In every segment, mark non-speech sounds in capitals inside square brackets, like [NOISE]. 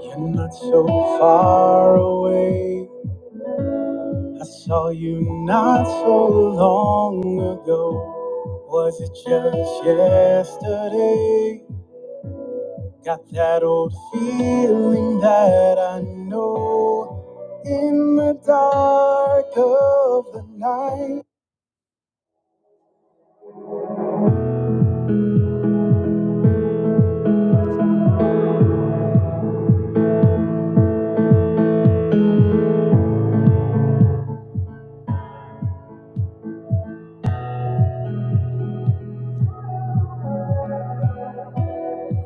You're not so far away. I saw you not so long ago. Was it just yesterday? Got that old feeling that I know in the dark of the night.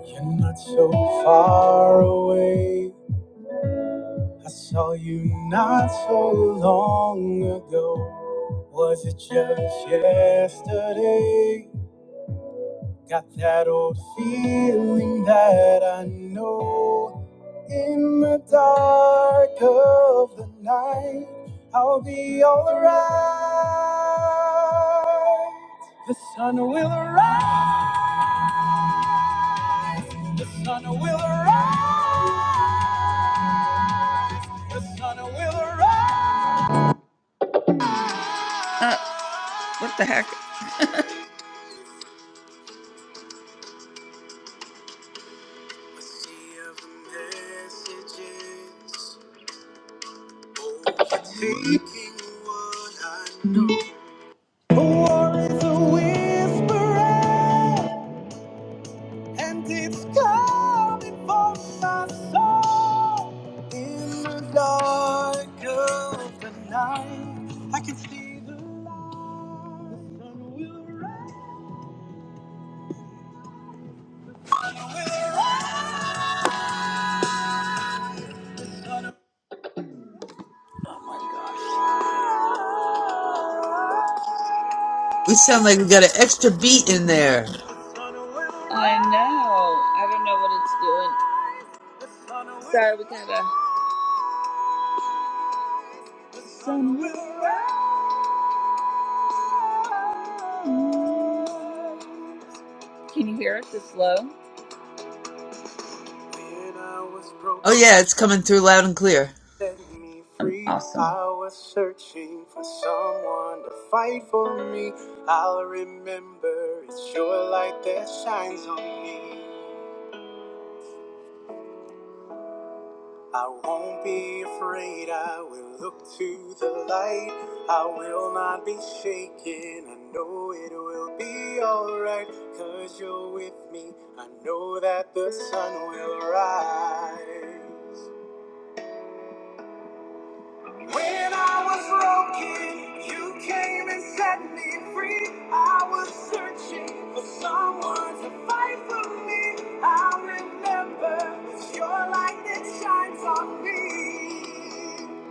You're not so far away. I saw you not so long ago. Was it just yesterday? Got that old feeling that I know in the dark of the night I'll be alright. The sun will rise, the sun will rise, the sun will rise. What the heck? A sea of messages overtaking what I know. A war is a whisperer. And it's coming for my soul. In the dark of the night, I can see the light. The sun will rise. Oh my gosh. We sound like we got an extra beat in there. Sun will rise. I know. I don't know what it's doing. Sorry, we gotta. Sun will rise. Can you hear it? This low? When I was broken. Oh yeah, it's coming through loud and clear. I'm awesome. I was searching for someone to fight for me. I'll remember it's your light that shines on me. I won't be afraid. I will look to the light. I will not be shaken. I know it will be alright. Cause you're with me. I know that the sun will rise. When I was broken, you came and set me free. I was searching for someone to fight for me. I remember it's your light that shines on me.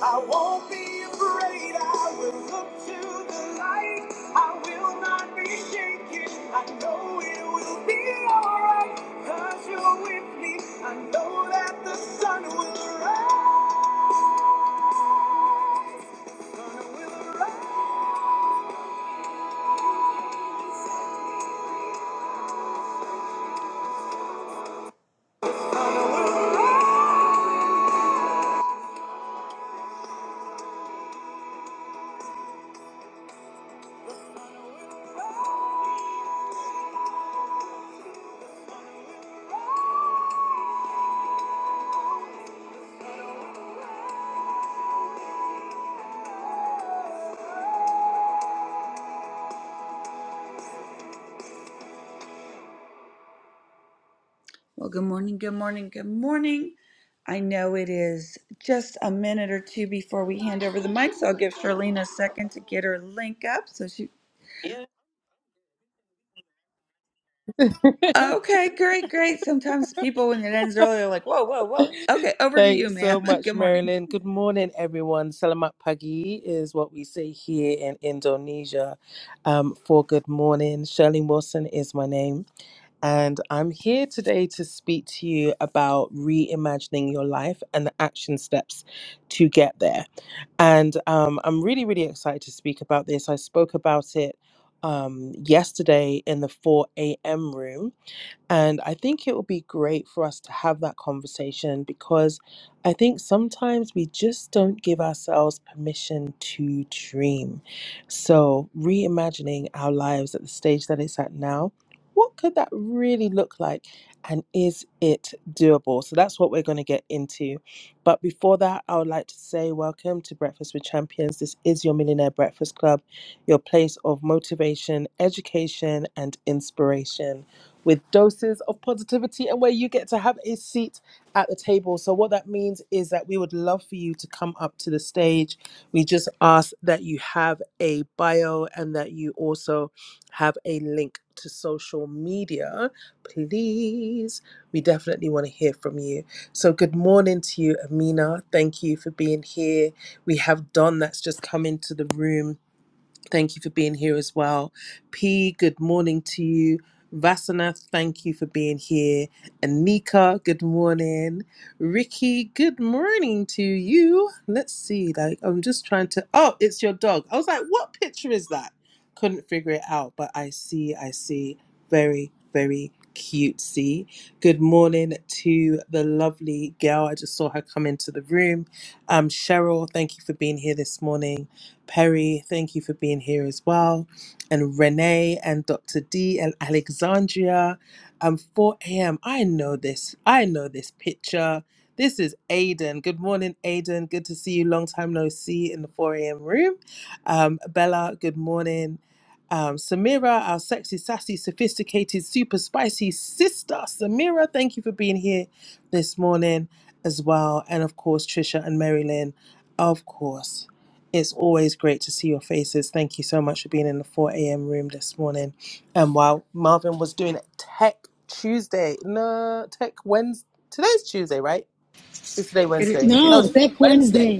I won't be afraid, I will look to the light. I will not be shaken, I know it will be alright. Cause you're with me, I know that the sun will rise. Sun will rise. Well, good morning, good morning, good morning. I know it is just a minute or two before we hand over the mic, so I'll give Charlene a second to get her link up so she. Okay, great, great. Sometimes people, when it ends early, are like, whoa, whoa, whoa. Okay, [LAUGHS] over to you, Thanks ma'am. so [LAUGHS] much, Good morning. Marilyn. Good morning, everyone. Selamat pagi is what we say here in Indonesia um, for good morning. Shirley Wilson is my name, and I'm here today to speak to you about reimagining your life and the action steps to get there. And um, I'm really, really excited to speak about this. I spoke about it um, yesterday in the 4 a.m. room And I think it would be great for us to have that conversation because I think sometimes we just don't give ourselves permission to dream. So, reimagining our lives at the stage that it's at now, what could that really look like? And is it doable? So, that's what we're going to get into. But before that, I would like to say welcome to Breakfast with Champions. This is your Millionaire Breakfast Club, your place of motivation, education, and inspiration with doses of positivity and where you get to have a seat at the table. So, what that means is that we would love for you to come up to the stage. We just ask that you have a bio and that you also have a link to social media. Please, we definitely want to hear from you. So, good morning to you, Amina. Thank you for being here. We have Don that's just come into the room. Thank you for being here as well. P, good morning to you. Vasana, thank you for being here. Anika, good morning. Ricky, good morning to you. Let's see, like, I'm just trying to. Oh, it's your dog. I was like, what picture is that? Couldn't figure it out, but I see, I see. Very, very cutesy. Good morning to the lovely girl. I just saw her come into the room. Um, Cheryl, thank you for being here this morning. Perry, thank you for being here as well. And Renee and Dr. D and Alexandria. Um, 4 a.m. I know this. I know this picture. This is Aiden. Good morning, Aiden. Good to see you. Long time no see in the 4 a.m. room. Um, Bella, good morning. Um, Samira, our sexy, sassy, sophisticated, super spicy sister. Samira, thank you for being here this morning as well. And of course, Trisha and Marilyn, of course. It's always great to see your faces. Thank you so much for being in the 4 a.m. room this morning. And while Marvin was doing Tech Tuesday, no, Tech Wednesday, today's Tuesday, right? It's today It, is- Wednesday. No, No, it's today's Tech Wednesday. Wednesday.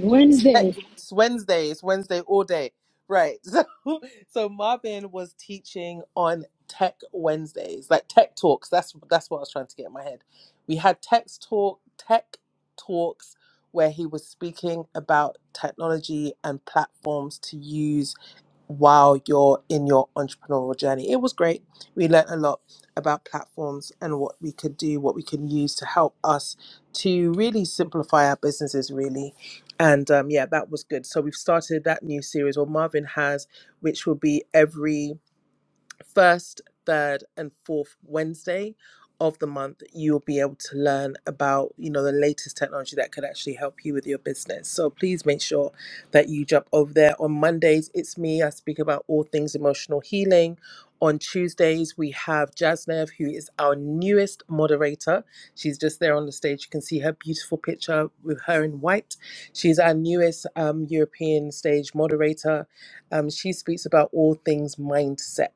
Heck, Wednesday. It's Wednesday. It's Wednesday all day. Right. [LAUGHS] So, so Marvin was teaching on Tech Wednesdays, like Tech Talks. That's that's what I was trying to get in my head. We had Tech Talk, Tech Talks, where he was speaking about technology and platforms to use while you're in your entrepreneurial journey. It was great. We learned a lot about platforms and what we could do, what we can use to help us to really simplify our businesses, really. And um, yeah, that was good. So we've started that new series, or Marvin has, which will be every first, third, and fourth Wednesday of the month, you'll be able to learn about, you know, the latest technology that could actually help you with your business. So please make sure that you jump over there. On Mondays, it's me. I speak about all things emotional healing. On Tuesdays, we have Jasnev, who is our newest moderator. She's just there on the stage. You can see her beautiful picture with her in white. She's our newest um, European stage moderator. Um, she speaks about all things mindset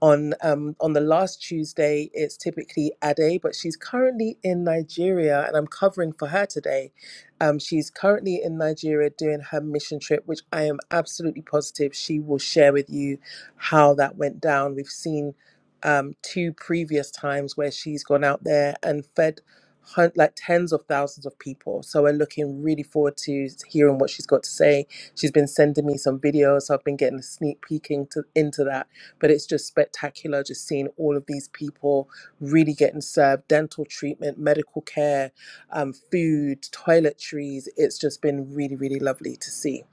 on um, on the last Tuesday. It's typically Ade, but she's currently in Nigeria, and I'm covering for her today. Um, she's currently in Nigeria doing her mission trip, which I am absolutely positive she will share with you how that went down. We've seen um, two previous times where she's gone out there and fed hun- like tens of thousands of people. So we're looking really forward to hearing what she's got to say. She's been sending me some videos, so I've been getting a sneak peek into, into that but it's just spectacular just seeing all of these people really getting served dental treatment, medical care, um, food, toiletries. It's just been really, really lovely to see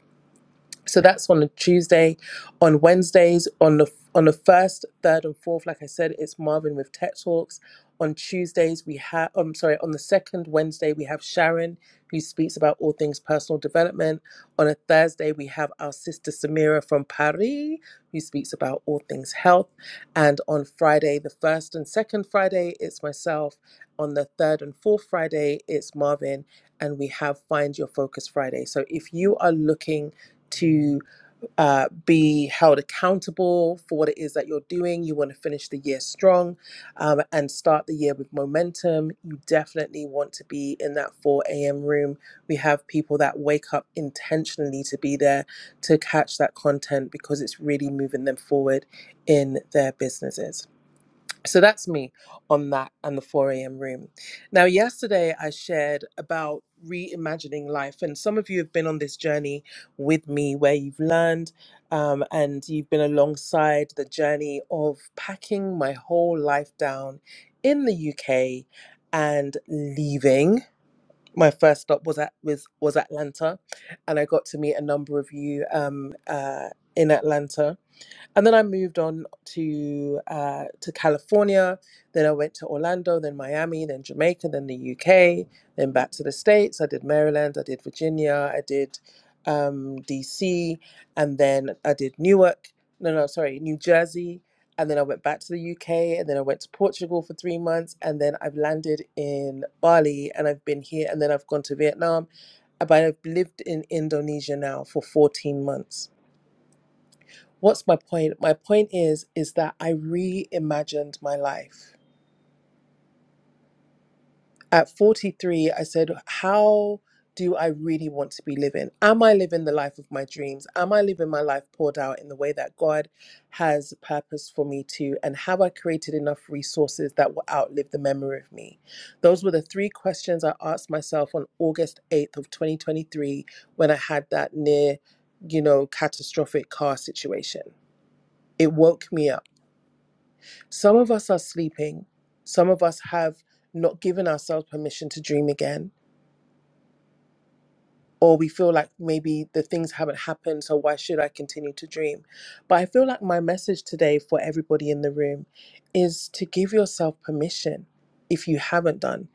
so that's on a Tuesday, on Wednesdays, on the on the first, third, and fourth. Like I said, it's Marvin with Tech Talks. On Tuesdays, we have. I'm sorry. On the second Wednesday, we have Sharon, who speaks about all things personal development. On a Thursday, we have our sister Samira from Paris, who speaks about all things health. And on Friday, the first and second Friday, it's myself. On the third and fourth Friday, it's Marvin, and we have Find Your Focus Friday. So if you are looking to uh, be held accountable for what it is that you're doing. You want to finish the year strong um, and start the year with momentum. You definitely want to be in that 4 a.m. room. We have people that wake up intentionally to be there to catch that content because it's really moving them forward in their businesses. So that's me on that and the 4 a.m. room. Now, yesterday I shared about reimagining life, and some of you have been on this journey with me where you've learned um, and you've been alongside the journey of packing my whole life down in the UK and leaving. My first stop was at was, was Atlanta, and I got to meet a number of you um, uh, in Atlanta and then I moved on to uh, to California. Then I went to Orlando, then Miami, then Jamaica, then the UK, then back to the states. I did Maryland, I did Virginia, I did um, DC, and then I did Newark. No, no, sorry, New Jersey. And then I went back to the UK, and then I went to Portugal for three months, and then I've landed in Bali, and I've been here, and then I've gone to Vietnam, but I've lived in Indonesia now for fourteen months. What's my point? My point is is that I reimagined my life. At 43, I said, how do I really want to be living? Am I living the life of my dreams? Am I living my life poured out in the way that God has purpose for me to? And have I created enough resources that will outlive the memory of me? Those were the three questions I asked myself on August 8th of 2023 when I had that near, you know, catastrophic car situation. It woke me up Some of us are sleeping. Some of us have not given ourselves permission to dream again. Or we feel like maybe the things haven't happened, so why should I continue to dream? But I feel like my message today for everybody in the room is to give yourself permission if you haven't done.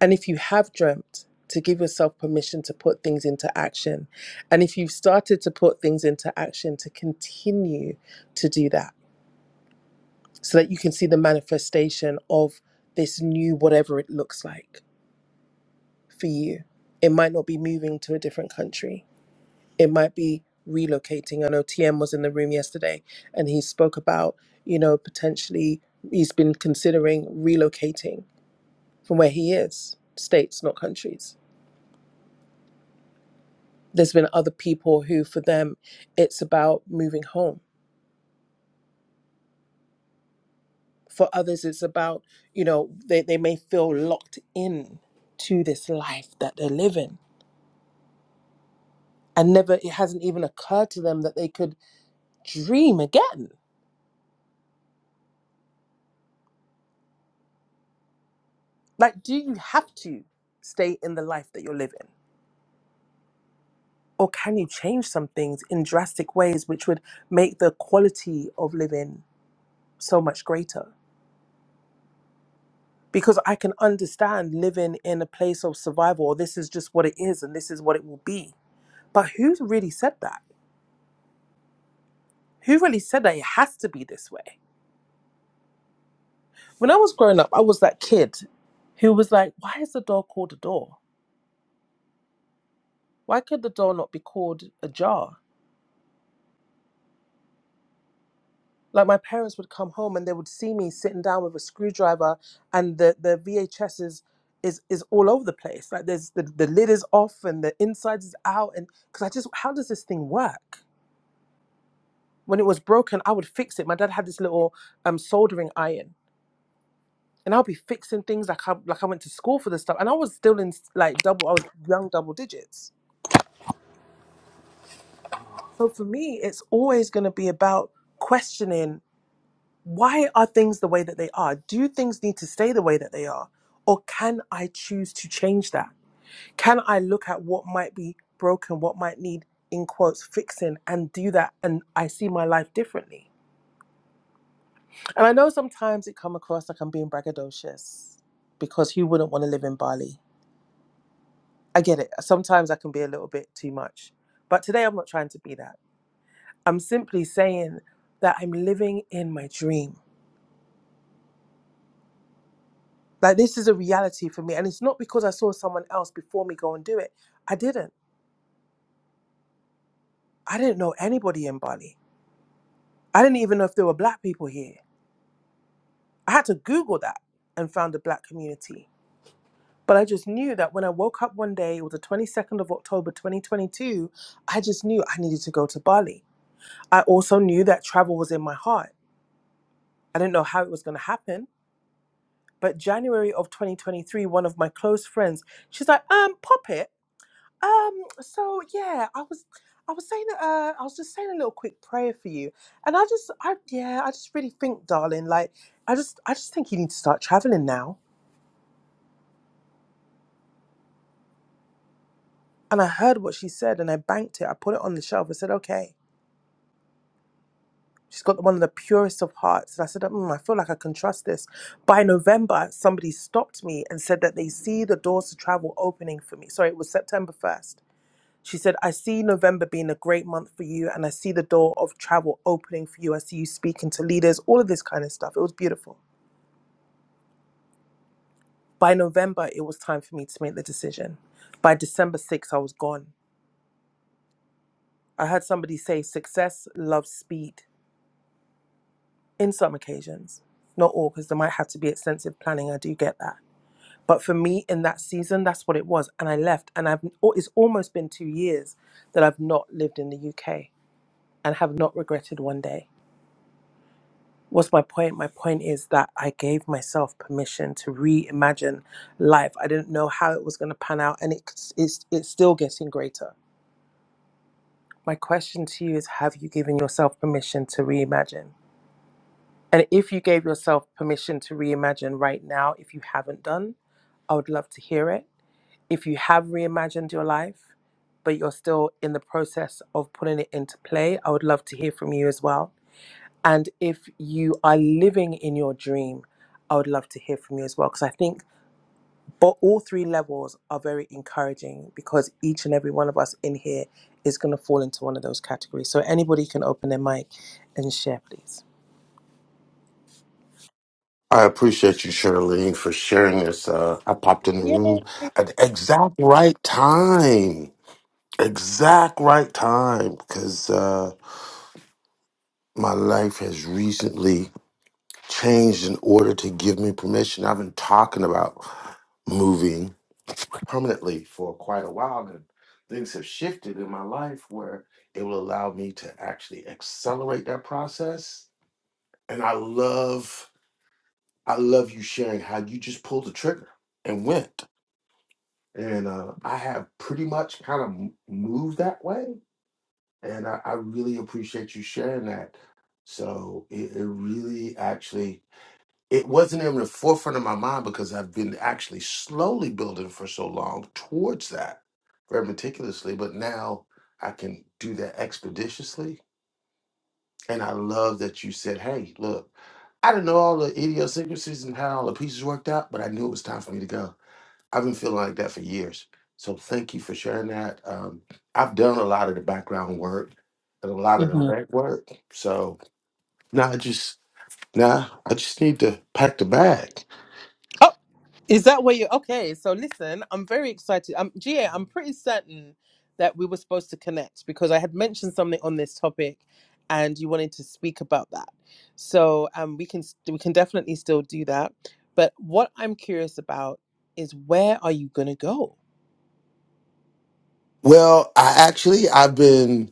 And if you have dreamt, to give yourself permission to put things into action. And if you've started to put things into action, to continue to do that so that you can see the manifestation of this new whatever it looks like for you. It might not be moving to a different country. It might be relocating. I know TM was in the room yesterday and he spoke about, you know, potentially he's been considering relocating from where he is, states, not countries. There's been other people who, for them, it's about moving home. For others, it's about, you know, they, they may feel locked in to this life that they're living and never it hasn't even occurred to them that they could dream again like do you have to stay in the life that you're living or can you change some things in drastic ways which would make the quality of living so much greater because i can understand living in a place of survival or this is just what it is and this is what it will be but who really said that who really said that it has to be this way when i was growing up i was that kid who was like why is the door called a door Why could the door not be called ajar? Like my parents would come home and they would see me sitting down with a screwdriver and the, the VHS is, is is all over the place. Like there's the, the lid is off and the inside is out and because I just how does this thing work? When it was broken, I would fix it. My dad had this little um soldering iron. And I'll be fixing things like I like I went to school for this stuff. And I was still in like double I was young double digits. So for me, it's always gonna be about questioning why are things the way that they are? Do things need to stay the way that they are? Or can I choose to change that? Can I look at what might be broken, what might need, in quotes, fixing, and do that? And I see my life differently. And I know sometimes it come across like I'm being braggadocious because who wouldn't want to live in Bali? I get it. Sometimes I can be a little bit too much. But today I'm not trying to be that. I'm simply saying that I'm living in my dream. Like this is a reality for me. And it's not because I saw someone else before me go and do it. I didn't. I didn't know anybody in Bali. I didn't even know if there were black people here. I had to Google that and found a black community. But I just knew that when I woke up one day, it was the 22nd of October 2022, I just knew I needed to go to Bali. I also knew that travel was in my heart. I didn't know how it was going to happen. But January of 2023, one of my close friends, she's like, um, pop it. Um, so yeah, I was I was saying uh I was just saying a little quick prayer for you. And I just I yeah, I just really think, darling, like I just I just think you need to start traveling now. And I heard what she said and I banked it. I put it on the shelf. I said, okay. She's got one of the purest of hearts. And I said, mm, I feel like I can trust this. By November, somebody stopped me and said that they see the doors to travel opening for me. Sorry, it was September 1st. She said, I see November being a great month for you, and I see the door of travel opening for you. I see you speaking to leaders, all of this kind of stuff. It was beautiful. By November, it was time for me to make the decision. By December 6th, I was gone. I heard somebody say success loves speed in some occasions, not all, because there might have to be extensive planning. I do get that. But for me, in that season, that's what it was. And I left, and I've, oh, it's almost been two years that I've not lived in the UK and have not regretted one day. What's my point? My point is that I gave myself permission to reimagine life. I didn't know how it was going to pan out, and it's, it's it's still getting greater. My question to you is: Have you given yourself permission to reimagine? And if you gave yourself permission to reimagine right now, if you haven't done, I would love to hear it. If you have reimagined your life, but you're still in the process of putting it into play, I would love to hear from you as well And if you are living in your dream, I would love to hear from you as well. Because I think but all three levels are very encouraging because each and every one of us in here is going to fall into one of those categories. So anybody can open their mic and share, please. I appreciate you, Shirley, for sharing this. Uh, I popped in the room at the exact right time. Exact right time, because uh, my life has recently changed in order to give me permission. I've been talking about moving permanently for quite a while, and things have shifted in my life where it will allow me to actually accelerate that process. And I love, I love you sharing how you just pulled the trigger and went. and uh, I have pretty much kind of m- moved that way. And I, I really appreciate you sharing that. So it, it really actually it wasn't in the forefront of my mind because I've been actually slowly building for so long towards that very meticulously, but now I can do that expeditiously. And I love that you said, "Hey, look, I didn't know all the idiosyncrasies and how all the pieces worked out, but I knew it was time for me to go." I've been feeling like that for years. So thank you for sharing that. Um, I've done a lot of the background work and a lot of the Mhm. back work. So now I just now I just need to pack the bag. Is that where you? Okay, so listen, I'm very excited. Um, Gia, I'm pretty certain that we were supposed to connect because I had mentioned something on this topic, and you wanted to speak about that. So um, we can s- we can definitely still do that. But what I'm curious about is where are you gonna go? Well, I actually I've been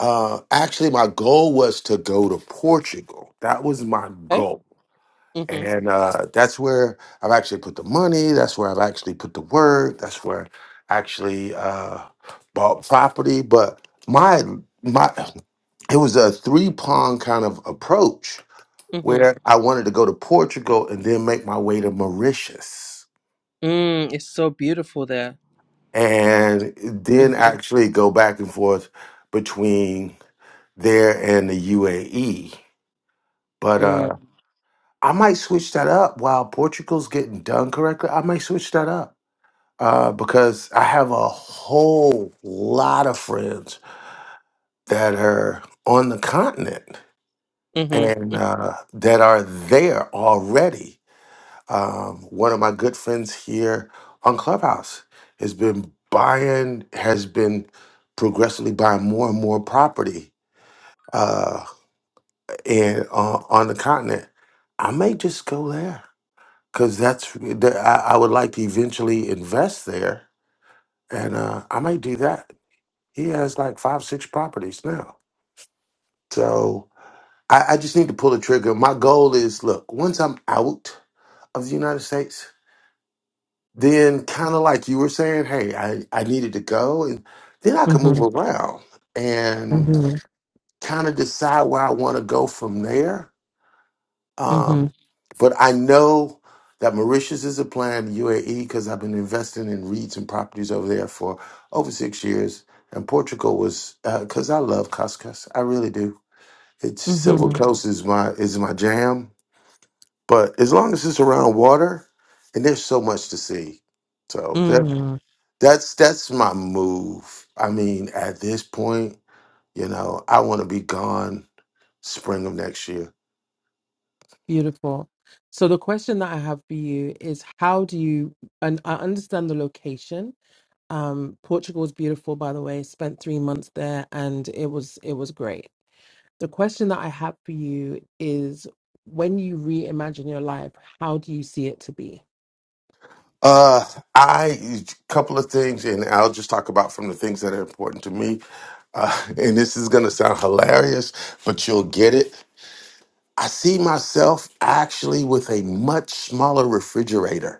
uh actually my goal was to go to Portugal. That was my Okay. goal. Mhm. and uh, that's where I've actually put the money. That's where I've actually put the work. That's where I actually uh, bought property. But my my, it was a three prong kind of approach Mhm. where I wanted to go to Portugal and then make my way to Mauritius Mm, it's so beautiful there. and then Mhm. actually go back and forth between there and the UAE. But Mm, uh, I might switch that up while Portugal's getting done correctly. I might switch that up. uh, because I have a whole lot of friends that are on the continent and uh, that are there already. Um, one of my good friends here on Clubhouse has been buying, has been progressively buying more and more property uh, and on on the continent. I may just go there because that's the- I, I would like to eventually invest there, and uh, I might do that. He has like five, six properties now. So I, I just need to pull the trigger. My goal is look, once I'm out of the United States, then kind of like you were saying, hey, I, I needed to go. And then I can mhm. move around and Mm-hmm. kind of decide where I want to go from there. hmm Um, but I know that Mauritius is a plan, UAE, because I've been investing in REITs and properties over there for over six years. And Portugal was because I love couscous. I really do It's civil hmm coast is my is my jam. But as long as it's around water, and there's so much to see. So that that's that's my move. I mean, at this point, you know, I want to be gone spring of next year. Beautiful. So the question that I have for you is how do you and I understand the location. Um, Portugal is beautiful, by the way. Spent three months there and it was it was great. The question that I have for you is when you reimagine your life, how do you see it to be? Uh, I couple of things, and I'll just talk about from the things that are important to me. Uh, [LAUGHS] and this is gonna sound hilarious, but you'll get it. I see myself actually with a much smaller refrigerator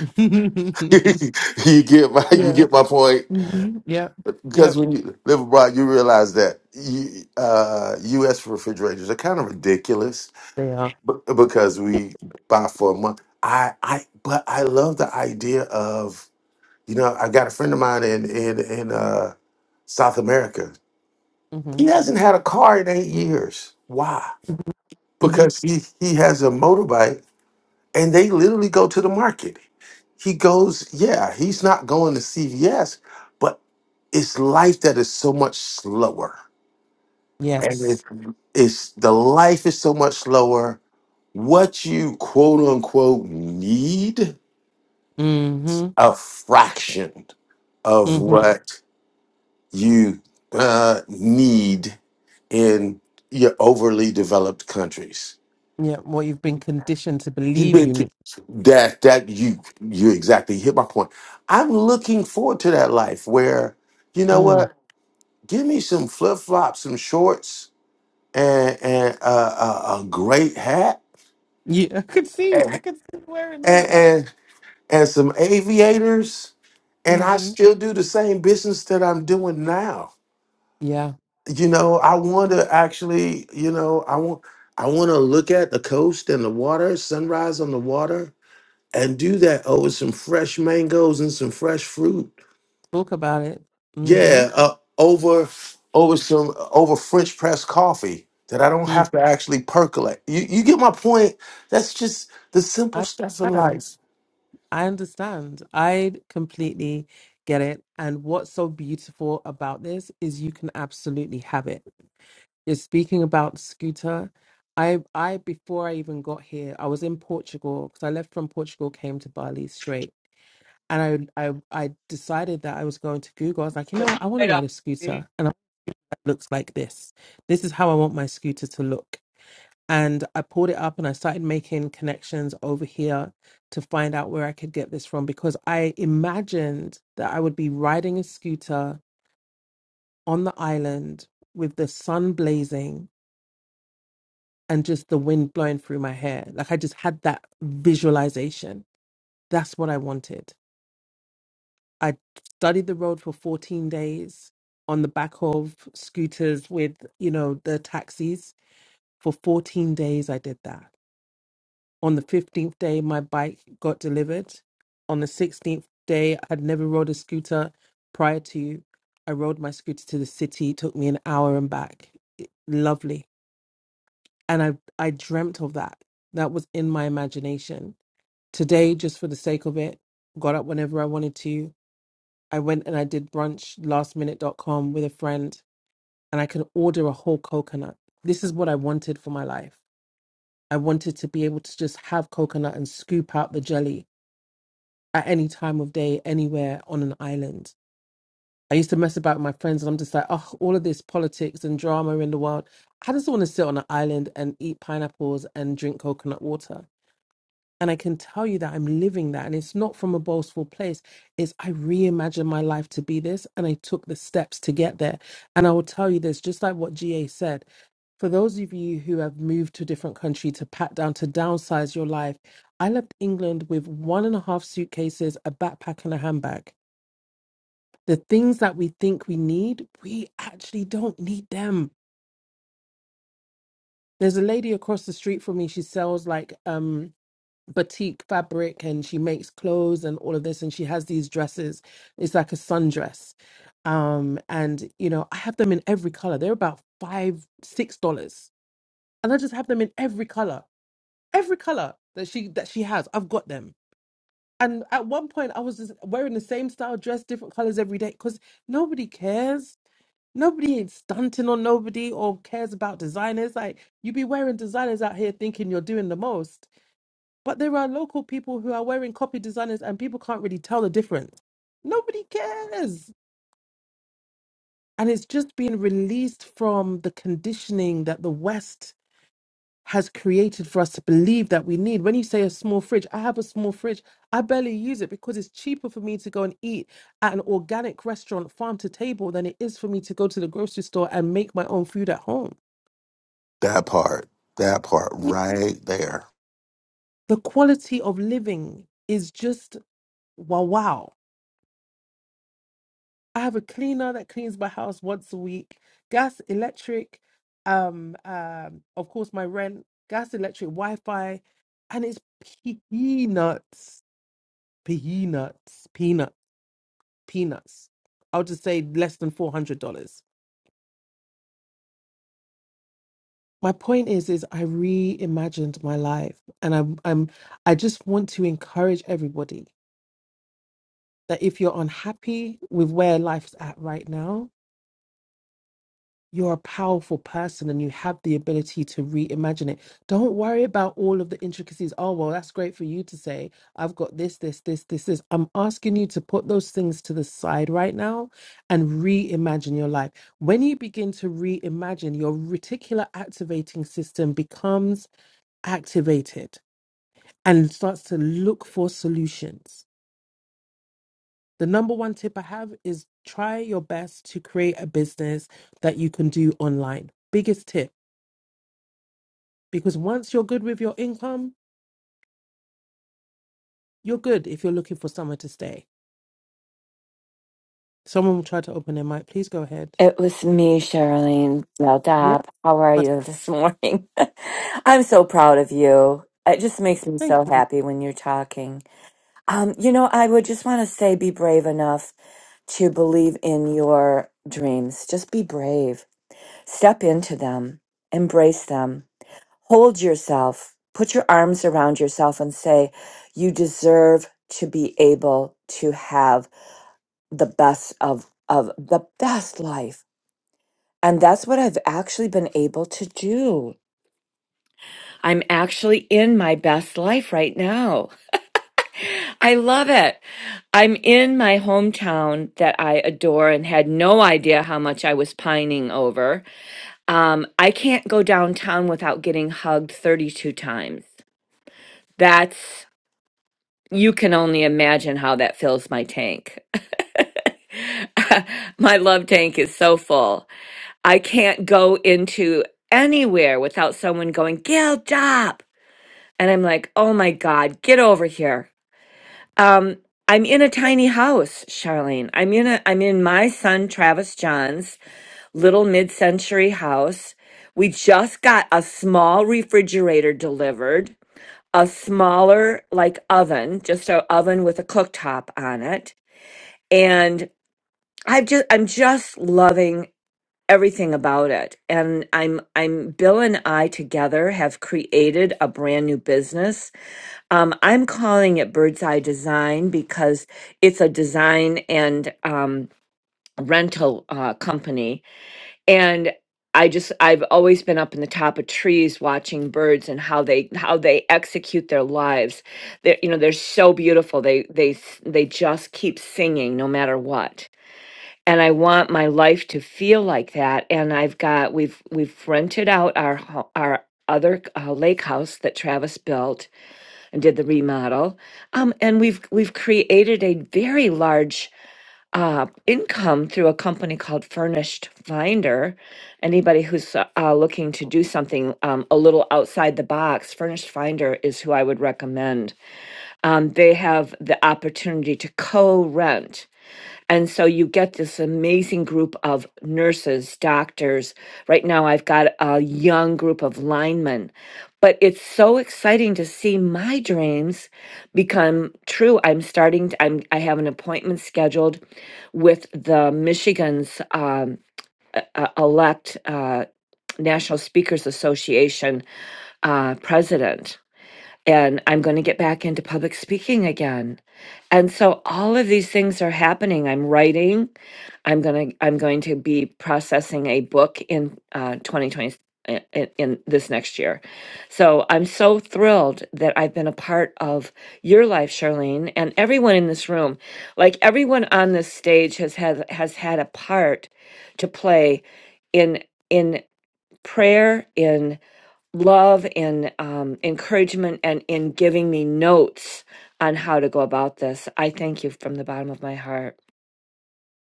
[LAUGHS] [LAUGHS] you get my you yeah. get my point hmm Yep. because Yep. when you live abroad, you realize that you, uh, U.S. refrigerators are kind of ridiculous, They are. but because we buy for a month. I I but I love the idea of you know I got a friend of mine in in in uh, South America. hmm He hasn't had a car in eight years. Why? hmm Because he he has a motorbike and they literally go to the market. He goes, yeah, he's not going to CVS, but it's life that is so much slower. And it- Yes. it's the life is so much slower. What you quote unquote need hmm a fraction of hmm what you uh, need in your overly developed countries. Yeah. What you've been conditioned to You've believe been you to need. that that you you exactly hit my point. I'm looking forward to that life where you know Mm. what? Give me some flip flops, some shorts, and and a, a, a great hat, Yeah, [LAUGHS] I could see. I and, could see you wearing all and of that. and and some aviators, and I hmm still do the same business that I'm doing now. Yeah. You know, I want to actually, you know, I want I want to look at the coast and the water, sunrise on the water and do that over some fresh mangoes and some fresh fruit. Talk about it. hmm Yeah, uh, over over some over French press coffee that I don't Mm. have to actually percolate. You you get my point? That's just the simple I stuff in understand. life. I understand. I completely get it. And what's so beautiful about this is you can absolutely have it. You're speaking about Scooter. I I before I even got here, I was in Portugal because I left from Portugal, came to Bali straight, and I I I decided that I was going to Google. I was like, you Put know, what? I the want to light ride a off. scooter, and I- it looks like this. This is how I want my scooter to look. And I pulled it up and I started making connections over here to find out where I could get this from because I imagined that I would be riding a scooter on the island with the sun blazing and just the wind blowing through my hair. Like I just had that visualization. That's what I wanted. I studied the road for 14 days on the back of scooters with, you know, the taxis. For 14 days, I did that. On the 15th day, my bike got delivered. On the 16th day, I had never rode a scooter prior to. I rode my scooter to the city. It took me an hour and back. It- lovely. And I, I dreamt of that. That was in my imagination Today, just for the sake of it, got up whenever I wanted to. I went and I did brunch lastminute.com with a friend and I can order a whole coconut. This is what I wanted for my life. I wanted to be able to just have coconut and scoop out the jelly at any time of day, anywhere on an island. I used to mess about with my friends and I'm just like, oh, all of this politics and drama in the world. I just want to sit on an island and eat pineapples and drink coconut water. And I can tell you that I'm living that. And it's not from a boastful place. It's I reimagined my life to be this and I took the steps to get there. And I will tell you this, just like what GA said, for those of you who have moved to a different country to pat down, to downsize your life, I left England with one and a half suitcases, a backpack, and a handbag. The things that we think we need, we actually don't need them. There's a lady across the street from me, she sells like um batik fabric and she makes clothes and all of this and she has these dresses it's like a sundress um and you know i have them in every color they're about five six dollars and i just have them in every color every color that she that she has i've got them and at one point i was just wearing the same style dress different colors every day because nobody cares nobody is stunting on nobody or cares about designers like you be wearing designers out here thinking you're doing the most but there are local people who are wearing copy designers and people can't really tell the difference. Nobody cares. And it's just being released from the conditioning that the West has created for us to believe that we need. When you say a small fridge, I have a small fridge. I barely use it because it's cheaper for me to go and eat at an organic restaurant, farm to table, than it is for me to go to the grocery store and make my own food at home. That part, that part, The right there. quality of living is just wow wow. I have a cleaner that cleans my house once a week. Gas, electric, um, um, of course my rent, gas, electric, Wi-Fi, and it's peanuts, peanuts, peanut, peanuts. I'll just say less than four hundred dollars. My point is, is I reimagined my life, and I'm, I'm, I just want to encourage everybody that if you're unhappy with where life's at right now, you're a powerful person and you have the ability to reimagine it. Don't worry about all of the intricacies. Oh, well, that's great for you to say. I've got this, this, this, this, this. I'm asking you to put those things to the side right now and reimagine your life. When you begin to reimagine, your reticular activating system becomes activated and starts to look for solutions. The number one tip I have is try your best to create a business that you can do online. Biggest tip because once you're good with your income, you're good if you're looking for somewhere to stay. Someone will try to open their mic. Please go ahead. It was me, Charlene Yeah. Dab. How are But you this morning? [LAUGHS] I'm so proud of you. It just makes me thank so you. happy when you're talking. Um, you know, I would just want to say be brave enough to believe in your dreams. Just be brave. Step into them, embrace them, hold yourself, put your arms around yourself and say, you deserve to be able to have the best of of the best life and that's what I've actually been able to do. I'm actually in my best life right now. I love it. I'm in my hometown that I adore and had no idea how much I was pining over. Um, I can't go downtown without getting hugged 32 times. That's, you can only imagine how that fills my tank. [LAUGHS] my love tank is so full. I can't go into anywhere without someone going, Gilda. And I'm like, oh my God, get over here. Um, I'm in a tiny house, Charlene. I'm in a I'm in my son Travis John's little mid-century house. We just got a small refrigerator delivered, a smaller like oven, just a oven with a cooktop on it. And I've just I'm just loving everything about it. And I'm I'm Bill and I together have created a brand new business Um, I'm calling it Bird's Eye Design because it's a design and um, rental uh, company. And I just I've always been up in the top of trees watching birds and how they how they execute their lives. They you know they're so beautiful. They they s- they just keep singing no matter what. And I want my life to feel like that. And I've got we've we've rented out our ho- our other uh, lake house that Travis built and did the remodel. Um, and we've we've created a very large uh, income through a company called Furnished Finder. Anybody who's uh, looking to do something um, a little outside the box, Furnished Finder is who I would recommend. Um, they have the opportunity to co-rent and so you get this amazing group of nurses, doctors. Right now, I've got a young group of linemen, but it's so exciting to see my dreams become true. I'm starting. To, I'm. I have an appointment scheduled with the Michigan's um, uh, elect uh, National Speakers Association uh, president and I'm going to get back into public speaking again. And so all of these things are happening. I'm writing. I'm going to I'm going to be processing a book in uh 2020 i- i- in this next year. So I'm so thrilled that I've been a part of your life, Charlene, and everyone in this room. Like everyone on this stage has had has had a part to play in in prayer, love and um, encouragement and in giving me notes on how to go about this. I thank you from the bottom of my heart.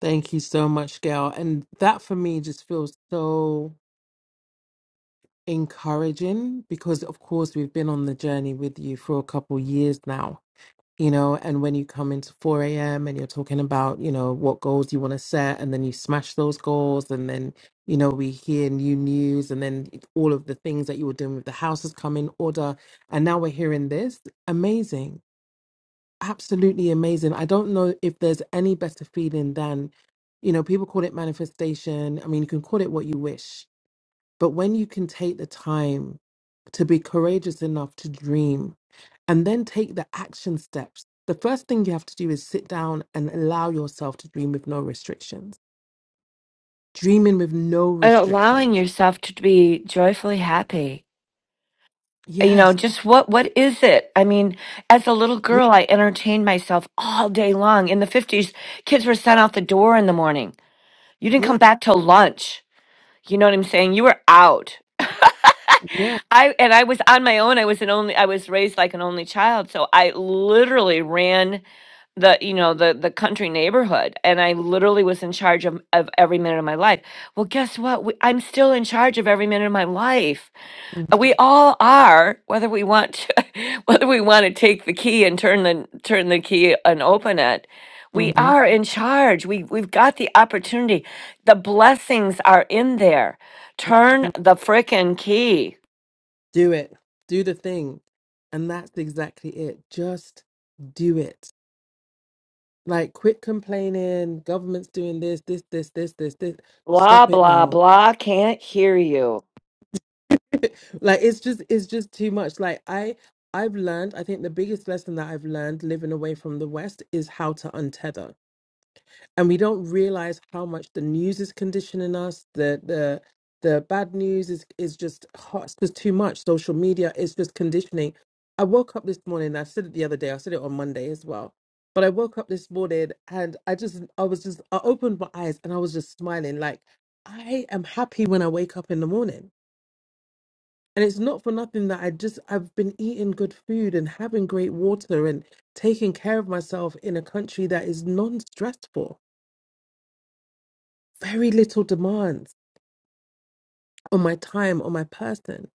Thank you so much, Gail. And that for me just feels so encouraging because, of course, we've been on the journey with you for a couple years now. you know, and when you come into 4 a.m. and you're talking about, you know, what goals you want to set, and then you smash those goals, and then, you know, we hear new news, and then all of the things that you were doing with the house has come in order. And now we're hearing this. Amazing. Absolutely amazing. I don't know if there's any better feeling than, you know, people call it manifestation. I mean, you can call it what you wish but when you can take the time to be courageous enough to dream and then take the action steps, the first thing you have to do is sit down and allow yourself to dream with no restrictions. Dreaming with no And allowing restrictions. yourself to be joyfully happy. You know, Yes. just what what is it? I mean, as a little Yeah. girl, I entertained myself all day long. In the fifties, kids were sent out the door in the morning. You didn't Yeah. come back till lunch. You know what I'm saying? You were out. Yeah. I and I was on my own. I was an only I was raised like an only child, so I literally ran the you know the the country neighborhood and i literally was in charge of, of every minute of my life well guess what we, i'm still in charge of every minute of my life Uh, we all are whether we want to [LAUGHS] whether we want to take the key and turn the turn the key and open it we hmm are in charge we we've got the opportunity the blessings are in there turn the frickin' key Do it. Do the thing. And that's exactly it. Just do it. Like, quit complaining. Government's doing this, this, this, this, this, this. blah Stop it blah now blah can't hear you like it's just it's just too much like i i've learned i think the biggest lesson that i've learned living away from the west is how to untether and we don't realize how much the news is conditioning us the the the bad news is is just hot it's just too much social media is just conditioning i woke up this morning and i said it the other day i said it on monday as well but i woke up this morning and i just i was just i opened my eyes and i was just smiling like i am happy when i wake up in the morning and it's not for nothing that I just I've been eating good food and having great water and taking care of myself in a country that is non-stressful. Very little demands on my time, on my person.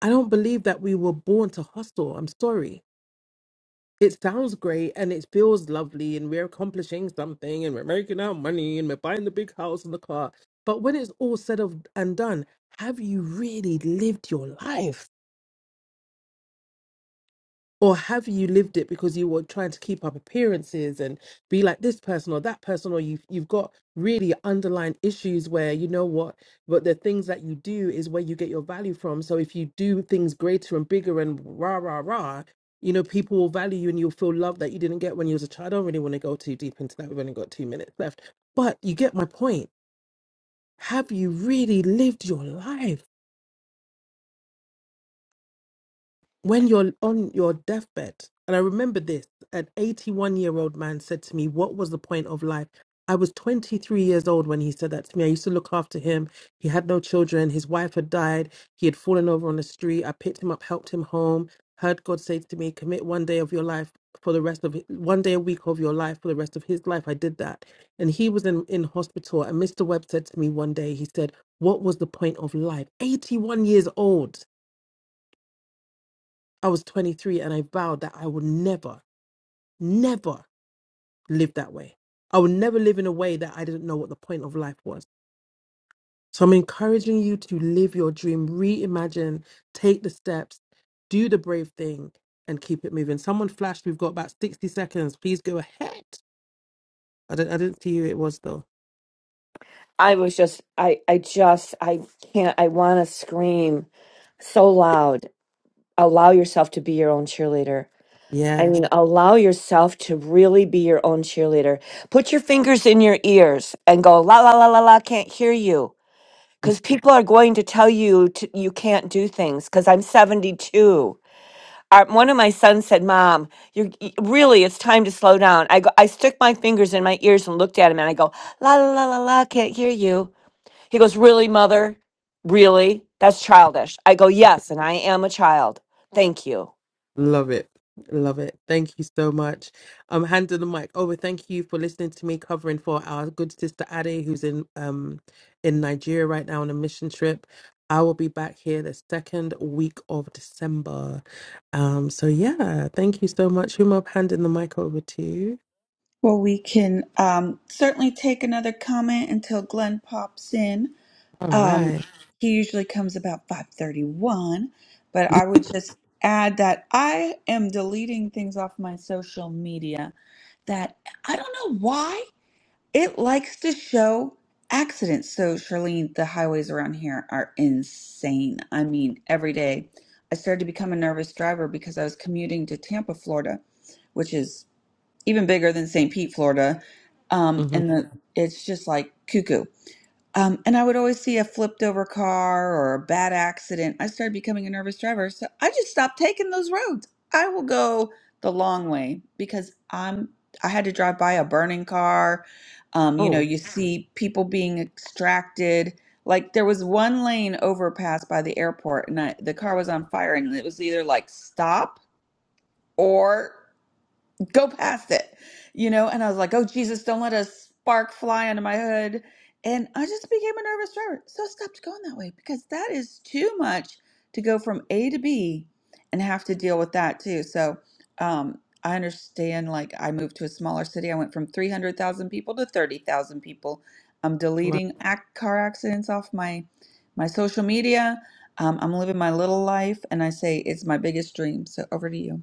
I don't believe that we were born to hustle. I'm sorry. It sounds great and it feels lovely and we're accomplishing something and we're making our money and we're buying the big house and the car. But when it's all said of and done, have you really lived your life? Or have you lived it because you were trying to keep up appearances and be like this person or that person, or you've you've got really underlying issues where you know what, but the things that you do is where you get your value from. So if you do things greater and bigger and rah rah rah, you know people will value you and you'll feel love that you didn't get when you was a child. I don't really want to go too deep into that. We've only got two minutes left, but you get my point. Have you really lived your life? when you're on your deathbed, and I remember this, an 81 year old man said to me, What was the point of life? I was 23 years old when he said that to me. I used to look after him. He had no children. His wife had died. He had fallen over on the street. I picked him up, helped him home, heard God say to me, Commit one day of your life for the rest of one day a week of your life for the rest of his life. I did that. And he was in, in hospital. And Mr. Webb said to me one day, He said, What was the point of life? 81 years old I was 23 and I vowed that I would never, never live that way. I would never live in a way that I didn't know what the point of life was. So I'm encouraging you to live your dream, reimagine, take the steps, do the brave thing, and keep it moving. Someone flashed, we've got about 60 seconds. Please go ahead. I, don't, I didn't see who it was though. I was just, I, I just, I can't, I want to scream so loud. Allow yourself to be your own cheerleader. I Yes. mean, allow yourself to really be your own cheerleader. Put your fingers in your ears and go, la, la, la, la, la, can't hear you. Because people are going to tell you to, you can't do things because I'm 72. Our, one of my sons said, Mom, you're y- really, it's time to slow down. I, go, I stuck my fingers in my ears and looked at him and I go, la, la, la, la, la, can't hear you. He goes, Really, mother? Really? That's childish. I go, Yes, and I am a child. Thank you. Love it. Love it. Thank you so much. Um, handing the mic over. Thank you for listening to me covering for our good sister Ade, who's in um in Nigeria right now on a mission trip. I will be back here the second week of December. Um, so yeah, thank you so much. Huma, I'm handing the mic over to you. well, we can um, certainly take another comment until Glenn pops in. All Um, right. he usually comes about 5:31, but I would just add that I am deleting things off my social media that I don't know why it likes to show accidents. So, Charlene, the highways around here are insane. I mean, every day. I started to become a nervous driver because I was commuting to Tampa, Florida, which is even bigger than St. Pete, Florida. Um, Mhm. and the, it's just like cuckoo. Um, and I would always see a flipped over car or a bad accident. I started becoming a nervous driver. So I just stopped taking those roads. I will go the long way because I'm I had to drive by a burning car. Um, you know, Oh, you see people being extracted. Like there was one lane overpass by the airport and I, the car was on fire and it was either like stop or go past it, you know? And I was like, oh, Jesus, don't let a spark fly under my hood. And I just became a nervous driver. So I stopped going that way because that is too much to go from A to B and have to deal with that too. So um, I understand, like, I moved to a smaller city. I went from 300,000 people to 30,000 people. I'm wow. deleting ac- car accidents off my my social media. Um, I'm living my little life, and I say it's my biggest dream. So over to you.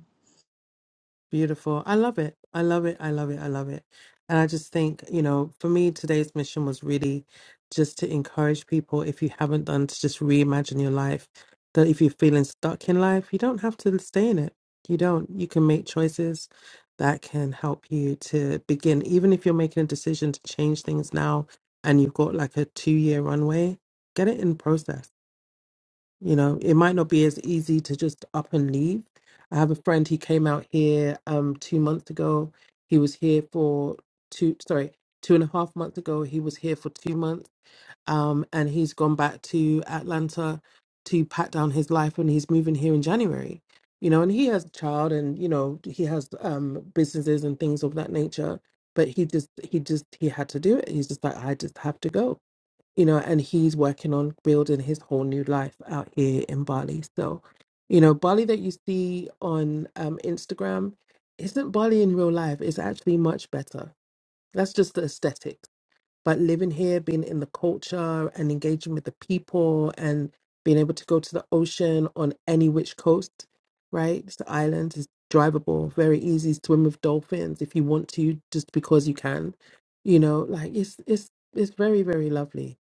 Beautiful. I love it. I love it. I love it. I love it. And I just think, you know, for me, today's mission was really just to encourage people, if you haven't done, to just reimagine your life. That if you're feeling stuck in life, you don't have to stay in it. You don't. You can make choices that can help you to begin. Even if you're making a decision to change things now and you've got like a two year runway, get it in process you know, it might not be as easy to just up and leave. I have a friend, he came out here um two months ago. He was here for two, sorry, two and a half months ago. He was here for two months. Um, and he's gone back to Atlanta to pat down his life and he's moving here in January. You know, and he has a child and, you know, he has um businesses and things of that nature. But he just he just he had to do it. He's just like, I just have to go you know, and he's working on building his whole new life out here in Bali. So, you know, Bali that you see on um, Instagram isn't Bali in real life. It's actually much better. That's just the aesthetics. But living here, being in the culture and engaging with the people and being able to go to the ocean on any which coast, right? It's the island is drivable, very easy, swim with dolphins if you want to, just because you can. You know, like it's it's it's very, very lovely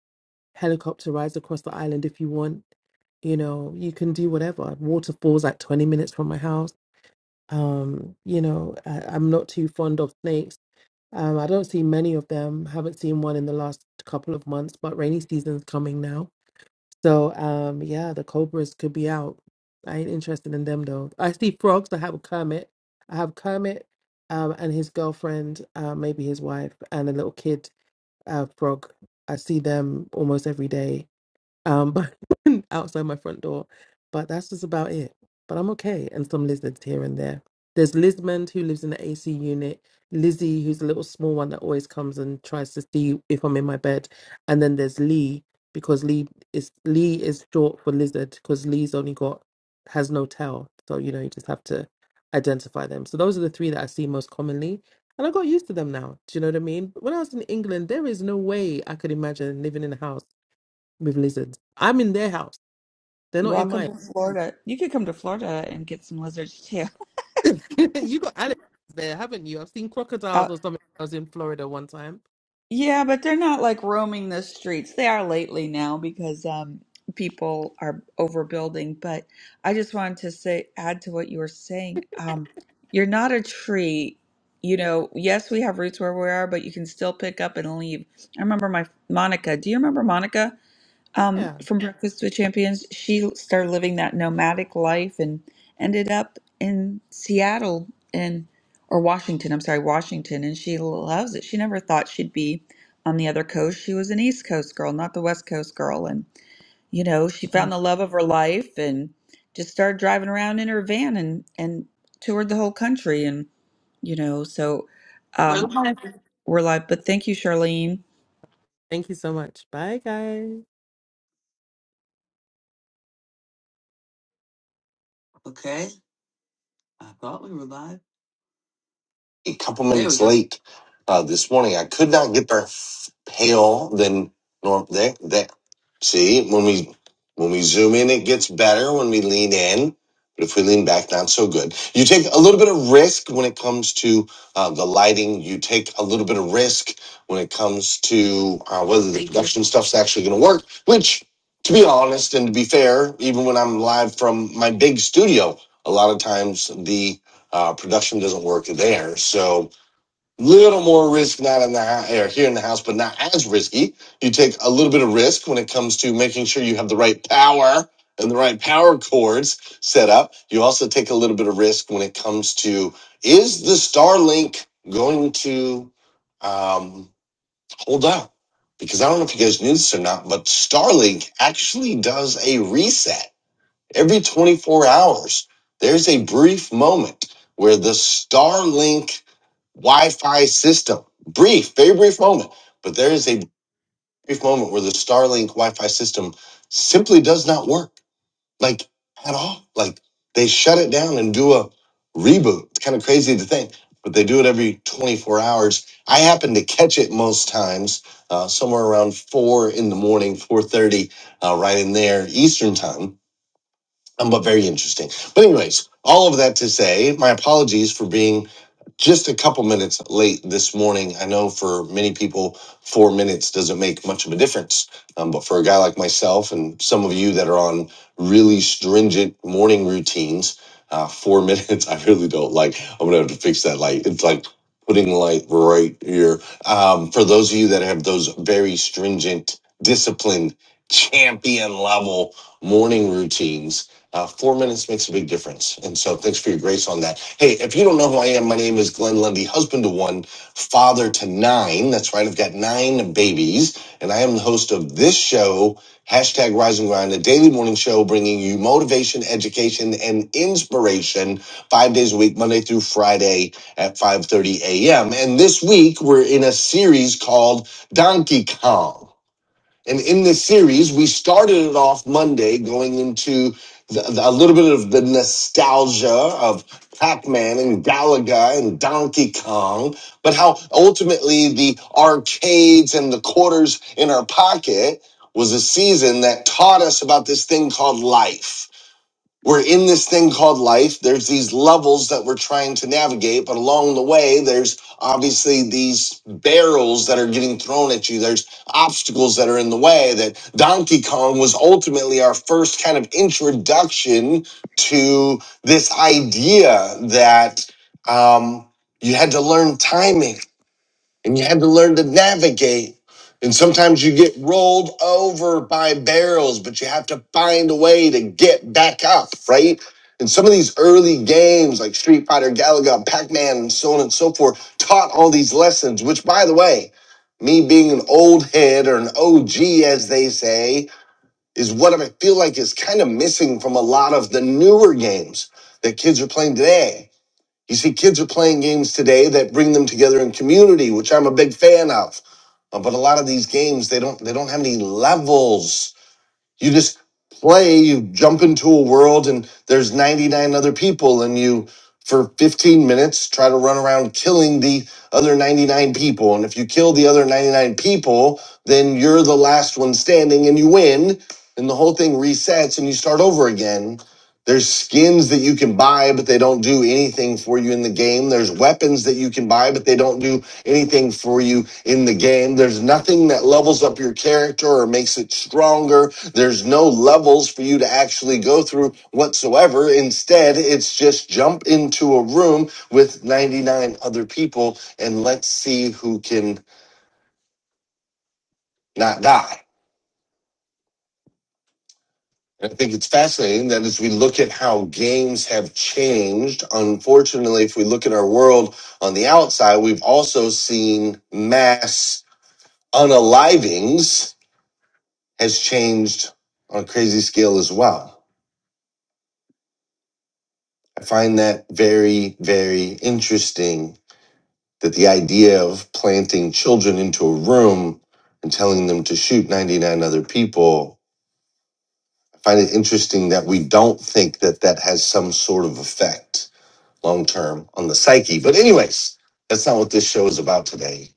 helicopter rides across the island if you want. You know, you can do whatever. Waterfalls like 20 minutes from my house. Um, you know, I, I'm not too fond of snakes. Um, I don't see many of them. Haven't seen one in the last couple of months, but rainy season's coming now. So, um, yeah, the cobras could be out. I ain't interested in them though. I see frogs. I have Kermit. I have Kermit, um, and his girlfriend, uh, maybe his wife, and a little kid, uh, frog. I see them almost every day um, but [LAUGHS] outside my front door. But that's just about it. But I'm okay, and some lizards here and there. There's Lizmond who lives in the AC unit, Lizzie who's a little small one that always comes and tries to see if I'm in my bed, and then there's Lee because Lee is Lee is short for lizard because Lee's only got has no tail, so you know you just have to identify them. So those are the three that I see most commonly. And I got used to them now. Do you know what I mean? When I was in England, there is no way I could imagine living in a house with lizards. I'm in their house. They're not in Welcome mine. to Florida. You could come to Florida and get some lizards too. [LAUGHS] [LAUGHS] you got alligators there, haven't you? I've seen Uh, crocodiles or something. I was in Florida one time. yeah, but they're not like roaming the streets. They are lately now because um, people are overbuilding. But I just wanted to say, add to what you were saying. Um, you're not a tree. You know, yes, we have roots where we are, but you can still pick up and leave. I remember my Monica. Do you remember Monica? um, Yeah. from Breakfast with Champions, she started living that nomadic life and ended up in Seattle and or Washington. I'm sorry, Washington, and she loves it. She never thought she'd be on the other coast. She was an East Coast girl, not the West Coast girl, and you know she Mm. found the love of her life and just started driving around in her van and and toured the whole country and you know so We're um, live. we're like, but thank you, Charlene Thank you so much. Bye, guys. Okay. I thought we were live. a couple minutes late uh, this morning. I could not get there pale than norm. There, there. See, when we when we zoom in, it gets better. When we lean in, but if we lean back, not so good. You take a little bit of risk when it comes to uh, the lighting. You take a little bit of risk when it comes to uh, whether the production stuff's actually going to work. Which, to be honest and to be fair, even when I'm live from my big studio, a lot of times the uh, production doesn't work there, so a little more risk not in the or here in the house, but not as risky. You take a little bit of risk when it comes to making sure you have the right power and the right power cords set up. You also take a little bit of risk when it comes to is the Starlink going to um, hold up? Because I don't know if you guys knew this or not, but Starlink actually does a reset. Every 24 hours, there's a brief moment where the Starlink Wi Fi system, brief, very brief moment, but there is a brief moment where the Starlink Wi Fi system simply does not work, like at all. Like they shut it down and do a reboot. It's kind of crazy to think, but they do it every 24 hours. I happen to catch it most times, uh, somewhere around four in the morning, 4.30, uh, right in there, Eastern time um, but very interesting. But anyways, all of that to say, my apologies for being just a couple minutes late this morning. I know for many people, four minutes doesn't make much of a difference, um, but for a guy like myself and some of you that are on really stringent morning routines, uh, four [LAUGHS] minutes I really don't like. I'm gonna have to fix that light. It's like putting light right here. Um, for those of you that have those very stringent, disciplined, champion level morning routines uh, four minutes makes a big difference. And so thanks for your grace on that. Hey, if you don't know who I am, my name is Glenn Lundy, husband to one, father to nine. That's right. I've got nine babies and I am the host of this show, hashtag rise and grind, a daily morning show bringing you motivation, education and inspiration five days a week, Monday through Friday at 5.30 a.m. And this week we're in a series called Donkey Kong. And in this series, we started it off Monday going into the, the- a little bit of the nostalgia of Pac Man and Galaga and Donkey Kong, but how ultimately the arcades and the quarters in our pocket was a season that taught us about this thing called life we're in this thing called life. There's these levels that we're trying to navigate, but along the way, there's obviously these barrels that are getting thrown at you. There's obstacles that are in the way. That Donkey Kong was ultimately our first kind of introduction to this idea that um, you had to learn timing and you had to learn to navigate. And sometimes you get rolled over by barrels, but you have to find a way to get back up, right? And some of these early games like Street Fighter, Galaga, Pac Man, and so on and so forth taught all these lessons, which, by the way, me being an old head or an OG, as they say, is what I feel like is kind of missing from a lot of the newer games that kids are playing today you see, kids are playing games today that bring them together in community, which I'm a big fan of. Uh, but a lot of these games, they don't they don't have any levels. You just play, you jump into a world, and there's 99 other people, and you for 15 minutes try to run around killing the other 99 people. And if you kill the other 99 people, then you're the last one standing, and you win. And the whole thing resets, and you start over again there's skins that you can buy, but they don't do anything for you in the game. There's weapons that you can buy, but they don't do anything for you in the game. There's nothing that levels up your character or makes it stronger. There's no levels for you to actually go through whatsoever. Instead, it's just jump into a room with 99 other people and let's see who can not die. And I think it's fascinating that as we look at how games have changed, unfortunately, if we look at our world on the outside, we've also seen mass unalivings has changed on a crazy scale as well. I find that very, very interesting that the idea of planting children into a room and telling them to shoot 99 other people, I find it interesting that we don't think that that has some sort of effect long term on the psyche. But, anyways, that's not what this show is about today.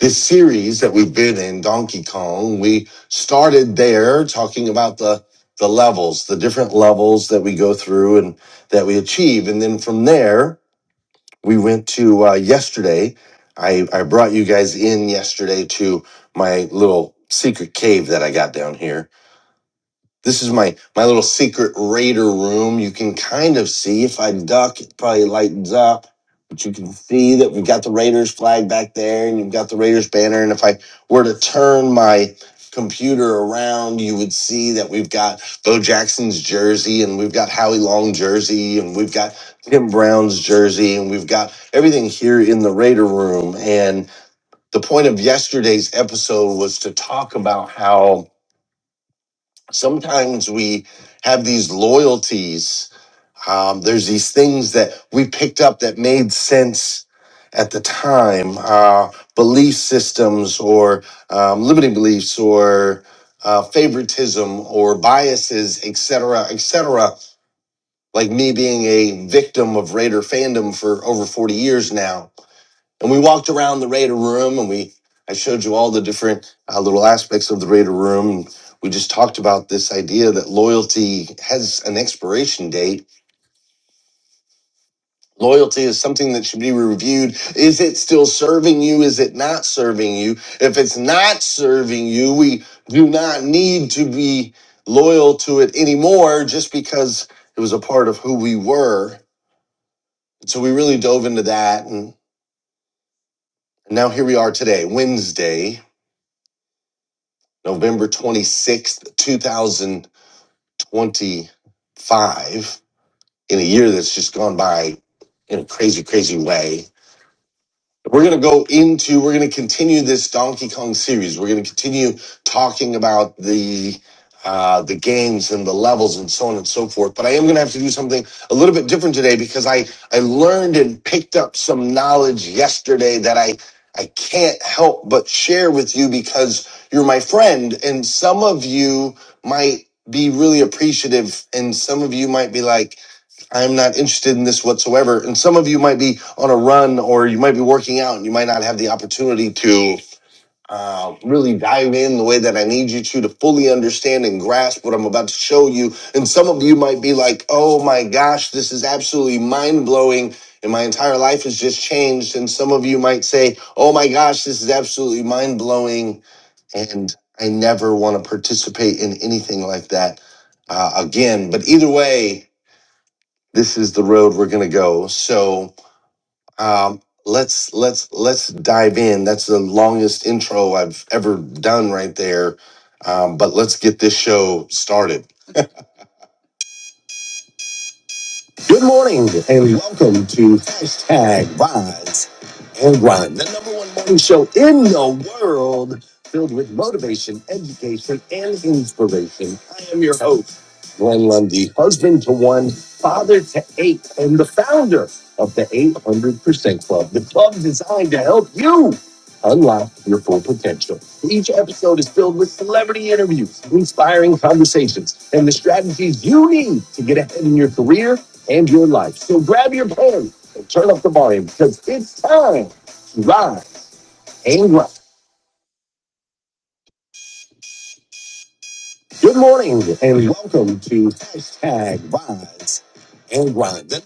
This series that we've been in, Donkey Kong, we started there talking about the the levels, the different levels that we go through and that we achieve. And then from there, we went to uh, yesterday. I, I brought you guys in yesterday to my little secret cave that I got down here this is my my little secret raider room. You can kind of see if I duck, it probably lightens up, but you can see that we've got the Raiders flag back there, and you've got the Raiders banner. And if I were to turn my computer around, you would see that we've got Bo Jackson's jersey, and we've got Howie Long jersey, and we've got Tim Brown's jersey, and we've got everything here in the Raider room. And the point of yesterday's episode was to talk about how sometimes we have these loyalties. Um, there's these things that we picked up that made sense at the time, uh, belief systems or um, limiting beliefs or uh, favoritism or biases, et cetera, et cetera. Like me being a victim of Raider fandom for over 40 years now and we walked around the Raider room and we I showed you all the different uh, little aspects of the Raider room. we just talked about this idea that loyalty has an expiration date. Loyalty is something that should be reviewed. Is it still serving you? Is it not serving you? If it's not serving you, we do not need to be loyal to it anymore just because it was a part of who we were. So we really dove into that. And now here we are today, Wednesday November 26th, 2025, in a year that's just gone by in a crazy, crazy way. We're going to go into, we're going to continue this Donkey Kong series. We're going to continue talking about the, uh, the games and the levels and so on and so forth. But I am going to have to do something a little bit different today because I, I learned and picked up some knowledge yesterday that I, I can't help but share with you because you're my friend and some of you might be really appreciative and some of you might be like, I'm not interested in this whatsoever. And some of you might be on a run or you might be working out and you might not have the opportunity to uh, really dive in the way that I need you to to fully understand and grasp what I'm about to show you. And some of you might be like, oh my gosh, this is absolutely mind blowing. And my entire life has just changed. And some of you might say, oh my gosh, this is absolutely mind blowing. And I never want to participate in anything like that uh, again. But either way, this is the road we're going to go. So um, let's let's let's dive in. That's the longest intro I've ever done right there. Um, but let's get this show started. Good morning and welcome to hashtag Rise and Grind, the number one morning show in the world filled with motivation, education, and inspiration. I am your host, Glenn Lundy, husband to one, father to eight, and the founder of the 800% Club, the club designed to help you unlock your full potential. Each episode is filled with celebrity interviews, inspiring conversations, and the strategies you need to get ahead in your career and your life. So grab your pen and turn up the volume because it's time to rise and grind. Good morning and welcome to hashtag rise and grind.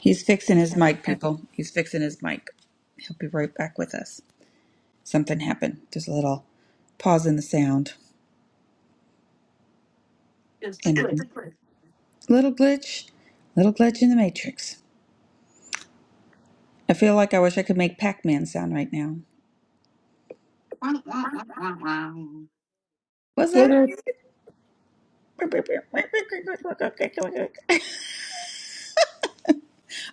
He's fixing his mic, Okay. people. He's fixing his mic. He'll be right back with us. Something happened. There's a little pause in the sound and a little glitch, little glitch in the matrix. I feel like I wish I could make Pac-Man sound right now. Was Get that? it?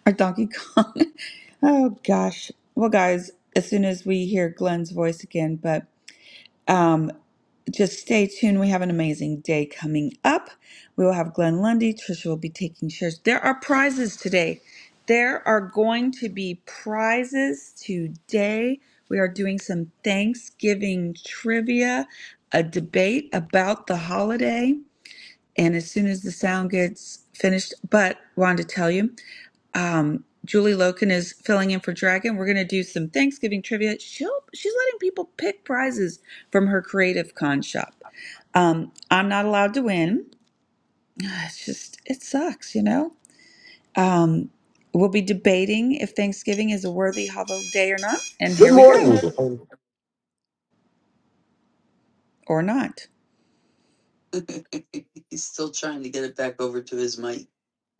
Or Donkey Kong. [LAUGHS] Oh gosh. Well, guys, as soon as we hear Glenn's voice again, but um, just stay tuned. We have an amazing day coming up. We will have Glenn Lundy. Trisha will be taking shares. There are prizes today. There are going to be prizes today. We are doing some Thanksgiving trivia, a debate about the holiday. And as soon as the sound gets finished, but wanted to tell you um, Julie Loken is filling in for Dragon. We're going to do some Thanksgiving trivia. She'll, she's letting people pick prizes from her Creative Con shop. Um, I'm not allowed to win. It's just, it sucks, you know? Um, we'll be debating if Thanksgiving is a worthy holiday or not. And Good here we morning. go, [LAUGHS] or not.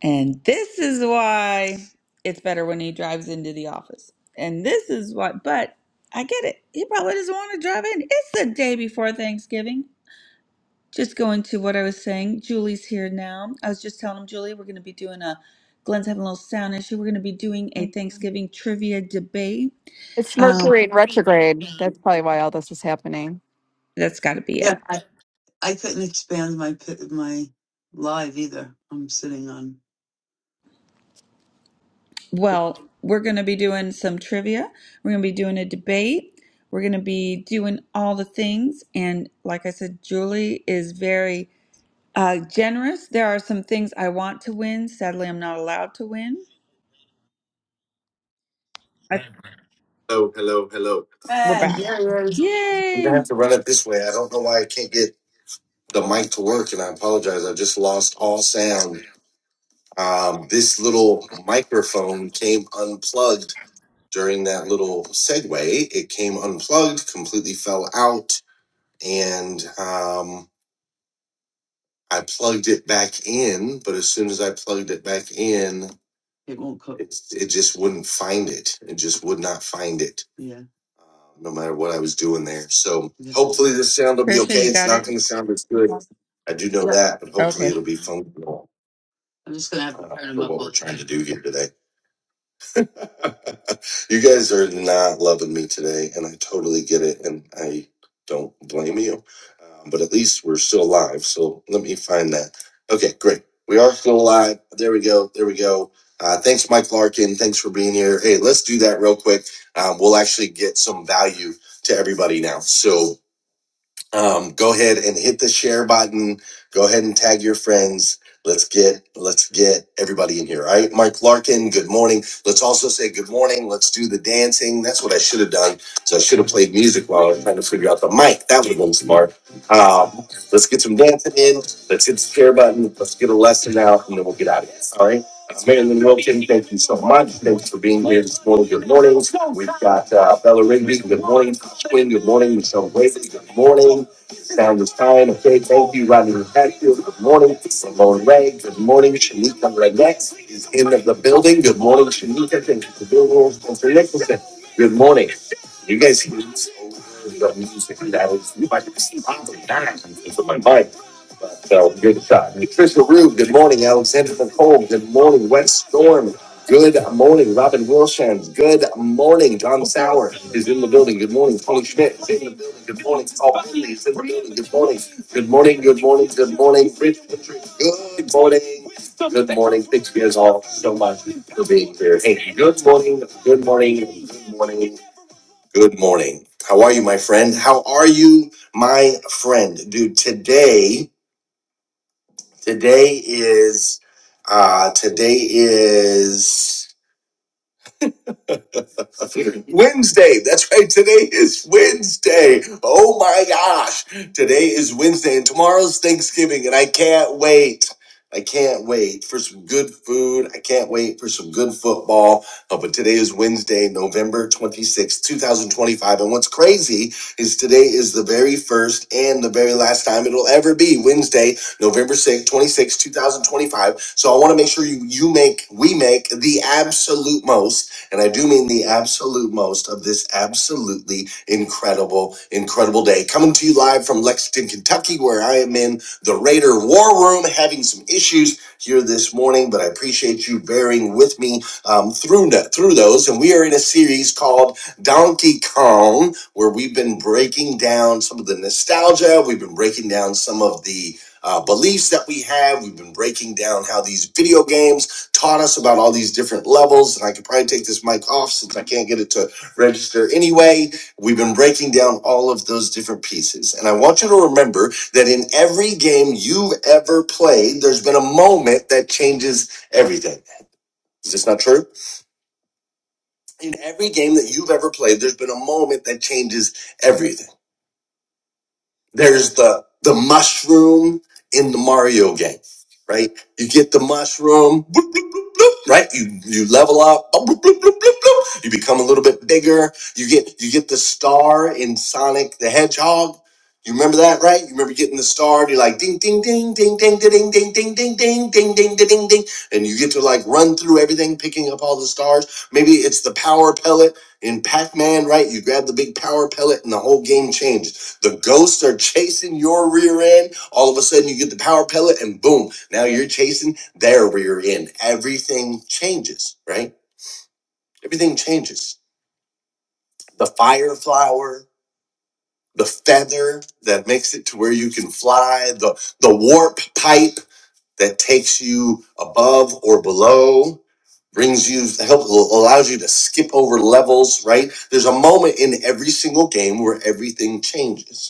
And this is why it's better when he drives into the office. And this is what, but I get it. He probably doesn't want to drive in. It's the day before Thanksgiving. Just going to what I was saying, Julie's here now. I was just telling him, Julie, we're going to be doing a, Glenn's having a little sound issue. We're going to be doing a Thanksgiving trivia debate. It's Um, Mercury in retrograde. That's probably why all this is happening. that's got to be it. Well, we're going to be doing some trivia. We're going to be doing a debate. We're going to be doing all the things. And like I said, Julie is very uh, generous. There are some things I want to win. Sadly, I'm not allowed to win. I, Hello, hello, hello. we're back. I'm gonna Yay! have to run it this way. I don't know why I can't get. the mic to work, and I apologize. I just lost all sound. Um, this little microphone came unplugged during that little segue. It came unplugged, completely fell out, and um, I plugged it back in. But as soon as I plugged it back in, it, it just wouldn't find it. It just would not find it, uh, no matter what I was doing there. So hopefully, this sound will be Trisha, okay. you It's got it? not going to sound as good. I do know that, but hopefully, Okay. it'll be functional do here today. [LAUGHS] you guys are not loving me today, and I totally get it, and I don't blame you. Um, but at least we're still alive, so let me find that. Okay, great. We are still alive. There we go. There we go. Uh, thanks, Mike Larkin. Thanks for being here. Hey, let's do that real quick. Um, we'll actually get some value to everybody now. So um, go ahead and hit the share button. Go ahead and tag your friends. Let's get let's get everybody in here. All right, Mike Larkin. Good morning. Let's also say good morning. Let's do the dancing. That's what I should have done. So I should have played music while I was trying to figure out the mic. That would have been smart. Um, let's get some dancing in. Let's hit the share button. Let's get a lesson out, and then we'll get out of here. All right. Uh, Marilyn Wilkin, thank you so much. Thanks for being here this morning. Good morning. We've got uh, Bella Rigby. Good morning. Quinn, good morning. Michelle Wade. good morning. Sound is fine. Okay, thank you. Rodney Hatfield, good morning. Ramon Ray, good morning. Shanika Renette is in the building. Good morning, Shanika. Thank you for being here. Spencer Nicholson, good morning. You guys see this over the music and that is you might see probably dying because of my mic. But uh, we'll give it a shot. Patricia Rube, good morning. Alexander Nicole, good morning. Wet Storm, good morning. Robin Wilshans, good morning. John Sauer is in the building. Good morning. Tony Schmidt is in the building. Good morning. Paul Finley is in the building. Good morning. Good morning. Good morning. Good morning. Rich Patrick, good morning. Good morning. Thanks you guys all so much for being here. Hey, good morning. Good morning. Good morning. Good morning. How are you, my friend? How are you, my friend? Dude, today, today is, uh, today is Wednesday. That's right. Today is Wednesday. Oh my gosh. Today is Wednesday and tomorrow's Thanksgiving and I can't wait. I can't wait for some good food. I can't wait for some good football. Uh, but today is Wednesday, November twenty sixth, two 2025. And what's crazy is today is the very first and the very last time it'll ever be Wednesday, November sixth, twenty sixth, two 2025. So I want to make sure you, you make, we make the absolute most and I do mean the absolute most of this absolutely incredible, incredible day. Coming to you live from Lexington, Kentucky, where I am in the Raider War Room, having some issues here this morning, but I appreciate you bearing with me um, through, through those. And we are in a series called Donkey Kong, where we've been breaking down some of the nostalgia, we've been breaking down some of the uh, beliefs that we have. We've been breaking down how these video games taught us about all these different levels. And I could probably take this mic off since I can't get it to register anyway. We've been breaking down all of those different pieces. And I want you to remember that in every game you've ever played, there's been a moment that changes everything. Is this not true? In every game that you've ever played, there's been a moment that changes everything. There's the the mushroom in the Mario game, right? You get the mushroom, bloop, bloop, bloop, bloop, right? You you level up, bloop, bloop, bloop, bloop, bloop. you become a little bit bigger. You get you get the star in Sonic the Hedgehog. You remember that, right? You remember getting the star, and you're like ding ding ding ding ding ding ding ding ding ding ding ding ding ding ding and you get to like run through everything picking up all the stars. Maybe it's the power pellet in Pac-Man, right? You grab the big power pellet and the whole game changes the ghosts are chasing your rear end. All of a sudden, you get the power pellet, and boom, now you're chasing their rear end. Everything changes, right? Everything changes. The fire flower, the feather that makes it to where you can fly, the, the warp pipe that takes you above or below, brings you, help, allows you to skip over levels, right? There's a moment in every single game where everything changes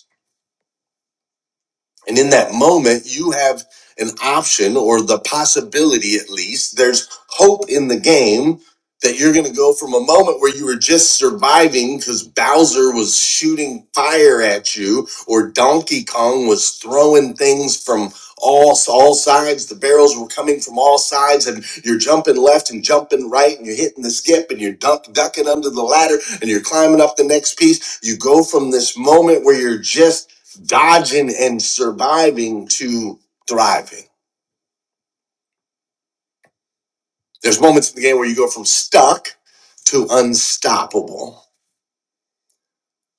And in that moment, you have an option or the possibility, at least, there's hope in the game that you're going to go from a moment where you were just surviving because Bowser was shooting fire at you or Donkey Kong was throwing things from all, all sides. The barrels were coming from all sides and you're jumping left and jumping right and you're hitting the skip and you're duck, ducking under the ladder and you're climbing up the next piece. You go from this moment where you're just dodging and surviving to thriving. There's moments in the game where you go from stuck to unstoppable.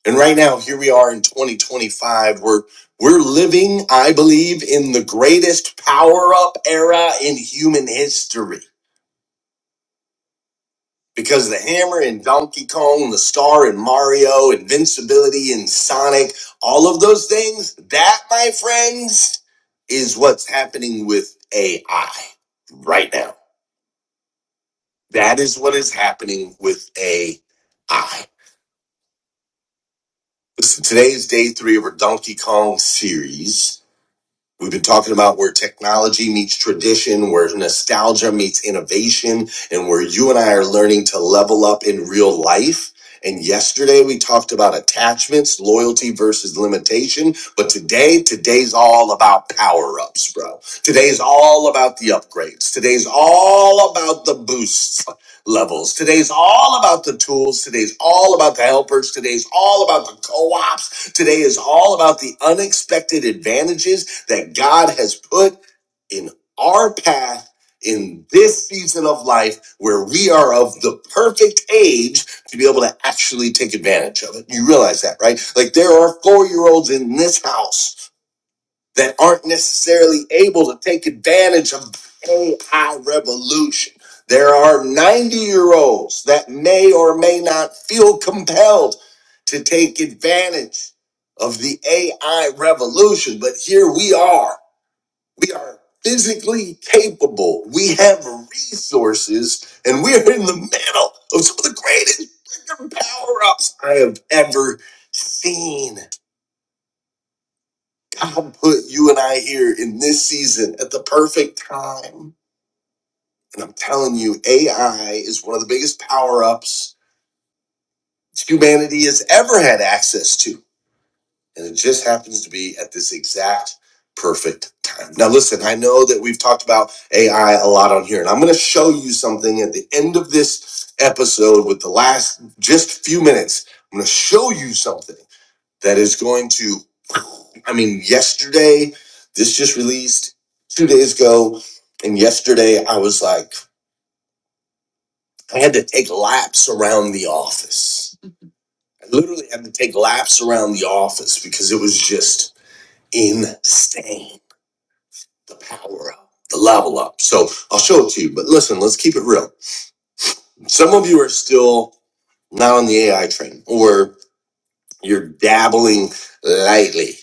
And right now, here we are in 2025. We're we're living, I believe, in the greatest power-up era in human history. Because the hammer in Donkey Kong, the star in Mario, invincibility in Sonic, all of those things, that, my friends, is what's happening with AI right now. That is what is happening with AI. Listen, today is day three of our Donkey Kong series. We've been talking about where technology meets tradition, where nostalgia meets innovation, and where you and I are learning to level up in real life. And yesterday we talked about attachments, loyalty versus limitation. But today, today's all about power ups, bro. Today's all about the upgrades. Today's all about the boosts levels. Today's all about the tools. Today's all about the helpers. Today's all about the co ops. Today is all about the unexpected advantages that God has put in our path in this season of life where we are of the perfect age to be able to actually take advantage of it. You realize that, right? Like there are four year olds in this house that aren't necessarily able to take advantage of the AI revolution. There are 90 year olds that may or may not feel compelled to take advantage of the AI revolution, but here we are we are physically capable. We have resources, and we are in the middle of some of the greatest freaking power ups I have ever seen. God put you and I here in this season at the perfect time. And I'm telling you, AI is one of the biggest power ups humanity has ever had access to. And it just happens to be at this exact perfect time. Now, listen, I know that we've talked about AI a lot on here, and I'm going to show you something at the end of this episode with the last just few minutes. I'm going to show you something that is going to, I mean, yesterday, this just released two days ago. And yesterday, I was like, I had to take laps around the office. I literally had to take laps around the office because it was just insane. The power up, the level up. So I'll show it to you, but listen, let's keep it real. Some of you are still not on the AI train or you're dabbling lightly,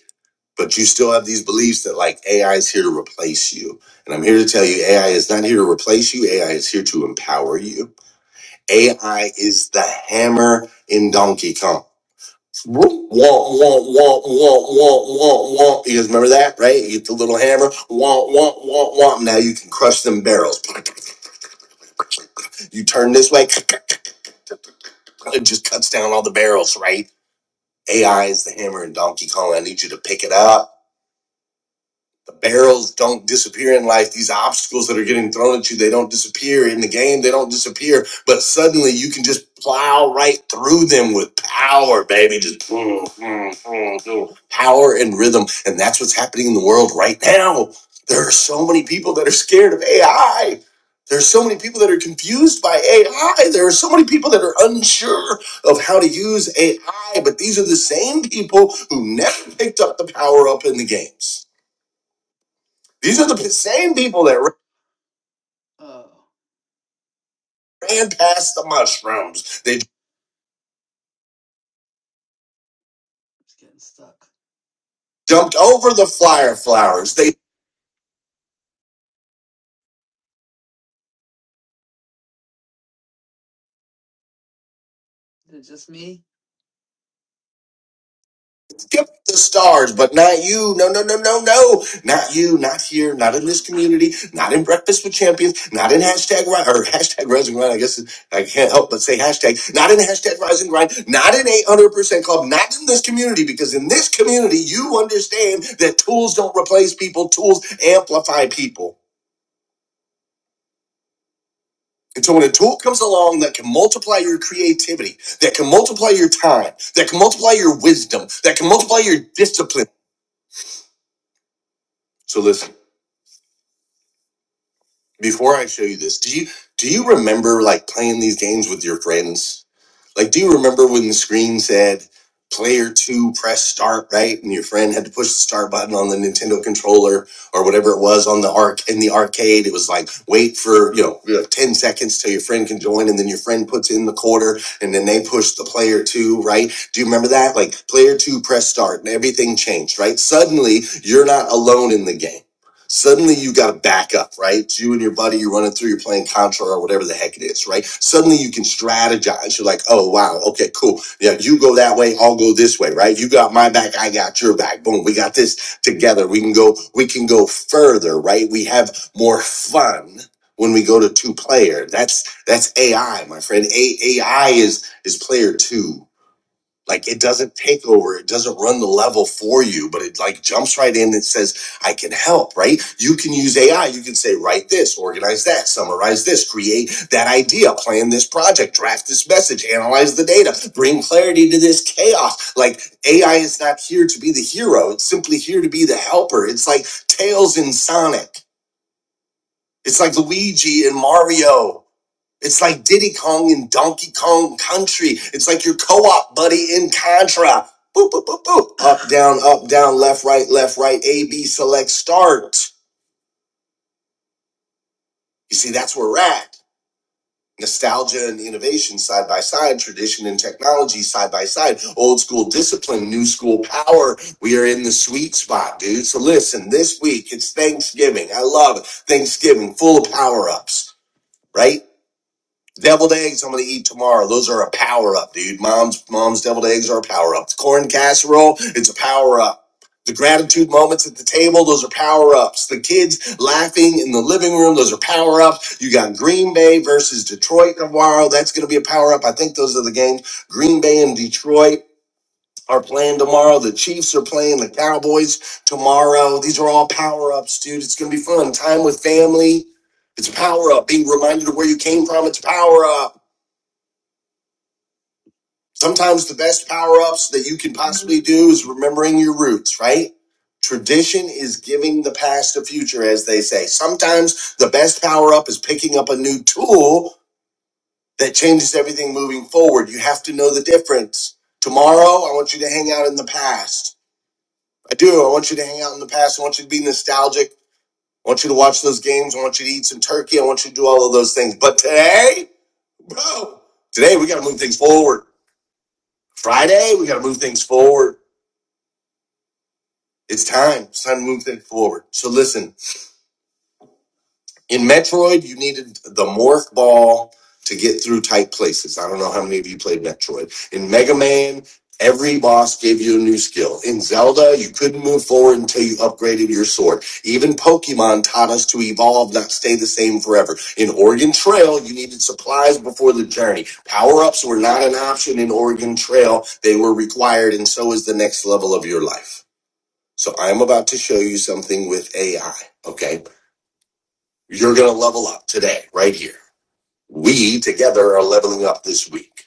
but you still have these beliefs that like AI is here to replace you. And I'm here to tell you AI is not here to replace you, AI is here to empower you. AI is the hammer in Donkey Kong. Whoop, Womp, womp, womp, womp, womp, womp, womp. You guys remember that, right? You get the little hammer. Womp, womp, womp, womp. Now you can crush them barrels. You turn this way, it just cuts down all the barrels, right? AI is the hammer in Donkey Kong. I need you to pick it up. the barrels don't disappear in life. These obstacles that are getting thrown at you, they don't disappear in the game. They don't disappear, but suddenly you can just plow right through them with power, baby. Just mm, mm, mm, mm. power and rhythm, and that's what's happening in the world right now. There are so many people that are scared of AI. There are so many people that are confused by AI. There are so many people that are unsure of how to use AI, but these are the same people who never picked up the power up in the games these are the same people that ran past the mushrooms. They jumped over the flyer flowers. They skipped the stars, but not you. No, no, no, no, no. Not you. Not here. Not in this community. Not in Breakfast with Champions. Not in hashtag ri- or hashtag Rising Grind. I guess I can't help but say hashtag. Not in hashtag Rising Grind. Not in 800% Club. Not in this community because in this community you understand that tools don't replace people. Tools amplify people. And so when a tool comes along that can multiply your creativity, that can multiply your time, that can multiply your wisdom, that can multiply your discipline. So listen, before I show you this, do you do you remember like playing these games with your friends? Like, do you remember when the screen said player two, press start, right? And your friend had to push the start button on the Nintendo controller or whatever it was on the arc in the arcade. It was like, wait for, you know, you know, 10 seconds till your friend can join. And then your friend puts in the quarter and then they push the player two, right? Do you remember that? Like player two, press start and everything changed, right? Suddenly you're not alone in the game Suddenly you got a backup, right? It's you and your buddy, you're running through, you're playing Contra or whatever the heck it is, right? Suddenly you can strategize. You're like, oh, wow, okay, cool. Yeah, you go that way, I'll go this way, right? You got my back, I got your back. Boom, we got this together. We can go, we can go further, right? We have more fun when we go to two player. That's that's AI, my friend. A- AI is is player two like it doesn't take over, it doesn't run the level for you, but it like jumps right in and says, I can help, right? You can use AI. You can say, write this, organize that, summarize this, create that idea, plan this project, draft this message, analyze the data, bring clarity to this chaos. Like AI is not here to be the hero, it's simply here to be the helper. It's like Tails in Sonic. It's like Luigi and Mario. It's like Diddy Kong and Donkey Kong Country. It's like your co-op buddy in Contra. Boop, boop, boop, boop. Up, down, up, down, left, right, left, right, A, B, select, start. You see, that's where we're at. Nostalgia and innovation side by side, tradition and technology side by side, old school discipline, new school power. We are in the sweet spot, dude. So listen, this week it's Thanksgiving. I love it. Thanksgiving, full of power ups, right? Deviled eggs, I'm gonna eat tomorrow. Those are a power up, dude. Mom's mom's deviled eggs are a power up. The Corn casserole, it's a power up. The gratitude moments at the table, those are power ups. The kids laughing in the living room, those are power ups. You got Green Bay versus Detroit tomorrow. That's gonna be a power up. I think those are the games. Green Bay and Detroit are playing tomorrow. The Chiefs are playing the Cowboys tomorrow. These are all power ups, dude. It's gonna be fun. Time with family. It's a power up. Being reminded of where you came from, it's a power up. Sometimes the best power ups that you can possibly do is remembering your roots, right? Tradition is giving the past a future, as they say. Sometimes the best power up is picking up a new tool that changes everything moving forward. You have to know the difference. Tomorrow, I want you to hang out in the past. I do. I want you to hang out in the past. I want you to be nostalgic. I want you to watch those games. I want you to eat some turkey. I want you to do all of those things. But today, bro, today we got to move things forward. Friday, we got to move things forward. It's time. It's time to move things forward. So listen, in Metroid, you needed the morph ball to get through tight places. I don't know how many of you played Metroid. In Mega Man, every boss gave you a new skill. In Zelda, you couldn't move forward until you upgraded your sword. Even Pokemon taught us to evolve, not stay the same forever. In Oregon Trail, you needed supplies before the journey. Power-ups were not an option in Oregon Trail. They were required, and so is the next level of your life. So I'm about to show you something with AI. Okay. You're going to level up today, right here. We together are leveling up this week.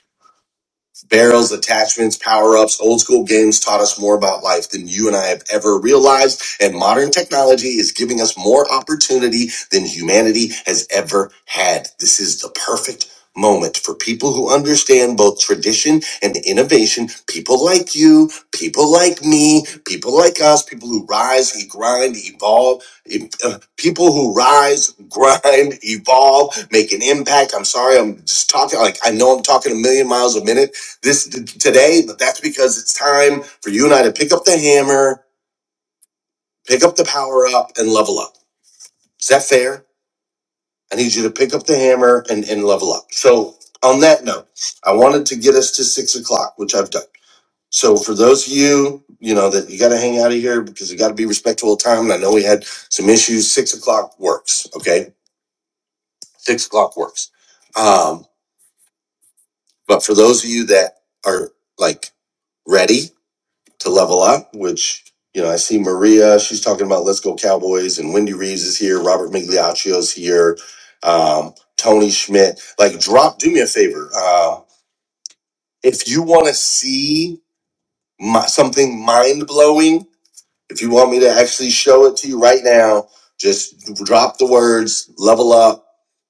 Barrels, attachments, power ups, old school games taught us more about life than you and I have ever realized. And modern technology is giving us more opportunity than humanity has ever had. This is the perfect moment for people who understand both tradition and innovation. People like you, people like me, people like us, people who rise, e- grind, evolve, e- uh, people who rise, [LAUGHS] grind, evolve, make an impact. I'm sorry, I'm just talking like I know I'm talking a million miles a minute this today, but that's because it's time for you and I to pick up the hammer, pick up the power up, and level up. Is that fair? I need you to pick up the hammer and, and level up. So, on that note, I wanted to get us to six o'clock, which I've done. So for those of you, you know, that you got to hang out of here because you got to be respectful of time. And I know we had some issues. Six o'clock works. Okay. Six o'clock works. Um, but for those of you that are like ready, to level up, which you know I see Maria. She's talking about let's go Cowboys, and Wendy Reeves is here. Robert Miglioccio's here. Um, Tony Schmidt. Like, drop. Do me a favor. Uh, if you want to see my, something mind blowing, if you want me to actually show it to you right now, just drop the words level up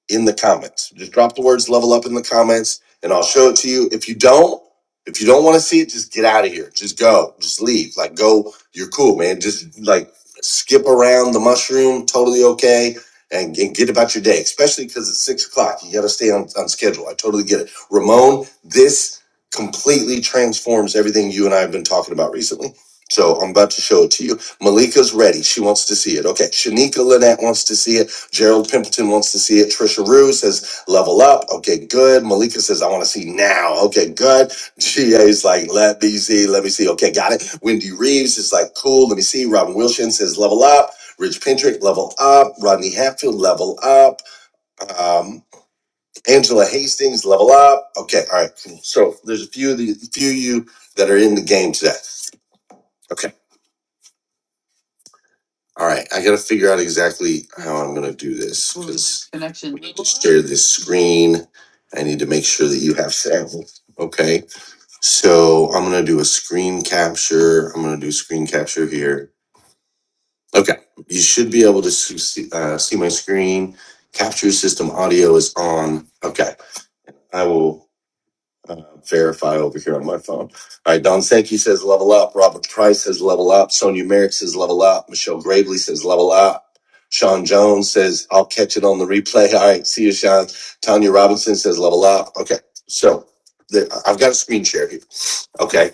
in the comments. Just drop the words level up in the comments and I'll show it to you. If you don't, if you don't want to see it, just get out of here. Just go. Just leave. Like go, you're cool, man. Just like skip around the mushroom, totally okay. And, and get about your day, especially because it's six o'clock. You got to stay on, on schedule. I totally get it. Ramon, this completely transforms everything you and I have been talking about recently so I'm about to show it to you. Malika's ready. She wants to see it. Okay. Shanika Lynette wants to see it. Gerald Pimpleton wants to see it. Trisha Rue says, level up. Okay, good. Malika says, I want to see now. Okay, good. GA's like, let me see. Let me see. Okay, got it. Wendy Reeves is like, cool. Let me see. Robin Wilson says, level up. Rich Pendrick, level up. Rodney Hatfield, level up. Um, Angela Hastings, level up. Okay, all right, cool. So there's a few of the few of you that are in the game today. Okay. All right, I got to figure out exactly how I'm going to do this. I need to share this screen. I need to make sure that you have sound. Okay, so I'm going to do a screen capture. I'm going to do screen capture here. Okay, you should be able to see, uh, see my screen. Capture system audio is on. Okay, I will. uh, verify over here on my phone. All right, Don Sankey says level up. Robert Price says level up. Sonia Merrick says level up. Michelle Gravely says level up. Sean Jones says I'll catch it on the replay. [LAUGHS] All right, see you, Sean. Tanya Robinson says level up. Okay, so the, I've got a screen share here. Okay,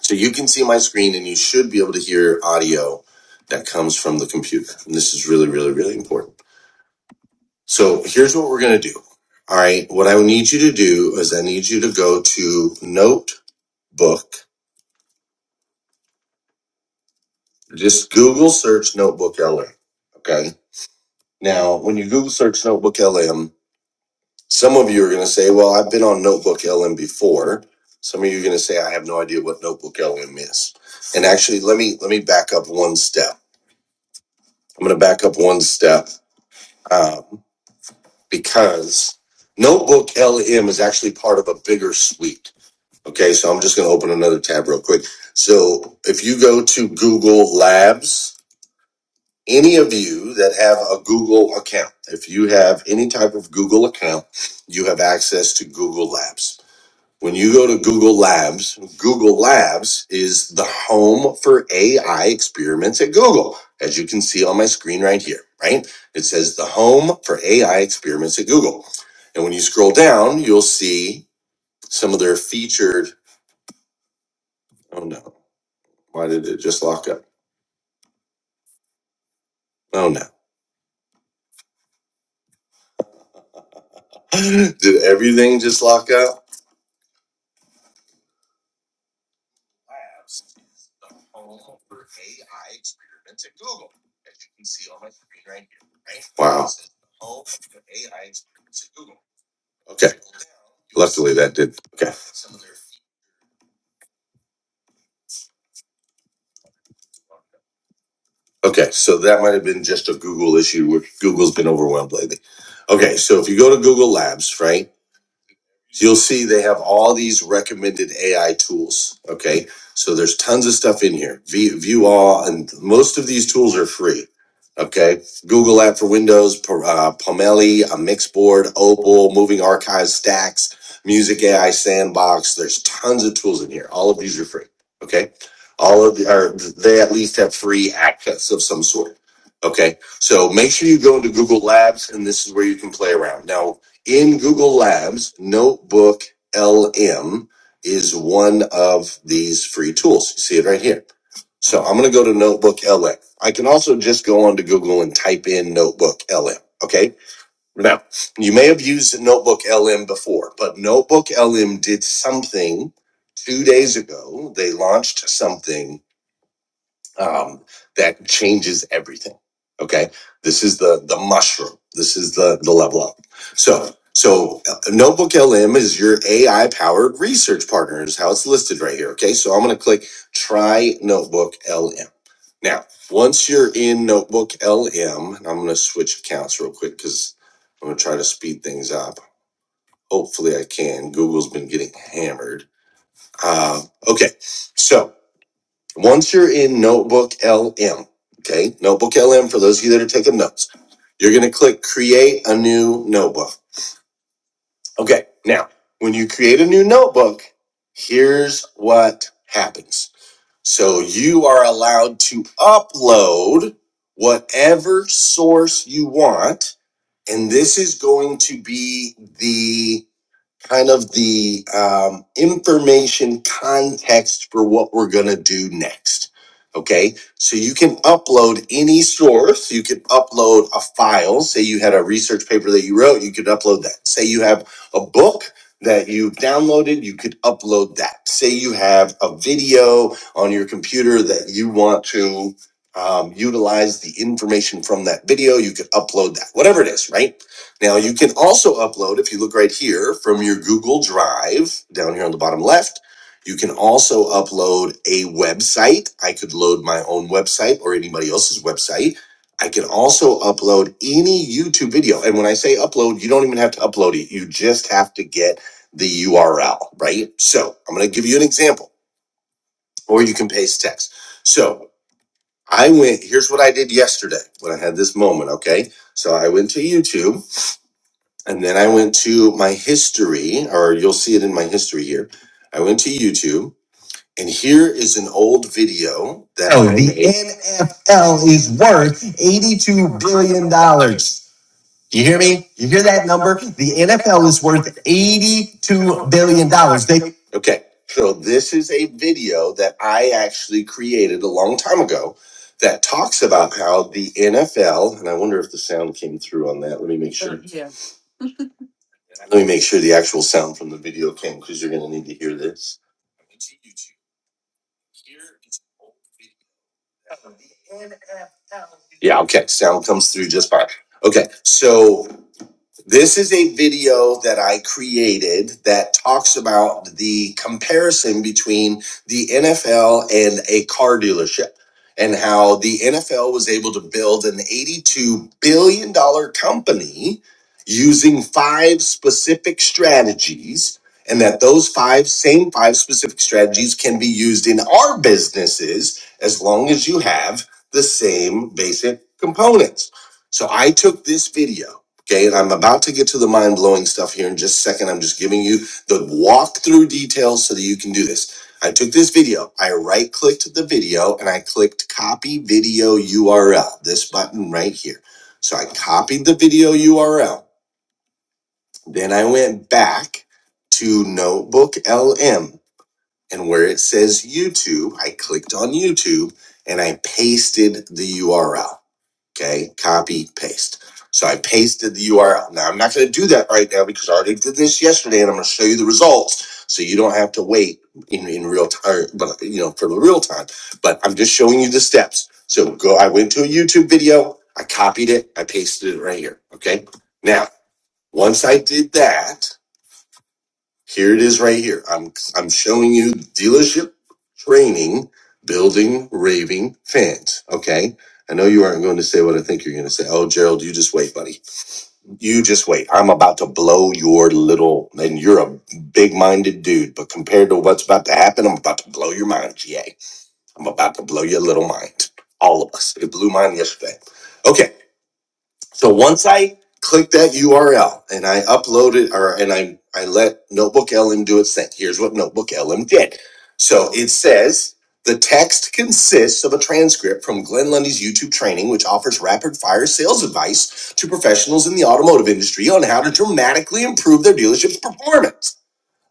so you can see my screen and you should be able to hear audio that comes from the computer. And this is really, really, really important. So here's what we're gonna do. All right, what I need you to do is I need you to go to Note book. Just Google search Notebook LM. Okay. Now, when you Google search Notebook LM, some of you are going to say, well, I've been on Notebook LM before. Some of you are going to say, I have no idea what Notebook LM is. And actually, let me let me back up one step. I'm going to back up one step um, because Notebook LM is actually part of a bigger suite. Okay, so I'm just going to open another tab real quick. So if you go to Google Labs, any of you that have a Google account, if you have any type of Google account, you have access to Google Labs. When you go to Google Labs, Google Labs is the home for AI experiments at Google, as you can see on my screen right here, right? It says the home for AI experiments at Google. And when you scroll down, you'll see some of their featured. Oh no, why did it just lock up? Oh no. [LAUGHS] Did everything just lock up? Wow. Okay. Luckily, that did. Okay. Okay. So that might have been just a Google issue, which Google's been overwhelmed lately. Okay. So if you go to Google Labs, right? you'll see they have all these recommended AI tools. Okay. So there's tons of stuff in here. View, view all, and most of these tools are free. Okay. Google app for Windows, P- uh, Pomeli, a Mixboard, Opal, Moving Archives, Stacks, Music AI Sandbox. There's tons of tools in here. All of these are free. Okay. All of the, or they at least have free access of some sort. Okay. So make sure you go into Google Labs and this is where you can play around. Now, in Google Labs, Notebook LM is one of these free tools. You see it right here. So I'm going to go to Notebook LM. I can also just go onto Google and type in Notebook LM. Okay. Now, you may have used Notebook LM before, but Notebook LM did something two days ago. They launched something um, that changes everything. Okay, this is the the mushroom. This is the the level up. So so uh, Notebook LM is your AI powered research partner is how it's listed right here. Okay, so I'm gonna click try Notebook LM. Now once you're in Notebook LM, and I'm gonna switch accounts real quick because I'm gonna try to speed things up. Hopefully I can. Google's been getting hammered. Uh, okay, so once you're in Notebook LM, okay, Notebook LM, for those of you that are taking notes, you're going to click Create a New Notebook. Okay, now, when you create a new notebook, here's what happens. So you are allowed to upload whatever source you want, and this is going to be the kind of the um, information context for what we're going to do next. Okay, so you can upload any source. You can upload a file. Say you had a research paper that you wrote, you could upload that. Say you have a book that you downloaded, you could upload that. Say you have a video on your computer that you want to um, utilize the information from that video, you could upload that. Whatever it is, right? Now you can also upload, if you look right here from your Google Drive down here on the bottom left, you can also upload a website. I could load my own website or anybody else's website. I can also upload any YouTube video. And when I say upload, you don't even have to upload it. You just have to get the URL, right? So I'm going to give you an example, or you can paste text. So I went, here's what I did yesterday when I had this moment, okay? So I went to YouTube and then I went to my history, or you'll see it in my history here. I went to YouTube, and here is an old video that oh, I the made. NFL is worth 82. You hear me? You hear that? The worth 82. Okay, so this is a video that I actually created a long time ago that talks about how the NFL, and I wonder if the sound came through on that. Let me make sure. Let me make sure the actual sound from the video came because you're going to need to hear this. Yeah, okay. Sound comes through just fine. Okay, so this is a video that I created that talks about the comparison between the NFL and a car dealership and how the NFL was able to build an $82 billion dollars company using five specific strategies and that those five same five specific strategies can be used in our businesses as long as you have the same basic components. So I took this video Okay, and I'm about to get to the mind blowing stuff here in just a second. I'm just giving you the walkthrough details so that you can do this. I took this video, I right clicked the video, and I clicked copy video URL, this button right here. So I copied the video URL. Then I went back to Notebook LM, and where it says YouTube, I clicked on YouTube and I pasted the URL. Okay, copy, paste. So I pasted the URL. Now I'm not going to do that right now because I already did this yesterday, and I'm going to show you the results, so you don't have to wait in, in real time, but you know for the real time. But I'm just showing you the steps. So go. I went to a YouTube video. I copied it. I pasted it right here. Okay. Now once I did that, here it is right here. I'm I'm showing you dealership training, building raving fans. Okay. I know you aren't going to say what I think you're going to say. Oh, Gerald, you just wait, buddy. You just wait. I'm about to blow your little, and you're a big minded dude, but compared to what's about to happen, I'm about to blow your mind, GA. I'm about to blow your little mind. All of us. It blew mine yesterday. Okay. So once I click that URL and I upload it or and I I let Notebook LM do its thing. Here's what Notebook LM did. So it says the text consists of a transcript from Glenn Lundy's YouTube training, which offers rapid fire sales advice to professionals in the automotive industry on how to dramatically improve their dealership's performance.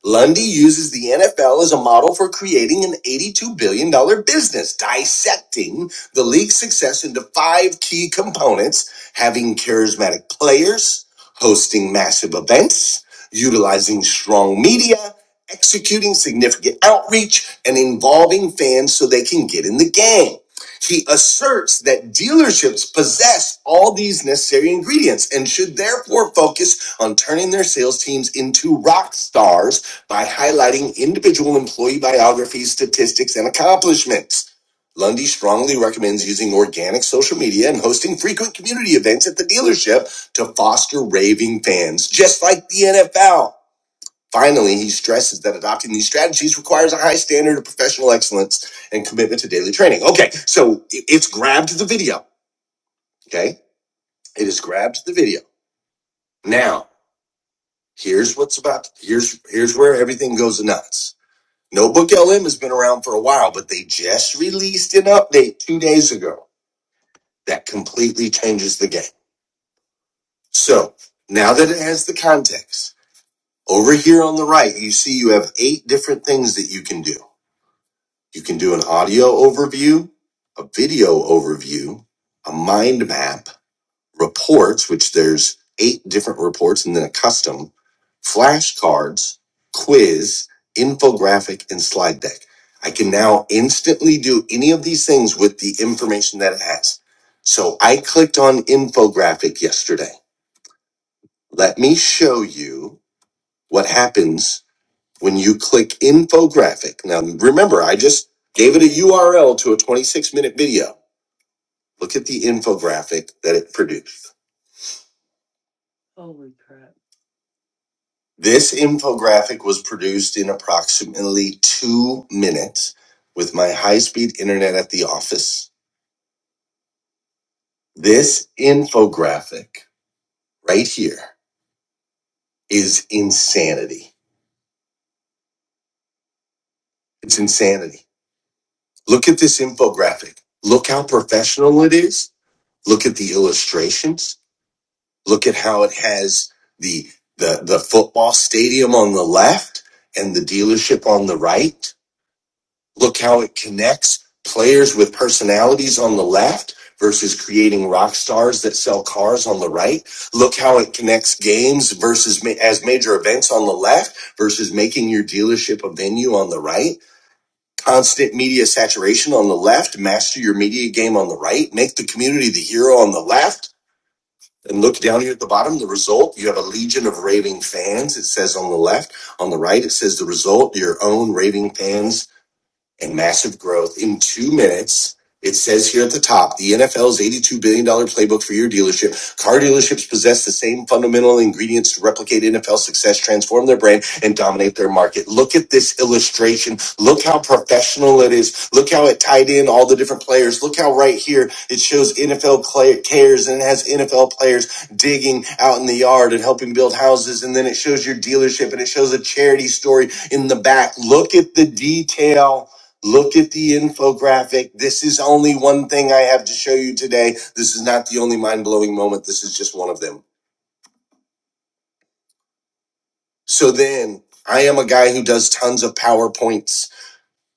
Lundy uses the NFL as a model for creating an $82 billion dollars business, dissecting the league's success into five key components having charismatic players, hosting massive events, utilizing strong media, executing significant outreach, and involving fans so they can get in the game. He asserts that dealerships possess all these necessary ingredients and should therefore focus on turning their sales teams into rock stars by highlighting individual employee biographies, statistics, and accomplishments. Lundy strongly recommends using organic social media and hosting frequent community events at the dealership to foster raving fans, just like the NFL. Finally, he stresses that adopting these strategies requires a high standard of professional excellence and commitment to daily training. Okay, so it's grabbed the video. Okay, it has grabbed the video. Now, here's what's about. Here's here's where everything goes nuts. Notebook LM has been around for a while, but they just released an update two days ago that completely changes the game. So now that it has the context, over here on the right, you see you have eight different things that you can do. You can do an audio overview, a video overview, a mind map, reports, which there's eight different reports, and then a custom, flashcards, quiz, infographic, and slide deck. I can now instantly do any of these things with the information that it has. So I clicked on infographic yesterday. Let me show you what happens when you click infographic. Now, remember, I just gave it a URL to a 26 minute video. Look at the infographic that it produced. This infographic was produced in approximately two minutes with my high speed internet at the office. This infographic right here is insanity. It's insanity. Look at this infographic. Look how professional it is. Look at the illustrations. Look at how it has the, the, the football stadium on the left and the dealership on the right Look how it connects players with personalities on the left versus creating rock stars that sell cars on the right. Look how it connects games versus ma- as major events on the left versus making your dealership a venue on the right. Constant media saturation on the left, master your media game on the right, make the community the hero on the left. And look down here at the bottom, the result, you have a legion of raving fans. It says on the left, on the right, it says the result, your own raving fans and massive growth in two minutes. It says here at the top, the NFL's $82 billion dollars playbook for your dealership. Car dealerships possess the same fundamental ingredients to replicate NFL success, transform their brand, and dominate their market. Look at this illustration. Look how professional it is. Look how it tied in all the different players. Look how right here it shows NFL cares and it has NFL players digging out in the yard and helping build houses. And then it shows your dealership and it shows a charity story in the back. Look at the detail. Look at the infographic. This is only one thing I have to show you today. This is not the only mind blowing moment. This is just one of them. So then I am a guy who does tons of PowerPoints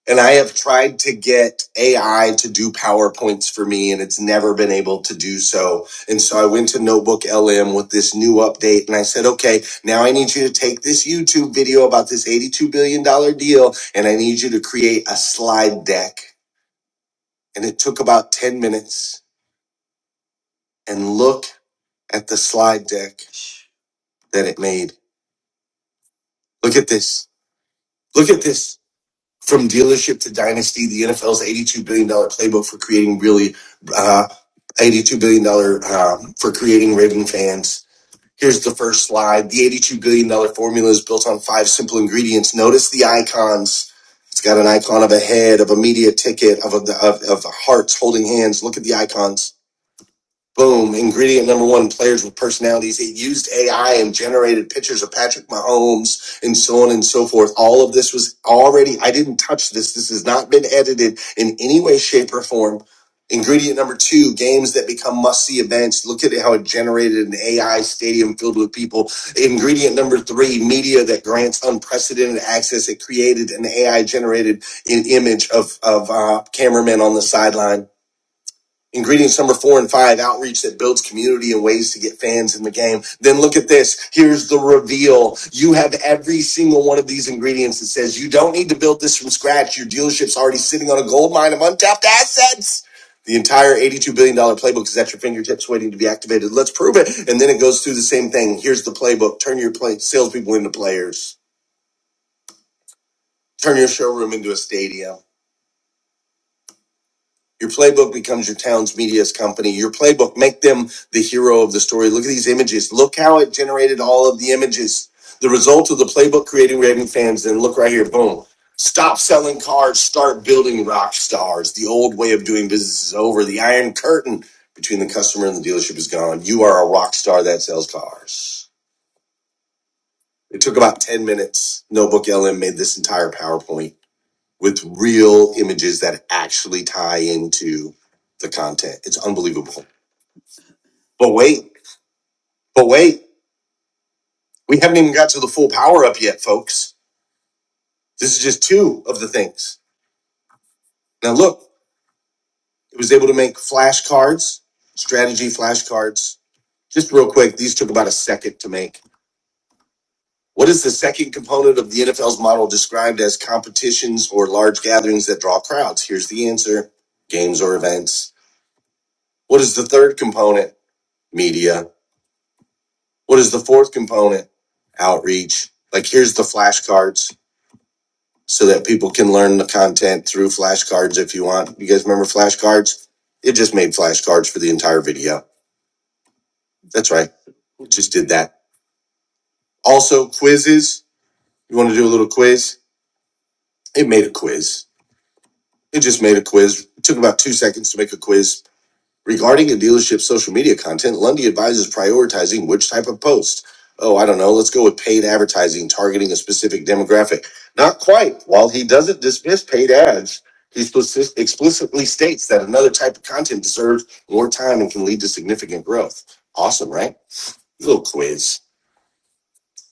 and I have tried to get AI to do PowerPoints for me and it's never been able to do so. And so I went to Notebook LM with this new update and I said, okay, now I need you to take this YouTube video about this $82 billion dollars deal and I need you to create a slide deck. And it took about 10 minutes and look at the slide deck that it made. Look at this. Look at this. From dealership to dynasty, the NFL's $82 billion dollars playbook for creating really, uh, $82 billion dollars um, for creating Raven fans. Here's the first slide. The $82 billion dollars formula is built on five simple ingredients. Notice the icons. It's got an icon of a head, of a media ticket, of, a, of, of hearts holding hands. Look at the icons. Boom. Ingredient number one players with personalities. It used AI and generated pictures of Patrick Mahomes and so on and so forth. All of this was already, I didn't touch this. This has not been edited in any way, shape, or form. Ingredient number two games that become must see events. Look at how it generated an AI stadium filled with people. Ingredient number three media that grants unprecedented access. It created an AI generated image of, of uh, cameramen on the sideline Ingredients number four and five, outreach that builds community and ways to get fans in the game. Then look at this. Here's the reveal. You have every single one of these ingredients that says you don't need to build this from scratch. Your dealership's already sitting on a gold mine of untapped assets. The entire $82 billion dollars playbook is at your fingertips waiting to be activated. Let's prove it. And then it goes through the same thing. Here's the playbook. Turn your play- salespeople into players. Turn your showroom into a stadium. Your playbook becomes your town's media's company. Your playbook, make them the hero of the story. Look at these images. Look how it generated all of the images. The result of the playbook creating raving fans. And look right here, boom. Stop selling cars, start building rock stars. The old way of doing business is over. The iron curtain between the customer and the dealership is gone. You are a rock star that sells cars. It took about 10 minutes. Notebook LM made this entire PowerPoint with real images that actually tie into the content. It's unbelievable. But wait, but wait, we haven't even got to the full power up yet, folks. This is just two of the things. Now, look, it was able to make flashcards, strategy flashcards. Just real quick, these took about a second to make. What is the second component of the NFL's model described as competitions or large gatherings that draw crowds? Here's the answer games or events. What is the third component? Media. What is the fourth component? Outreach. Like here's the flashcards so that people can learn the content through flashcards if you want. You guys remember flashcards? It just made flashcards for the entire video. That's right. Just did that. Also, quizzes. You want to do a little quiz? It made a quiz. It just made a quiz. It took about two seconds to make a quiz Regarding a dealership's social media content, Lundy advises prioritizing which type of post. Oh, I don't know. Let's go with paid advertising targeting a specific demographic. Not quite. While he doesn't dismiss paid ads, he explicitly states that another type of content deserves more time and can lead to significant growth. Awesome, right? Little quiz.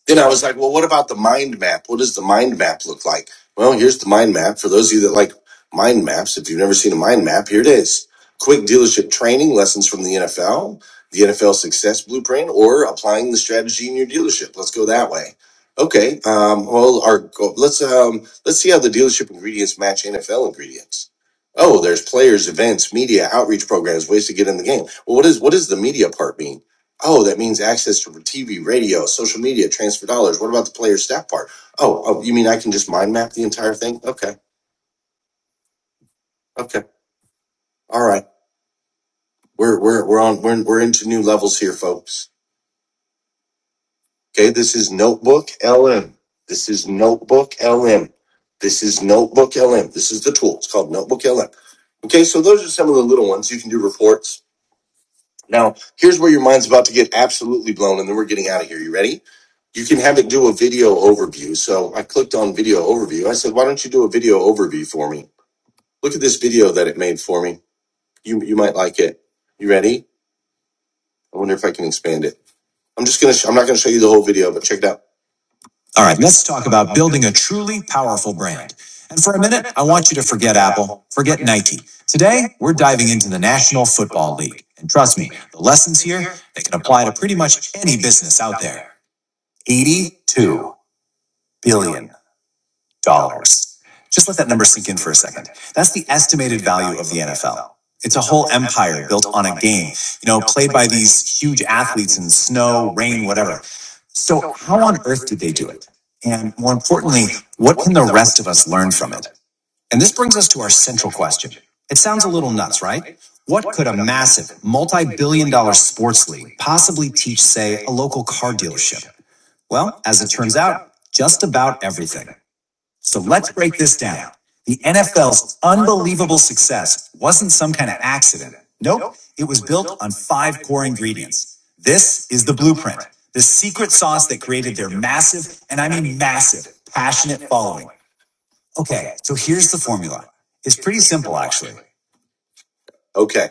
Then I was like, well, what about the mind map? What does the mind map look like? Well, here's the mind map. For those of you that like mind maps, if you've never seen a mind map, here it is. Quick dealership training, lessons from the NFL, the NFL success blueprint, or applying the strategy in your dealership. Let's go that way. Okay. Um, well, our let's um, let's see how the dealership ingredients match NFL ingredients. Oh, there's players, events, media, outreach programs, ways to get in the game. Well, what is what does the media part mean? Oh, that means access to TV, radio, social media, transfer dollars. What about the player staff part? Oh, oh, you mean I can just mind map the entire thing? Okay, okay, all right. We're we're we're on we're we're into new levels here, folks. Okay, this is Notebook LM. This is Notebook LM. This is Notebook LM. This is the tool. It's called Notebook LM. Okay, so those are some of the little ones you can do reports Now, here's where your mind's about to get absolutely blown, and then we're getting out of here. You ready? You can have it do a video overview. So I clicked on video overview. I said, why don't you do a video overview for me? Look at this video that it made for me. You, you might like it. You ready? I wonder if I can expand it. I'm just going to, sh- I'm not going to show you the whole video, but check it out. All right. Let's talk about building a truly powerful brand. And want you for key. we're and try making 82 billion dollars. Just let that number. That's the You know, so and more importantly, let us learn. from it. And this brings us to our central question. It sounds little nuts, right? What mul- well, as it turns out, just so let the wasn't some kind of accident. Nope, it was This is the blueprint, the secret sauce that created their massive, and I mean massive, passionate following. Okay, so here's the formula. It's pretty simple. Okay.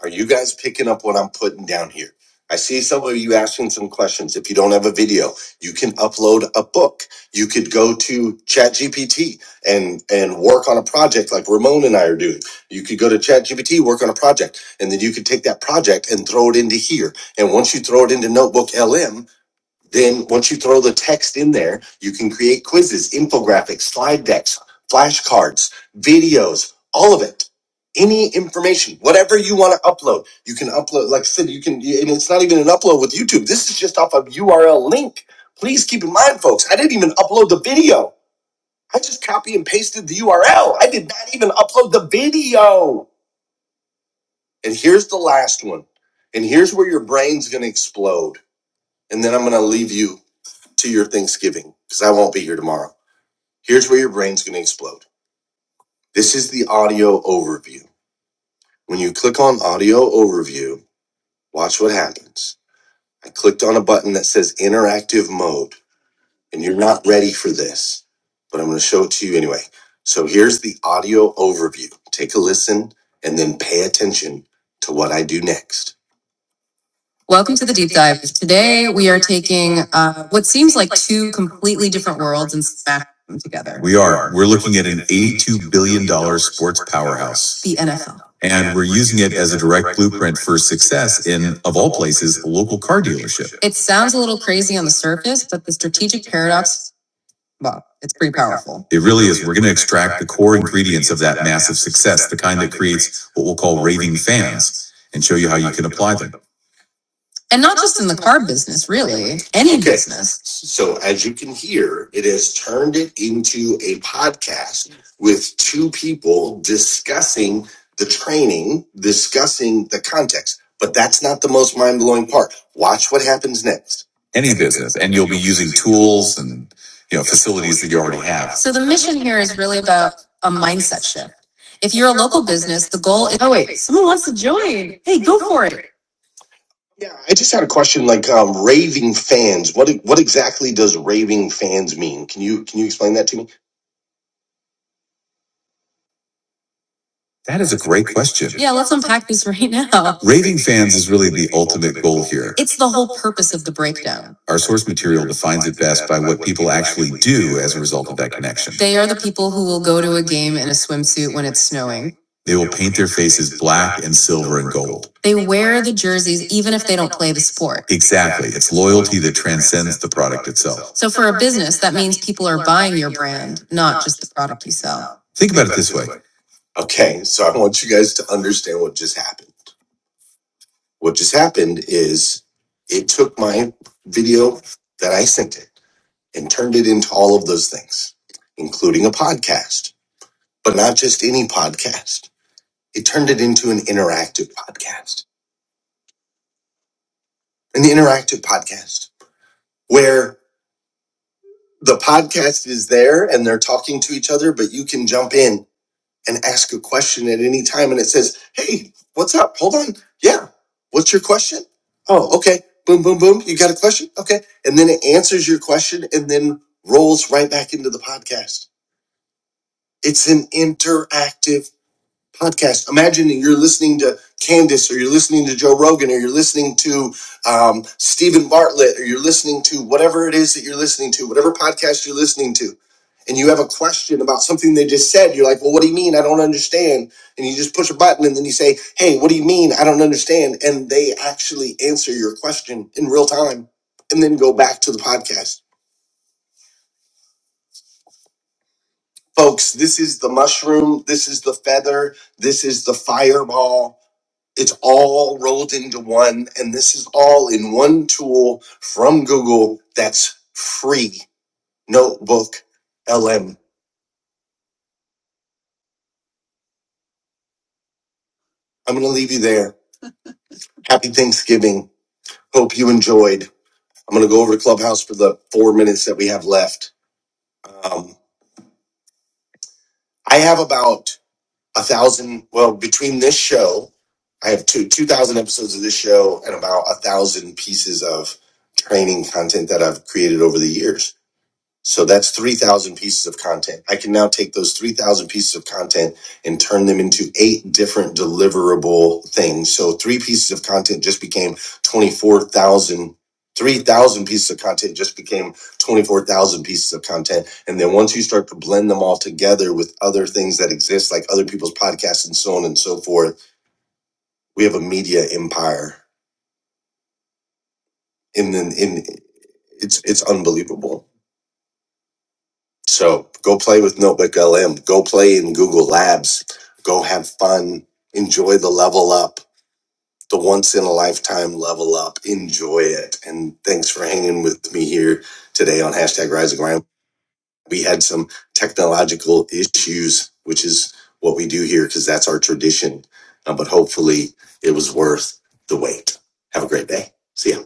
Are you guys picking up what I'm putting down here? I see some of you asking some questions. If you don't have a video, you can upload a book. You could go to ChatGPT and and work on a project like Ramon and I are doing. You could go to ChatGPT, work on a project, and then you could take that project and throw it into here. And once you throw it into Notebook LM, then, once you throw the text in there, you can create quizzes, infographics, slide decks, flashcards, videos, all of it. Any information, whatever you want to upload, you can upload. Like I said, you can, and it's not even an upload with YouTube. This is just off a URL link. Please keep in mind, folks, I didn't even upload the video. I just copy and pasted the URL. I did not even upload the video. And here's the last one. And here's where your brain's going to explode. And then I'm going to leave you to your Thanksgiving because I won't be here tomorrow. Here's where your brain's going to explode. This is the audio overview. When you click on audio overview, watch what happens. I clicked on a button that says interactive mode, and you're not ready for this, but I'm going to show it to you anyway. So here's the audio overview. Take a listen and then pay attention to what I do next. Welcome to the deep dive. Today we are taking uh, what seems like two completely different worlds and smashing them together. The And we're using it as a direct blueprint for success in, of all places, a local car dealership. It sounds a little crazy on the surface, but the strategic paradox, well, it's pretty powerful. It really is. We're going to extract the core ingredients of that massive success, the kind that creates what we'll call raving fans, and show you how you can apply them. And not just in the car business, really, any Okay. business. So, as you can hear, it has turned it into a podcast with two people discussing the training, discussing the context. But that's not the most mind blowing part. Watch what happens next. Any business, and you'll be using tools and you know facilities that you already have. So the mission here is really about a mindset shift. If you're a local business, the goal is oh wait, someone wants to join. Hey, go for it. Yeah, I just had a question. Like um, raving fans, what what exactly does raving fans mean? Can you can you explain that to me? That is a great let's unpack these right now. Raving fans is really It's the whole purpose of the breakdown. Our source material They are the people who will go to a game in a swimsuit when it's snowing. They They wear the jerseys even if they don't play the sport. Exactly. It's itself. So for a business, that means people are buying your brand, not just the product you sell. Think about it this way Okay, so I want you guys to understand what just happened. What just happened is it took my video that I sent it and turned it into all of those things, including a podcast, but not just any podcast. It turned it into an interactive podcast, an interactive podcast where the podcast is there and they're talking to each other, but you can jump in and ask a question at any time and it says, Hey, what's up? Hold on. Yeah. What's your question? Oh, okay. Boom, boom, boom. You got a question? Okay. And then it answers your question and then rolls right back into the podcast. It's an interactive podcast. Imagine that you're listening to Candace, or you're listening to Joe Rogan, or you're listening to um, Stephen Bartlett, or you're listening to whatever it is that you're listening to, whatever podcast you're listening to, and you have a question about something they just said. You're like, well, what do you mean? I don't understand. And you just push a button, and then you say, hey, what do you mean? I don't understand. And they actually answer your question in real time and then go back to the podcast. Folks, this is the mushroom. This is the feather. This is the fireball It's all rolled into one, and this is all in one tool from Google that's free. Notebook LM. I'm going to leave you there. Happy Thanksgiving. Hope you enjoyed. I'm going to go over to Clubhouse for the four minutes that we have left. Um, I have about a thousand, well, between this show, I have two, 2,000 episodes of this show and about a thousand pieces of training content that I've created over the years So that's 3,000 pieces of content. I can now take those 3,000 pieces of content and turn them into eight different deliverable things. So three pieces of content just became 24,000. 3,000 pieces of content just became 24,000 pieces of content. And then once you start to blend them all together with other things that exist, like other people's podcasts and so on and so forth, we have a media empire. And then in, it's, it's unbelievable So go play with Notebook LM. Go play in Google Labs. Go have fun. Enjoy the level up, the once in a lifetime level up. Enjoy it. And thanks for hanging with me here today on hashtag Rise and Grind. We had some technological issues, which is what we do here because that's our tradition. Uh, but hopefully, it was worth the wait. Have a great day. See ya.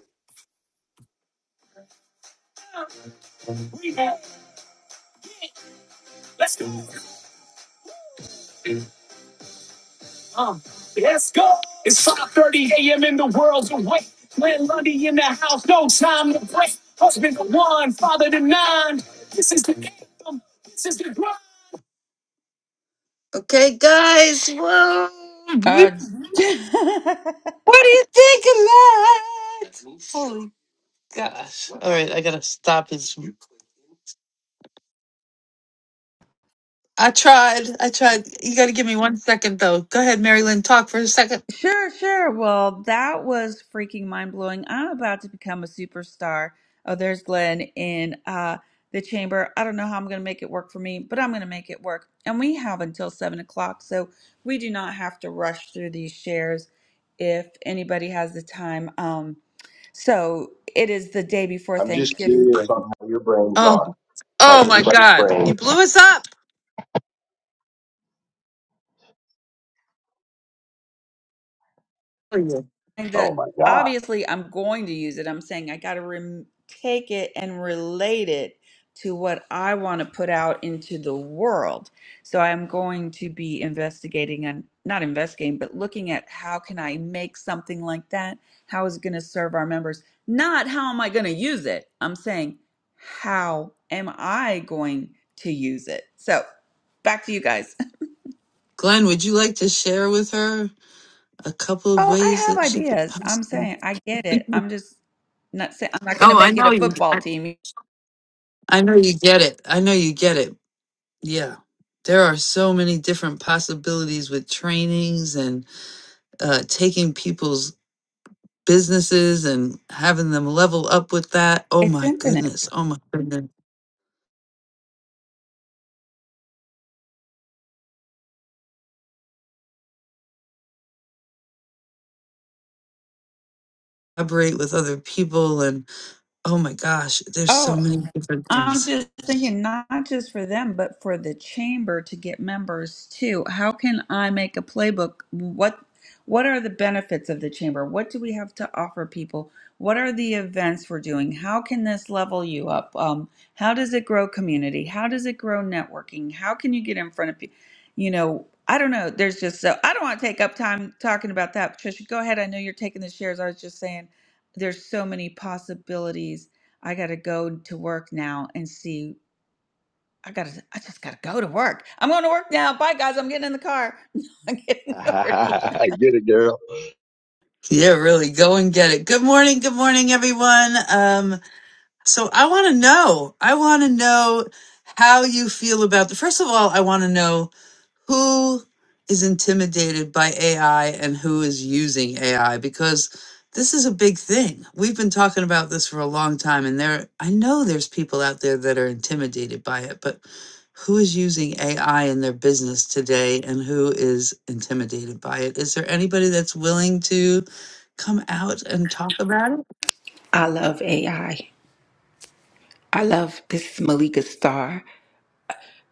Father to nine. This is the anthem. This is the grind. Okay, guys. Whoa. What do Uh, [LAUGHS] you think of that? Holy gosh. All right, I gotta stop this. I tried. I tried. You gotta give me one second though. Go ahead, Mary Lynn, talk for a second. sure, sure. Well, that was freaking mind blowing. I'm about to become a superstar. Oh, there's Glenn in uh, the chamber. I don't know how I'm going to make it work for me, but I'm going to make it work. And we have until seven o'clock, so we do not have to rush through these shares if anybody has the time. Um, so it is the day before I'm just Thanksgiving. curious on how your brains Oh are. oh How's my everybody's god. brains? You blew us up. saying Oh that my god! obviously I'm going to use it. I'm saying I got to rem- take it and relate it to what I want to put out into the world. So I'm going to be investigating and not investigating, but looking at how can I make something like that? How is it going to serve our members? Not how am I going to use it? I'm saying how am I going to use it? So back to you guys. Glenn, would you like to share with her a couple of Oh, I ways that have she could ideas. I'm possibly saying I get it. [LAUGHS] I'm just not saying I'm not going to Oh, I make it know a you football I, team. I know you get it. I know you get it. Yeah. There are so many different possibilities with trainings and uh, taking people's businesses and having them level up with that. Oh It's my infinite. goodness. Oh my goodness. Collaborate with other people. And oh my gosh, there's so Oh, many different I'm things. just thinking not just for them, but for the chamber to get members too. How can I make a playbook? What what are the benefits of the chamber? What do we have to offer people? What are the events we're doing? How can this level you up? Um, how does it grow community? How does it grow networking? How can you get in front of people? You know, I don't know. There's just so I don't want to take up time talking about that. Patricia, go ahead. I know you're taking the shares. I was just saying there's so many possibilities I got to go to work now and see. I got to, I just got to go to work. I'm going to work now. Bye, guys. I'm getting in the car. [LAUGHS] No, I'm [LAUGHS] getting over here. [LAUGHS] I get it, girl. Yeah, really. Go and get it. Good morning. Good morning, everyone. Um, so I want to know, I want to know how you feel about the, first of all, I want to know who is intimidated by AI and who is using AI because this is a big thing. We've been talking about this for a long time and there I know there's people out there that are intimidated by it, but who is using AI in their business today and who is intimidated by it? Is there anybody that's willing to come out and talk about I love AI. I I love this is Malika Star.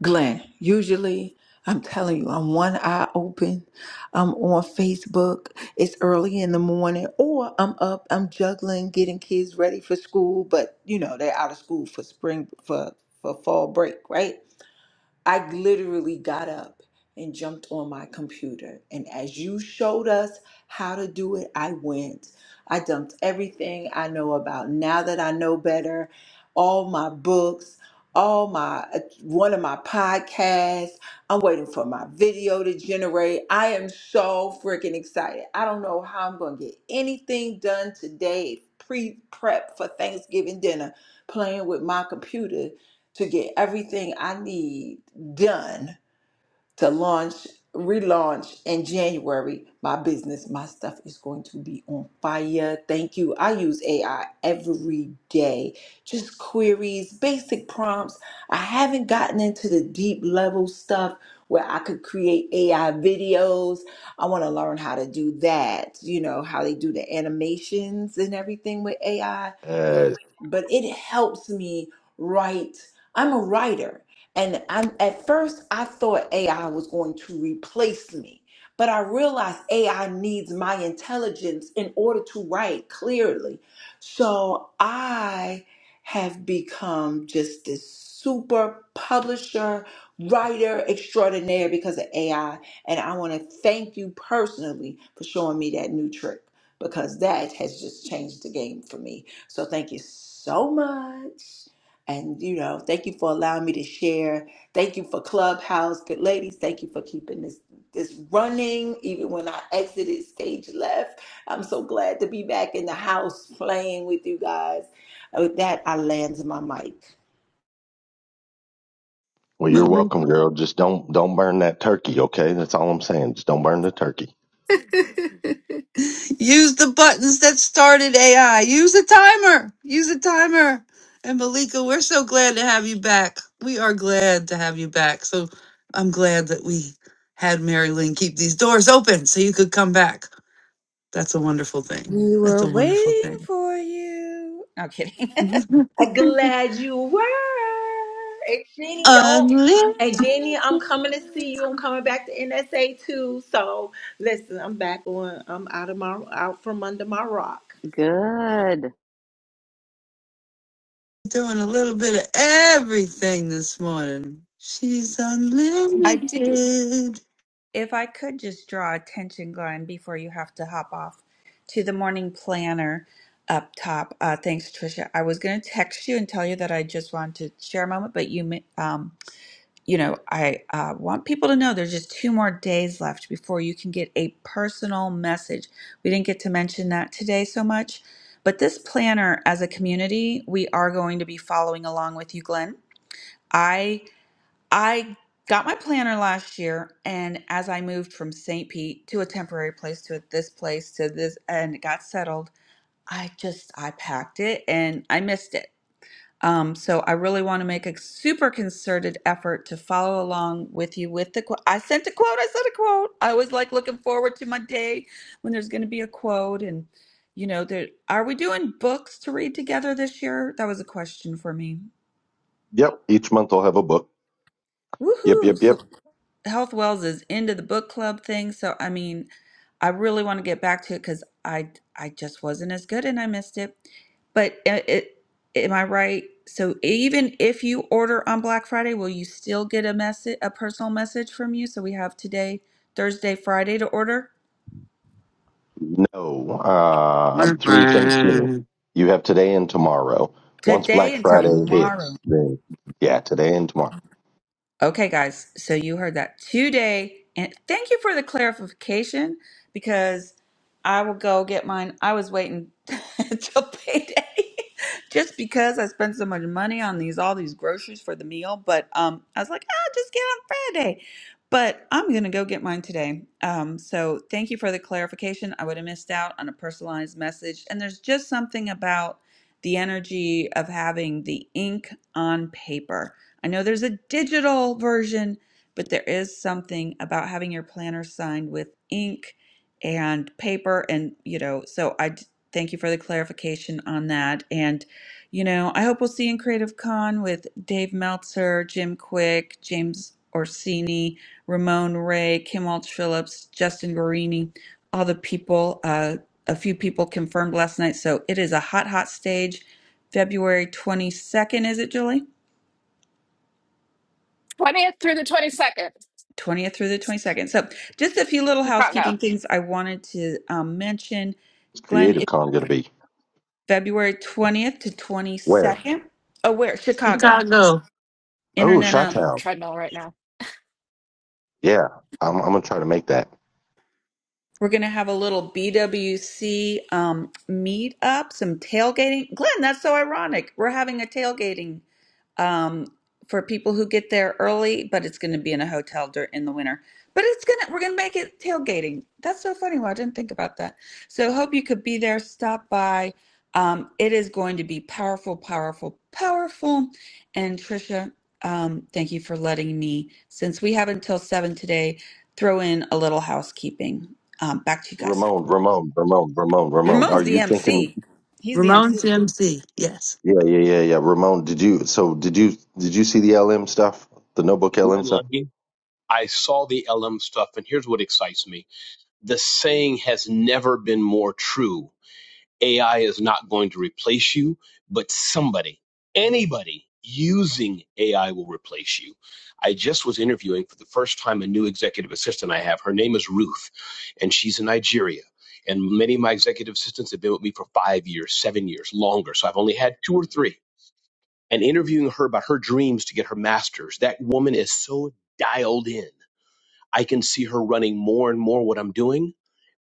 Glenn, usually I'm telling you, I'm one eye open. I'm on Facebook. It's early in the morning, or I'm up, I'm juggling, getting kids ready for school, but you know, they're out of school for spring for for fall break, right? I literally got up and jumped on my computer. And as you showed us how to do it, I went. I dumped everything I know about now that I know better, all my books, all my uh, one of my podcasts. I'm waiting for my video to generate. I am so freaking excited. I don't know how I'm going to get anything done today, pre prep for Thanksgiving dinner, playing with my computer to get everything I need done to launch, relaunch in January, my business, my stuff is going to be on fire. Thank you. I use AI every day, just queries, basic prompts. I haven't gotten into the deep level stuff where I could create AI videos. I want to learn how to do that, you know, how they do the animations and everything with AI. Uh, But, but it helps me write. I'm a writer and I, at first, I thought AI was going to replace me, but I realized AI needs my intelligence in order to write clearly. So I have become just this super publisher, writer extraordinaire because of AI. And I want to thank you personally for showing me that new trick because that has just changed the game for me. So thank you so much. And, you know, thank you for allowing me to share. Thank you for Clubhouse. Good ladies, thank you for keeping this this running. Even when I exited stage left, I'm so glad to be back in the house playing with you guys. And With that, I land my mic. well, you're it? welcome, girl. Just don't don't burn that turkey, okay? That's all I'm saying. Just don't burn the turkey. Use the buttons that started AI. Use a timer. Use a timer. And Malika, we're so glad to have you back. We are glad to have you back. So I'm glad that we had Mary Lynn keep these doors open so you could come back. That's a wonderful thing. We That's were a wonderful waiting thing. for you. No kidding. I'm [LAUGHS] glad you were. And Jenny, don't. Unlimited. And Jenny, I'm coming to see you. I'm coming back to NSA too. So listen, I'm back on. I'm out of. Good. Doing a little bit of everything this morning. She's [LAUGHS] I do. unlimited. If I could just draw attention, Glenn, before you have to hop off to the morning planner up top. Uh, thanks, Tricia. I was going to text you and tell you that I just wanted to share a moment, but you ma- um. you know, I uh, want people to know there's just two more days left before you can get a personal message. We didn't get to mention that today so much, but this planner as a community, we are going to be following along with you, Glenn. I I got my planner last year, and as I moved from St. Pete to a temporary place to this place to this, and it got settled, I just I packed it and I missed it. Um, so I really want to make a super concerted effort to follow along with you with the quote. I sent a quote. I sent a quote. I always like looking forward to my day when there's going to be a quote. And you know, there are we doing books to read together this year? That was a question for me. Yep. Each month I'll have a book. Yep, Woohoo! yep, So yep. Health Wells is into the book club thing, so I mean, I really want to get back to it because I I just wasn't as good and I missed it. But it, it, am I right? So even if you order on Black Friday, will you still get a message, a personal message from you? So we have today, Thursday, Friday to order No, uh, I'm through Thanksgiving. You have today and tomorrow. Once today Black and Friday tomorrow. hits, then yeah, today and tomorrow. Okay, guys, so you heard that today. And thank you for the clarification because I will go get mine. I was waiting [LAUGHS] till payday [LAUGHS] just because I spent so much money on these all these groceries for the meal. But um, I was like, I'll just get it on Friday. But I'm gonna go get mine today. Um, so thank you for the clarification. I would have missed out on a personalized message. And there's just something about the energy of having the ink on paper I know there's a digital version, but there is something about having your planner signed with ink and paper. And, you know, so I d- thank you for the clarification on that. And, you know, I hope we'll see you in Creative Con with Dave Meltzer, Jim Quick, James Orsini, Ramon Ray, Kim Walsh Phillips, Justin Guarini, all the people. Uh, a few people confirmed last night. So it is a hot, hot stage. February 22nd, is it, Julie? 20th through the 22nd, 20th through the 22nd. So, just a few little Chicago. housekeeping things I wanted to um, mention. It's Glenn, Creative it's Con going to be February 20th to where? 22nd. Oh, where? Chicago. Chicago. Oh, Internet. Chi uh, I'm Town. treadmill right now. Yeah, I'm, I'm gonna try to make that. We're going to have a little BWC um, meetup, some tailgating. Glenn, that's so ironic. We're having a tailgating um, for people who get there early, but it's going to be in a hotel dur- in the winter. But it's gonna we're gonna make it tailgating. That's so funny. Well, I didn't think about that. So hope you could be there. Stop by. Um, it is going to be powerful, powerful, powerful. And Trisha, um, thank you for letting me, since we have until seven today, throw in a little housekeeping. Um, back to you guys. Ramon, Ramon, Ramon, Ramon, Ramon. Ramon's Are the you thinking? MC. He's the Ramon MC. CMC, yes. Yeah, yeah, yeah, yeah. Ramon, did you? So did you? Did you see the LM stuff? The notebook Glenn LM stuff? Lundy. I saw the LM stuff, and here's what excites me. The saying has never been more true. AI is not going to replace you, but somebody, anybody using AI will replace you. I just was interviewing for the first time a new executive assistant I have. Her name is Ruth, and she's in Nigeria. And many of my executive assistants have been with me for five years, seven years, longer. So I've only had two or three. And interviewing her about her dreams to get her master's, that woman is so dialed in I can see her running more and more what I'm doing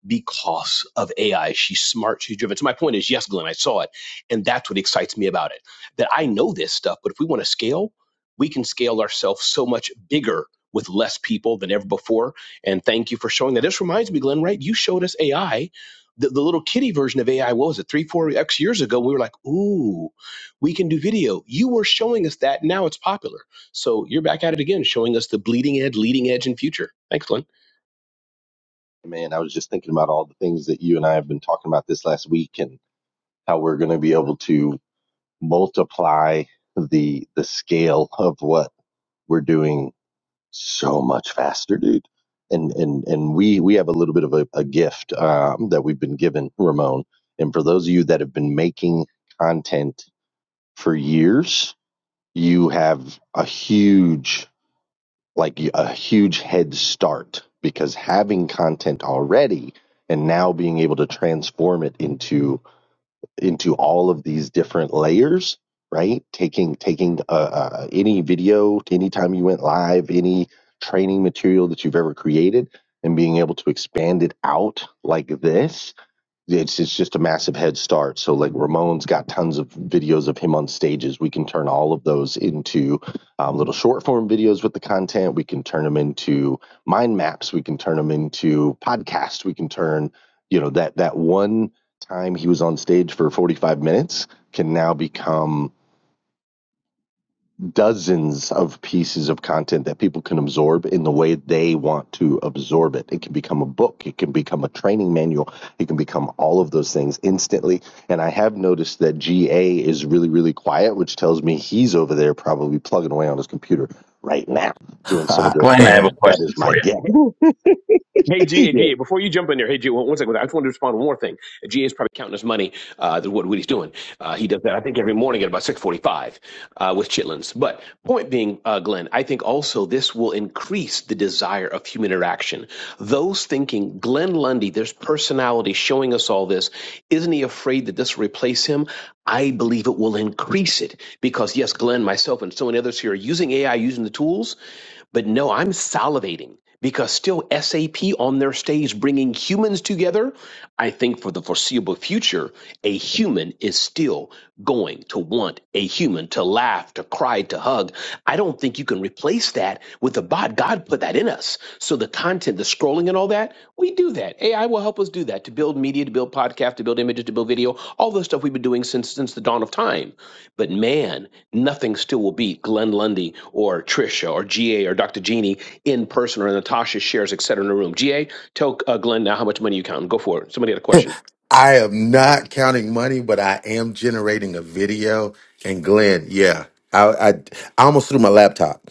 because of AI. She's smart, she's driven. So my point is, yes, Glenn, I saw it. And that's what excites me about it. That I know this stuff, but if we want to scale, we can scale ourselves so much bigger with less people than ever before. And thank you for showing that. This reminds me, Glenn, right? You showed us AI. The, the little kitty version of AI, what was it, three, four X years ago? We were like, ooh, we can do video. You were showing us that. Now it's popular. So you're back at it again, showing us the bleeding edge, leading edge, in future. Thanks, Glenn. Man, I was just thinking about all the things that you and I have been talking about this last week, and how we're going to be able to multiply the the scale of what we're doing so much faster, dude. And and and we we have a little bit of a, a gift um, that we've been given, Ramon. And for those of you that have been making content for years you have a huge like a huge head start because having content already and now being able to transform it into into all of these different layers right taking taking uh, uh, any video anytime you went live any training material that you've ever created and being able to expand it out like this it's it's just a massive head start. So like Ramon's got tons of videos of him on stages. We can turn all of those into um, little short form videos with the content. We can turn them into mind maps. We can turn them into podcasts. We can turn you know that that one time he was on stage for 45 minutes can now become dozens of pieces of content that people can absorb in the way they want to absorb it. It can become a book, it can become a training manual, it can become all of those things instantly. And I have noticed that GA is really, really quiet, which tells me he's over there probably plugging away on his computer right now [LAUGHS] doing some of I this Glenn, I stuff. have a am. That is question my for you. guess. Hey, [LAUGHS] GA, yeah. GA, before you jump in there, hey, GA, one, one second. I just want to respond to one more thing. GA is probably counting his money, uh, the- what, what he's doing. Uh, he does that, I think, every morning at about 645 uh, with Chitlins. But point being, uh, Glenn, I think also this will increase the desire of human interaction. Those thinking, Glenn Lundy, there's personality showing us all this. Isn't he afraid that this will replace him? I believe it will increase it because, yes, Glenn, myself, and so many others here are using AI, using the tools but no, I'm salivating because still SAP on their stage bringing humans together. I think for the foreseeable future, a human is still going to want a human to laugh, to cry, to hug. I don't think you can replace that with a bot. God put that in us. So the content, the scrolling and all that, we do that. AI will help us do that to build media, to build podcast, to build images, to build video, all the stuff we've been doing since since the dawn of time. But man, nothing still will beat Glenn Lundy or Trisha or GA or Dr. Jeannie in person or Natasha shares, et cetera, in a room. GA, tell uh, Glenn now how much money you count. Go for it. Somebody had a question. I am not counting money, but I am generating a video. And Glenn, yeah, I, I, I almost threw my laptop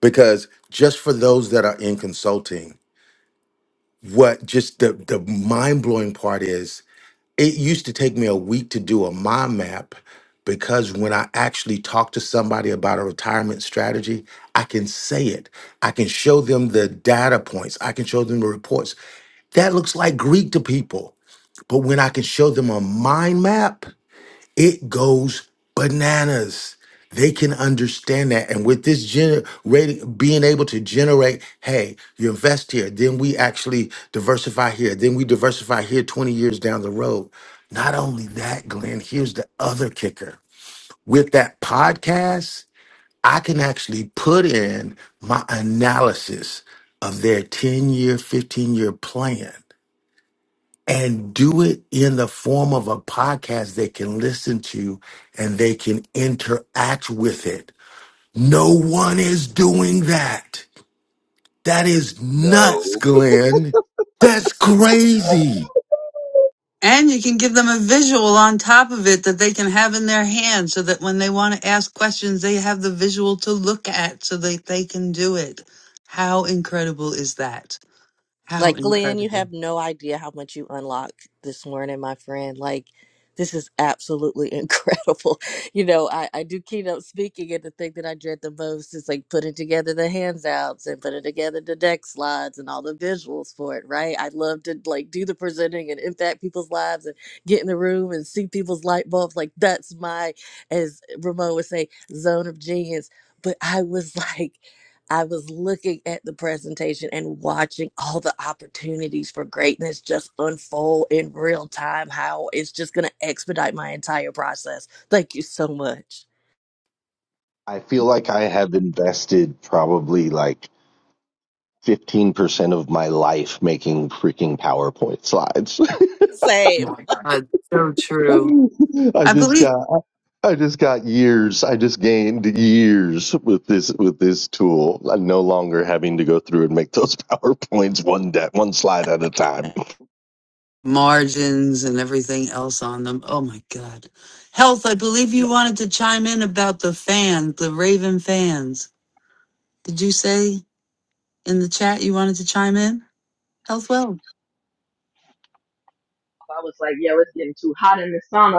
because just for those that are in consulting, what just the, the mind blowing part is it used to take me a week to do a mind map because when I actually talk to somebody about a retirement strategy, I can say it. I can show them the data points. I can show them the reports. That looks like Greek to people but when I can show them a mind map, it goes bananas. They can understand that. And with this generating, being able to generate, hey, you invest here, then we actually diversify here, then we diversify here 20 years down the road. Not only that, Glenn, here's the other kicker. With that podcast, I can actually put in my analysis of their 10 year, 15 year plan and do it in the form of a podcast they can listen to and they can interact with it. No one is doing that. That is nuts, No. Glenn. That's crazy. And you can give them a visual on top of it that they can have in their hand so that when they want to ask questions, they have the visual to look at so that they can do it. How incredible is that? How Like Glenn, you incredible. have no idea how much you unlocked this morning, my friend. Like this is absolutely [LAUGHS] incredible. You know, I, I do keynote speaking and the thing that I dread the most is like putting together the handouts and putting together the deck slides and all the visuals for it, right? I love to like do the presenting and impact people's lives and get in the room and see people's light bulbs. Like that's my, as Ramon would say, zone of genius. But I was [LAUGHS] like I was looking at the presentation and watching all the opportunities for greatness just unfold in real time, how it's just going to expedite my entire process. Thank you so much. I feel like I have invested probably like 15% of my life making freaking PowerPoint slides. Same. Uh, so true. [LAUGHS] I I just believe got I just got years. I just gained years with this with this tool. I'm no longer having to go through and make those [LAUGHS] PowerPoints one de- one slide at a time. margins and everything else on them. Oh my God. Health, I believe Yeah. you wanted to chime in about the fan, the Raven fans. Did you say in the chat you wanted to chime in? Health well. I was like, yo, it's getting too hot in the sauna.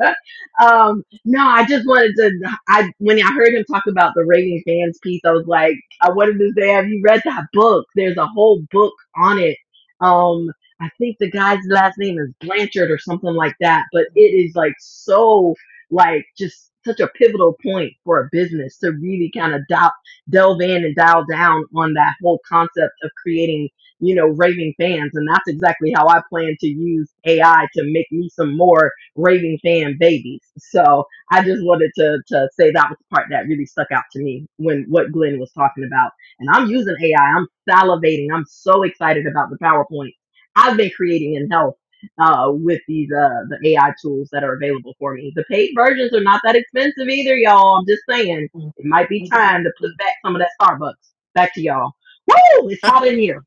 [LAUGHS] um, no, I just wanted to. I when I heard him talk about the raving fans piece, I was like, I wanted to say, have you read that book? There's a whole book on it. Um, I think the guy's last name is Blanchard or something like that. But it is like so, like just such a pivotal point for a business to really kind of dial, delve in and dial down on that whole concept of creating you know, raving fans. And that's exactly how I plan to use AI to make me some more raving fan babies. So I just wanted to to say that was the part that really stuck out to me when what Glenn was talking about. And I'm using AI. I'm salivating. I'm so excited about the PowerPoint I've been creating in health uh, with these uh, the AI tools that are available for me. The paid versions are not that expensive either, y'all. I'm just saying it might be time to put back some of that Starbucks. Back to y'all. Woo! It's [LAUGHS] hot in here.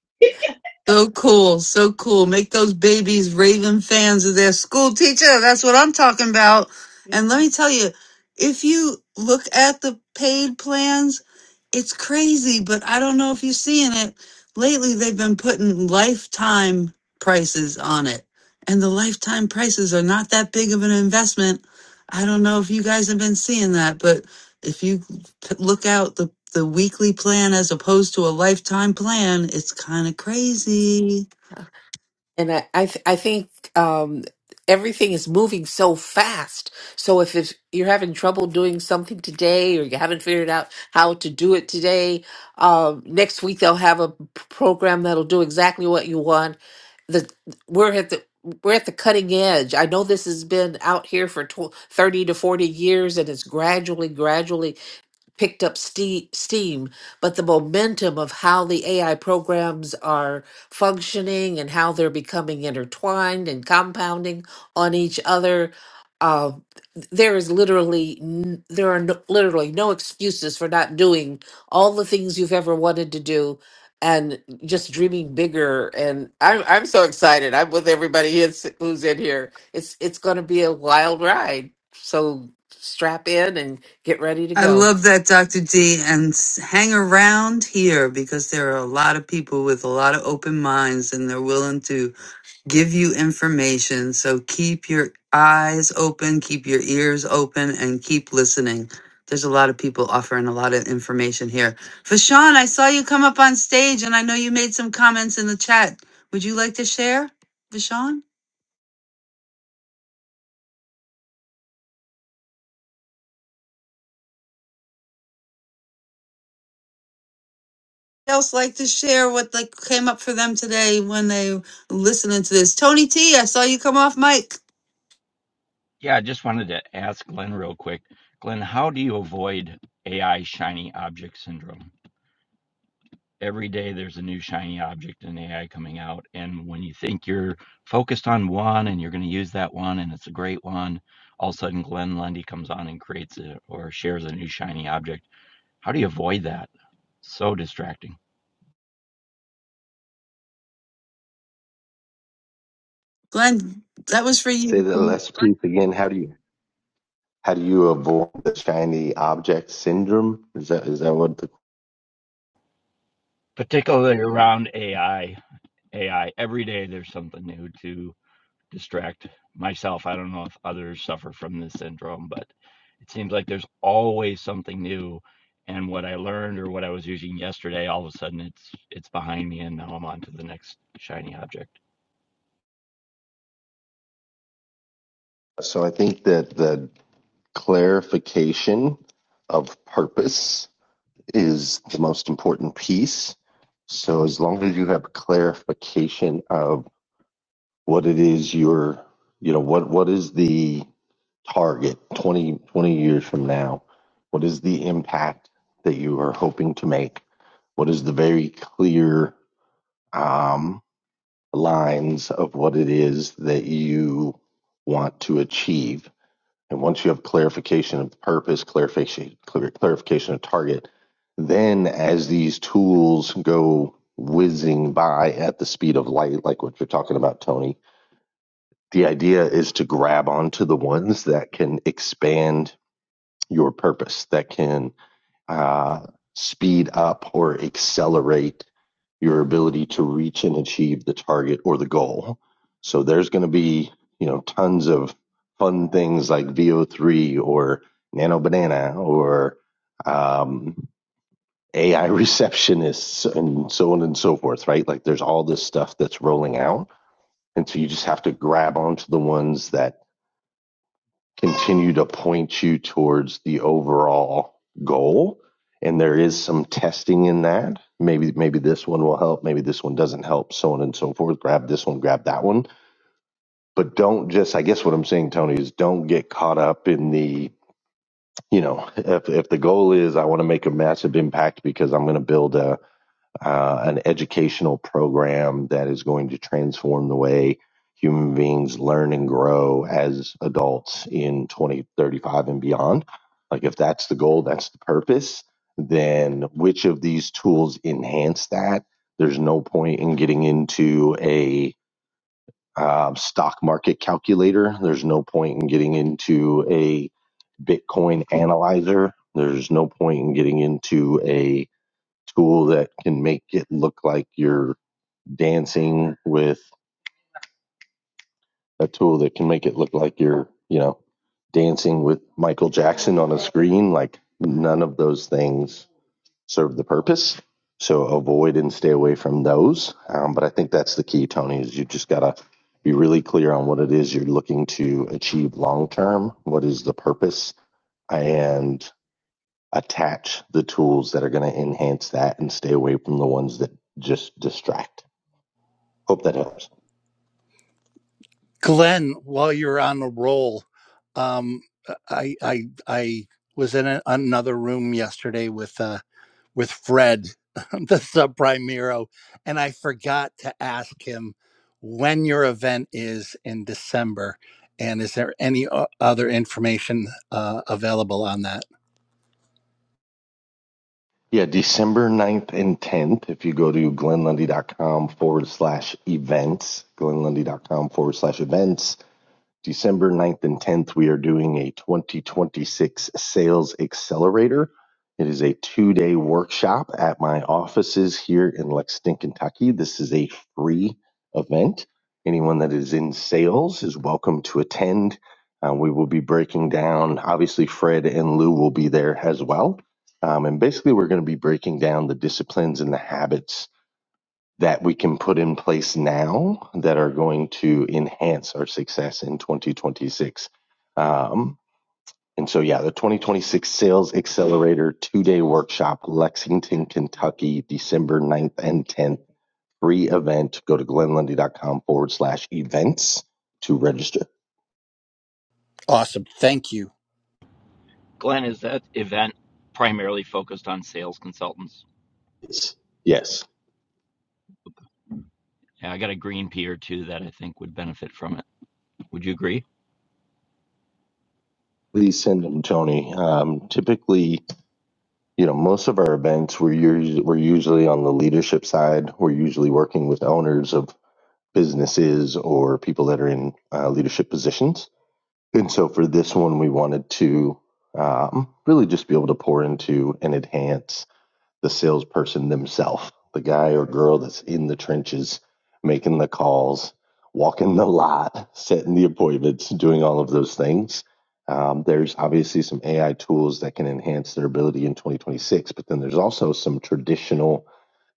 So cool, so cool. Make those babies raving fans of their school teacher. That's what I'm talking about. And yeah. let me tell you, if you look at the paid plans, it's crazy, but I don't know if you're seeing it. Lately, they've been putting lifetime prices on it, and the lifetime prices are not that big of an investment. I don't know if you guys have been seeing that, but if you p- look out the the weekly plan as opposed to a lifetime plan, it's kind of crazy. And I, I, th- I think um, everything is moving so fast. So if it's, you're having trouble doing something today, or you haven't figured out how to do it today, um, next week they'll have a p- program that'll do exactly what you want. The we're at the we're at the cutting edge. I know this has been out here for tw- 30 to 40 years and it's gradually, gradually picked up ste- steam, but the momentum of how the AI programs are functioning and how they're becoming intertwined and compounding on each other. Uh, th- there is literally n- there are no, literally no excuses for not doing all the things you've ever wanted to do and just dreaming bigger and i'm i'm so excited i'm with everybody is, who's in here it's it's going to be a wild ride so strap in and get ready to I go love that, Dr. D, and s- hang around here because there are a lot of people with a lot of open minds and they're willing to give you information. So keep your eyes open, keep your ears open, and keep listening. There's a lot of people offering a lot of information here. Fashawn, I saw you come up on stage and I know you made some comments in the chat. Would you like to share, Fashawn? Else like to share what like came up for them today when they listening to this. Tony T, I saw you come off mic. Yeah, I just wanted to ask Glenn real quick. Glenn, how do you avoid AI shiny object syndrome? Every day there's a new shiny object in AI coming out, and when you think you're focused on one and you're going to use that one and it's a great one, all of a sudden Glenn Lundy comes on and creates a, or shares a new shiny object. How do you avoid that? So distracting, Glenn, that was for you. Say the last piece again. How do you how do you avoid the shiny object syndrome? Is that is that what the particularly around AI. AI every day there's something new to distract myself. I don't know if others suffer from this syndrome, but it seems like there's always something new. And what I learned or what I was using yesterday, all of a sudden it's it's behind me and now I'm on to the next shiny object. so I think that the clarification of purpose is the most important piece. So as long as you have clarification of what it is you're, you know, what what is the target 20 20 years from now? What is the impact that you are hoping to make? What is the very clear um, lines of what it is that you want to achieve? And once you have clarification of purpose, clarification clar- clarification of target, then as these tools go whizzing by at the speed of light, like what you're talking about, Tony, the idea is to grab onto the ones that can expand your purpose, that can uh, speed up or accelerate your ability to reach and achieve the target or the goal. So there's going to be, you know, tons of fun things like VO3 or Nano Banana or um, AI [LAUGHS] receptionists and so on and so forth, right? Like there's all this stuff that's rolling out. And so you just have to grab onto the ones that continue to point you towards the overall goal and there is some testing in that maybe maybe this one will help maybe this one doesn't help so on and so forth grab this one grab that one but don't just i guess what i'm saying tony is don't get caught up in the you know [LAUGHS] if, if the goal is i want to make a massive impact because i'm going to build a uh, an educational program that is going to transform the way human beings learn and grow as adults in 2035 and beyond. Like, if that's the goal, that's the purpose, then which of these tools enhance that? There's no point in getting into a uh, stock market calculator. There's no point in getting into a Bitcoin analyzer. There's no point in getting into a tool that can make it look like you're dancing with a tool that can make it look like you're, you know, dancing with Michael Jackson on a screen. Like none of those things serve the purpose. So avoid and stay away from those. Um, but I think that's the key, Tony, is you just got to be really clear on what it is you're looking to achieve long term. What is the purpose? And attach the tools that are going to enhance that and stay away from the ones that just distract. Hope that helps. Glenn, while you're on the roll, um, I I I was in a, another room yesterday with uh with Fred, [LAUGHS] the subprime Miro, and I forgot to ask him when your event is in December, and is there any o- other information uh, available on that? Yeah, December ninth and 10th, if you go to glenlundy. dot com forward slash events, glenlundy. dot com forward slash events, December ninth and 10th, we are doing a 2026 Sales Accelerator. It is a two day workshop at my offices here in Lexington, Kentucky. This is a free event. Anyone that is in sales is welcome to attend. Uh, we will be breaking down, obviously, Fred and Lou will be there as well. Um, and basically, we're going to be breaking down the disciplines and the habits that we can put in place now that are going to enhance our success in 2026. Um, and so, yeah, the 2026 Sales Accelerator two day workshop, Lexington, Kentucky, December 9th and 10th, free event. Go to glenlundy.com forward slash events to register. Awesome, thank you. Glenn, is that event primarily focused on sales consultants? Yes. Yeah, I got a green pea or two that I think would benefit from it. Would you agree? Please send them, Tony. Um, typically, you know, most of our events, we're usually, we're usually on the leadership side. We're usually working with owners of businesses or people that are in uh, leadership positions. And so for this one, we wanted to um, really just be able to pour into and enhance the salesperson themselves, the guy or girl that's in the trenches, making the calls, walking the lot, setting the appointments, doing all of those things. Um, there's obviously some AI tools that can enhance their ability in 2026, but then there's also some traditional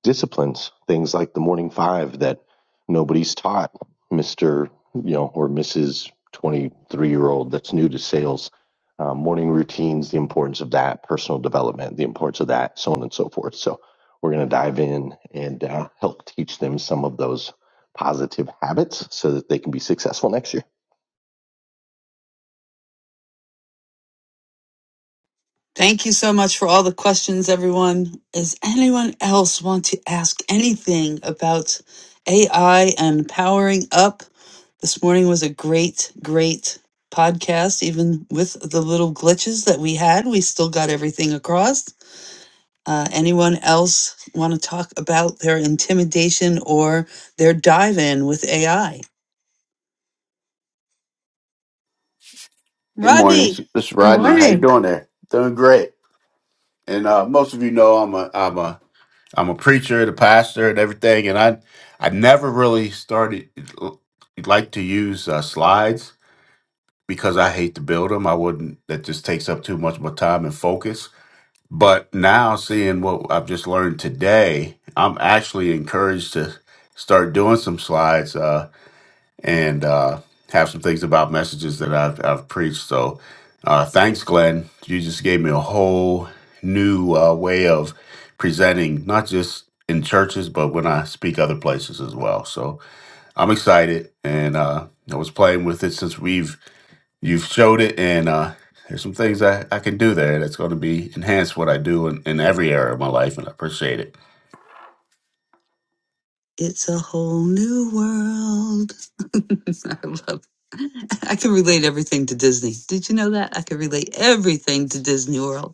disciplines, things like the morning five that nobody's taught Mr. you know or Mrs. 23 year old that's new to sales. Uh, morning routines, the importance of that, personal development, the importance of that, so on and so forth. So we're going to dive in and uh, help teach them some of those positive habits so that they can be successful next year. Thank you so much for all the questions, everyone. Does anyone else want to ask anything about AI and powering up? This morning was a great, great podcast, even with the little glitches that we had. We still got everything across. Uh, anyone else want to talk about their intimidation or their dive in with AI? Good morning. Rodney. This this is Good Rodney. How morning. you doing there? Doing great. And uh, most of you know I'm a I'm a I'm a preacher, the pastor, and everything. And I I never really started like to use uh, slides because I hate to build them. I wouldn't. That just takes up too much of my time and focus. But now, seeing what I've just learned today, I'm actually encouraged to start doing some slides. Uh, and uh, have some things about messages that I've, I've preached. So uh, thanks, Glenn. You just gave me a whole new uh, way of presenting, not just in churches, but when I speak other places as well. So I'm excited, and uh, I was playing with it since we've you've showed it and uh there's some things I, I can do there that's going to be enhance what I do in, in every area of my life, and I appreciate it. It's a whole new world. [LAUGHS] I love. I can relate everything to Disney. Did you know that? I can relate everything to Disney World.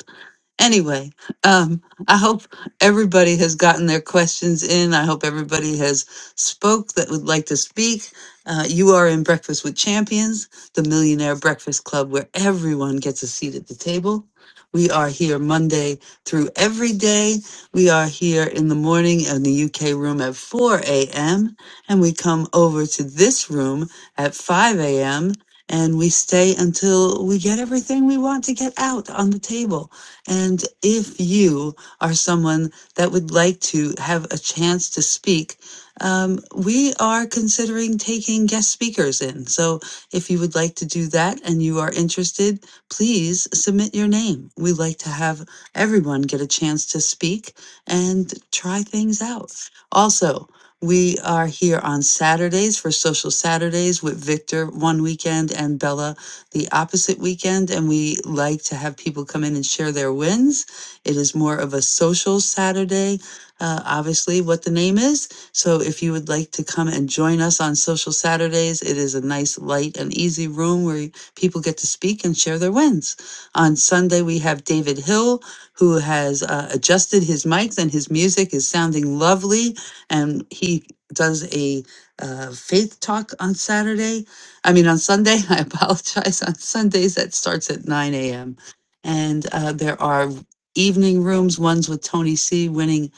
Anyway, um, I hope everybody has gotten their questions in. I hope everybody has spoke that would like to speak. Uh, you are in Breakfast with Champions, the Millionaire Breakfast Club, where everyone gets a seat at the table. We are here Monday through every day. We are here in the morning in the UK room at 4 a.m. and we come over to this room at 5 a.m. and we stay until we get everything we want to get out on the table. And if you are someone that would like to have a chance to speak, um, we are considering taking guest speakers in. So if you would like to do that and you are interested, please submit your name. We like to have everyone get a chance to speak and try things out. Also, we are here on Saturdays for Social Saturdays with Victor one weekend and Bella the opposite weekend, and we like to have people come in and share their wins. It is more of a social Saturday, uh, obviously, what the name is. So if you would like to come and join us on Social Saturdays, it is a nice, light, and easy room where people get to speak and share their wins. On Sunday, we have David Hill, who has uh, adjusted his mics and his music is sounding lovely. And he does a uh, faith talk on Saturday I mean, on Sunday, [LAUGHS] I apologize. On Sundays, that starts at 9 a.m. And uh, there are evening rooms, ones with Tony C. Winning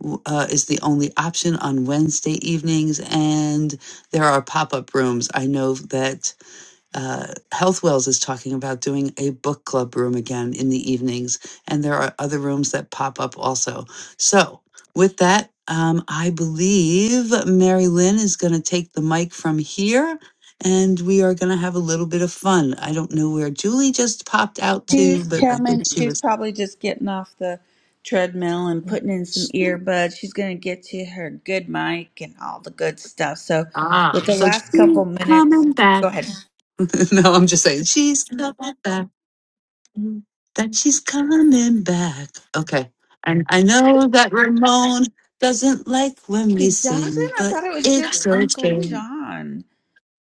w- uh, is the only option on Wednesday evenings. And there are pop up rooms. I know that uh, Health Wells is talking about doing a book club room again in the evenings, and there are other rooms that pop up also. So, with that, um, I believe Mary Lynn is going to take the mic from here, and we are going to have a little bit of fun. I don't know where Julie just popped out to, She's but I think coming. she She's was. probably just getting off the treadmill and putting in some earbuds. She's going to get to her good mic and all the good stuff. So, Ah, with the so last she's couple minutes, coming back. go ahead. [LAUGHS] no, I'm just saying she's coming back. Mm. that she's coming back. Okay. And I know that Ramon doesn't like when He we doesn't? sing, I but thought it was just it's Uncle okay. John.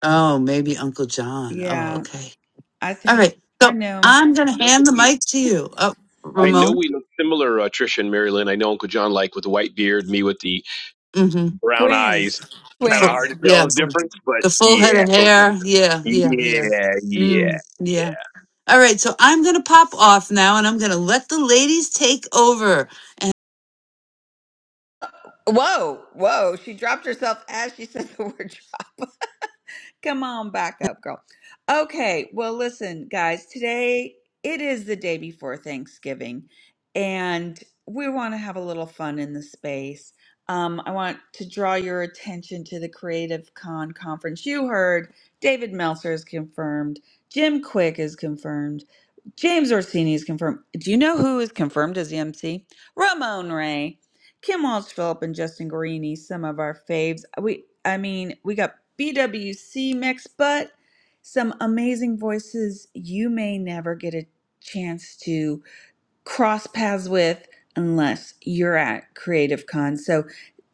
Oh, maybe Uncle John. Oh, Yeah, okay. I All think right. I So know. I'm going I to know hand the we, mic to you, oh, I know Ramon. we look similar, uh, Trisha and Mary Lynn. I know Uncle John like with the white beard, me with the Mm-hmm. brown Twins. eyes. The Kind of full, hard Twins. to yeah, tell the difference, but the full yeah, head of hair. Yeah, yeah, yeah. yeah, yeah, Mm, yeah. yeah. All right. So I'm going to pop off now and I'm going to let the ladies take over. Whoa, whoa. She dropped herself as she said the word drop. Come on back up, girl. Okay, well, listen, guys, today it is the day before Thanksgiving, and we want to have a little fun in the space. Um, I want to draw your attention to the Creative Con conference. You heard David Meltzer is confirmed, Jim Quick is confirmed, James Orsini is confirmed. Do you know who is confirmed as the MC? Ramon Ray. Kim Walsh Phillip and Justin Guarini, some of our faves. We I mean, we got BWC mix, but some amazing voices you may never get a chance to cross paths with unless you're at Creative Con. So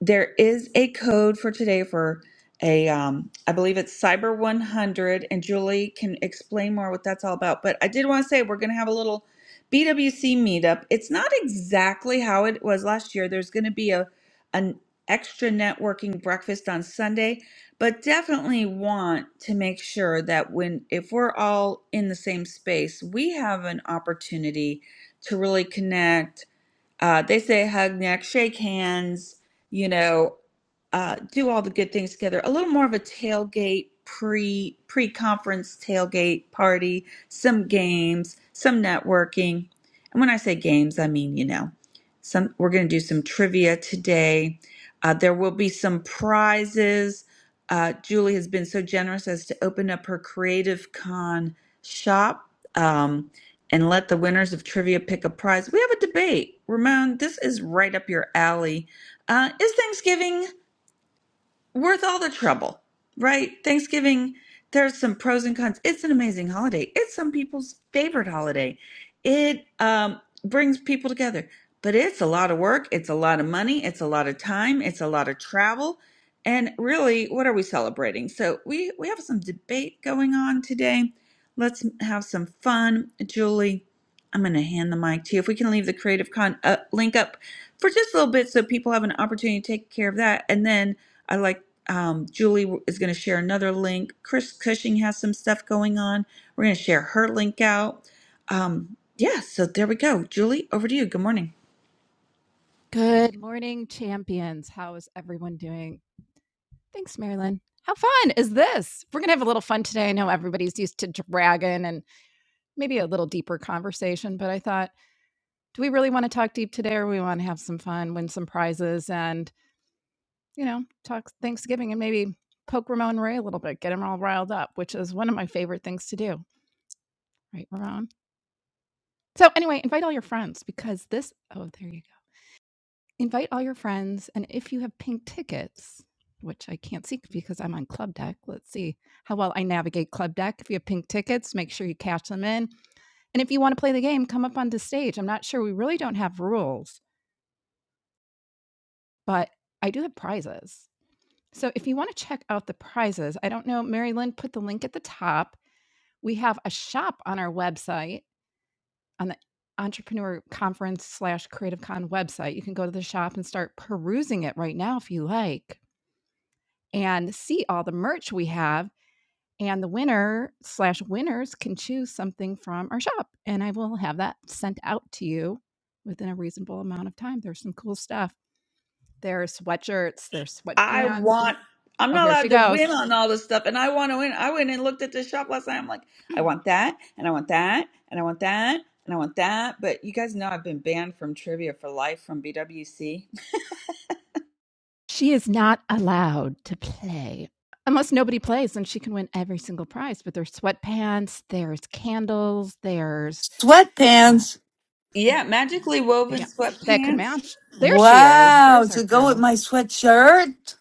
there is a code for today for a um I believe it's Cyber 100 and Julie can explain more what that's all about. But I did want to say we're going to have a little BWC meetup. It's not exactly how it was last year. There's going to be a an extra networking breakfast on Sunday, but definitely want to make sure that when if we're all in the same space, we have an opportunity to really connect. Uh, they say hug neck, shake hands, you know, uh, do all the good things together. A little more of a tailgate pre pre conference tailgate party, some games, some networking. And when I say games, I mean you know, some we're going to do some trivia today. Uh, there will be some prizes. Uh, Julie has been so generous as to open up her Creative Con shop. Um, and let the winners of trivia pick a prize. We have a debate. Ramon, this is right up your alley. Uh, is Thanksgiving worth all the trouble? Right? Thanksgiving, there's some pros and cons. It's an amazing holiday. It's some people's favorite holiday. It um, brings people together, but it's a lot of work. It's a lot of money. It's a lot of time. It's a lot of travel. And really, what are we celebrating? So we, we have some debate going on today. Let's have some fun. Julie, I'm going to hand the mic to you. If we can leave the Creative Con uh, link up for just a little bit so people have an opportunity to take care of that. And then I like um, Julie is going to share another link. Chris Cushing has some stuff going on. We're going to share her link out. Um, yeah, so there we go. Julie, over to you. Good morning. Good morning, champions. How is everyone doing? Thanks, Marilyn. How fun is this? We're going to have a little fun today. I know everybody's used to dragging and maybe a little deeper conversation, but I thought, do we really want to talk deep today or we want to have some fun, win some prizes, and, you know, talk Thanksgiving and maybe poke Ramon Ray a little bit, get him all riled up, which is one of my favorite things to do. Right, Ramon? So anyway, invite all your friends because this oh, there you go. Invite all your friends and if you have pink tickets, which I can't see because I'm on Club Deck. Let's see how well I navigate Club Deck. If you have pink tickets, make sure you cash them in. And if you want to play the game, come up onto stage. I'm not sure we really don't have rules, but I do have prizes. So if you want to check out the prizes, I don't know, Mary Lynn put the link at the top. We have a shop on our website on the entrepreneur conference slash creative con website. You can go to the shop and start perusing it right now if you like and see all the merch we have. And the winner slash winners can choose something from our shop. And I will have that sent out to you within a reasonable amount of time. There's some cool stuff. There's sweatshirts, there's I sweatpants. want. I'm Oh, not here she allowed to goes. win on all this stuff, and I want to win. I went and looked at the shop last night. I'm like, I want that, and I want that, and I want that, and I want that. But you guys know I've been banned from trivia for life from BWC. She is not allowed to play unless nobody plays and she can win every single prize but there's sweatpants there's candles there's uh, Sweatpants. Yeah, magically woven yeah that could sweatpants. match there she is Wow, there's our to go with girl my sweatshirt?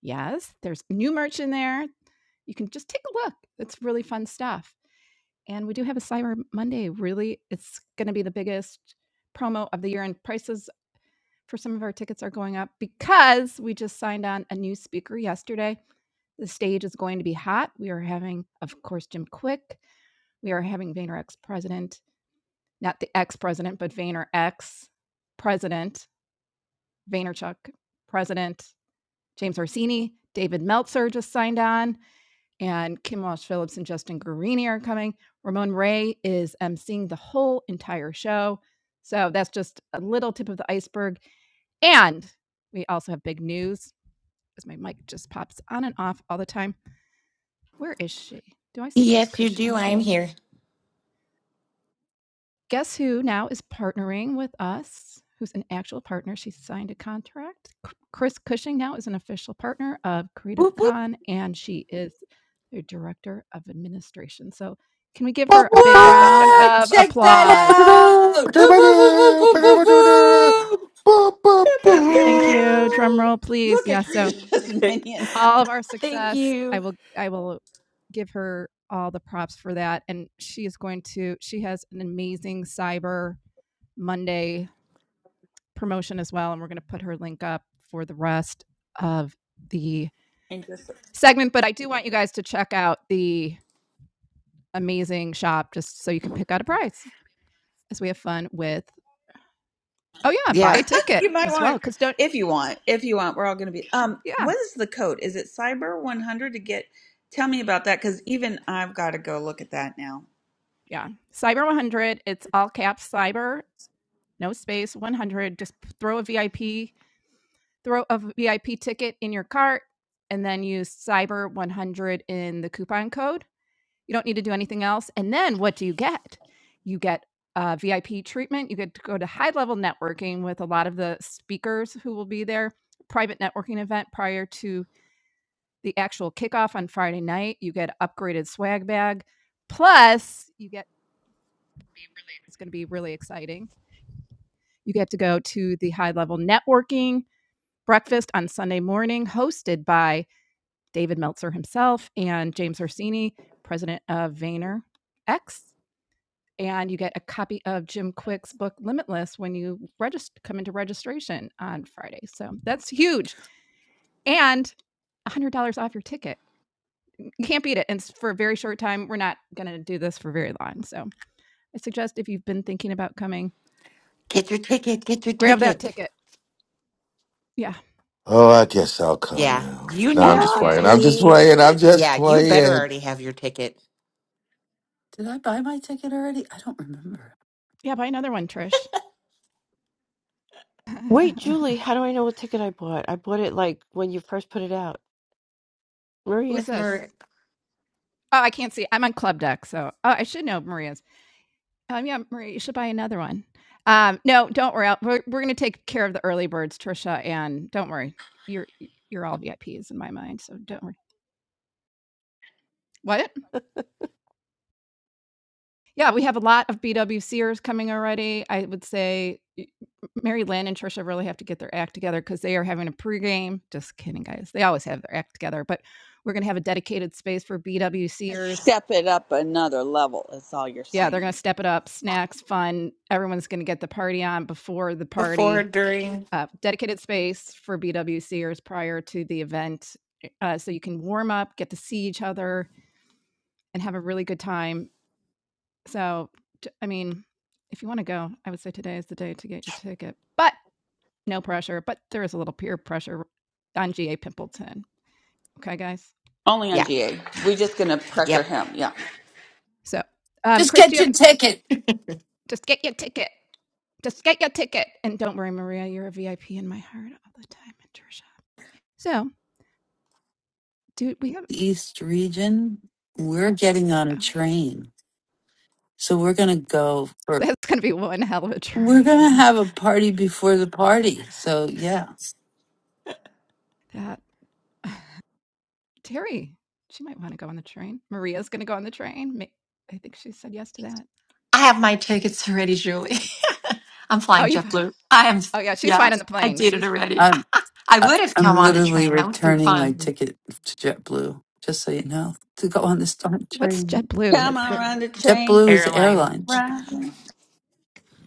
yes there's new merch in there you can just take a look it's really fun stuff and we do have a cyber monday really it's going to be the biggest promo of the year and prices for some of our tickets are going up because we just signed on a new speaker yesterday. The stage is going to be hot. We are having, of course, Jim Quick. We are having VaynerX president, not the ex president, but VaynerX president, Vaynerchuk president, James Orsini, David Meltzer just signed on, and Kim Walsh Phillips and Justin Guarini are coming. Ramon Ray is emceeing the whole entire show. So that's just a little tip of the iceberg. And we also have big news because my mic just pops on and off all the time. Where is she? Do I see Chris Yes, you Cushing do. on I am stage? here. Guess who now is partnering with us? Who's an actual partner? She signed a contract. Chris Cushing now is an official partner of Creative Whoop whoop. Con and she is the director of administration. So, can we give her a big round What? of Check that applause? out! Woo, woo, woo, woo, woo, woo, woo. Pew, pew, Thank you. Thank you. Drum roll, pew. please. Look Yeah. at So, Trisha's [LAUGHS] minion. all of our Thank success. I you. will I will give her all the props for that and she is going to she has an amazing Cyber Monday promotion as well and we're going to put her link up for the rest of the And just segment, but I do want you guys to check out the amazing shop just so you can pick out a prize as we have fun with Oh yeah, buy Yeah. a [LAUGHS] ticket you might as well want, cuz don't if you want, if you want, we're all going to be. Um, yeah, what is the code? Is it Cyber One Hundred to get? Tell me about that because even I've got to go look at that now. yeah. Cyber 100, it's all caps cyber, no space 100, just throw a VIP throw a VIP ticket in your cart and then use Cyber 100 in the coupon code. You don't need to do anything else. And then what do you get? You get uh, VIP treatment. You get to go to high level networking with a lot of the speakers who will be there, private networking event prior to the actual kickoff on Friday night. You get upgraded swag bag. Plus, you get it's going to be really exciting. You get to go to the high level networking breakfast on Sunday morning hosted by David Meltzer himself, and James Orsini, president of VaynerX, And you get a copy of Jim Quick's book Limitless when you register, come into registration on Friday. So that's huge. And $100 off your ticket. You can't beat it. And for a very short time, we're not going to do this for very long. So I suggest if you've been thinking about coming, Get your ticket. Get your grab that ticket. ticket. Yeah. Oh, I guess I'll come Yeah. now. You No, I'm Yeah. need Yeah. just Oh, playing. GA. I'm just geez. playing. I'm just yeah, you better playing. already have your ticket. Did I buy my ticket already? I don't remember. Yeah. Buy another one, Trish. Wait, Julie, [LAUGHS] how do I know what ticket I bought? I bought it like when you first put it out. Who's Maria, That's this? Mer Oh, I can't see. I'm on Club Deck. So oh, I should know Maria. Oh yeah, Maria, you should buy another one. Um, no, don't worry. I'll- We're, we're going to take care of the early birds, Trisha, and don't worry. You're you're all VIPs in my mind, so don't worry. What? Yeah, we have a lot of BWCers coming already. I would say y- Mary Lynn and Trisha really have to get their act together because they are having a pregame. Just kidding, guys. They always have their act together, but we're going to have a dedicated space for BWCers. Step it up another level, is all you're Yeah, they're saying. going to step it up. Snacks, fun. Everyone's going to get the party on before the before, party during uh, dedicated space for BWCers prior to the event, eh, uh, so you can warm up, get to see each other, and have a really good time. So, I mean, if you want to go, I would say today is the day to get your ticket, but no pressure. But there is a little peer pressure on GA Pimpleton. Okay, guys. Only on yeah. GA. We're just going to pressure Yep. him. So, um, Just Chris, do get you have your an- ticket. just get your ticket? Just get your ticket, and don't worry, Maria, you're a VIP in my heart all the time, and Trisha. So, dude, we have. The East Region, we're getting on a Oh yes, train. So we're going to go [LAUGHS] for, that's gonna be one hell of a we're dream. going to have a party before the party. So yeah, That [LAUGHS] Terry, she might want to go on the train. Maria's going to go on the train. I think she said yes to that. I have my tickets already, Julie. [LAUGHS] I'm Oh, flying you. JetBlue. I am, Oh yeah, she's yeah, fine on the I plane. did it She's. already. I'm, [LAUGHS] I I- would have come I'm on the literally train. That would have been returning my fun. ticket to JetBlue, just so you know, to go on this darn What's train. JetBlue? Come That's on, the. run the train. JetBlue is the Airline. airline. Run.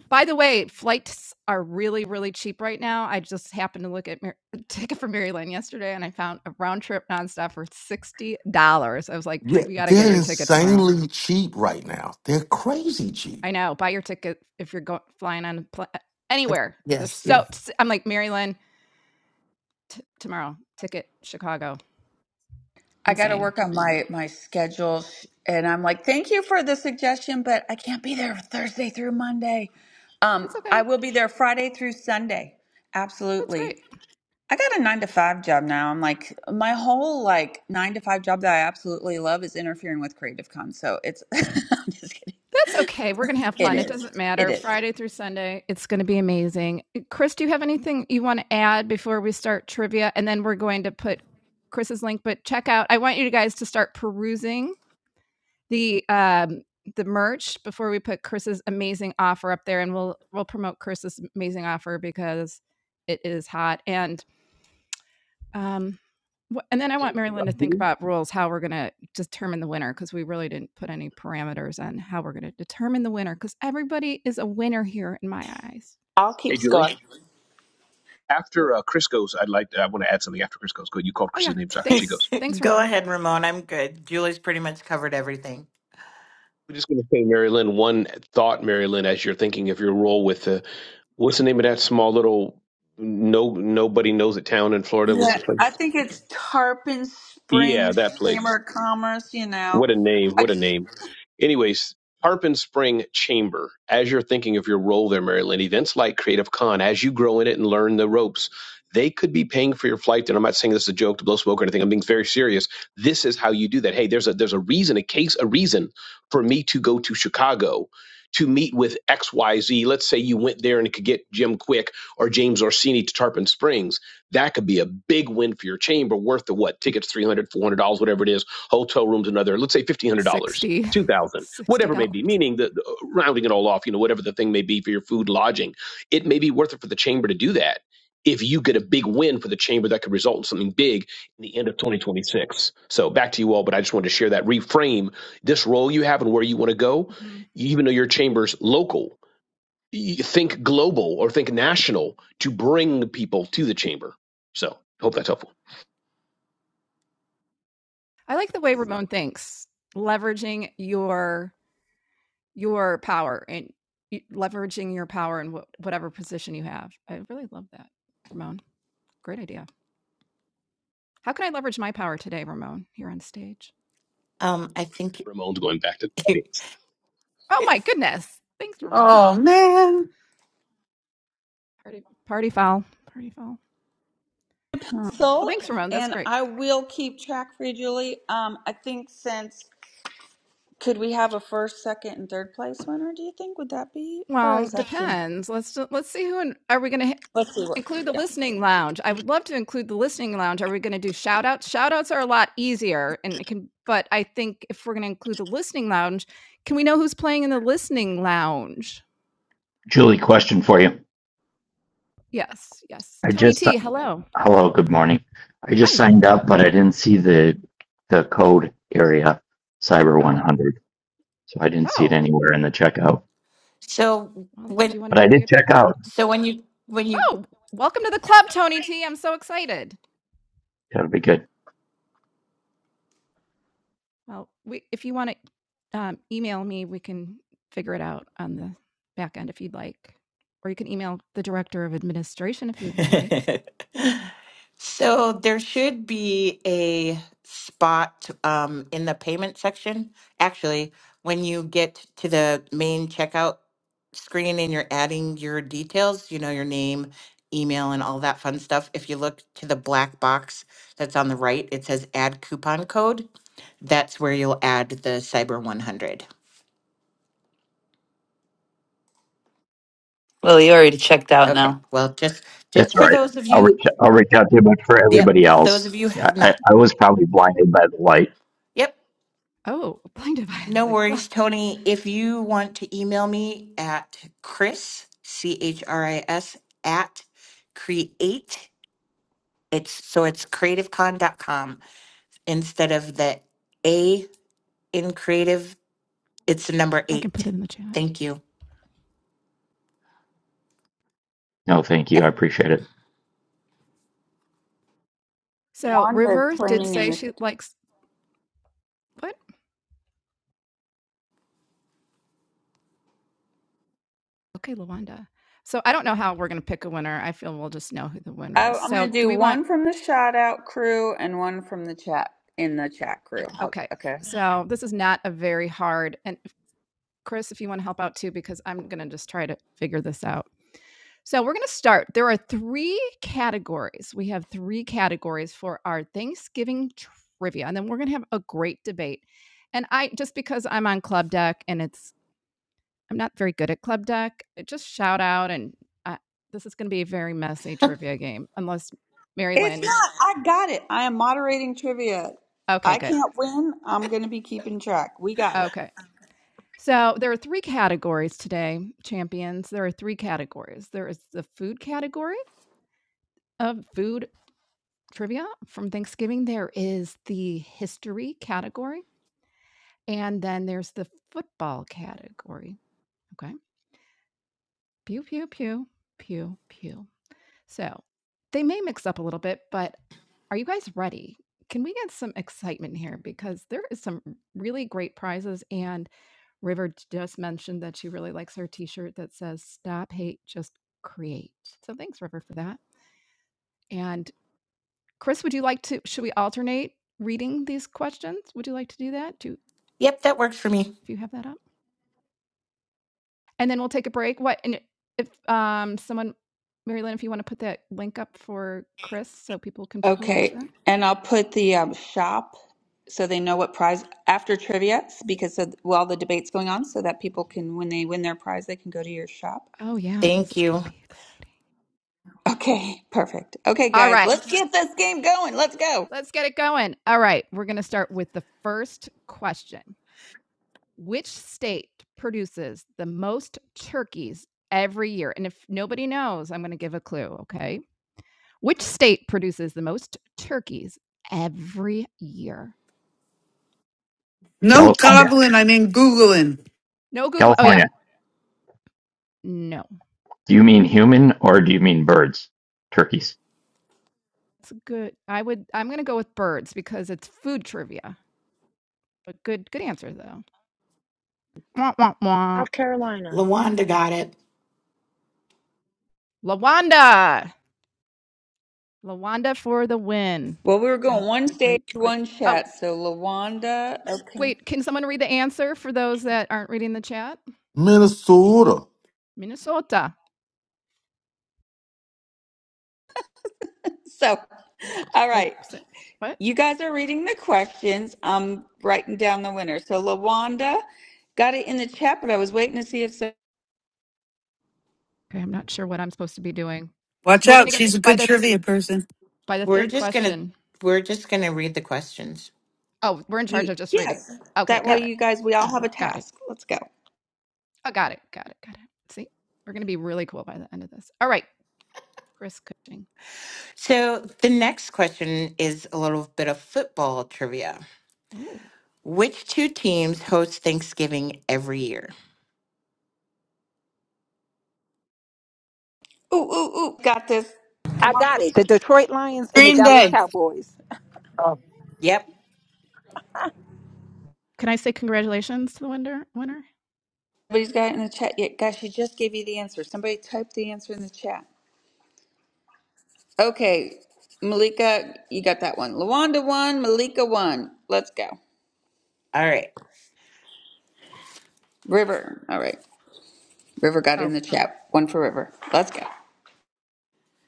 By the way, flights are really really cheap right now. I just happened to look at Mar- [LAUGHS] a ticket for Maryland yesterday, and I found a round trip nonstop for sixty dollars. I was like, Yeah, we got to get they're your ticket tomorrow. insanely cheap right now. They're crazy cheap. I know. Buy your ticket if you're going flying on pl- anywhere. They're Yes, so. yes. I'm like Maryland t- tomorrow. Ticket Chicago. I got to Insane. work on my my schedule, and I'm like, thank you for the suggestion, but I can't be there Thursday through Monday. That's Um, I okay. will be there Friday through Sunday. That's great. Absolutely. I got a nine to five job now. I'm like, my whole like nine to five job that I absolutely love is interfering with Creative Con. So it's, [LAUGHS] I'm just kidding. That's okay. We're going to have It fun. It is. doesn't It matter. is. Friday through Sunday, it's going to be amazing. Eh, Chris, do you have anything you want to add before we start trivia? And then we're going to put Chris's link, but check out, I want you guys to start perusing the, um, the merch before we put Chris's amazing offer up there and we'll we'll promote Chris's amazing offer because it is hot and Um, wh- and then I Hey, want uh, Marilyn to think Julie. about rules, how we're going to determine the winner, because we really didn't put any parameters on how we're going to determine the winner, because everybody is a winner here in my eyes. I'll keep Hey, score. Julie. After uh, Chris goes, I'd like to, I want to add something. After Chris goes, good. You called Oh, Chris's yeah. name so after she goes. Thanks. Thanks, [LAUGHS] Go Ramon. ahead, Ramon. I'm good. Julie's pretty much covered everything. We're just going to say, Mary Lynn, one thought, Mary Lynn, as you're thinking of your role with the, what's the name of that small little, no, nobody knows it town in Florida? What's Yeah, the I place? think it's Tarpon Yeah, Springs that place. Chamber of Commerce. You know, What a name. I, What a name. Anyways, Tarpon Spring Chamber, as you're thinking of your role there, Maryland, events like Creative Con, as you grow in it and learn the ropes, they could be paying for your flight. And I'm not saying this is a joke to blow smoke or anything. I'm being very serious. This is how you do that. Hey, there's a there's a reason, a case, a reason for me to go to Chicago to meet with XYZ. Let's say you went there and could get Jim Quick or James Orsini to Tarpon Springs. That could be a big win for your chamber, worth the what tickets three hundred dollars, four hundred dollars, whatever it is hotel rooms another let's say $1500 60 dollars [LAUGHS] 2000 whatever it may be $60. meaning the, the rounding it all off you know whatever the thing may be for your food lodging it may be worth it for the chamber to do that if you get a big win for the chamber that could result in something big in the end of 2026 so back to you all but i just wanted to share that reframe this role you have and where you want to go hmm even though your chamber's local you think global or think national to bring people to the chamber so hope that's helpful I like the way Ramon thinks, leveraging your your power and leveraging your power in wh- whatever position you have. I really love that, Ramon. Great idea. How can I leverage my power today, Ramon? Here on stage. Um, I think ramon's going back to the [LAUGHS] audience Oh my goodness! Thanks, Ramon. Oh man. [LAUGHS] Party, party foul. Party foul. Well, So, thanks, Ramon. That's and great. I will keep track for you, Julie. Um, I think since, could we have a first, second, and third place winner, do you think? Would that be, or Well, is that too much? depends. Let's let's see who in, are we going to Let's see what, include the yeah. listening lounge. I would love to include the listening lounge. Are we going to do shout outs? Shout outs are a lot easier and it can but I think if we're going to include the listening lounge, can we know who's playing in the listening lounge? Julie, question for you. Yes, yes. I Tony just T, hello. hello, good morning. I just Hi. signed up, but I didn't see the the code area, Cyber Oh. 100. So I didn't see it Oh. anywhere in the checkout, so Well, do you when want to but be I a did VIP? check out. so when you when you Oh, welcome to the club, Tony T. I'm so excited. That'll be good. Well, we if you wanna, um, email me, we can figure it out on the back end if you'd like, or you can email the Director of Administration if you would like. [LAUGHS] So there should be a spot um, in the payment section. Actually, when you get to the main checkout screen and you're adding your details, you know, your name, email, and all that fun stuff, if you look to the black box that's on the right, it says add coupon code. That's where you'll add the Cyber 100. Okay. Well, just just That's for all right. those of I'll you, reach. I'll reach out to you. But for yep, everybody those else, of you yeah, have I, not. I was probably blinded by the light. Yep. Oh, [LAUGHS] plaintiff I No like, well, worries, Tony. If you want to email me at Chris, C H R I S, at create, it's so it's creativecon dot com instead of the A in creative, it's the number I can put eight. it in the chat. Thank you. No, thank you. I Yep. appreciate it. So Wanda is River did planning in say the, she likes what? Okay, LaWanda. So I don't know how we're gonna pick a winner. I feel we'll just know who the winner I, is. I'm gonna So do do we want one from the shout out crew and one from the chat, in the chat crew. How- okay. Okay. So this is not a very hard and Chris, if you want to help out too, because I'm gonna just try to figure this out. So we're going to start. There are three categories. We have three categories for our Thanksgiving trivia, and then we're going to have a great debate. And I just because I'm on Club Deck and it's I'm not very good at Club Deck. Just shout out, and uh, this is going to be a very messy trivia game, unless Mary It's Lynn. not, I got it. I am moderating trivia. Okay, I good. can't win. I'm gonna be keeping track. We got it. Okay. So there are three categories today, champions. There are three categories. There is the food category of food trivia from Thanksgiving. There is the history category, and then there's the football category. Okay. Pew, pew, pew, pew, pew. So they may mix up a little bit, but are you guys ready? Can we get some excitement here? Because there is some really great prizes. And River just mentioned that she really likes her t shirt that says, Stop Hate, Just Create. So thanks, River, for that. And Chris, would you like to should we alternate reading these questions? Would you like to do that? Do Yep, that works for me. if you have that up? And then we'll take a break. What and if um someone Mary Lynn, if you want to put that link up for Chris so people can peruse Okay, it. and I'll put the um, shop so they know what prize after trivia because of, while the debate's going on, so that people can, when they win their prize, they can go to your shop. Oh yeah, this Thank is gonna you. be exciting. Okay, [LAUGHS] perfect. Okay, All guys, right. let's get this game going. Let's go. Let's get it going. All right, we're gonna start with the first question. Which state produces the most turkeys every year? And if nobody knows, I'm gonna give a clue, okay? Which state produces the most turkeys every year? No California, gobbling, I mean Googling. No Google. Oh yeah, California. no. Do you mean human or do you mean birds? Turkeys. It's good. I would. I'm gonna go with birds because it's food trivia. But good, good answer though. Wah, wah, wah. South Carolina. Lawanda got it. Lawanda. Lawanda for the win. Well, we were going one stage, Great, great. one Oh chat. So, Lawanda, okay. wait, can someone read the answer for those that aren't reading the chat? Minnesota. Minnesota. So, all Oh, right. si, what? You guys are reading the questions. I'm writing down the winner. So, Lawanda got it in the chat, but I was waiting to see if Okay, I'm not sure what I'm supposed to be doing. Watch We're gonna out, she's a get by good the th- trivia person. by the We're third just gonna question. we're just gonna read the questions. Oh, we're in charge of You just reading. yes. Okay, That way, got it. Yep. you guys, we all have a Got it. task. Let's go. I got it. Got it. Got it. See, we're going to be really cool by the end of this. All right, Chris Cushing. So the next question is a little bit of football trivia. Ooh. Which two teams host Thanksgiving every year? Ooh, ooh, ooh. Got this. I Come on. got it. The Detroit Lions and the Green Dallas Day. Cowboys. Yep. Can I say congratulations to the winner? Winner. Nobody's got it in the chat yet. Guys, she just gave you the answer. Somebody type the answer in the chat. Okay. Malika, you got that one. Lawanda won. Malika won. Let's go. All right. River. All right. River got Oh, in the chat. One for River. Let's go.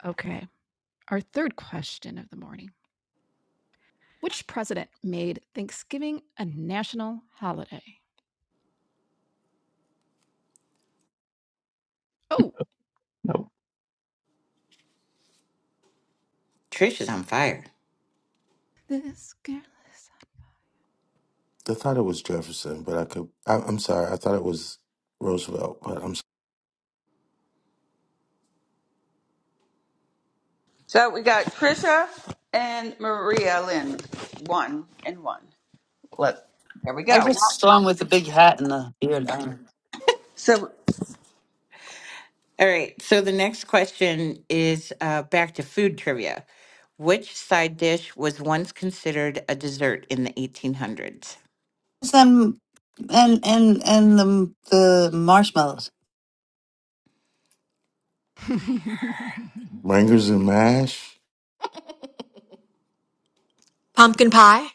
okay. Our third question of the morning: Which president made Thanksgiving a national holiday? Oh, No. Trish is on fire. this girl I thought it was Jefferson, but I could. I, I'm sorry. I thought it was Roosevelt, but I'm s- So we got Trisha and Maria Lynn. One and one. Let there we I go. Uh, So All right. So the next question is uh, back to food trivia. Which side dish was once considered a dessert in the 1800s? them and and and and the the marshmallows. is. Rangers and [LAUGHS] Mash, Pumpkin pie.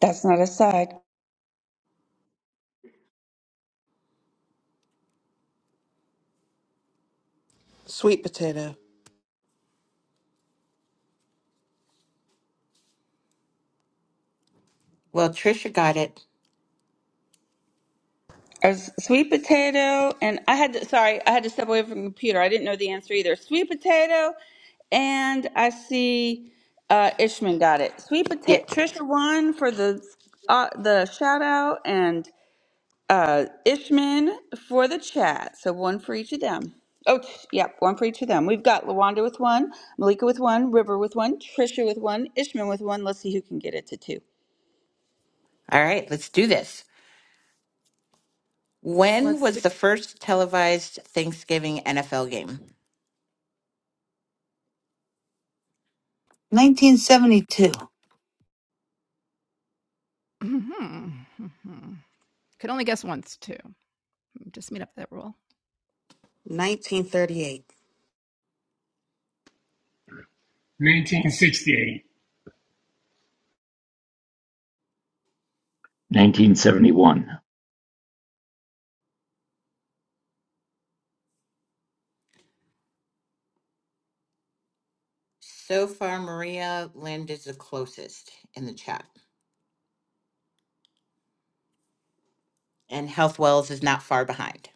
that's not a side. Sweet potato, Well, Trisha got it. Or s- sweet potato and I had to, sorry, I had to step away from the computer. I didn't know the answer either. Sweet potato and I see uh, Ishman got it. Sweet potato Yep. Trisha won for the uh, the shout out and uh, Ishman for the chat. So one for each of them. Oh, t- yep, one for each of them. We've got Lawanda with one, Malika with one, River with one, Trisha with one, Ishman with one. Let's see who can get it to two. All right. Let's do this. When Let's do. was [CLEARS THROAT] the first televised Thanksgiving NFL game? 1972. Mm-hmm. Mm-hmm. Could only guess once too. Just made up that rule. 1938. 1968, 1971. So far, Maria Lind is the closest in the chat, and Health Wells is not far behind.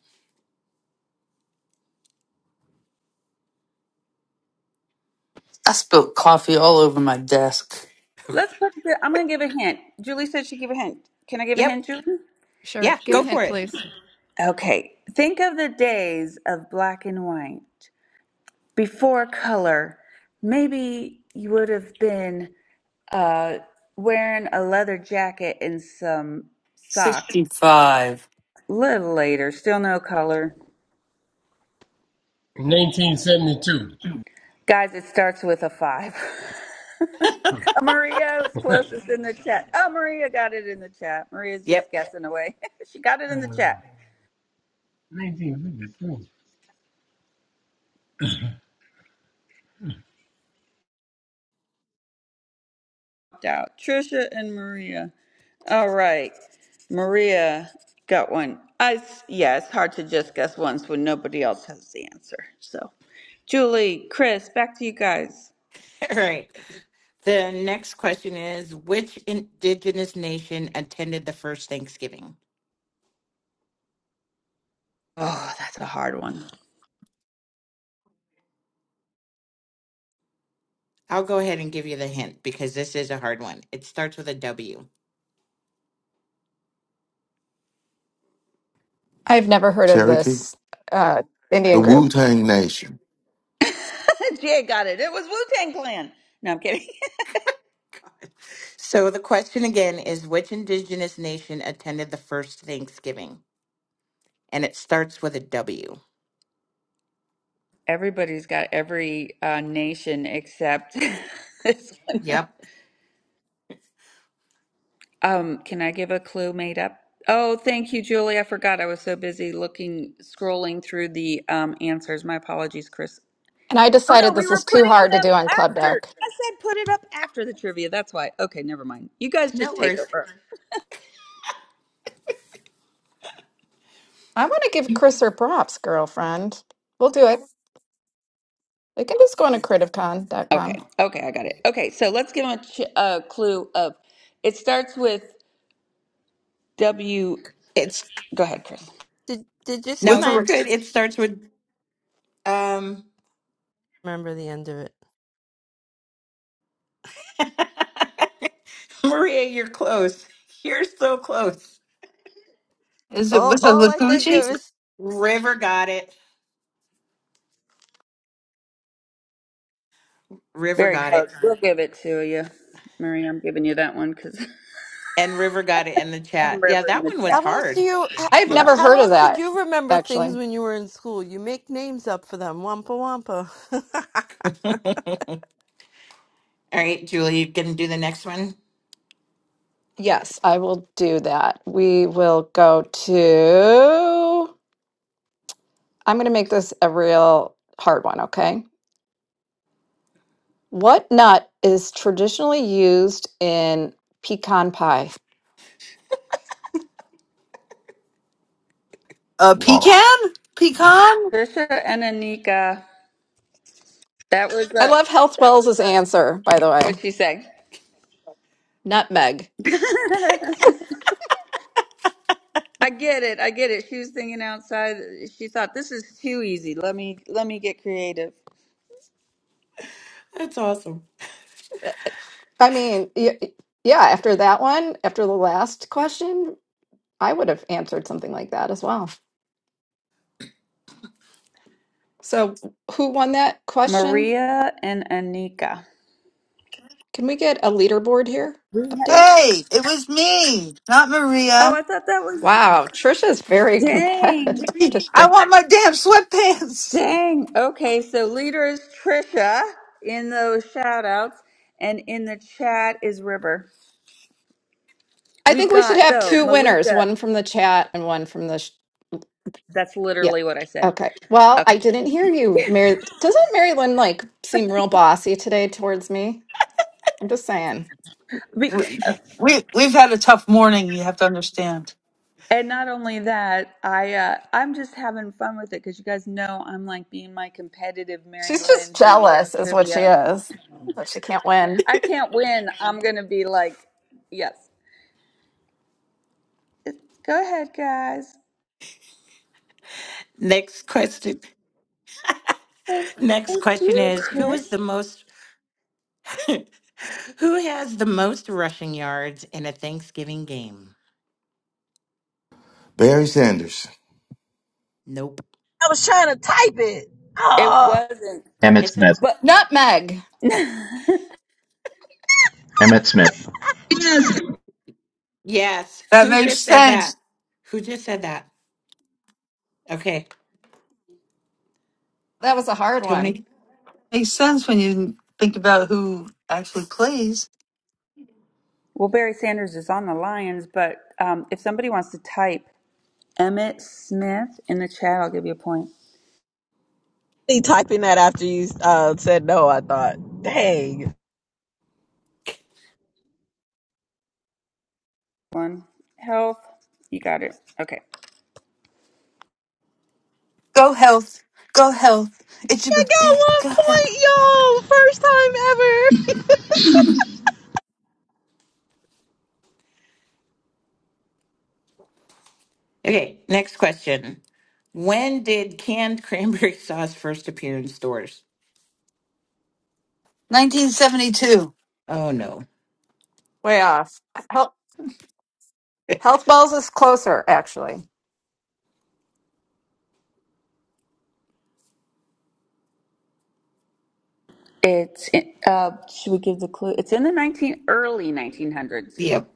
I spilled coffee all over my desk. Let's put the, I'm going to give a hint. Julie said she would give a hint. Can I give a Yep. hint, Julie? Sure. Yeah, Give go a hint, for it. please. Okay, think of the days of black and white before color. Maybe you would have been uh, wearing a leather jacket and some socks. 65. Little later, still no color. Guys, it starts with a five. [LAUGHS] Uh, Maria was [LAUGHS] closest in the chat. Oh, Maria got it in the chat. Maria's just Yep. guessing away. [LAUGHS] she got it in the um, chat. 1973. out. Trisha and Maria. All right. Maria got one. I yeah, it's hard to just guess once when nobody else has the answer. So, Julie, Chris, back to you guys. [LAUGHS] All right. The next question is Which indigenous nation attended the first Thanksgiving? Oh, that's a hard one. I'll go ahead and give you the hint because this is a hard one. It starts with a W. Cherokee, Uh, the Indian group. Wu Tang Nation. [LAUGHS] Jay got it. It was Wu Tang Clan. No, I'm kidding. So the question again is Which indigenous nation attended the first Thanksgiving? And it starts with a W. [LAUGHS] Everybody's got every uh, nation except [LAUGHS] this one. Yep. Um, can I give a clue made up? Oh, thank you, Julie. I forgot I was so busy looking, scrolling through the um, answers. My apologies, Chris. And I Oh no, decided we this were is too putting it hard to up do on Club after. Deck. I said put it up after the trivia. That's why. Okay, never mind. You guys just No take worries. over. I want to give Chris her props, girlfriend. We'll do it. They can just go on to criticon.com. Okay, okay, I got it. Okay, so let's give them a, ch- a clue of. It starts with W. It's Go ahead, Chris. did did you see no, With my? you're a, good. It starts with, um, Remember the end of it. [LAUGHS] Maria, you're close. You're so close. Is it All with a all I think of lacucci? is River got it. River Very got it. close. We'll give it to you, Marie. I'm giving you that one because. [LAUGHS] And River got it in the And chat. Yeah, River in that the one was chat. how Yeah. else do hard. you h- I've never how heard of else did that, you remember things actually. when you were in school? You make names up for them. Wampa wampa. [LAUGHS] All right, Julie, you can do the next one. Yes, I will do that. We will go to. I'm going to make this a real hard one, okay? What nut is traditionally used in pecan pie? A Wow. pecan? Pecan? Trisha and Anika. That was I uh, love Health Wells' answer, by the what way. she say. Nutmeg. [LAUGHS] I get it. I get it. She was thinking outside. She thought this is too easy. Let me let me get creative. That's awesome. I mean, y- yeah, after that one, after the last question, I would have answered something like that as well. So, who won that question? Maria and Anika. Can we get a leaderboard here Updates? Hey, it was me, not Oh, Maria. I thought that was Wow, Trisha's very dang, competitive [LAUGHS] I today. want my damn sweatpants. dang. Okay, so leader is Trisha in those shout outs, and in the chat is River. I We've think we should got have though two winners, Malika. one from the chat and one from the sh- That's yeah. literally what I said. Okay. Well, I Okay, didn't hear you, Mary. Doesn't Marilyn like seem real bossy today towards me? I'm just saying. we, we- we've had a tough morning, you have to understand. And not only that, I uh, I'm just having fun with it because you guys know I'm like being my competitive Mary She's just Lynn who loves jealous, is what she trivia. is, that she can't win. I can't win. I'm gonna be like, yes, go ahead, guys. Next question. Next It's question you, is who is Chris. the most [LAUGHS] who has the most rushing yards in a Thanksgiving game? Barry Sanders, Nope. I was trying to type it. It Ah. wasn't, Emmett It's a Smith. but Nutmeg. [LAUGHS] well, Emmett Smith yes. That Who makes just said that? sense. Who just said that? Okay. That was a hard one. Tony. Makes sense when you think about who actually plays. Barry Sanders is on the Lions. But um, if somebody wants to type Emmett Smith in the chat, I'll give you a point. He typing that after you uh, said no, I thought, dang. One health, you got it. Okay. Go health. Go health. It's your I got birthday. one Go health. point, y'all. First time ever. Okay, next question. When did canned [LAUGHS] cranberry sauce first appear in stores? 1972. Oh no. Way off. Health, [LAUGHS] health balls is closer, actually. It's in, uh, should we give the clue? It's in the nineteen early nineteen hundreds. Yep.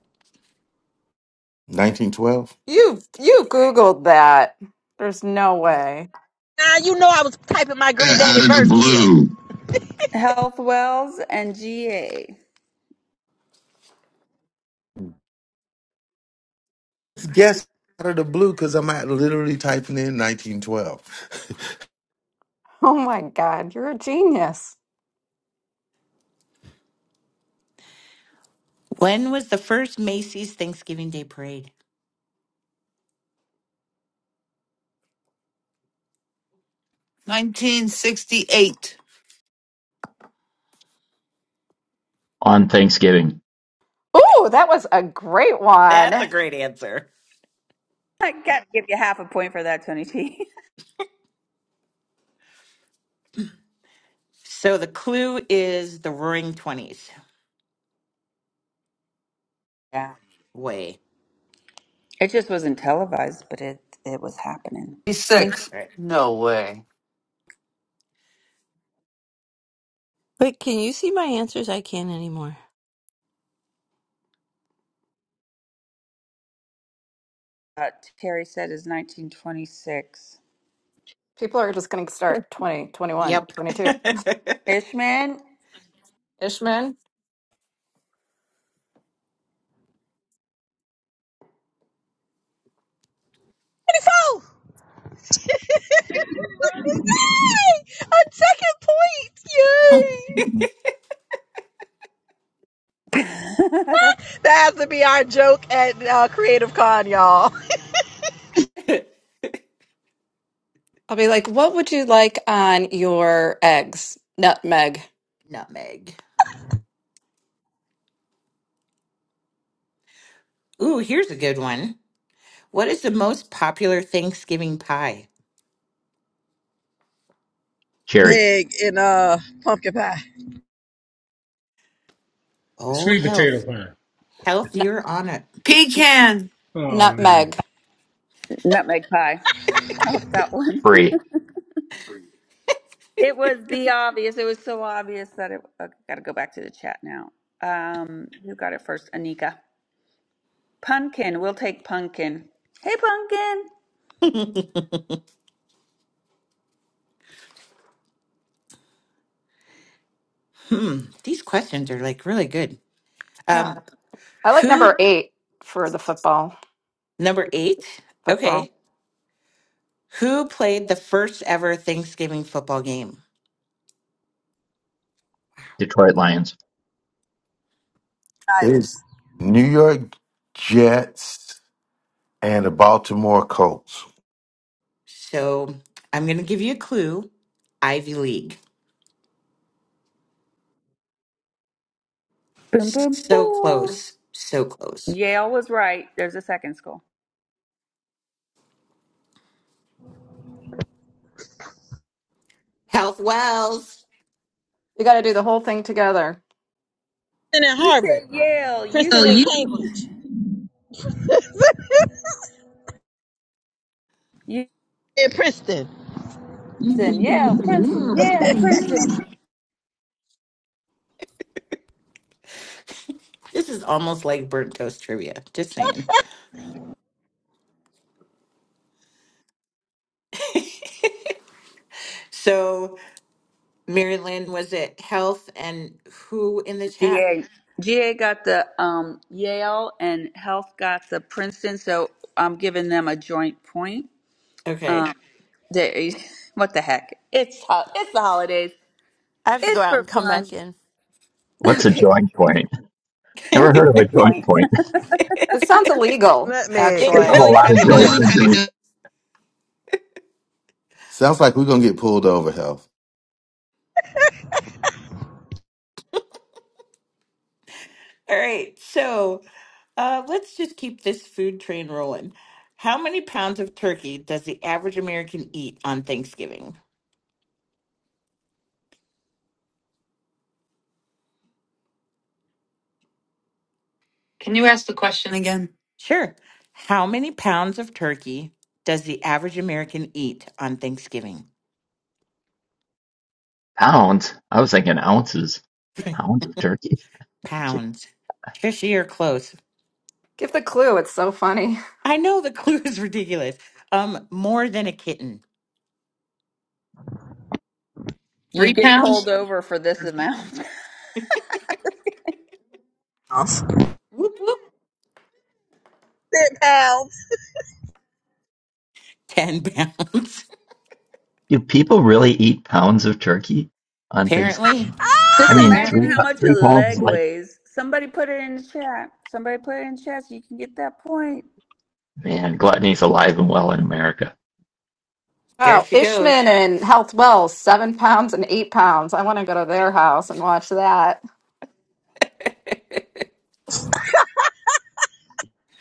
1912. You you googled that. There's no way. Now nah, you know I was typing my Green Out Daddy of the blue. Health Wells and G A. Guess out of the blue because I'm at literally typing in 1912. Oh my god, you're a genius. When was the first Macy's Thanksgiving Day Parade? 1968. on Thanksgiving. Ooh, that was a great one. That's a great answer. I gotta give you half a point for that, Tony T. So the clue is the Roaring Twenties. [LAUGHS] yeah, Way. it just wasn't televised, but it it was happening. Think 36. Right. No way. Wait, can you see my answers? I can't anymore. uh, Terry said is nineteen twenty six. People are just going to start 20, twenty one, Yep. 22. Fishman, Ishman, 24. [LAUGHS] Yay! A second point. Yay! [LAUGHS] That has to be our joke at uh, Creative Con, y'all. I'll be like, what would you like on your eggs? Nutmeg. [LAUGHS] Nutmeg. Ooh, here's a good one. What is the most popular Thanksgiving pie? Cherry. Big in uh pumpkin pie. The Oh, sweet potato health. pie. Health, Nut you're on it. Pecan. Oh man. nutmeg. nutmeg pie. Help that one. [LAUGHS] Free. It was the obvious. It was so obvious that it. Okay, gotta go back to the chat now. Um, who got it first? Anika. Pumpkin, we'll take Pumpkin. Hey, Pumpkin. Hmm. These questions are like really good. Yeah. Um, I like number who, eight for the football. number eight? Football. Okay. Who played the first ever Thanksgiving football game? Detroit Lions. [LAUGHS] it was Titus. New York Jets and the Baltimore Colts. So I'm going to give you a clue Ivy League. Boom, boom, So boom. close. So close. Yale was right. There's a second school. Health Wells. You got to do the whole thing together. And at You Harvard. said Yale. You Princeton Oh, said and you. Cambridge. you In Princeton. said Yale, Princeton, Yale, Princeton. This is almost like burnt toast trivia. Just saying. So, Mary Lynn, was it health and who in the chat? GA. GA got the um, Yale and Health got the Princeton, so I'm giving them a joint point. Okay. They, [LAUGHS] what the heck? It's ho- it's the holidays. I have to go It's out for and come back fun. in. [LAUGHS] What's a Okay, joint point? Never it's a heard of a joint joint point. point. [LAUGHS] It sounds illegal, [LAUGHS] Nutmeg. it There's [LAUGHS] a actually. really lot [LAUGHS] kind i of of joint does. pounds. Sounds like we're gonna get pulled over, hell. All right. So, uh, let's just keep this food train rolling. How many pounds of turkey does the average American eat on Thanksgiving? Can you ask the question again? Sure. How many pounds of turkey does the average American eat on Thanksgiving? Pounds? I was thinking ounces. Pounds of turkey? Are you kidding? Pounds. Trisha, you're close. Give the clue. It's so funny. I know the [LAUGHS] clue is ridiculous. Um, more than a kitten. [LAUGHS] Three You'd get pounds? pulled over for this amount. [LAUGHS] Whoop whoop. Ten pounds. Do people really eat pounds of turkey [LAUGHS] on Thanksgiving? apparently, I Just mean, imagine three how apparently, much a three pounds is leg like, weighs. Somebody put it in the chat. Somebody put it in the chat so you can get that point. man, gluttony's alive and well in America. there Wow. she Ishman goes. and Health Wells, seven pounds and eight pounds. I want to go to their house and watch that.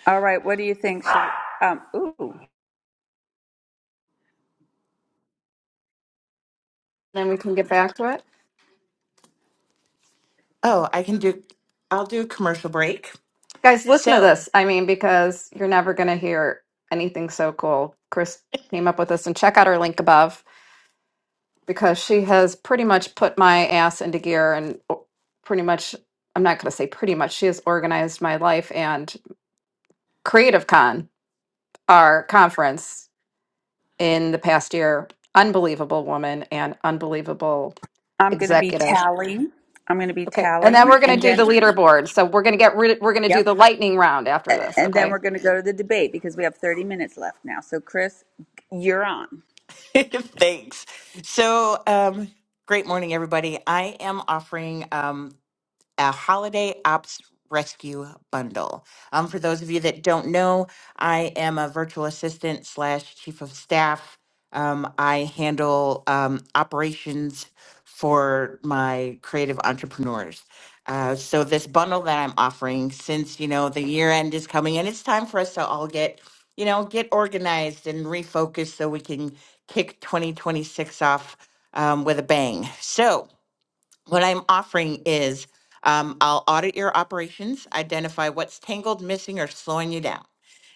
All right, what do you think? Should, um, ooh, Then we can get back to it. Oh, I can do. I'll do a commercial break. Guys, listen to So, this. I mean, because you're never going to hear anything so cool. Chris came up with this, and check out her link above because she has pretty much put my ass into gear and o- pretty much, I'm not going to say pretty much, she has organized my life and Creative Con, our conference in the past year. Unbelievable woman and unbelievable I'm going to be executive. tallying. I'm going to be Okay. And then we're tallying, going to and do the then leaderboard. So we're going to get rid, we're going to do yep, the lightning round after A- this. and Okay. then we're going to go to the debate because we have 30 minutes left now. So Chris, you're on, [LAUGHS] thanks. So, um, great morning, everybody. I am offering. Um, a holiday ops rescue bundle. Um, for those of you that don't know, I am a virtual assistant slash chief of staff. Um, I handle um, operations for my creative entrepreneurs. Uh, so this bundle that I'm offering, since you know the year end is coming and it's time for us to all get, you know, get organized and refocus so we can kick 2026 off um, with a bang. So what I'm offering is um, I'll audit your operations, identify what's tangled, missing, or slowing you down,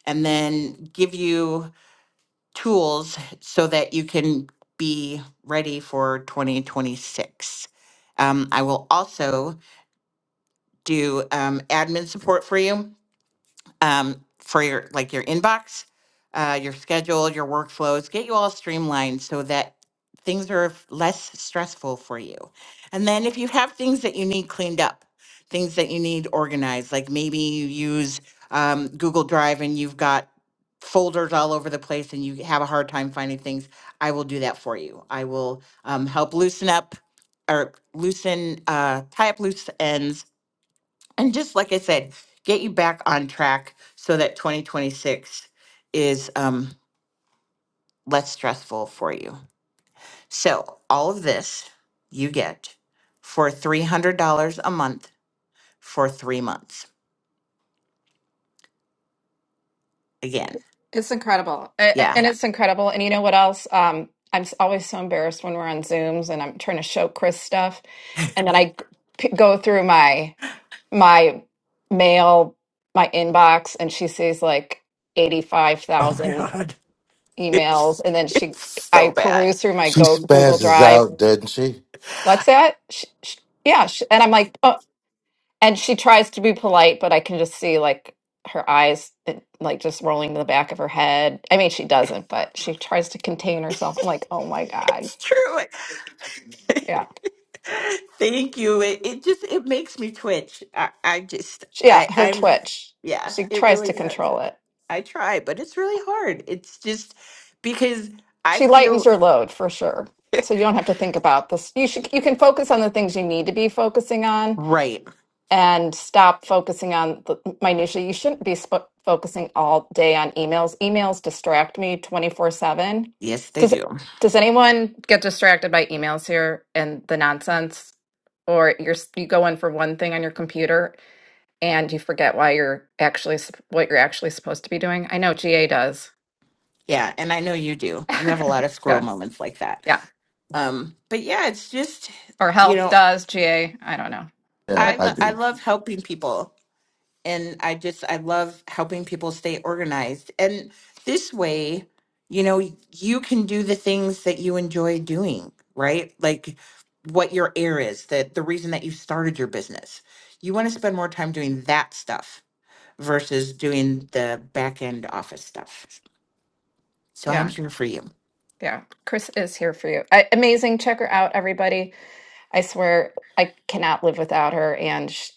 and then give you tools so that you can be ready for 2026. Um, I will also do um, admin support for you um, for your like your inbox, uh, your schedule, your workflows. Get you all streamlined so that things are f- less stressful for you. And then if you have things that you need cleaned up, things that you need organized, like maybe you use um, Google Drive and you've got folders all over the place and you have a hard time finding things, I will do that for you. I will um, help loosen up or loosen, uh, tie up loose ends and just like I said, get you back on track so that 2026 is um, less stressful for you. So, all of this you get for $300 a month for three months. Again, It's incredible. A- a- yeah. And it's incredible. And you know what else? Um, I'm s- always so embarrassed when we're on Zooms and I'm trying to show Chris stuff. And then I g- p- go through my my mail, my inbox, and she sees like Oh my 85,000 God. [LAUGHS] It's, emails. And then she, it's I so bad. peruse through my She go Google spazzes Drive. out, doesn't she? What's that? Sh sh yeah. sh- And I'm like, oh and she tries to be polite, but I can just see like her eyes it- like just rolling to the back of her head. I mean, she doesn't, but she tries to contain [LAUGHS] herself. I'm like, oh my god, It's true. yeah, [LAUGHS] Thank you. It, it just it makes me twitch. I, I just She- yeah. I Her I'm twitch, yeah. she It tries really to does. control it. I try, but it's really hard. It's just because I She lightens feel her load for sure, so you don't have to think about this. You should you can focus on the things you need to be focusing on right. and stop focusing on the minutia. You shouldn't be sp- focusing all day on emails. Emails distract me 24/7. Yes, they Does do. does anyone get distracted by emails here and the nonsense or you're s- you go in for one thing on your computer and you forget why you're actually sup- what you're actually supposed to be doing? I know GA does. Yeah, and I know you do. [LAUGHS] You have a lot of squirrel Yes. moments like that. Yeah. Um, but yeah, it's just Or you health know, does GA, I don't know. Yeah, I I But lo- I do. love helping people, and I just I love helping people stay organized. And this way, you know, you can do the things that you enjoy doing, right? Like what your air is, that the reason that you started your business. You want to spend more time doing that stuff versus doing the back end office stuff. So I'm yeah, here for you. yeah. Chris is here for you. I, amazing. Check her out, everybody. I swear I cannot live without her. And sh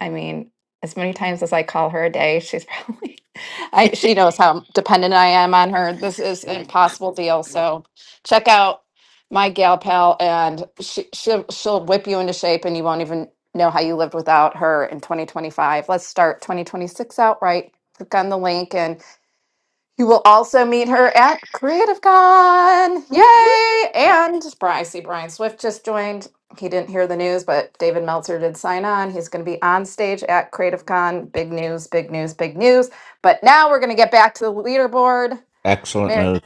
I mean, as many times as I call her a day, she's probably, [LAUGHS] I, she knows how dependent I am on her. This is an impossible deal. So check out my gal pal and she, she'll, she'll whip you into shape and you won't even know how you lived without her in 2025. Let's start 2026 out right. Click on the link and you will also meet her at CreativeCon. Whoop, whoop. Yay! And Brian, I see Brian Swift just joined. He didn't hear the news, but David Meltzer did sign on. He's going to be on stage at CreativeCon. Big news, big news, big news. But now we're going to get back to the leaderboard. Excellent Mary move.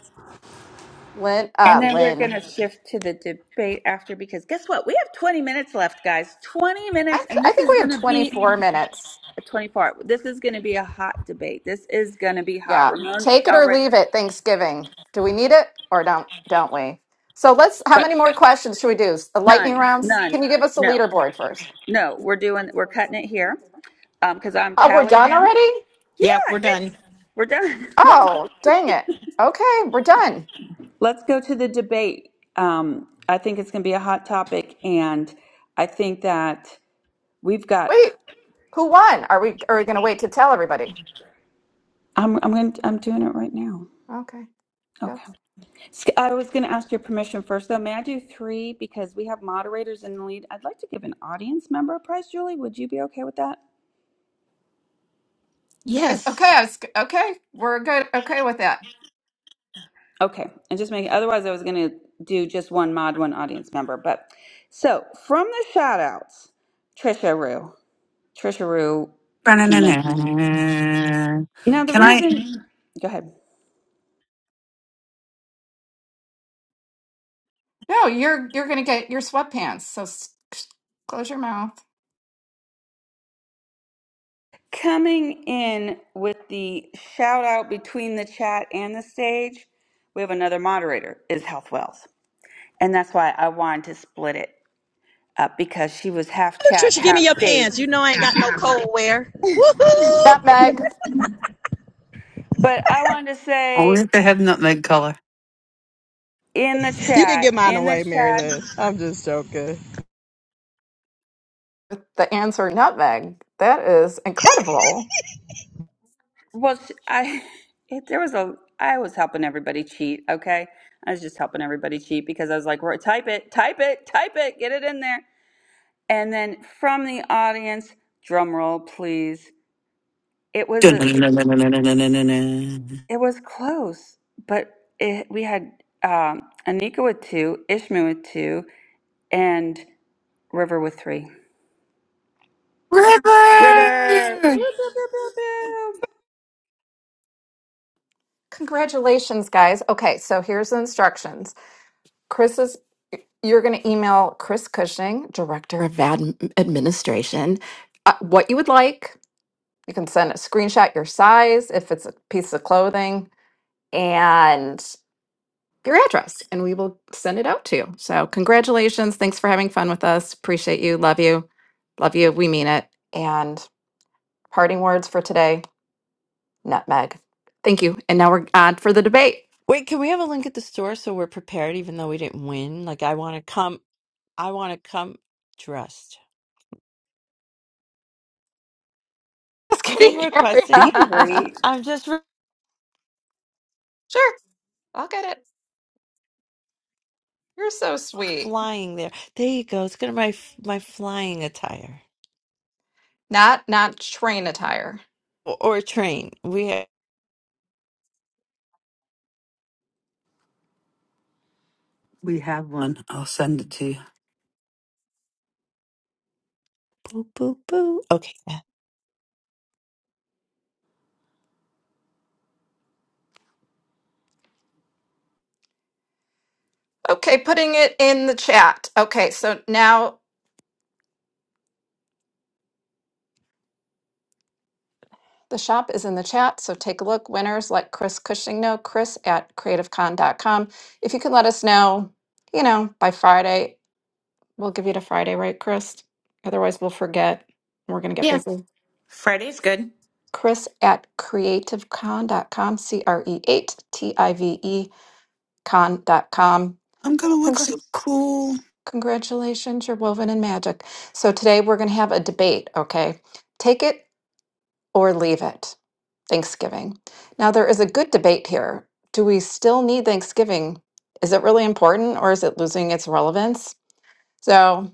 Lynn, and uh, then we're going Lynn. to shift to the debate after because guess what? We have 20 minutes left, guys. 20 I, minutes, th- and I this think is we have going to be 24 minutes. 24. This is going to be a hot debate. This is going to be hot. Yeah. Ramon Take it or already, leave it, Thanksgiving. Do we need it or don't, don't we? So let's, how but many more questions should we do? A Lightning none, rounds? Can none, you give us a no, leaderboard first? no. We're doing, we're cutting it here because um, I'm Oh, we're tallied done now. already? Yeah, Yeah, we're done. it's, we're done. [LAUGHS] Let's go. Oh, dang it. Okay, we're done. Let's go to the debate. Um, I think it's going to be a hot topic, and I think that we've got. Wait, who won? Are we are we gonna wait to tell everybody? I'm, I'm going. I'm doing it right now. Okay, go. Okay. It's- Sk- I was going to ask your permission first, though. May I do three because we have moderators in the lead? I'd like to give an audience member a prize, Julie. Would you be okay with that? Yes. Okay, I was, okay, we're good. Okay with that. Okay, and just make. Otherwise, I was going to do just one mod, one audience member. But so from the shout outs, Trisha Rue. Trisha Rue came in. Now, the Can I reason, go ahead. No, you're you're gonna get your sweatpants. So s- s- close your mouth. Coming in with the shout out between the chat and the stage, we have another moderator, is Health Wells. And that's why I wanted to split it. uh, because she was half chat, Trisha, give me half your stage. pants. You know I ain't got no [LAUGHS] cold wear. Woohoo! Nutmeg. But I wanted to say only if they have nutmeg color? in the You can chat, give mine in the away, Mary chat, Lynn. I'm just joking. The answer, nutmeg. That is incredible. well, sh- I [LAUGHS] it, there was a I was helping everybody cheat. Okay, I was just helping everybody cheat because I was like, "Roy, type it, type it, type it, get it in there. And then from the audience, drum roll, please. It was a it was close, but it, we had um, Anika with two, Ishmael with two, and River with three. River! River. Pew, pew, pew, pew, Congratulations, guys. Okay, so here's the instructions. Chris is. You're going to email Chris Cushing, Director of Ad- Administration, uh, what you would like You can send a screenshot your size if it's a piece of clothing and your address, and we will send it out to you. So, congratulations. Thanks for having fun with us. Appreciate you. Love you. Love you. We mean it. And parting words for today nutmeg. Thank you. And now we're on for the debate. Wait, can we have a link at the store so we're prepared, even though we didn't win? Like I want to come. I want to come dressed. [LAUGHS] Just Thing kidding. requested. pew. Ariana. Angry. I'm just. [LAUGHS] sure. I'll get it. You're so sweet. flying there. There you go. It's gonna be my f- my flying attire Not not train attire. or, or a train. We have We have one. I'll send it to you. boo boo boo. Okay. yeah. Okay, putting it in the chat. Okay, so now The shop is in the chat, so take a look. Winners let Chris Cushing know, chris at creativecon.com. If you could let us know, you know, by Friday, we'll give you to Friday, right, Chris? Otherwise, we'll forget. and We're going to get Yeah. busy. Friday's good. Chris at creativecon.com, C R E 8 T I V E con.com. I'm gonna look Congr- so cool. congratulations, you're woven in magic. So today we're going to have a debate, okay? Take it or leave it. Thanksgiving. Now, there is a good debate here. Do we still need Thanksgiving? Is it really important or is it losing its relevance? So,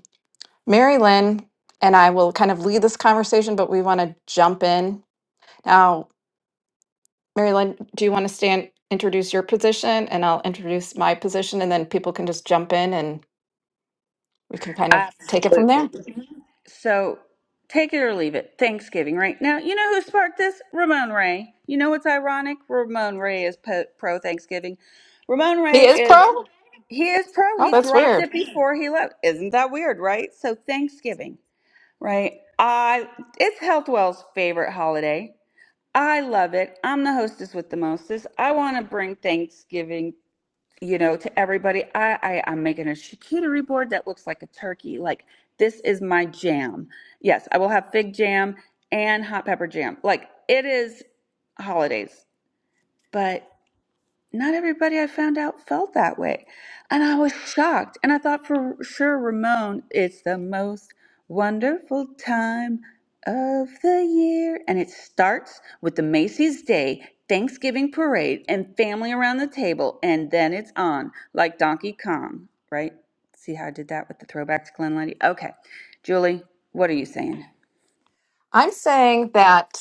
Mary Lynn and I will kind of lead this conversation, but we want to jump in. Now, Mary Lynn, do you want to stand, introduce your position, and I'll introduce my position, and then people can just jump in and we can kind of take it from there? Absolutely. So take it or leave it. Thanksgiving, right? Now, you know who sparked this? Ramon Ray. You know what's ironic? Ramon Ray is pro Thanksgiving. Ramon He Ray is pro? is, Oh, he is pro. He that's dropped weird. it before he left. Isn't that weird, right? So Thanksgiving, right? I, it's Healthwell's favorite holiday. I love it. I'm the hostess with the mostest. I want to bring Thanksgiving you know, to everybody. I, I I'm making a charcuterie board that looks like a turkey. Like this is my jam. Yes, I will have fig jam and hot pepper jam. Like it is holidays, but not everybody I found out felt that way. And I was shocked. And I thought for sure, Ramon, it's the most wonderful time of the year. And it starts with the Macy's Day Thanksgiving parade and family around the table. And then it's on like Donkey Kong, right? See how I did that with the throwback to Glen Lady? Okay. Julie, what are you saying? I'm saying that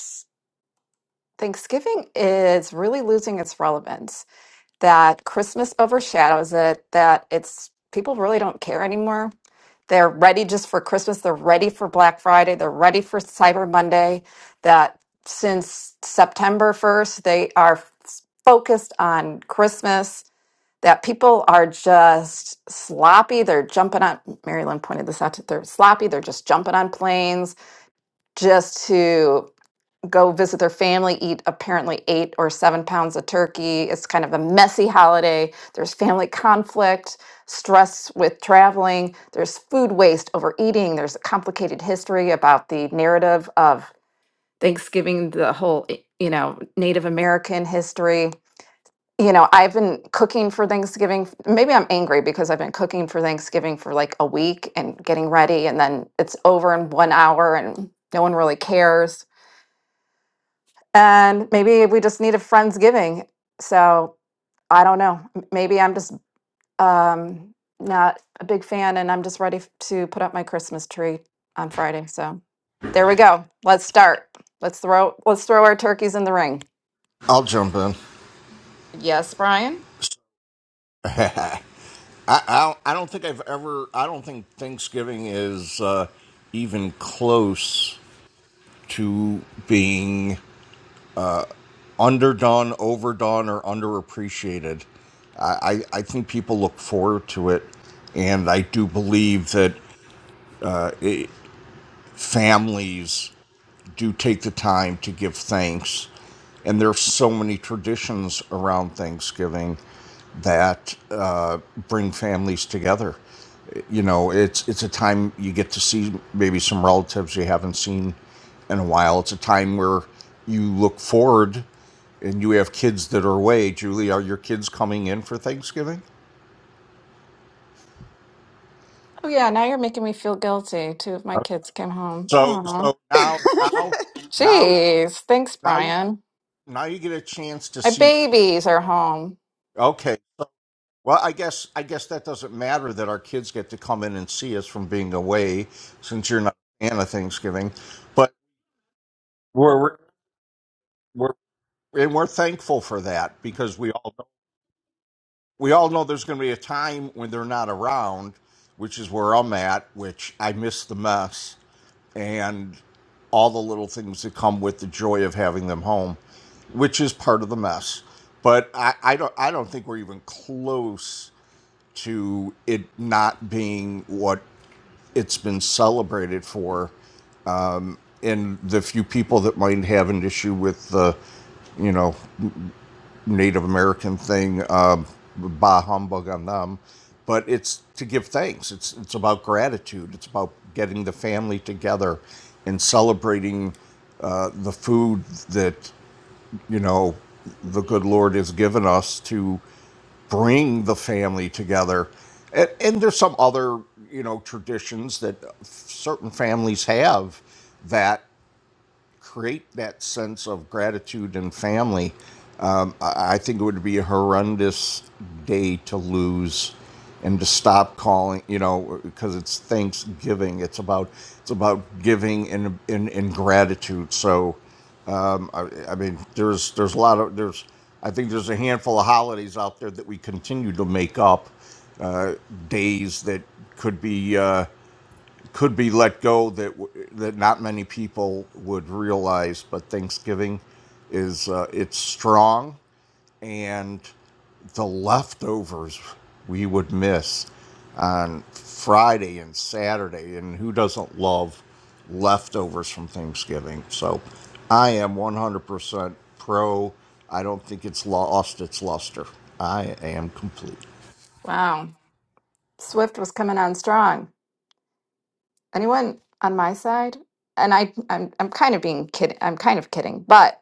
Thanksgiving is really losing its relevance. that Christmas overshadows it, that it's people really don't care anymore. They're ready just for Christmas, they're ready for Black Friday, they're ready for Cyber Monday, that since September 1st, they are f- focused on Christmas. That people are just sloppy. They're jumping on, Marilyn pointed this out, to- they're sloppy. They're just jumping on planes just to go visit their family, eat apparently eight or seven pounds of turkey. It's kind of a messy holiday. There's family conflict, stress with traveling, there's food waste, overeating, there's a complicated history about the narrative of Thanksgiving, the whole, i- you know, Native American history. You know, I've been cooking for Thanksgiving. Maybe I'm angry because I've been cooking for Thanksgiving for like a week and getting ready, and then it's over in one hour and no one really cares and maybe we just need a friendsgiving. So I don't know. M- Maybe I'm just um, not a big fan, and I'm just ready f- to put up my Christmas tree on Friday. So there we go. Let's start. Let's throw let's throw our turkeys in the ring. I'll jump in. Yes, Brian. [LAUGHS] I, I don't I don't think I've ever. I don't think Thanksgiving is uh, even close to being underdone, overdone, or underappreciated. I I, I think people look forward to it, and I do believe that. Uh, families do take the time to give thanks. And there's so many traditions around Thanksgiving that uh, bring families together. You know, it's it's a time you get to see maybe some relatives you haven't seen in a while. It's a time where you look forward, and you have kids that are away. Julie, are your kids coming in for Thanksgiving? Oh yeah, now you're making me feel guilty. Two of my Okay. kids came home. So Aw. so now now now Jeez. Thanks, now you Brian. now you get a chance to My see babies are home. Okay. So- Well, I guess I guess that doesn't matter that our kids get to come in and see us from being away, since you're not a fan of Thanksgiving. But we're we're and we're thankful for that because we all know, we all know there's going to be a time when they're not around, which is where I'm at, which I miss the mess and all the little things that come with the joy of having them home, which is part of the mess. But I, I don't I don't think we're even close to it not being what it's been celebrated for and the few people that might have an issue with the you know native american thing um, bah humbug on them but it's to give thanks it's it's about gratitude it's about getting the family together and celebrating uh, the food that you know, the good Lord has given us to bring the family together. And, and there's some other, you know, traditions that certain families have that create that sense of gratitude and family, um, I, think it would be a horrendous day to lose and to stop calling, you know, because it's Thanksgiving. It's about it's about giving and in, in, in gratitude. So, um, I, I mean, there's there's a lot of there's I think there's a handful of holidays out there that we continue to make up uh, days that could be. Uh, could be let go that that not many people would realize. But Thanksgiving is uh, it's strong, and the leftovers we would miss on Friday and Saturday, and who doesn't love leftovers from Thanksgiving? So I am 100% pro. I don't think it's lost its luster. I am complete. Wow. Swift was coming on strong. Anyone on my side? And I I'm I'm kind of being kidding. I'm kind of kidding, but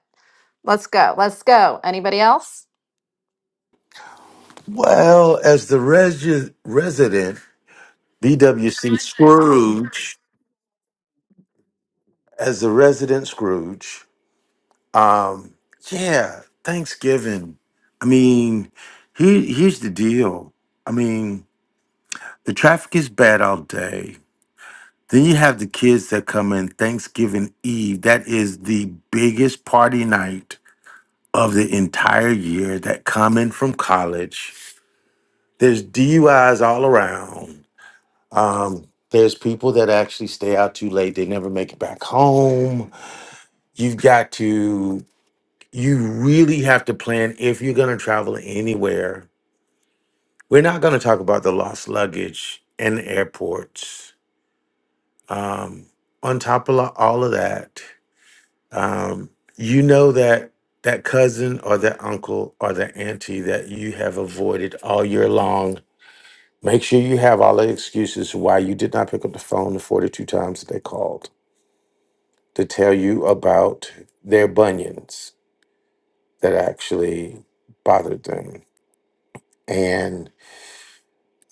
let's go. Let's go. Anybody else? Well, as the resi- resident BWC Scrooge, as the resident Scrooge, um, yeah, Thanksgiving. I mean, he, here's the deal. I mean, the traffic is bad all day. Then you have the kids that come in Thanksgiving Eve. That is the biggest party night of the entire year that come in from college there's DUIs all around. Um, there's people that actually stay out too late. They never make it back home. You've got to, you really have to plan if you're going to travel anywhere. We're not going to talk about the lost luggage and airports. Um, on top of lo- all of that, um, you know that that cousin or that uncle or that auntie that you have avoided all year long Make sure you have all the excuses why you did not pick up the phone the 42 times that they called to tell you about their bunions that actually bothered them. And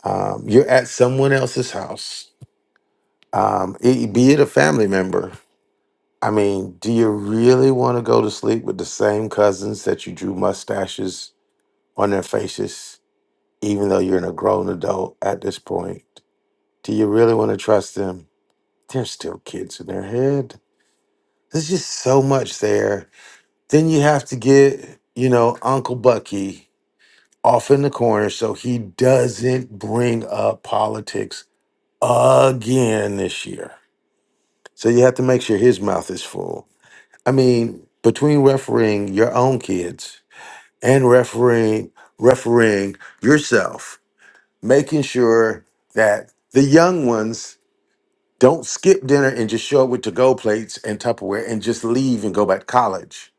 um, you're at someone else's house, um, i- be it a family member. I mean, do you really want to go to sleep with the same cousins that you drew mustaches on their faces, even though you're in a grown adult at this point? Do you really want to trust them? They're still kids in their head There's just so much there. Then you have to get, you know, Uncle Bucky off in the corner so he doesn't bring up politics again this year. So you have to make sure his mouth is full. I mean, between refereeing your own kids and refereeing refereeing yourself, making sure that the young ones don't skip dinner and just show up with to-go plates and Tupperware and just leave and go back to college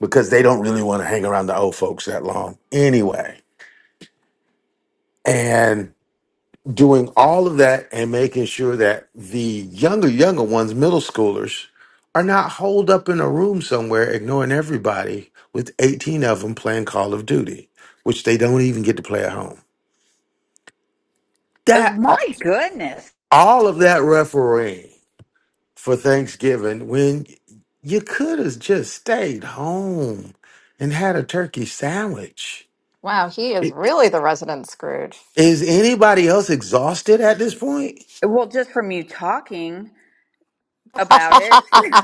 because they don't really want to hang around the old folks that long anyway. And doing all of that and making sure that the younger, younger ones, middle schoolers, are not holed up in a room somewhere ignoring everybody with 18 of them playing Call of Duty, which they don't even get to play at home. Oh, That my goodness. all of that refereeing for Thanksgiving when you could have just stayed home and had a turkey sandwich. Wow, he is really the resident Scrooge. Is anybody else exhausted at this point? Well, just from you talking about it. [LAUGHS]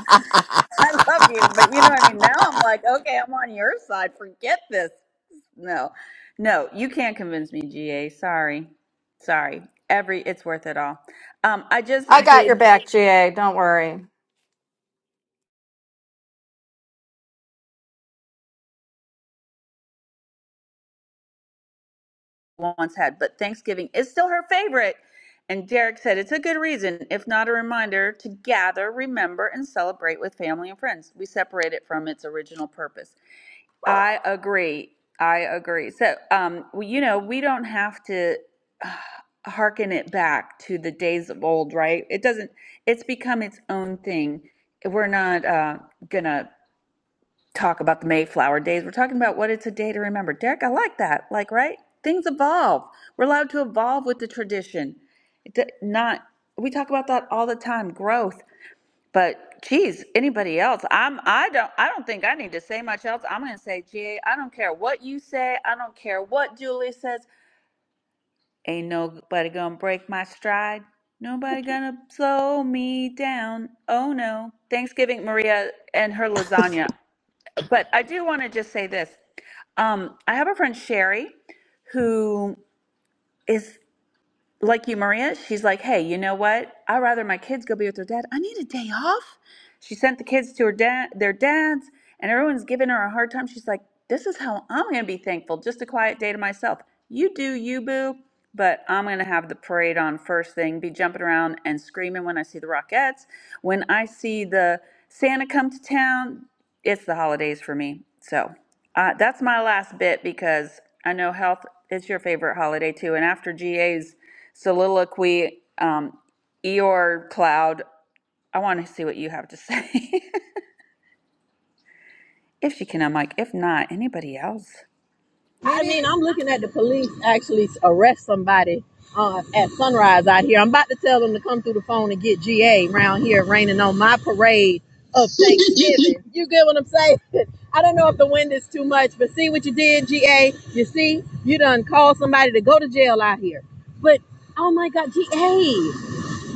[LAUGHS] I love you, but you know, I mean, now I'm like, okay, I'm on your side. Forget this. No, no, you can't convince me, GA. Sorry, sorry. Every it's worth it all. Um, I I just got your did back, GA. Don't worry. once had, but Thanksgiving is still her favorite. And Derek said it's a good reason, if not a reminder, to gather, remember, and celebrate with family and friends. We separate it from its original purpose. I agree. I agree. So, um, well, you know, we don't have to [SIGHS] uh, hearken it back to the days of old, right? It doesn't, it's become its own thing. We're not uh, going to talk about the Mayflower days. We're talking about what it's a day to remember. Derek, I like that. Like, right? Things evolve. We're allowed to evolve with the tradition. It d- Not, we talk about that all the time growth. But geez, anybody else? I'm I don't I don't think I need to say much else. I'm gonna say, GA, I don't care what you say, I don't care what Julie says. Ain't nobody gonna break my stride. Nobody gonna slow me down. Oh no. Thanksgiving Maria and her lasagna. But I do wanna just say this. Um, I have a friend Sherry who is like you, Maria, she's like, hey, you know what? I'd rather my kids go be with their dad. I need a day off. She sent the kids to her dad, their dads, and everyone's giving her a hard time. She's like, this is how I'm going to be thankful. Just a quiet day to myself. You do you, boo, but I'm going to have the parade on first thing, be jumping around and screaming when I see the Rockettes. When I see the Santa come to town, it's the holidays for me. So uh, that's my last bit because I know health is your favorite holiday too. And after GA's soliloquy, um, Eeyore Cloud. I want to see what you have to say. [LAUGHS] if she can, I'm like, if not, anybody else? I mean, Maybe, I'm looking at the police actually arrest somebody uh, at sunrise out here. I'm about to tell them to come through the phone and get GA around here raining on my parade of Thanksgiving. [LAUGHS] You get what I'm saying? I don't know if the wind is too much, but see what you did, GA. You see, you done called somebody to go to jail out here. But oh my God, GA.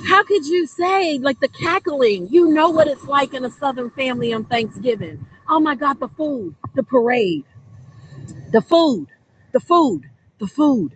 How could you say like the cackling? You know what it's like in a Southern family on Thanksgiving. Oh my God, the food, the parade the food, the food, the food,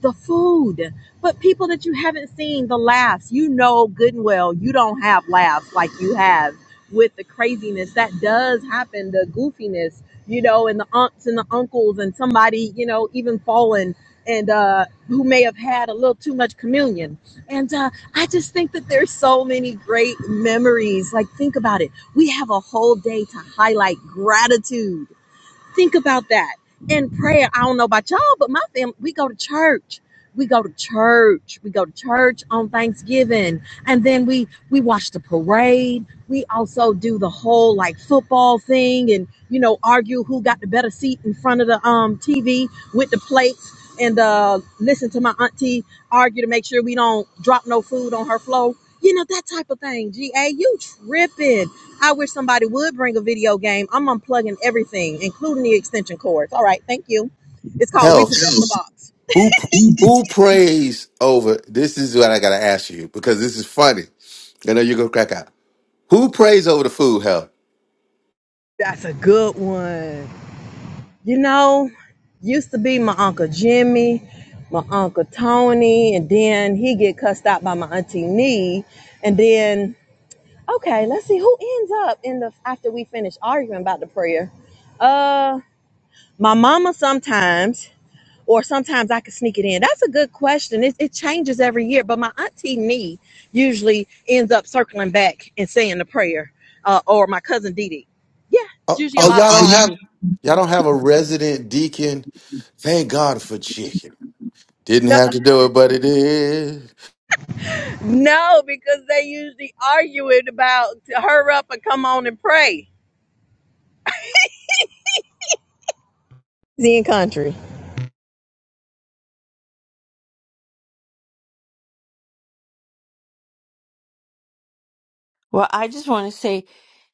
the food. But people that you haven't seen, the laughs, you know good and well, you don't have laughs like you have with the craziness that does happen, the goofiness, you know, and the aunts and the uncles and somebody, you know, even fallen and uh who may have had a little too much communion. And uh I just think that there's so many great memories. Like think about it. We have a whole day to highlight gratitude Think about that. In prayer, I don't know about y'all, but my family, we go to church. We go to church. We go to church on Thanksgiving. And then we we watch the parade. We also do the whole like football thing and you know, argue who got the better seat in front of the um TV with the plates and uh listen to my auntie argue to make sure we don't drop no food on her floor. You know, that type of thing. GA, you tripping. I wish somebody would bring a video game. I'm unplugging everything, including the extension cords. All right, thank you. It's called Health. Repossess the Box. Who who prays over? This is what I gotta ask you because this is funny. I know you're gonna crack out. Who prays over the food? Health. That's a good one. You know, used to be my Uncle Jimmy, my Uncle Tony, and then he get cussed out by my Auntie Nee. And then, okay, let's see who ends up in the after we finish arguing about the prayer. Uh my mama sometimes or sometimes I could sneak it in? That's a good question. It, it changes every year, but my auntie Nee usually ends up circling back and saying the prayer, uh, or my cousin Dee Dee. Yeah, it's Oh, usually a Oh, oh, lot of y'all oh, don't y'all. arguing. have y'all don't have a resident deacon. Thank God for chicken. Didn't No, have to do it, but it is. no, because they usually arguing about to hurry up and come on and pray. Indian country. Well, I just want to say,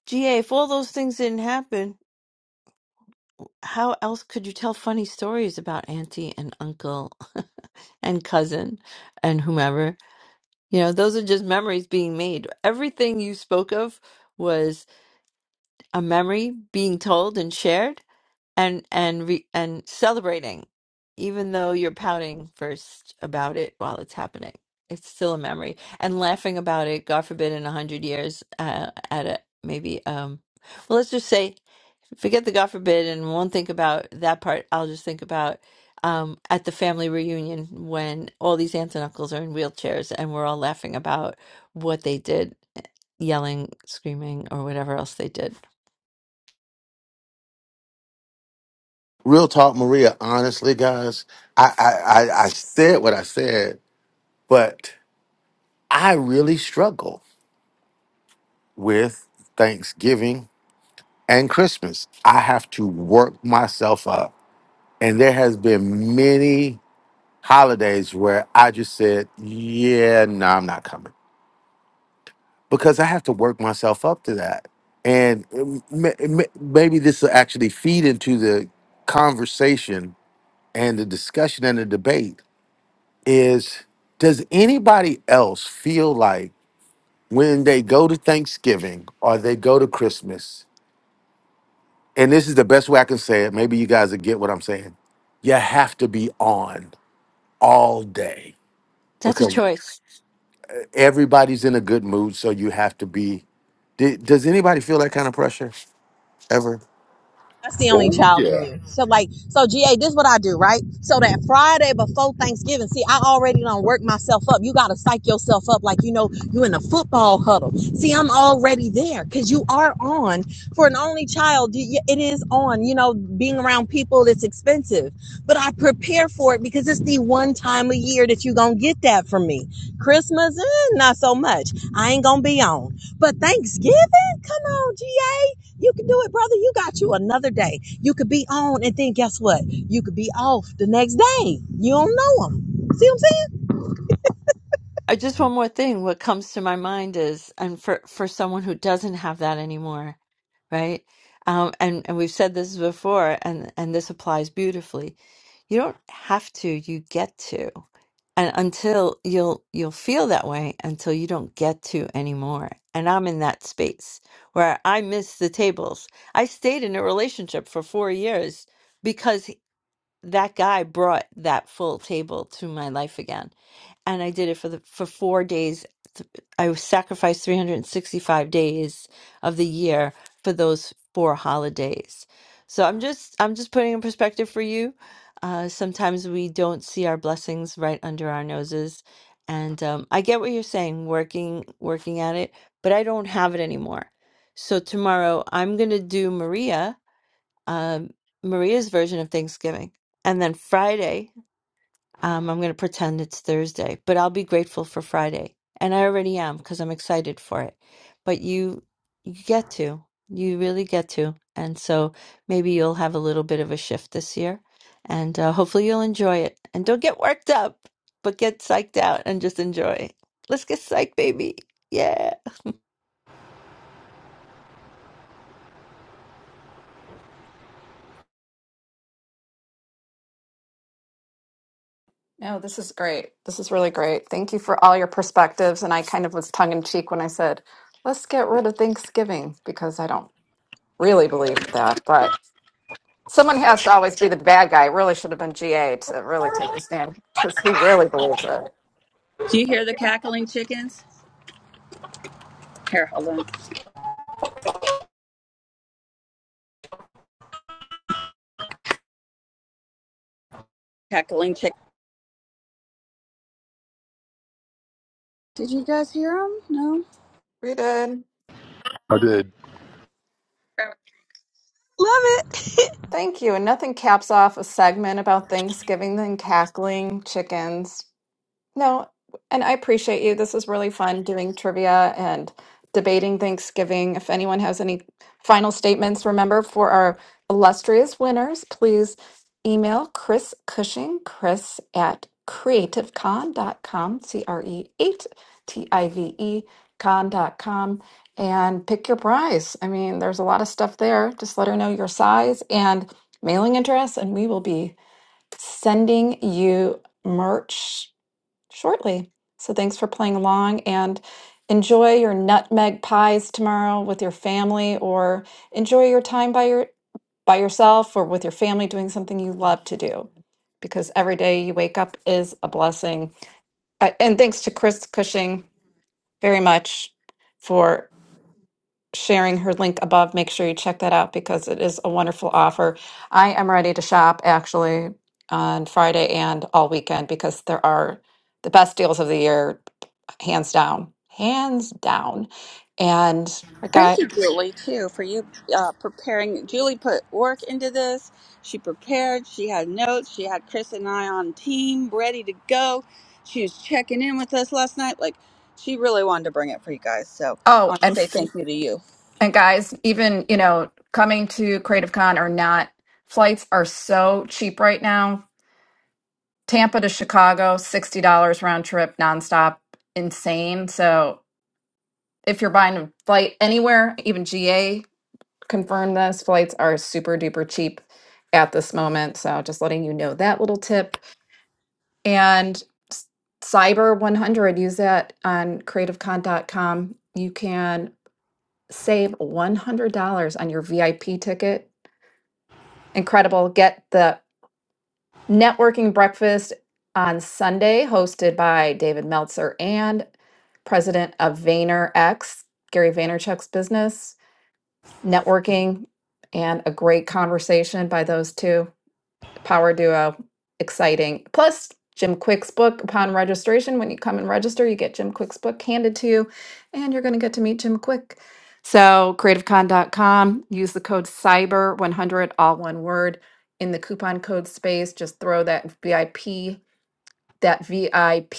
GA, if all those things didn't happen, how else could you tell funny stories about auntie and uncle [LAUGHS] and cousin and whomever? You know, those are just memories being made. Everything you spoke of was a memory being told and shared and and re- and celebrating even though you're pouting first about it while it's happening it's still a memory and laughing about it god forbid in a hundred years uh, at a maybe um well let's just say forget the god forbid and won't think about that part i'll just think about um at the family reunion when all these aunts and uncles are in wheelchairs and we're all laughing about what they did eh, yelling screaming or whatever else they did Real talk, Maria. Honestly, guys, I I I, I said what I said, but I really struggle. with Thanksgiving and Christmas. I have to work myself up. And there has been many holidays where I just said, yeah, no, I'm not coming because I have to work myself up to that. And um, ma- maybe this will actually feed into the conversation and the discussion and the debate is does anybody else feel like when they go to Thanksgiving or they go to Christmas and this is the best way I can say it. Maybe you guys will get what I'm saying. You have to be on all day that's a because choice everybody's in a good mood, so you have to be. D- Does anybody feel that kind of pressure ever? That's the only Oh child in yeah, you. So like, so GA, this is what I do, right? So that Friday before Thanksgiving, see, I already done not work myself up. You gotta psych yourself up like you know you in a football huddle. See, I'm already there because you are on for an only child. you- It is on. You know, being around people it's expensive, but I prepare for it because it's the one time a year that you gonna get that from me. Christmas, eh, not so much. I ain't gonna be on, but Thanksgiving, come on, GA. You can do it, brother. You got you another day. You could be on and then guess what? You could be off the next day. You don't know them. See what I'm saying? I just one more thing. What comes to my mind is, and for for someone who doesn't have that anymore, right? Um, and and we've said this before, and and this applies beautifully. You don't have to. You get to. And until you'll you'll feel that way until you don't get to anymore. And I'm in that space where I miss the tables. I stayed in a relationship for four years because that guy brought that full table to my life again and I did it for the for four days. Th- I sacrificed 365 days of the year for those four holidays. So I'm just I'm just putting in perspective for you. Uh, sometimes we don't see our blessings right under our noses, and um, I get what you're saying. Working working at it, but I don't have it anymore. So tomorrow I'm gonna do Maria um, Maria's version of Thanksgiving, and then Friday. Um, I'm going to pretend it's Thursday, but I'll be grateful for Friday. And I already am because I'm excited for it. But you, you get to, you really get to. And so maybe you'll have a little bit of a shift this year and uh, hopefully you'll enjoy it. And don't get worked up, but get psyched out and just enjoy. Let's get psyched, baby. Yeah. no, this is great. This is really great. Thank you for all your perspectives. And I kind of was tongue in cheek when I said, let's get rid of Thanksgiving because I don't really believe that. But someone has to always be the bad guy. It really should have been GA to really take the stand because he really believes it. Do you hear the cackling chickens? Here, hold on. Cackling chick. Did you guys hear them? No. We did. I did. Love it. Thank you. And nothing caps off a segment about Thanksgiving than cackling chickens. No, and I appreciate you. This is really fun doing trivia and debating Thanksgiving. If anyone has any final statements, remember for our illustrious winners, please email Chris Cushing, chris at creative con dot com, C R E 8 T I V E con dot com, and pick your prize. I mean, there's a lot of stuff there. Just let her know your size and mailing address, and we will be sending you merch shortly. So thanks for playing along and enjoy your nutmeg pies tomorrow with your family or enjoy your time by your by yourself or with your family doing something you love to do because every day you wake up is a blessing. Uh, And thanks to Chris Cushing very much for sharing her link above. Make sure you check that out because it is a wonderful offer. I am ready to shop actually on Friday and all weekend because there are the best deals of the year, hands down, hands down. And a Thank guy, you, Julie, too, for you uh, preparing. Julie put work into this. She prepared. She had notes. She had Chris and I on team, ready to go. She was checking in with us last night. Like, she really wanted to bring it for you guys. So I oh, want to and say f- thank you to you. and guys, even you know, coming to Creative Con or not, flights are so cheap right now. Tampa to Chicago, sixty dollars round trip, nonstop, insane. So if you're buying a flight anywhere, even GA confirmed this, flights are super duper cheap at this moment. So just letting you know that little tip. And s- Cyber 100, use that on creativecon.com. You can save $100 on your VIP ticket. Incredible. Get the networking breakfast on Sunday, hosted by David Meltzer and president of VaynerX, Gary Vaynerchuk's business networking and a great conversation by those two power duo exciting plus jim quick's book upon registration when you come and register you get jim quick's book handed to you and you're going to get to meet jim quick so creativecon.com use the code cyber 100 all one word in the coupon code space just throw that vip that vip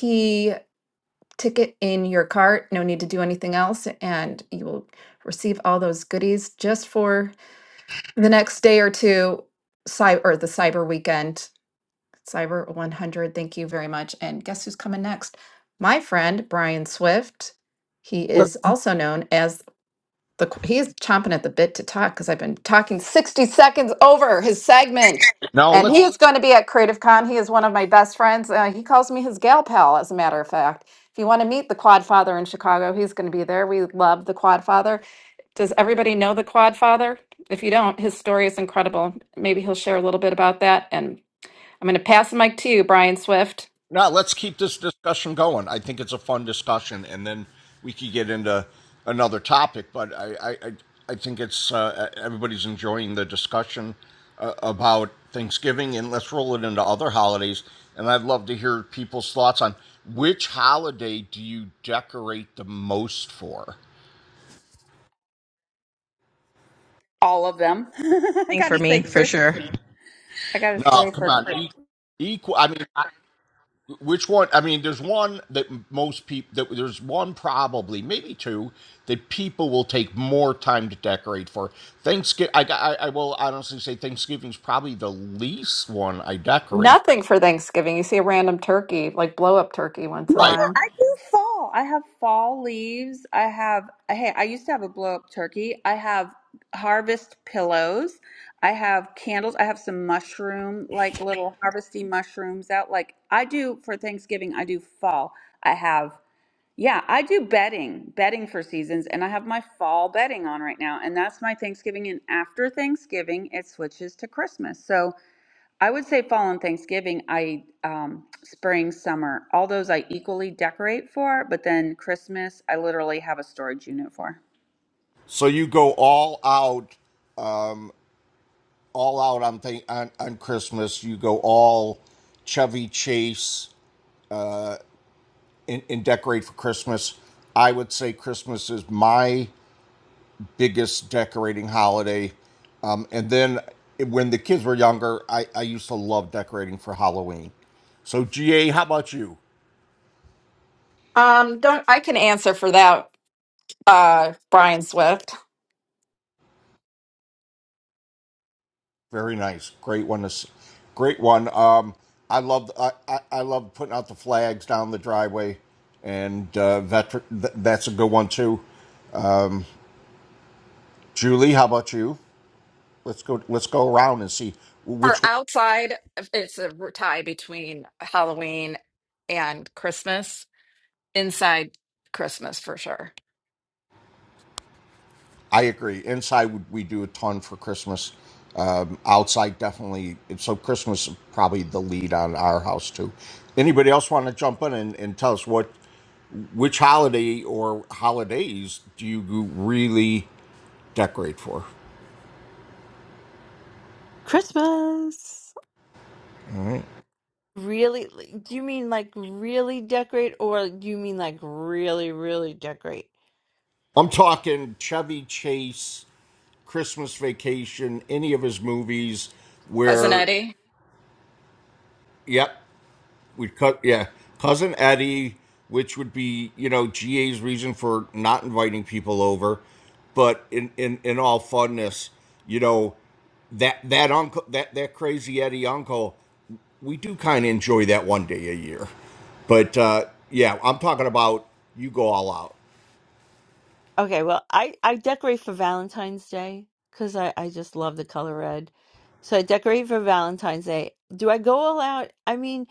ticket in your cart no need to do anything else and you will receive all those goodies just for the next day or two, cyber or the cyber weekend, cyber 100. Thank you very much. And guess who's coming next? My friend Brian Swift. He is also known as the. qu- He is chomping at the bit to talk because I've been talking 60 seconds over his segment. Now And let's. he is going to be at Creative Con. He is one of my best friends. Uh, he calls me his gal pal, as a matter of fact. If you want to meet the Quad Father in Chicago, he's going to be there. We love the Quad Father. Does everybody know the Quad Father? If you don't, his story is incredible. Maybe he'll share a little bit about that. And I'm going to pass the mic to you, Brian Swift. No, let's keep this discussion going. I think it's a fun discussion, and then we could get into another topic. But I, I, I I think it's uh, everybody's enjoying the discussion uh, about Thanksgiving, and let's roll it into other holidays. And I'd love to hear people's thoughts on which holiday do you decorate the most for. All of them. [LAUGHS] I gotta say, Chris. I gotta No, say come for on, Chris. e- equal. I mean, I, Which one? I mean, there's one that most people that there's one probably maybe two that people will take more time to decorate for. Thanksgiving, I, I I will honestly say Thanksgiving's probably the least one I decorate. Nothing for Thanksgiving. You see a random turkey, like blow up turkey once No, in a Right. while. I do fall. I have fall leaves. I have. Hey, I used to have a blow up turkey. I have harvest pillows. I have candles. I have some mushroom, like little harvesty mushrooms out. Like I do for Thanksgiving. I do fall. I have. Yeah, I do bedding, bedding for seasons, and I have my fall bedding on right now, and that's my Thanksgiving. And after Thanksgiving, it switches to Christmas. So I would say fall and Thanksgiving, I um, spring, summer, all those I equally decorate for, but then Christmas, I literally have a storage unit for. So you go all out, um, all out on, th- on on Christmas. You go all Chevy Chase and, and decorate for Christmas. I would say Christmas is my biggest decorating holiday. Um, and then when the kids were younger, I, I used to love decorating for Halloween. So GA, how about you? Um, don't I can answer for that, uh, Brian Swift. Very nice, great one. to Great one. Um, I love I, I I love putting out the flags down the driveway, and uh, veteran, that's a good one too. Um, Julie, how about you? Let's go. Let's go around and see For which outside, it's a tie between Halloween and Christmas. Inside Christmas for sure. I agree. Inside, we do a ton for Christmas. Um, outside, definitely. So Christmas is probably the lead on our house too. Anybody else want to jump in and, and tell us what which holiday or holidays do you really decorate for? Christmas. Really? Do you mean like really decorate or do you mean like really, really decorate? I'm talking Chevy Chase, Christmas Vacation, any of his movies Cousin where. Eddie, Yep. We'd cut, yeah, cousin Eddie, which would be you know GA's reason for not inviting people over, but in in in all funness, you know that that uncle that that crazy Eddie uncle, we do kind of enjoy that one day a year, but uh, yeah, I'm talking about you go all out, Okay, well, I I decorate for Valentine's Day because I I just love the color red. So I decorate for Valentine's Day. Do I go all out? I mean,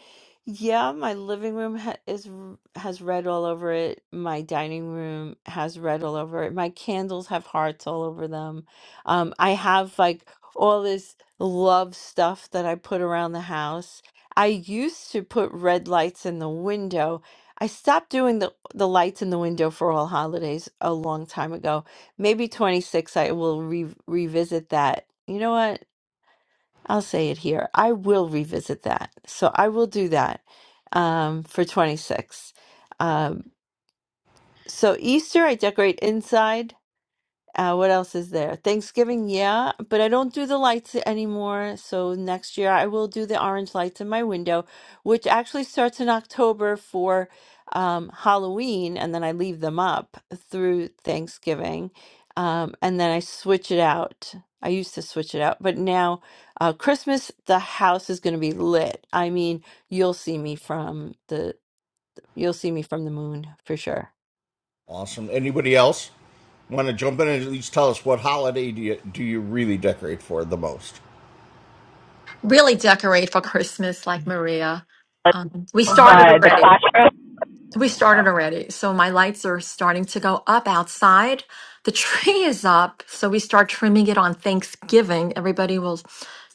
yeah, my living room ha is r- has red all over it. My dining room has red all over it. My candles have hearts all over them. Um, I have like all this love stuff that I put around the house. I used to put red lights in the window I stopped doing the the lights in the window for all holidays a long time ago. Maybe 26 I will re- revisit that. You know what? I'll say it here. I will revisit that. So I will do that um for 26. Um so Easter I decorate inside uh, what else is there? Thanksgiving, yeah, but I don't do the lights anymore. So next year I will do the orange lights in my window, which actually starts in October for um, Halloween, and then I leave them up through Thanksgiving. Um, and then I switch it out. I used to switch it out, but now uh, Christmas, the house is going to be lit. I mean, you'll see me from the you'll see me from the moon for sure. awesome. Anybody else want to jump in and at least tell us what holiday do you do you really decorate for the most? Really decorate for Christmas like Maria. Um, we started already. We started already. So my lights are starting to go up outside. The tree is up. So we start trimming it on Thanksgiving. Everybody will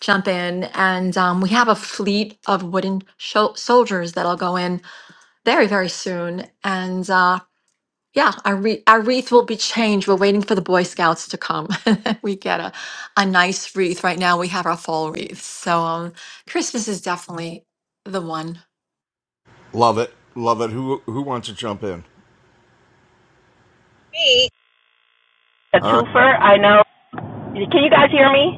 jump in. And um, we have a fleet of wooden sho- soldiers that'll go in very, very soon. And uh, Yeah, our, wreath, our wreath will be changed. We're waiting for the Boy Scouts to come. [LAUGHS] we get a, a nice wreath. Right now, we have our fall wreath. So um, Christmas is definitely the one. Love it, love it. Who who wants to jump in? A All right, twofer. I know. Can you guys hear me?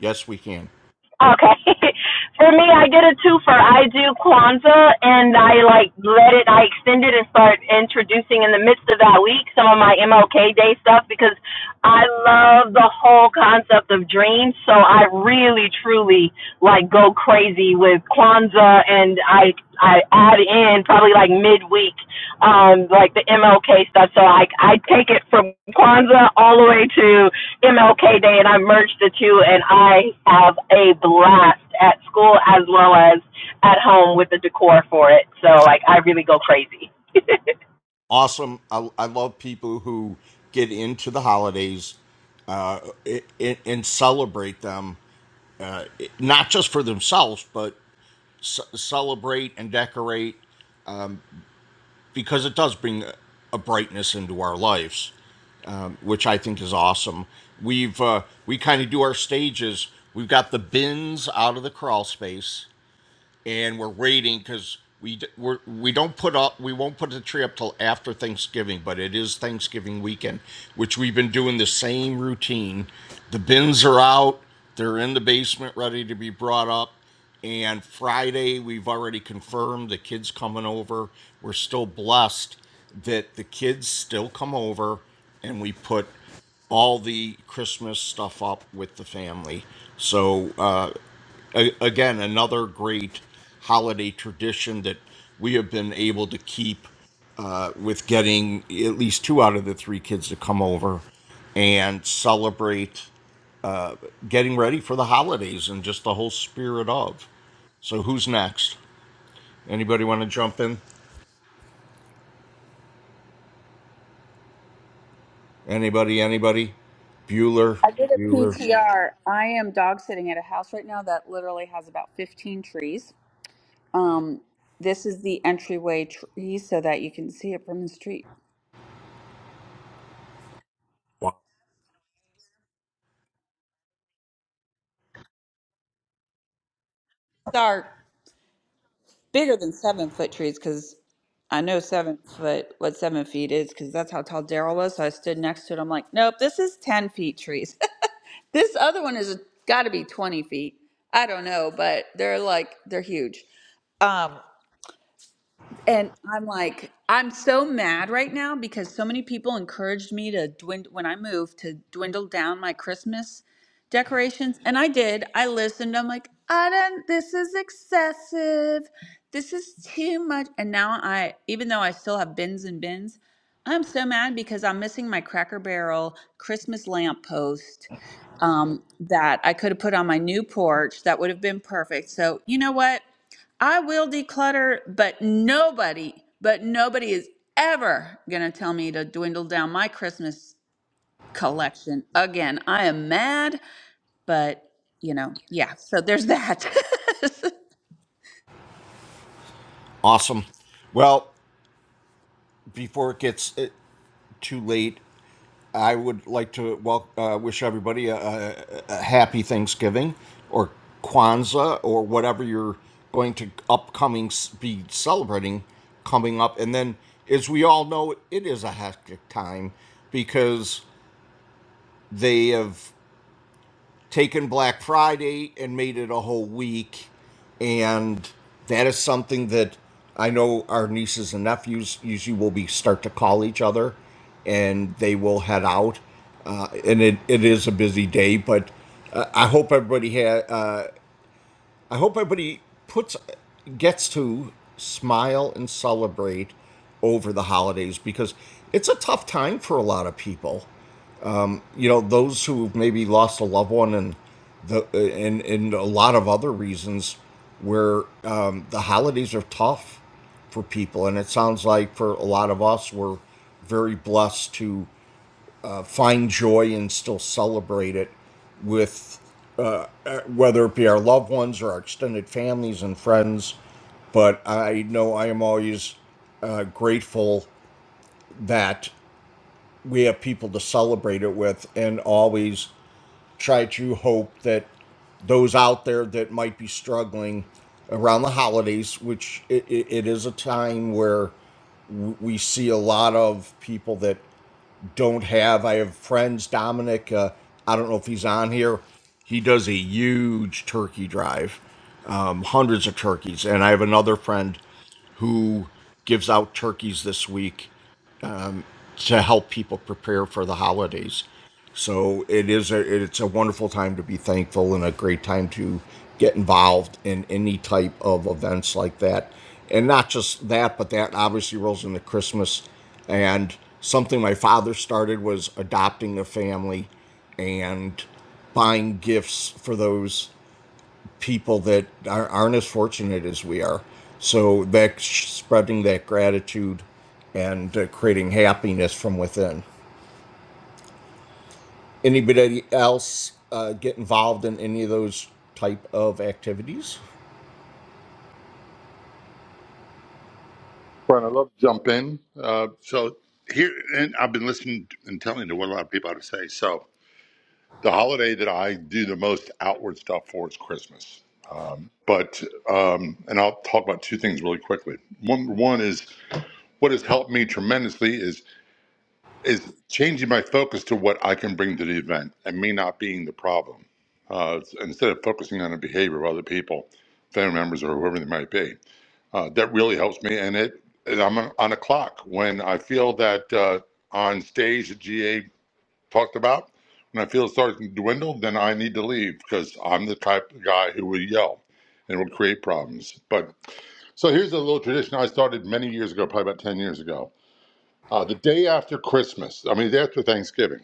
yes, we can. Okay. [LAUGHS] For me, I get a twofer. I do Kwanzaa and I like let it, I extend it and start introducing in the midst of that week some of my MLK Day stuff because I love the whole concept of dreams. So I really, truly like go crazy with Kwanzaa and I, I add in probably like midweek, um, like the MLK stuff. So I, I take it from Kwanzaa all the way to MLK Day, and I merged the two, and I have a blast at school as well as at home with the decor for it. So, like, I really go crazy. awesome. I, I love people who get into the holidays uh, i and celebrate them, uh, not just for themselves, but c- celebrate and decorate because it does bring a, a brightness into our lives, um, which I think is awesome. We've uh, we kind of do our stages. We've got the bins out of the crawl space and we're waiting because we we're, we don't put up we won't put the tree up till after Thanksgiving, but it is Thanksgiving weekend, which we've been doing the same routine. The bins are out; they're in the basement, ready to be brought up. And Friday, we've already confirmed the kids coming over. We're still blessed that the kids still come over, and we put all the Christmas stuff up with the family. So uh, a- again another great holiday tradition that we have been able to keep uh, with getting at least two out of the three kids to come over and celebrate uh, getting ready for the holidays and just the whole spirit of. So who's next? Anybody want to jump in? Anybody? Anybody? Bueller. I did a Bueller. PTR. I am dog sitting at a house right now that literally has about 15 trees. Um, this is the entryway tree so that you can see it from the street. These are bigger than seven foot trees because I know seven foot, what seven feet is because that's how tall Daryl was. So I stood next to it. I'm like, nope, this is 10 feet trees. This other one is got to be 20 feet. I don't know, but they're like, they're huge. Um, and I'm like, I'm so mad right now because so many people encouraged me to dwindle when I moved to dwindle down my Christmas decorations. And I did. I listened. I'm like, I don't, this is excessive. This is too much. And now I, even though I still have bins and bins, I'm so mad because I'm missing my Cracker Barrel Christmas lamp post um, that I could have put on my new porch. That would have been perfect. So, you know what? I will declutter, but nobody, but nobody is ever going to tell me to dwindle down my Christmas collection again. I am mad, but you know, yeah. So there's that. [LAUGHS] Awesome. Well, before it gets too late. I would like to wel- uh, wish everybody a, a, a happy Thanksgiving or Kwanzaa or whatever you're going to upcoming s- be celebrating coming up. And then, as we all know, it is a hectic time because they have taken Black Friday and made it a whole week. And that is something that I know our nieces and nephews usually will be start to call each other and they will head out. Uh, and it, it is a busy day, but uh, I hope everybody ha- uh, I hope everybody puts gets to smile and celebrate over the holidays because it's a tough time for a lot of people you know those who maybe lost a loved one and the and and a lot of other reasons where um, the holidays are tough for people and it sounds like for a lot of us we're very blessed to uh, find joy and still celebrate it with uh, uh, whether it be our loved ones or our extended families and friends but I know I am always uh, grateful that we have people to celebrate it with and always try to hope that those out there that might be struggling around the holidays, which it, it, it is a time where w- we see a lot of people that don't have. I have friends, Dominic, uh, I don't know if he's on here. He does a huge turkey drive, um, hundreds of turkeys. And I have another friend who gives out turkeys this week to help people prepare for the holidays. So it is a it's a wonderful time to be thankful and a great time to get involved in any type of events like that. And not just that, but that obviously rolls into Christmas. And something my father started was adopting a family and buying gifts for those people that are, aren't as fortunate as we are. So that spreading that gratitude and uh, creating happiness from within. Anybody else uh, get involved in any of those type of activities? Brian, I love to jump in. Uh, so here, and I've been listening and telling to what a lot of people have to say. So the holiday that I do the most outward stuff for is Christmas. But um, and I'll talk about two things really quickly. One, one is what has helped me tremendously is is changing my focus to what I can bring to the event and me not being the problem uh, instead of focusing on the behavior of other people, family members or whoever they might be. Uh, that really helps me, and it. And I'm on on a clock when I feel that uh, on stage that GA talked about. When I feel it starts to dwindle, then I need to leave because I'm the type of guy who will yell and will create problems. But so here's a little tradition I started many years ago, probably about ten years ago. Uh, the day after Christmas, I mean, the day after Thanksgiving,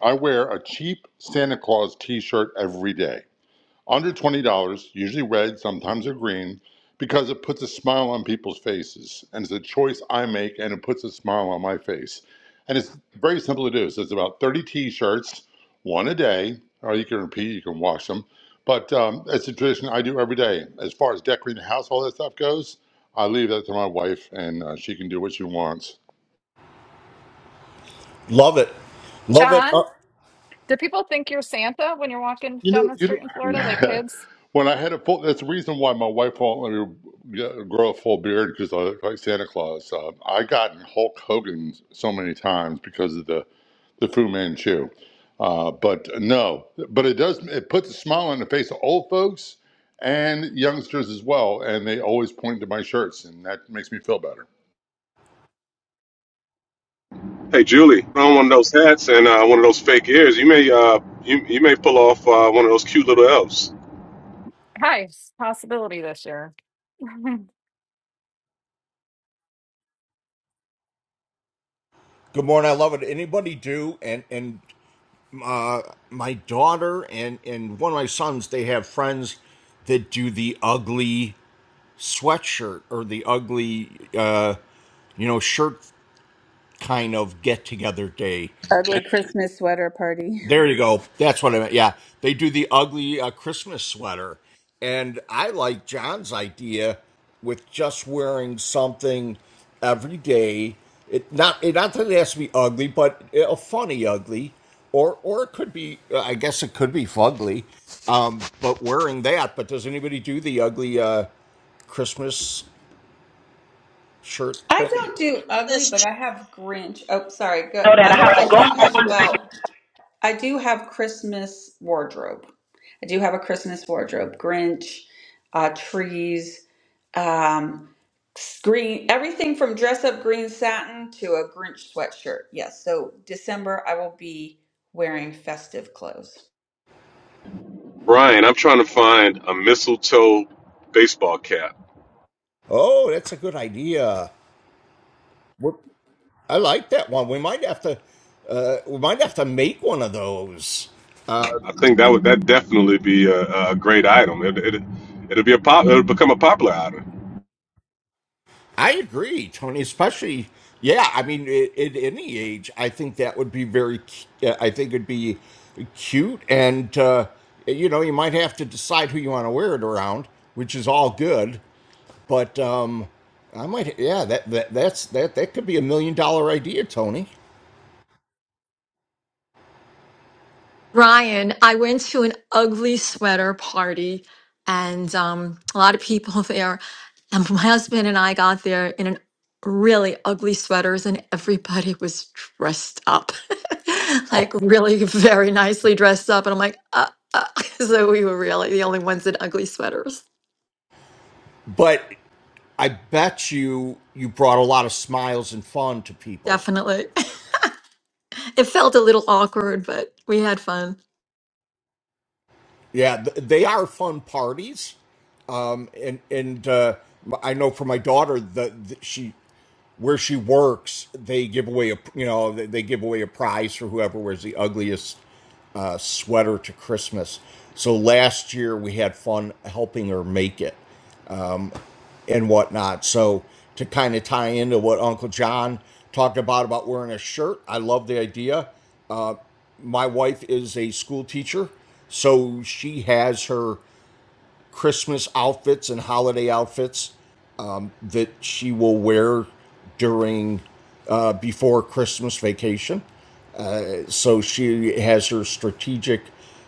I wear a cheap Santa Claus T-shirt every day. Under $20, usually red, sometimes or green, because it puts a smile on people's faces. And it's a choice I make, and it puts a smile on my face. And it's very simple to do. So it's about 30 t shirts, one a day, or you can repeat, you can wash them. But um, it's a tradition I do every day. As far as decorating the house, all that stuff goes, I leave that to my wife, and uh, she can do what she wants. Love it, love it. John, Uh, You know, you know it's [LAUGHS] when I had a full, that's the reason why my wife won't let me get- grow a full beard because I look like Santa Claus. Uh, I got in Hulk Hogan so many times because of the, the Fu Manchu. Uh, but no, but it does, it puts a smile on the face of old folks and youngsters as well. And they always point to my shirts, and that makes me feel better. Hey Julie, put on one of those hats and uh, one of those fake ears. You may uh, you you may pull off uh, one of those cute little elves. a possibility this year. [LAUGHS] good morning. I love it. Anybody do? And and uh, my daughter and and one of my sons, they have friends that do the ugly sweatshirt or the ugly uh, you know shirt kind of get together day. Ugly Christmas sweater party. There you go. That's what I meant. Yeah, they do the ugly uh, Christmas sweater, and I like John's idea with just wearing something every day. It not it, not that it has to be ugly, but uh, a funny ugly, or or it could be. uh, I guess it could be fugly, um, but wearing that. But does anybody do the ugly uh, Christmas shirt? Thing? I don't do ugly, This but ch- I have Grinch. Oh, sorry. Go, So that I I I have to go do have about I do have Christmas wardrobe. I do have a Christmas wardrobe. Grinch, uh, trees, um, green, everything from dress up green satin to a Grinch sweatshirt. Yes. So December, I will be wearing festive clothes. Brian, I'm trying to find a mistletoe baseball cap. Oh, that's a good idea. I like that one. We might have to uh, we might have to make one of those. Uh, I think that would that definitely be a, a great item. It, it it'll be a pop. It'll become a popular item. I agree, Tony. Especially, yeah. I mean, at, at any age, I think that would be very. cu- uh, I think it'd be cute, and uh, you know, you might have to decide who you want to wear it around, which is all good. But um, I might, yeah. That, that that's that that could be a million dollar idea, Tony. Ryan, I went to an ugly sweater party and um, a lot of people [LAUGHS] there. And my husband and I got there in an really ugly sweaters and everybody was dressed up, [LAUGHS] like really very nicely dressed up. And I'm like, uh, uh. [LAUGHS] so we were really the only ones in ugly sweaters. But I bet you you brought a lot of smiles and fun to people. Definitely. [LAUGHS] It felt a little awkward, but we had fun. Yeah, they are fun parties. Um, and and uh, m- I know for my daughter that that she where she works, they give away a you know they they give away a prize for whoever wears the ugliest uh, sweater to Christmas. So last year we had fun helping her make it and whatnot. So to kind of tie into what Uncle John talked about about wearing a shirt, I love the idea. Uh, my wife is a school teacher, so she has her. Christmas outfits and holiday outfits um, that she will wear during uh, before Christmas vacation. So she has her strategic,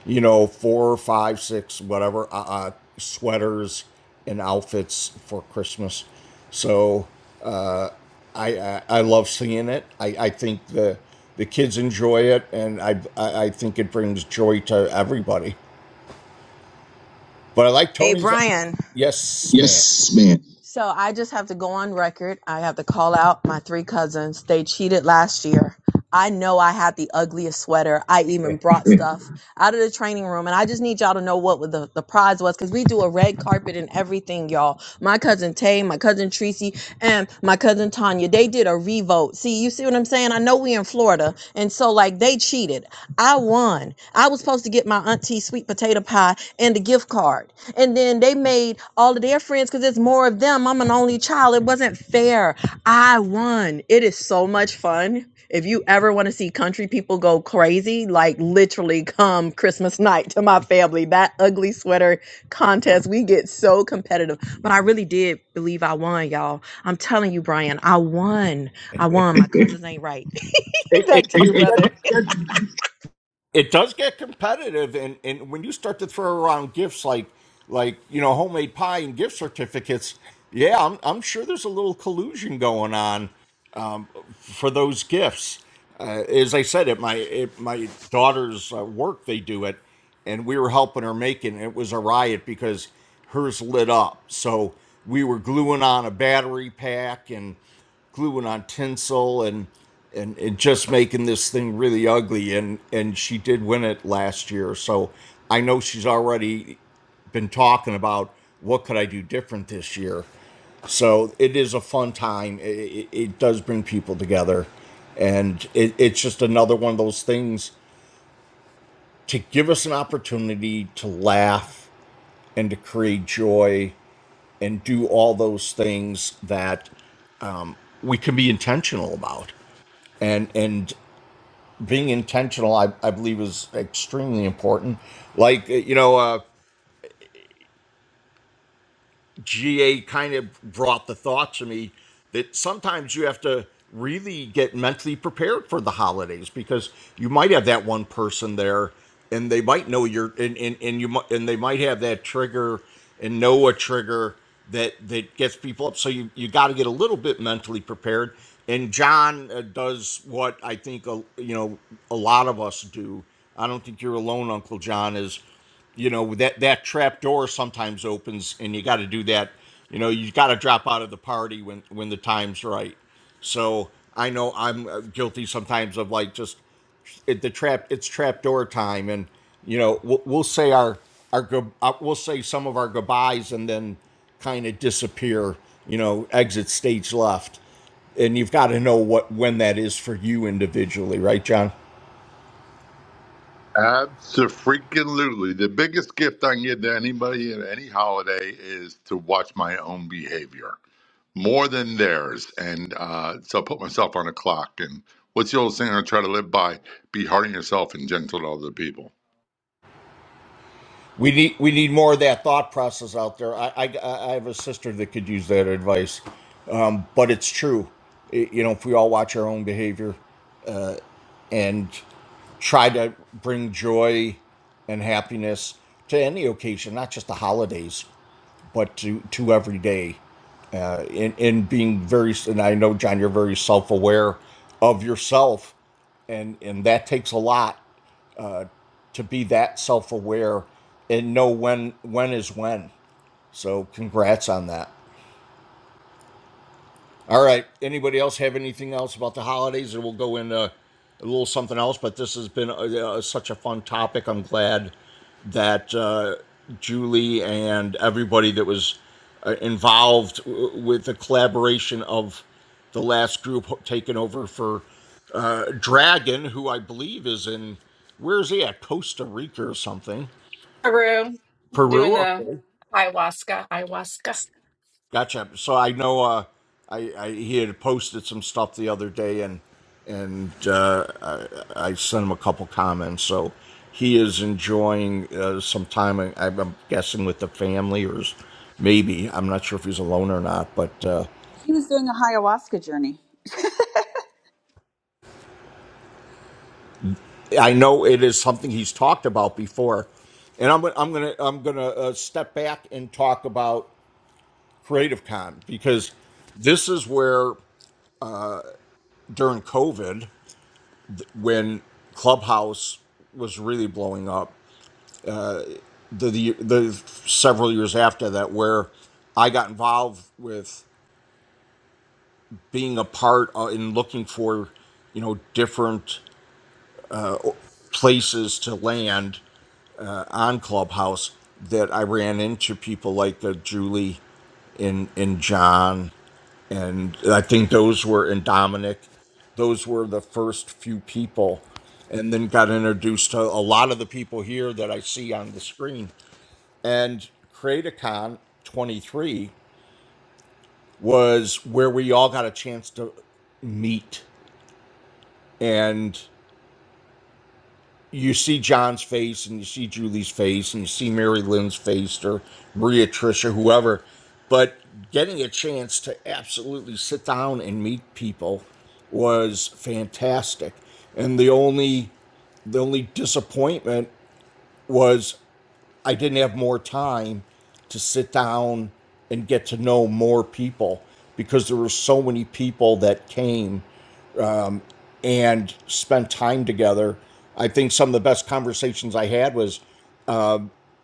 you know, four, five, six, whatever uh, uh, sweaters and outfits for Christmas. So uh, I, I I love seeing it. I, I think the the kids enjoy it, and I, I I think it brings joy to everybody. But I like Hey, Tony's. Brian. Yes, man. Yes, ma'am. So I just have to go on record. I have to call out my three cousins. They cheated last year. I know I had the ugliest sweater. I even brought stuff out of the training room. And I just need y'all to know what the, the prize was because we do a red carpet and everything, y'all. My cousin Tay, my cousin Tracy, and my cousin Tanya, they did a revote. See, you see what I'm saying? I know we in Florida. And so, like, they cheated. I won. I was supposed to get my auntie sweet potato pie and a gift card and then they made all of their friends because it's more of them. I'm an only child. It wasn't fair. I won. It is so much fun. If you ever want to see country people go crazy, like literally come Christmas night to my family, that ugly sweater contest, we get so competitive. But I really did believe I won, y'all. I'm telling you, Brian, I won. I won. My [LAUGHS] cousins ain't right. It, [LAUGHS] it Back to does you, get brother. it does get competitive, and and when you start to throw around gifts like like you know homemade pie and gift certificates, yeah, I'm I'm sure there's a little collusion going on. Um, for those gifts. Uh, as I said, at my at my daughter's uh, work, they do it, and we were helping her make it. And it was a riot because hers lit up. So we were gluing on a battery pack and gluing on tinsel and and, and just making this thing really ugly. And and she did win it last year. So I know she's already been talking about what could I do different this year. So it is a fun time. It, it, it does bring people together. And it, it's just another one of those things to give us an opportunity to laugh and to create joy and do all those things that um, we can be intentional about. And, and being intentional, I, I believe, is extremely important. Like, you know, uh, GA kind of brought the thought to me that sometimes you have to really get mentally prepared for the holidays because you might have that one person there and they might know your and, and, and you might and they might have that trigger and know a trigger that that gets people up so you you got to get a little bit mentally prepared and john uh, does what i think a, you know a lot of us do i don't think you're alone uncle john is you know that that trap door sometimes opens and you got to do that you know you got to drop out of the party when when the time's right so i know i'm uh, guilty sometimes of like just it, the trap it's trap door time and you know we'll, we'll say our our good uh, we'll say some of our goodbyes and then kind of disappear you know exit stage left and you've got to know what when that is for you individually right john Absolutely. The biggest gift I can give to anybody at any holiday is to watch my own behavior. more than theirs. And uh, so I put myself on a clock. And what's the old saying I try to live by? Be hard on yourself and gentle to other people. We need we need more of that thought process out there. I I, I have a sister that could use that advice, um, but it's true. I- you know, if we all watch our own behavior uh, and try to bring joy and happiness to any occasion, not just the holidays, but to to every day, uh, and and being very. And I know John, you're very self aware of yourself, and and that takes a lot to be that self aware and know when when is when. So congrats on that. All right. Anybody else have anything else about the holidays, or we'll go into a little something else? But this has been uh, uh, such a fun topic. I'm glad that uh, Julie and everybody that was uh, involved w- with the collaboration of the last group taken over for uh, Dragon, who I believe is in where is he at Costa Rica or something. Haru doing Peru. the Okay. Gotcha. So I know uh, I, I he had posted some stuff the other day, and and uh, I, I sent him a couple comments. So he is enjoying uh, some time. I, I'm guessing with the family, or s- maybe I'm not sure if he's alone or not. But uh, He was doing a ayahuasca journey. I know it is something he's talked about before. And I'm I'm gonna I'm gonna uh, step back and talk about Creative Con because this is where during COVID. when Clubhouse was really blowing up, the, the the several years after that, where I got involved with being a part of, in looking for, you know, different places to land on Clubhouse. That I ran into people like uh, Julie, and and John, and I think those were and Dominic. Those were the first few people, and then got introduced to a lot of the people here that I see on the screen And CreatorCon 23 was where we all got a chance to meet. And you see John's face, and you see Julie's face, and you see Mary Lynn's face, or Maria, Tricia, whoever. But getting a chance to absolutely sit down and meet people was fantastic. And the only the only disappointment was I didn't have more time to sit down and get to know more people because there were so many people that came and spent time together. I think some of the best conversations I had was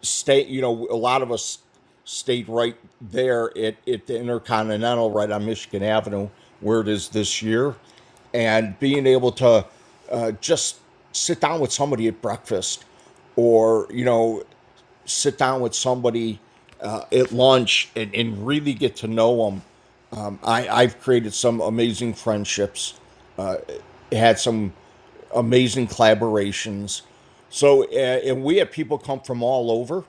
stay, you know, a lot of us stayed right there at, at the Intercontinental right on Michigan Avenue where it is this year. And being able to uh, just sit down with somebody at breakfast or, you know, sit down with somebody uh, at lunch and, and really get to know them. Um, I, I've created some amazing friendships, had some amazing collaborations. So, uh, and we had people come from all over.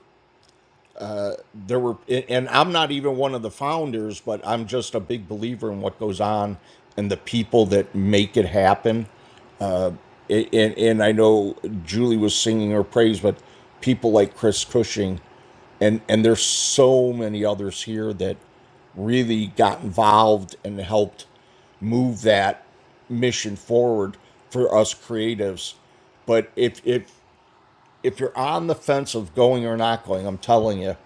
There were, and and I'm not even one of the founders, but I'm just a big believer in what goes on and the people that make it happen. and and I know Julie was singing her praise, but people like Chris Cushing, and and there's so many others here that really got involved and helped move that mission forward for us creatives. But if if if you're on the fence of going or not going, I'm telling you,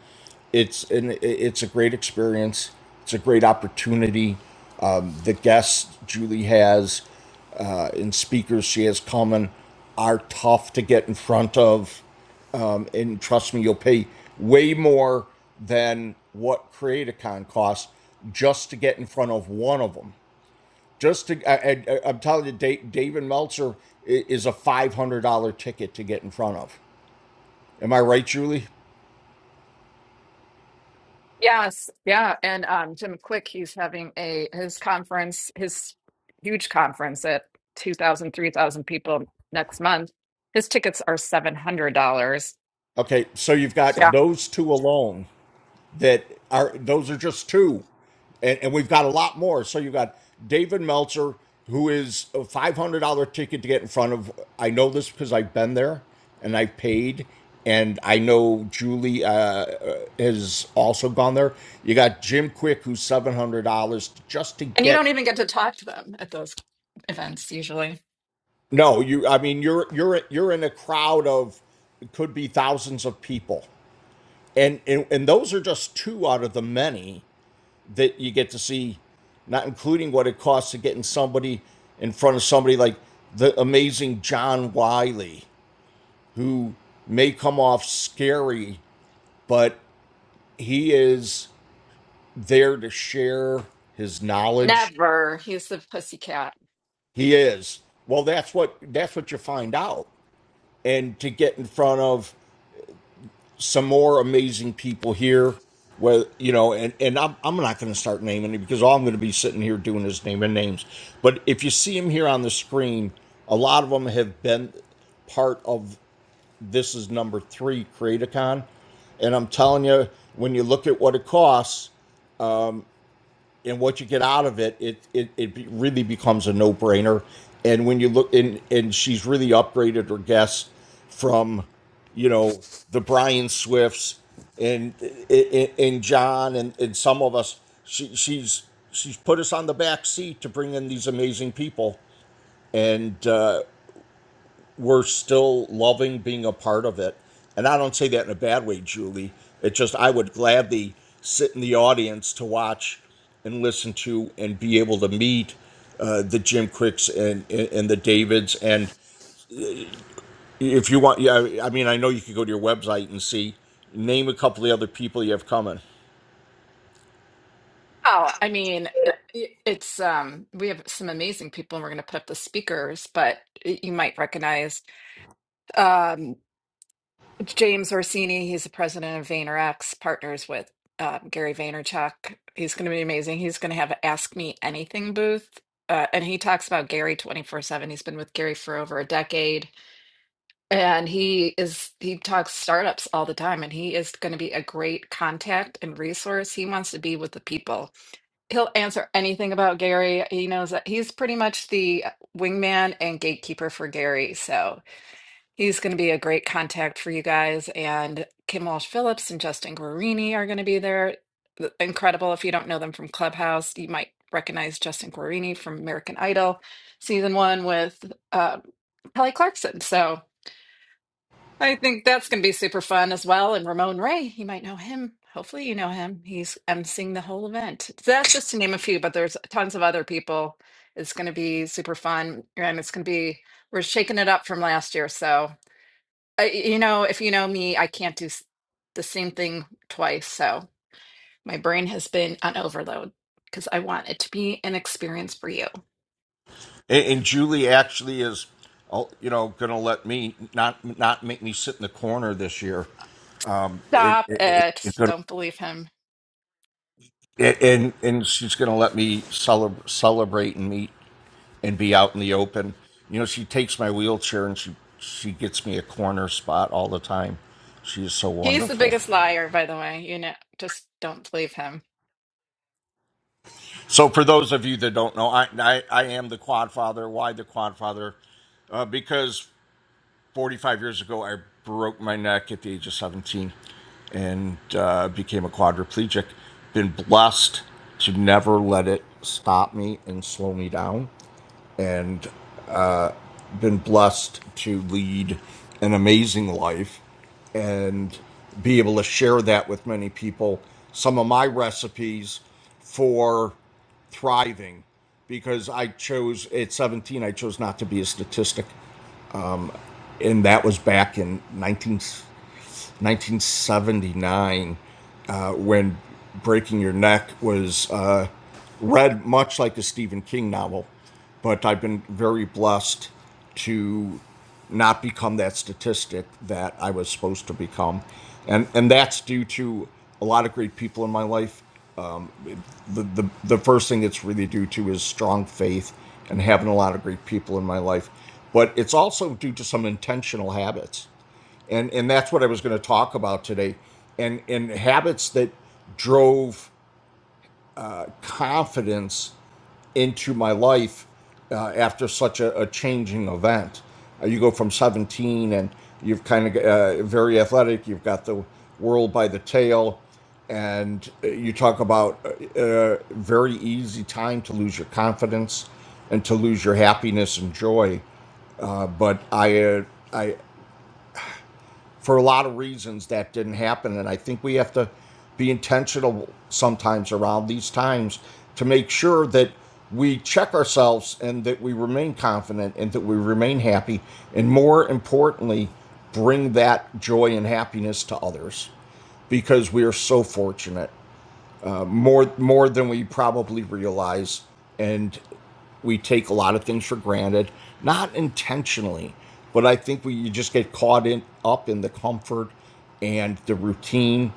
it's an, it's a great experience. It's a great opportunity. Um, the guests Julie has uh, and speakers she has coming are tough to get in front of, um, and trust me, you'll pay way more than what Creatacon costs just to get in front of one of them. Just to, I, I, I'm telling you, Dave, David Meltzer is a $500 ticket to get in front of Am I right, Julie? Yes, yeah, and um, Jim Quick, he's having a his conference, his huge conference at 2,000, 3,000 people next month. His tickets are $700. Okay, so you've got Yeah. those two alone that are those are just two, and, and we've got a lot more. So you've got David Meltzer, who is a five hundred dollar ticket to get in front of. I know this because I've been there and I have paid, and I know Julie uh, uh, has also gone there. You got Jim Quick, who's seven hundred dollars just to And you get. don't even get to talk to them at those events usually. No, you. I mean, you're you're you're in a crowd of it could be thousands of people and, and and those are just two out of the many that you get to see not including what it costs to getting somebody in front of somebody like the amazing john wiley who may come off scary but he is there to share his knowledge Never. He's the pussycat. he is well that's what that's what you find out and to get in front of some more amazing people here. well, you know, and and I'm I'm not going to start naming it because all I'm going to be sitting here doing is naming names. But if you see them here on the screen, a lot of them have been part of this is number three CreateCon, and I'm telling you, when you look at what it costs, and what you get out of it, it it, it really becomes a no brainer. And when you look in, and she's really upgraded her guests from, you know, the Brian Swifts and and, and John and, and some of us. She, she's she's put us on the back seat to bring in these amazing people, and uh, we're still loving being a part of it. And I don't say that in a bad way, Julie. It just I would gladly sit in the audience to watch and listen to and be able to meet uh, the Jim Cricks and, and and the Davids. And if you want, yeah, I mean, I know you could go to your website and see name a couple of the other people you have coming. Oh, I mean, it, it- it's um we have some amazing people and we're going to put up the speakers, but y- you might recognize. Um, James Orsini, he's the president of VaynerX, partners with uh, Gary Vaynerchuk. He's going to be amazing. He's going to have a Ask Me Anything booth. Uh, and he talks about Gary 24/7. He's been with Gary for over a decade and he is he talks startups all the time and he is going to be a great contact and resource. He wants to be with the people. He'll answer anything about Gary. He knows that he's pretty much the wingman and gatekeeper for Gary. So He's going to be a great contact for you guys. And Kim Walsh Phillips and Justin Guarini are going to be there. Th- Incredible. If you don't know them from Clubhouse, you might recognize Justin Guarini from American Idol season one with uh, Kelly Clarkson. So I think that's going to be super fun as well. And Ramon Ray, you might know him. Hopefully, you know him. He's emceeing the whole event. So that's just to name a few, but there's tons of other people. It's going to be super fun. And it's going to be, we're shaking it up from last year. So I, you know, if you know me, I can't do s- the same thing twice. So my brain has been on overload because I want it to be an experience for you. And, and Julie actually is, oh, you know, going to let me not not make me sit in the corner this year. Um, it, Stop it, it, it. it's going Don't believe him. A- and and she's going to let me celeb- celebrate and meet and be out in the open. You know, she takes my wheelchair and she she gets me a corner spot all the time. She is so He's the wonderful. biggest liar, by the way. You know, just don't believe him. So for those of you that don't know, I I, I am the quad father. Why the quad father? Uh, because 45 years ago I broke my neck at the age of 17 and uh, became a quadriplegic. Been blessed to never let it stop me and slow me down and uh, been blessed to lead an amazing life and be able to share that with many people. Some of my recipes for thriving because I chose at 17, I chose not to be a statistic and that was back in 1979 uh, when Breaking Your Neck was uh, read much like a Stephen King novel. But I've been very blessed to not become that statistic that I was supposed to become. And, and that's due to a lot of great people in my life, the, the, the first thing it's really due to is strong faith and having a lot of great people in my life. But it's also due to some intentional habits. And, and that's what I was going to talk about today. And, and habits that drove confidence into my life uh, after such a, a changing event. Uh, you go from 17 and you've kind of uh, very athletic, you've got the world by the tail, and uh, you talk about uh, a very easy time to lose your confidence and to lose your happiness and joy. Uh, but I, uh, I, for a lot of reasons that didn't happen. And I think we have to be intentional sometimes around these times to make sure that we check ourselves and that we remain confident and that we remain happy. And more importantly, bring that joy and happiness to others because we are so fortunate more more than we probably realize and we take a lot of things for granted not intentionally but i think we you just get caught in up in the comfort and the routine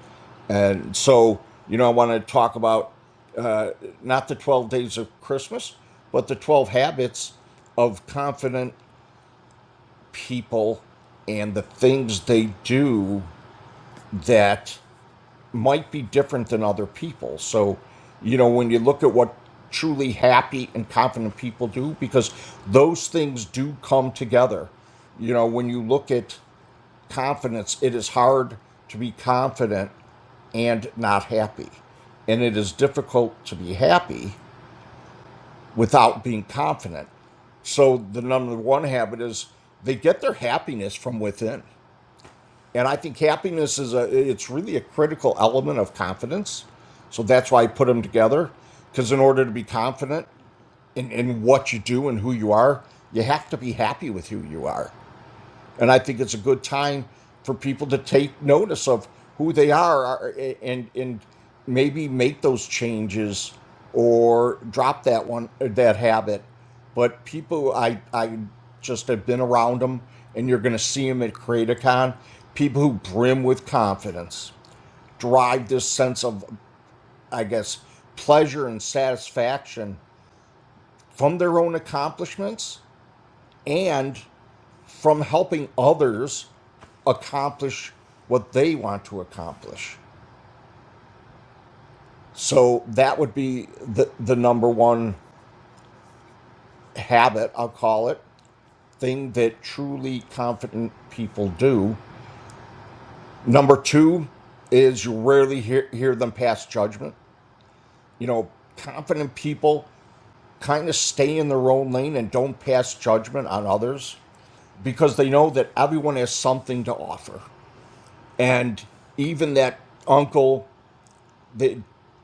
and so you know i want to talk about uh, not the 12 days of christmas but the 12 habits of confident people and the things they do that might be different than other people. So, you know, when you look at what truly happy and confident people do, because those things do come together. You know, when you look at confidence, it is hard to be confident and not happy. And it is difficult to be happy without being confident. So, the number one habit is they get their happiness from within. And I think happiness is a it's really a critical element of confidence. So that's why I put them together. Because in order to be confident in, in what you do and who you are, you have to be happy with who you are. And I think it's a good time for people to take notice of who they are and and maybe make those changes or drop that one uh, that habit. But people, I I just have been around them, and you're going to see them at CreatorCon. People who brim with confidence, derive this sense of, I guess, pleasure and satisfaction from their own accomplishments and from helping others accomplish what they want to accomplish. So that would be the, the number one habit, I'll call it, thing that truly confident people do. Number two is you rarely hear, hear them pass judgment. You know, confident people kind of stay in their own lane and don't pass judgment on others because they know that everyone has something to offer. And even that uncle that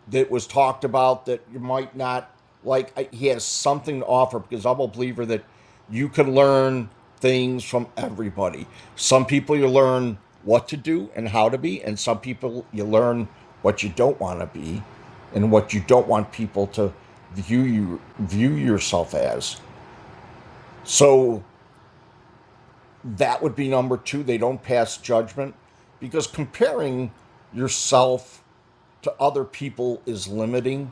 that was talked about that you might not like. he has something to offer because I'm a believer that you can learn things from everybody. Some people you learn what to do and how to be, and some people you learn what you don't want to be and what you don't want people to view you view yourself as. So that would be number 2. They don't pass judgment because comparing yourself to other people is limiting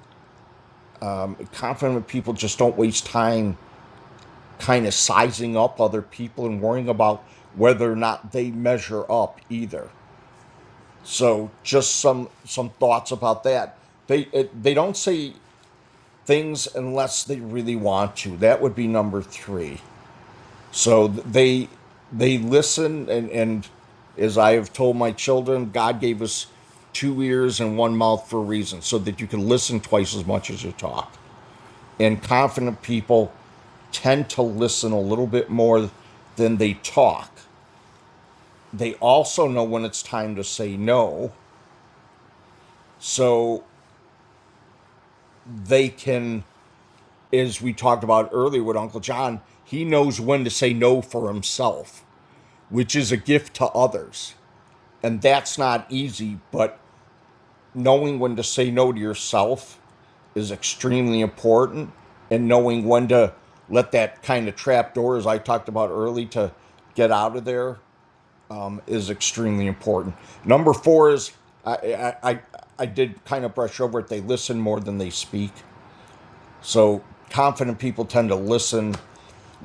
confident people just don't waste time kind of sizing up other people and worrying about whether or not they measure up either. So just some some thoughts about that. They it, they don't say things unless they really want to. That would be number 3. So they they listen and and as I have told my children, God gave us two ears and one mouth for a reason so that you can listen twice as much as you talk. and confident people tend to listen a little bit more than they talk. They also know when it's time to say no. So they can, as we talked about earlier with Uncle John, he knows when to say no for himself, which is a gift to others. And that's not easy, but knowing when to say no to yourself is extremely important and knowing when to let that kind of trap door as i talked about early to get out of there um, is extremely important number four is i i i, did kind of brush over it they listen more than they speak so confident people tend to listen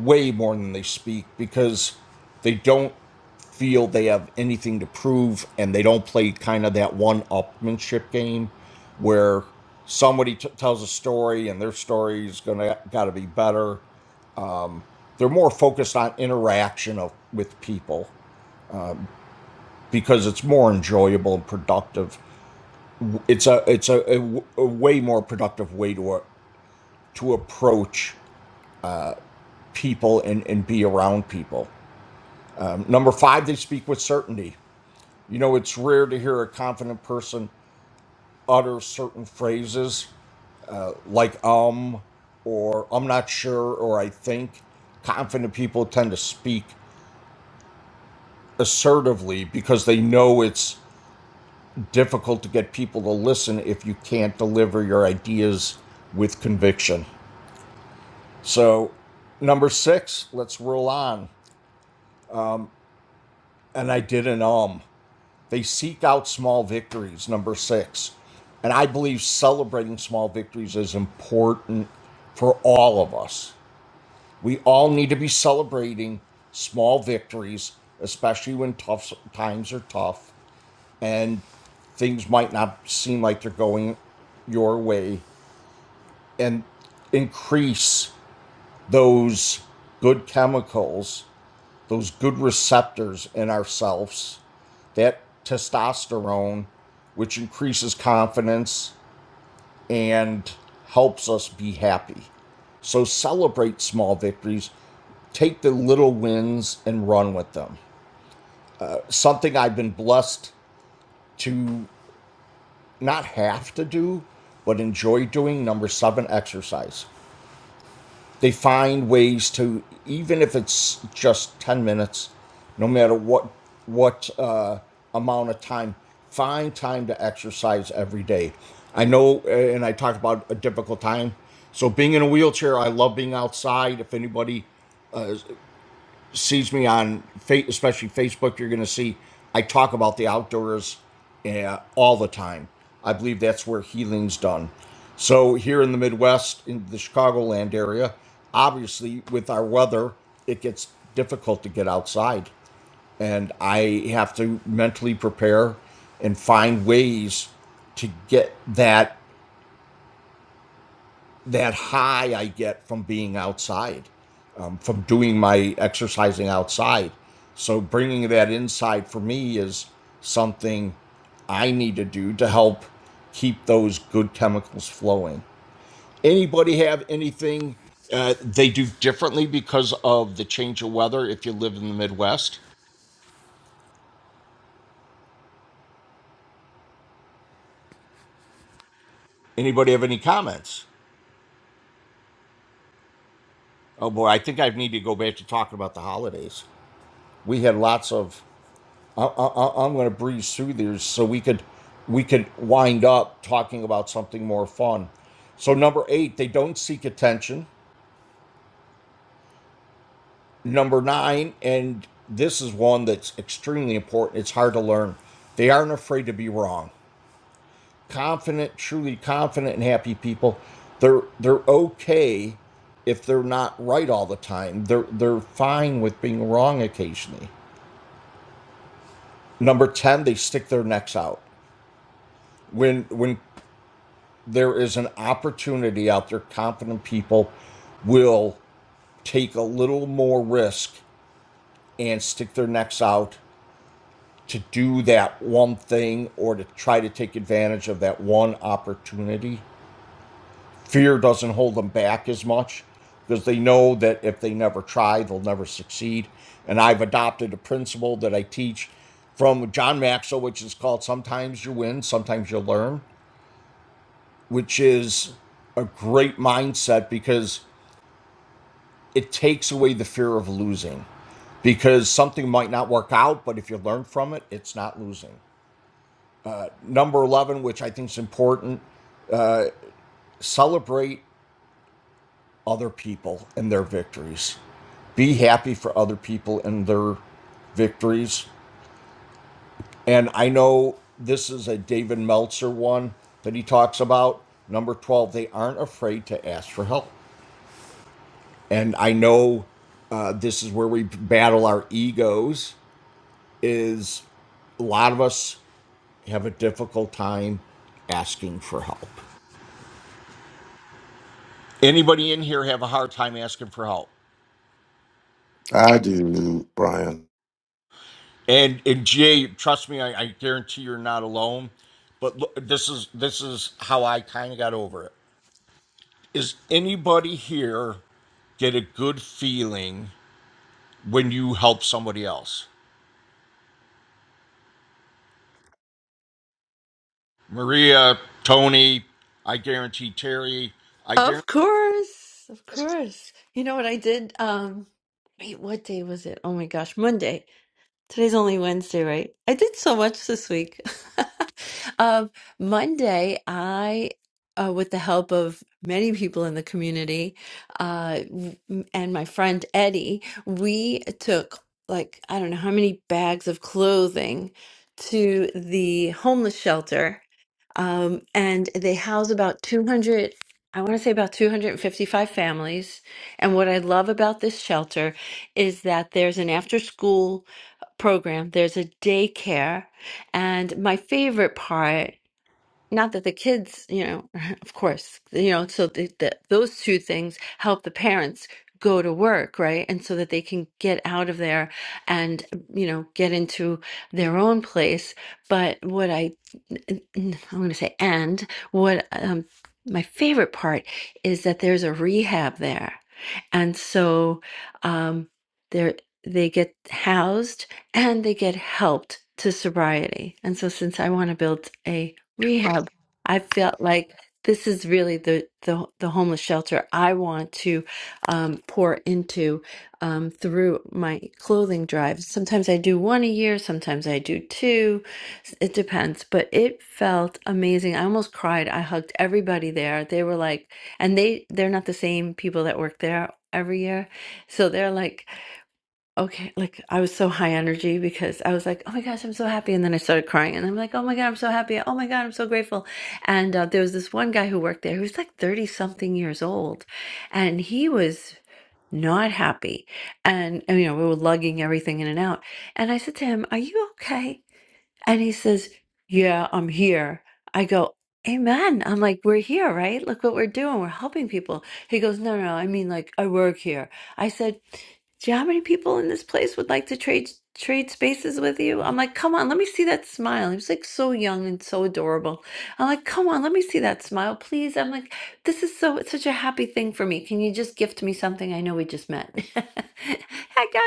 way more than they speak because they don't feel they have anything to prove and they don't play kind of that one upmanship game where somebody t- tells a story and their story is going to got to be better. They're more focused on interaction of, with people because it's more enjoyable and productive. It's a it's a a, a way more productive way to a, to approach people and, and be around people. Um, number five, they speak with certainty. You know, it's rare to hear a confident person utter certain phrases like um or I'm not sure or I think. Confident people tend to speak assertively because they know it's difficult to get people to listen if you can't deliver your ideas with conviction. So, number six, let's roll on. And I did an um. They seek out small victories, number six. And I believe celebrating small victories is important for all of us. We all need to be celebrating small victories, especially when tough times are tough and things might not seem like they're going your way and increase those good chemicals, those good receptors in ourselves that testosterone, which increases confidence and helps us be happy. So celebrate small victories, take the little wins and run with them. Something I've been blessed to not have to do, but enjoy doing number seven exercise. They find ways to, even if it's just 10 minutes, no matter what, what uh, amount of time, find time to exercise every day. I know, uh, and I talked about a difficult time. So being in a wheelchair, I love being outside. If anybody sees me on, especially Facebook, you're going to see I talk about the outdoors uh, all the time. I believe that's where healing's done. So here in the Midwest, in the Chicagoland area, obviously with our weather, it gets difficult to get outside, and I have to mentally prepare and find ways to get that that high I get from being outside, um, from doing my exercising outside. So bringing that inside for me is something I need to do to help keep those good chemicals flowing. Anybody have anything uh, they do differently because of the change of weather if you live in the Midwest? Anybody have any comments? Oh boy, I think I need to go back to talking about the holidays. We had lots of I, I, I'm going to breeze through these so we could we could wind up talking about something more fun. So number eight, they don't seek attention. Number nine, and this is one that's extremely important. It's hard to learn. They aren't afraid to be wrong. Confident, truly confident and happy people. They're they're okay if they're not right all the time. They're they're fine with being wrong occasionally. Number 10, they stick their necks out. When when there is an opportunity out there. Confident people will take a little more risk and stick their necks out to do that one thing or to try to take advantage of that one opportunity. Fear doesn't hold them back as much because they know that if they never try, they'll never succeed. And I've adopted a principle that I teach from John Maxwell, which is called Sometimes You Win, Sometimes You Learn, which is a great mindset because it takes away the fear of losing because something might not work out, but if you learn from it, it's not losing. Number 11, which I think is important, celebrate other people and their victories. Be happy for other people and their victories. And I know this is a David Meltzer one that he talks about. Number 12, they aren't afraid to ask for help. And I know uh, this is where we battle our egos is a lot of us have a difficult time asking for help. Anybody in here have a hard time asking for help? I do, Brian. And and Jay, trust me, I, I guarantee you're not alone. But look, this is this is how I kind of got over it. Is anybody here get a good feeling when you help somebody else? Maria, Tony, I guarantee Terry, I Of guarantee. course, of course. You know what I did? Um, wait, what day was it? Oh my gosh, Monday. Today's only Wednesday, right? I did so much this week. [LAUGHS] Um, Monday, I, uh, with the help of many people in the community, uh, w- and my friend Eddie, we took like I don't know how many bags of clothing to the homeless shelter um, and they house about 200, I want to say about 255 families. And what I love about this shelter is that there's an after school program, there's a daycare. And my favorite part not that the kids, you know, [LAUGHS] of course, you know, so the, the, those two things help the parents go to work, right? And so that they can get out of there and, you know, get into their own place. But what I, n- n- I'm going to say, and what um, my favorite part is that there's a rehab there. And so um, they're, they get housed and they get helped to sobriety. And so since I want to build a rehab, I felt like this is really the the, the homeless shelter I want to um, pour into um, through my clothing drives. Sometimes I do one a year, sometimes I do two. It depends, but it felt amazing. I almost cried. I hugged everybody there. They were like, and they they're not the same people that work there every year, so they're like okay, like I was so high energy because I was like, oh my gosh, I'm so happy. And then I started crying and I'm like, oh my God, I'm so happy. Oh my God, I'm so grateful. And uh, there was this one guy who worked there who was like 30 something years old and he was not happy. And, and, you know, we were lugging everything in and out. And I said to him, are you okay? And he says, Yeah, I'm here. I go, Amen. I'm like, We're here, right? Look what we're doing. We're helping people. He goes, No, no, I mean, like, I work here. I said, Do you know how many people in this place would like to trade? Trade spaces with you. I'm like, come on, let me see that smile. He was like so young and so adorable. I'm like, come on, let me see that smile, please. I'm like, this is so it's such a happy thing for me. Can you just gift me something? I know we just met. [LAUGHS] I got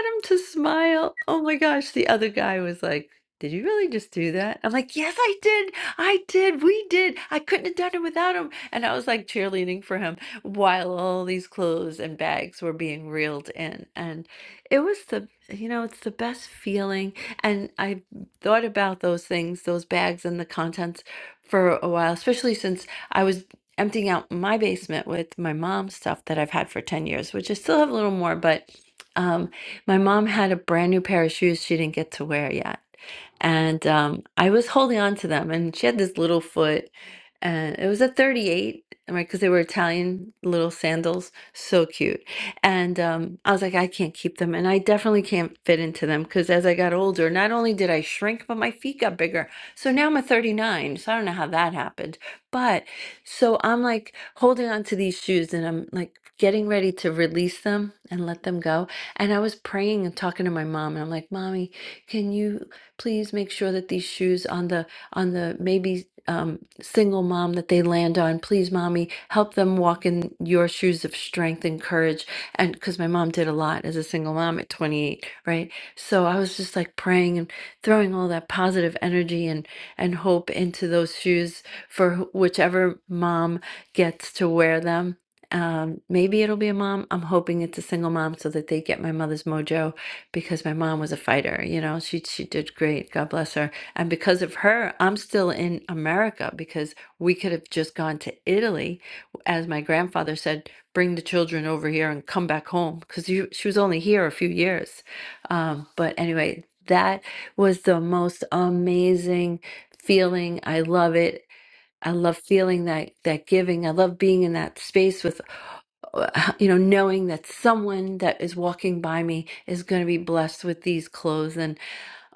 him to smile. Oh my gosh, the other guy was like, did you really just do that? I'm like, yes, I did. I did. We did. I couldn't have done it without him. And I was like cheerleading for him while all these clothes and bags were being reeled in. And it was the, you know, it's the best feeling. And I thought about those things, those bags and the contents for a while, especially since I was emptying out my basement with my mom's stuff that I've had for 10 years, which I still have a little more, but um, my mom had a brand new pair of shoes she didn't get to wear yet and um, I was holding on to them. And she had this little foot, and it was a 38, right? Because they were Italian little sandals, so cute. And um, I was like, I can't keep them, and I definitely can't fit into them because as I got older, not only did I shrink, but my feet got bigger. So now I'm a 39, so I don't know how that happened. But so I'm like holding on to these shoes, and I'm like getting ready to release them and let them go. And I was praying and talking to my mom, and I'm like, Mommy, can you please make sure that these shoes on the on the maybe um, single mom that they land on please mommy help them walk in your shoes of strength and courage and because my mom did a lot as a single mom at 28 right so i was just like praying and throwing all that positive energy and and hope into those shoes for wh- whichever mom gets to wear them um, maybe it'll be a mom. I'm hoping it's a single mom so that they get my mother's mojo because my mom was a fighter, you know. She she did great, God bless her. And because of her, I'm still in America because we could have just gone to Italy as my grandfather said, bring the children over here and come back home because she was only here a few years. Um, but anyway, that was the most amazing feeling. I love it. I love feeling that that giving. I love being in that space with you know, knowing that someone that is walking by me is going to be blessed with these clothes. And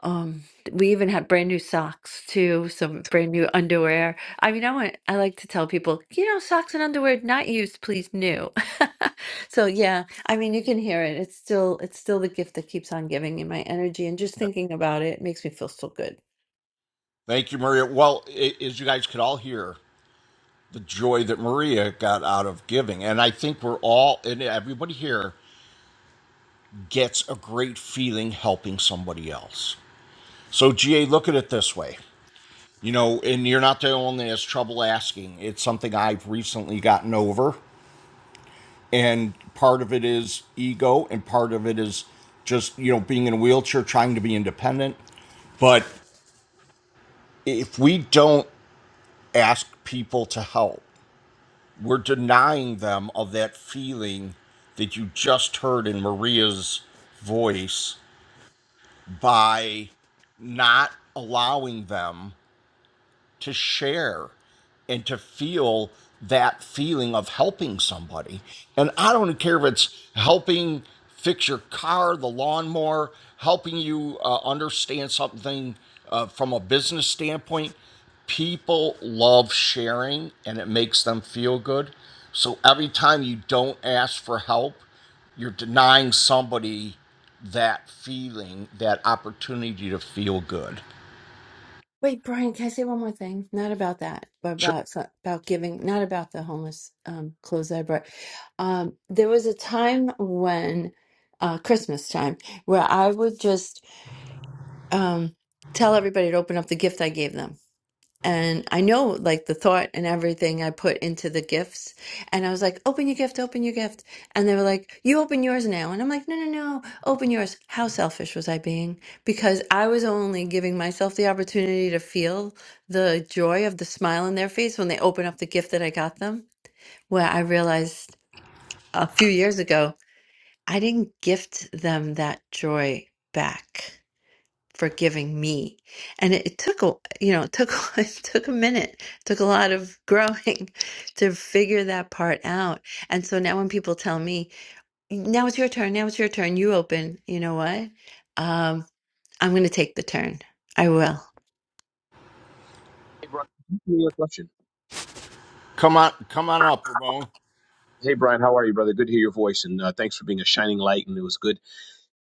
um, we even had brand new socks too, some brand new underwear. I mean, I want, I like to tell people, you know, socks and underwear not used, please new. [LAUGHS] so yeah, I mean, you can hear it. It's still, it's still the gift that keeps on giving in my energy. And just thinking about it it makes me feel so good. Thank you, Maria. Well, i as you guys could all hear, the joy that Maria got out of giving. And I think we're all, and everybody here gets a great feeling helping somebody else. So, GA, look at it this way. You know, and you're not the only one that's trouble asking. It's something I've recently gotten over. And part of it is ego, and part of it is just, you know, being in a wheelchair, trying to be independent. But if we don't ask people to help, we're denying them of that feeling that you just heard in Maria's voice by not allowing them to share and to feel that feeling of helping somebody. And I don't care if it's helping fix your car, the lawnmower, helping you uh, understand something uh, from a business standpoint. People love sharing and it makes them feel good. So every time you don't ask for help, you're denying somebody that feeling, that opportunity to feel good. Wait, Brian, can I say one more thing? Not about that, but Sure. about so- about giving. Not about the homeless um, clothes that I brought. Um, there was a time when uh, Christmas time where I would just um, tell everybody to open up the gift I gave them. And I know like the thought and everything I put into the gifts. And I was like, open your gift, open your gift. And they were like, you open yours now. And I'm like, no, no, no, open yours. How selfish was I being? Because I was only giving myself the opportunity to feel the joy of the smile on their face when they open up the gift that I got them. Where I realized a few years ago, I didn't gift them that joy back forgiving me and it, it took a you know it took [LAUGHS] it took a minute it took a lot of growing [LAUGHS] to figure that part out and so now when people tell me now it's your turn now it's your turn you open you know what um i'm going to take the turn i will hey Brian, you have a question Come on, come on up, Ramon. Hey, Brian, how are you, brother? Good to hear your voice, and uh, thanks for being a shining light. And it was good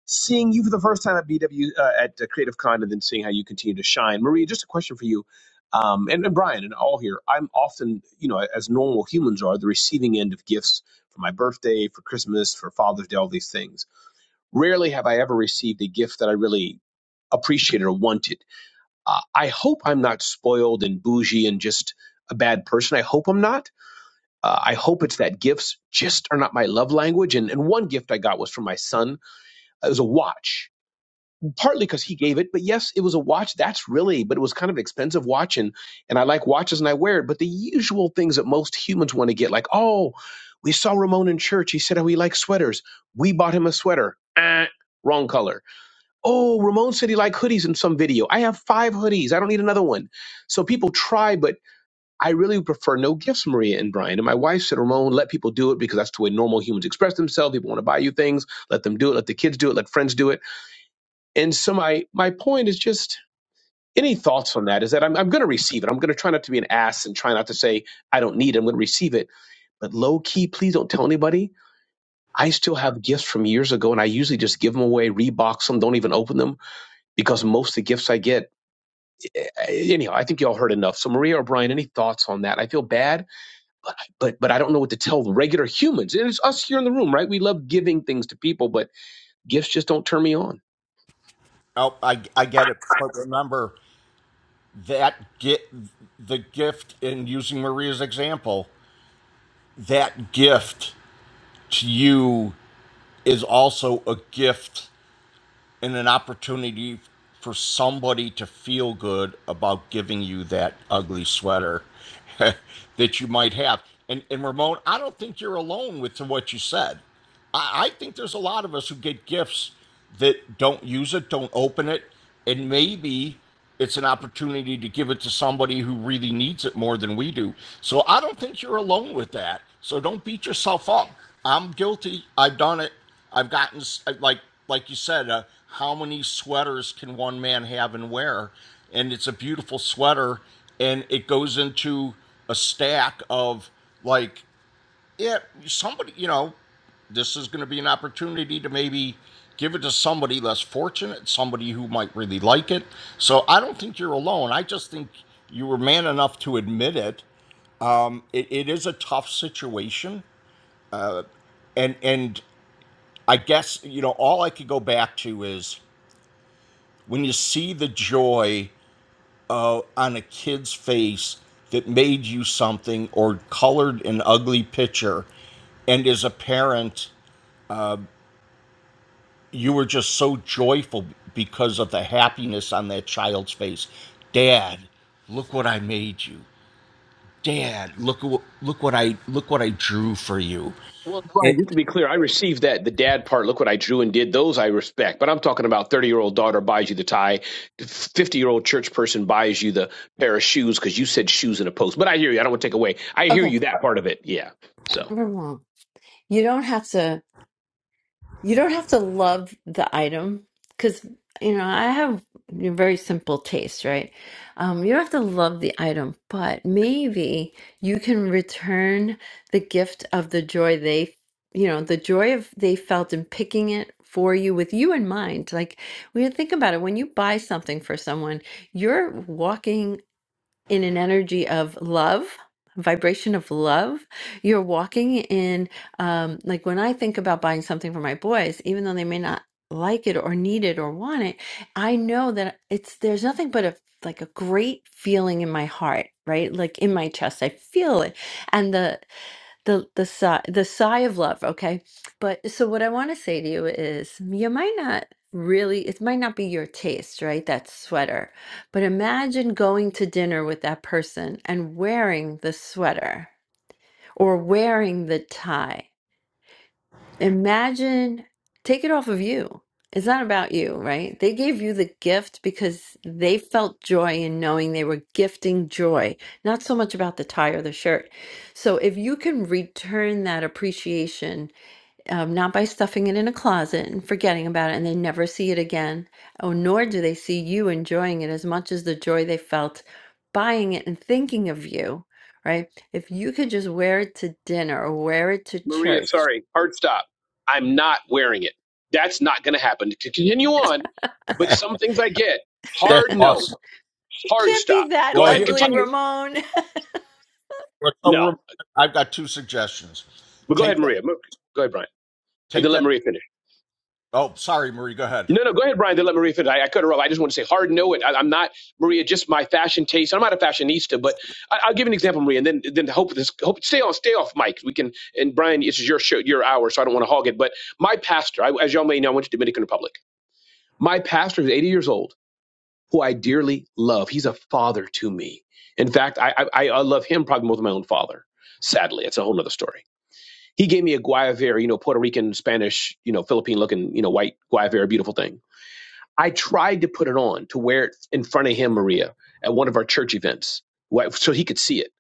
seeing you for the first time at BW uh, at uh, Creative Con, and then seeing how you continue to shine. Maria, just a question for you, um, and, and Brian, and all here. I'm often, you know, as normal humans are, the receiving end of gifts for my birthday, for Christmas, for Father's Day, all these things. Rarely have I ever received a gift that I really appreciated or wanted. Uh, I hope I'm not spoiled and bougie and just a bad person. I hope I'm not uh, I hope it's that gifts just are not my love language. And, and one gift I got was from my son. It was a watch, partly because he gave it, but yes, it was a watch. That's really, but it was kind of an expensive watch, and and I like watches and I wear it. But the usual things that most humans want to get, like oh, we saw Ramon in church. He said how he liked sweaters. We bought him a sweater. Eh, wrong color. Oh, Ramon said he liked hoodies in some video. I have five hoodies. I don't need another one. So people try, but I really prefer no gifts, Maria and Brian. And my wife said, Ramon, let people do it because that's the way normal humans express themselves. People want to buy you things. Let them do it. Let the kids do it. Let friends do it. And so my my point is just any thoughts on that is that I'm, I'm going to receive it. I'm going to try not to be an ass and try not to say I don't need it. I'm going to receive it. But low key, please don't tell anybody. I still have gifts from years ago and I usually just give them away, rebox them, don't even open them because most of the gifts I get, eh, anyhow, I think y'all heard enough. So Maria or Brian, any thoughts on that? I feel bad but but I don't know what to tell the regular humans. And It's us here in the room, right? We love giving things to people, but gifts just don't turn me on. Oh, I, I get it. But remember that get the gift in using Maria's example, that gift to you is also a gift and an opportunity for somebody to feel good about giving you that ugly sweater [LAUGHS] that you might have. And, and Ramon, I don't think you're alone with to what you said. I, I think there's a lot of us who get gifts that don't use it, don't open it, and maybe it's an opportunity to give it to somebody who really needs it more than we do. So I don't think you're alone with that. So don't beat yourself up. I'm guilty. I've done it. I've gotten like like you said, uh, how many sweaters can one man have and wear? And it's a beautiful sweater, and it goes into a stack of like yeah, somebody, you know, this is going to be an opportunity to maybe give it to somebody less fortunate, somebody who might really like it. So I don't think you're alone. I just think you were man enough to admit it. It, it is a tough situation, and and I guess you know all I could go back to is when you see the joy uh, on a kid's face that made you something or colored an ugly picture and as a parent you were just so joyful because of the happiness on that child's face. Dad, look what I made you. Dad, look what look what I look what I drew for you. Well, Brian, It, just to be clear, I received that the dad part. Look what I drew and did. Those I respect, but I'm talking about 30 year old daughter buys you the tie, 50 year old church person buys you the pair of shoes because you said shoes in a post. But I hear you. I don't want to take away. I hear okay you that part of it. Yeah. So we're wrong you don't have to You don't have to love the item because, you know, I have you know, very simple taste, right? Um, you don't have to love the item, but maybe you can return the gift of the joy they, you know, the joy of they felt in picking it for you with you in mind. Like when you think about it, when you buy something for someone, you're walking in an energy of love vibration of love you're walking in um like when i think about buying something for my boys even though they may not like it or need it or want it i know that it's there's nothing but a like a great feeling in my heart right like in my chest i feel it and the the the sigh the sigh of love okay but so what i want to say to you is you might not really it might not be your taste right that sweater but imagine going to dinner with that person and wearing the sweater or wearing the tie Imagine, take it off of you. It's not about you, right? They gave you the gift because they felt joy in knowing they were gifting joy, not so much about the tie or the shirt. So if you can return that appreciation, um, not by stuffing it in a closet and forgetting about it and they never see it again, oh, nor do they see you enjoying it as much as the joy they felt buying it and thinking of you, right? If you could just wear it to dinner or wear it to Maria, church sorry, hard stop. I'm not wearing it. That's not going to happen. To continue on, but some things I get that's hard no. awesome. Hard Can't be stop. that Go Well, ahead. here I, ugly, Continue. Ramon. [LAUGHS] well, so No. we're, I've got two suggestions. But go Take ahead, that. Maria. Mo- Go ahead, Brian. And Take then let that. Maria finish. Oh, sorry, Marie. Go ahead. No, no, go ahead, Brian. Then let Maria finish. I, I cut her off. I just want to say hard no. It. I, I'm not, Maria, just my fashion taste. I'm not a fashionista, but I, I'll give an example, Maria, and then then hope this hope stay on stay off mic. We can and Brian, this is your show, your hour, so I don't want to hog it. But my pastor, I, as y'all may know, I went to Dominican Republic. My pastor is 80 years old, who I dearly love. He's a father to me. In fact, I I, I I love him probably more than my own father. Sadly, it's a whole nother story. He gave me a Guayavera, you know, Puerto Rican, Spanish, you know, Philippine looking, you know, white Guayavera, beautiful thing. I tried to put it on to wear it in front of him, Maria, at one of our church events, wh- so he could see it.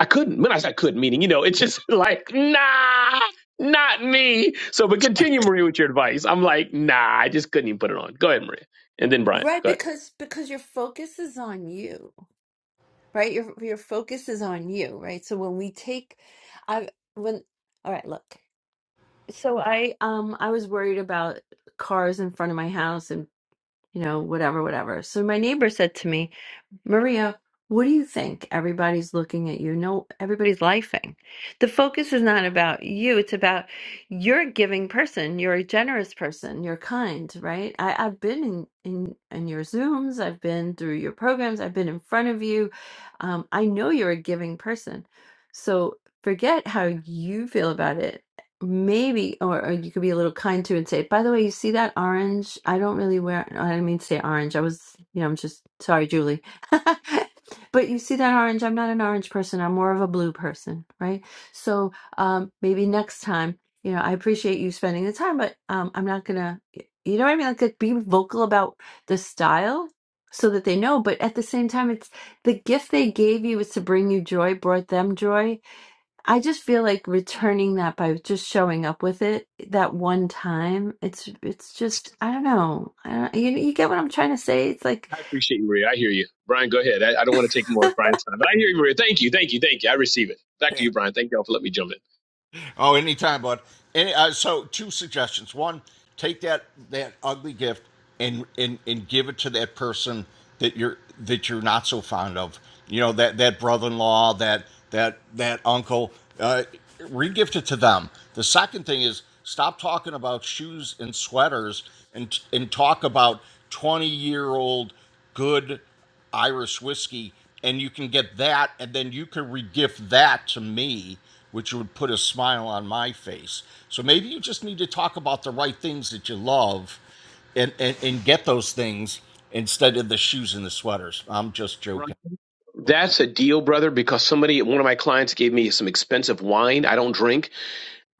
I couldn't. When I said I couldn't, meaning, you know, it's just [LAUGHS] like, nah, not me. So, but continue, Maria, with your advice. I'm like, nah, I just couldn't even put it on. Go ahead, Maria. And then Brian, Right, go ahead. because because your focus is on you, right? Your your focus is on you, right? So when we take, I when all right, look. So I um I was worried about cars in front of my house and you know whatever whatever. So my neighbor said to me. Maria, what do you think? Everybody's looking at you. No, everybody's laughing. The focus is not about you. It's about you're a giving person. You're a generous person. You're kind, right? I, I've been in, in in your Zooms. I've been through your programs. I've been in front of you. Um, I know you're a giving person. So forget how you feel about it. Maybe, or, or you could be a little kind to and say, by the way, you see that orange? I don't really wear, I didn't mean to say orange. I was, you know, I'm just sorry, Julie [LAUGHS] but you see that orange? I'm not an orange person. I'm more of a blue person, right? So um, maybe next time, you know, I appreciate you spending the time, but um, I'm not gonna, you know what I mean? Like, like, be vocal about the style so that they know. But at the same time, it's the gift they gave you was to bring you joy, brought them joy. I just feel like returning that by just showing up with it that one time. It's it's just I don't know. I don't, you you get what I'm trying to say? It's like. I [LAUGHS] appreciate you, Maria. I hear you. Brian, go ahead. I, I don't want to take more of Brian's time, but I hear you, Maria. Thank you. Thank you. Thank you. I receive it. Back [LAUGHS] to you, Brian. Thank y'all for letting me jump in. Oh, anytime, bud. Any, uh, so, two suggestions. One, take that that ugly gift and, and and give it to that person that you're that you're not so fond of. You know that that brother-in-law, that that that uncle. Uh, regift it to them. The second thing is stop talking about shoes and sweaters and and talk about twenty-year-old good. Irish whiskey, and you can get that, and then you could regift that to me, which would put a smile on my face. So maybe you just need to talk about the right things that you love, and and, and get those things instead of the shoes and the sweaters. I'm just joking. That's a deal, brother, because somebody, one of my clients gave me some expensive wine. I don't drink,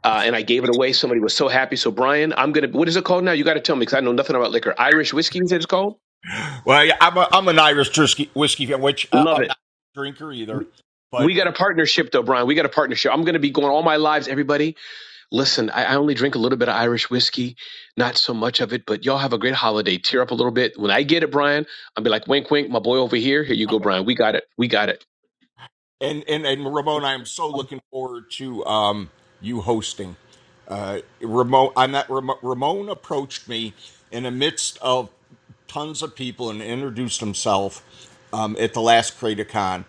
uh, and I gave it away. Somebody was so happy. So, Brian, I'm going to, what is it called now? You got to tell me because I know nothing about liquor. Irish whiskey, you said it's called? Well, yeah, I'm a, I'm an Irish whiskey whiskey fan, which uh, Love I'm it. not a drinker either, We but we got a partnership, though, Brian. We got a partnership. I'm going to be going all my lives. Everybody, listen, I, I only drink a little bit of Irish whiskey, not so much of it, but y'all have a great holiday. Tear up a little bit. When I get it, Brian, I'll be like, wink, wink, my boy over here. Here you go, Brian. We got it. We got it. And and and Ramon, I'm so looking forward to um you hosting. Uh, Ramon, I'm not, Ramon, Ramon approached me in the midst of tons of people and introduced himself um, at the last CreatorCon,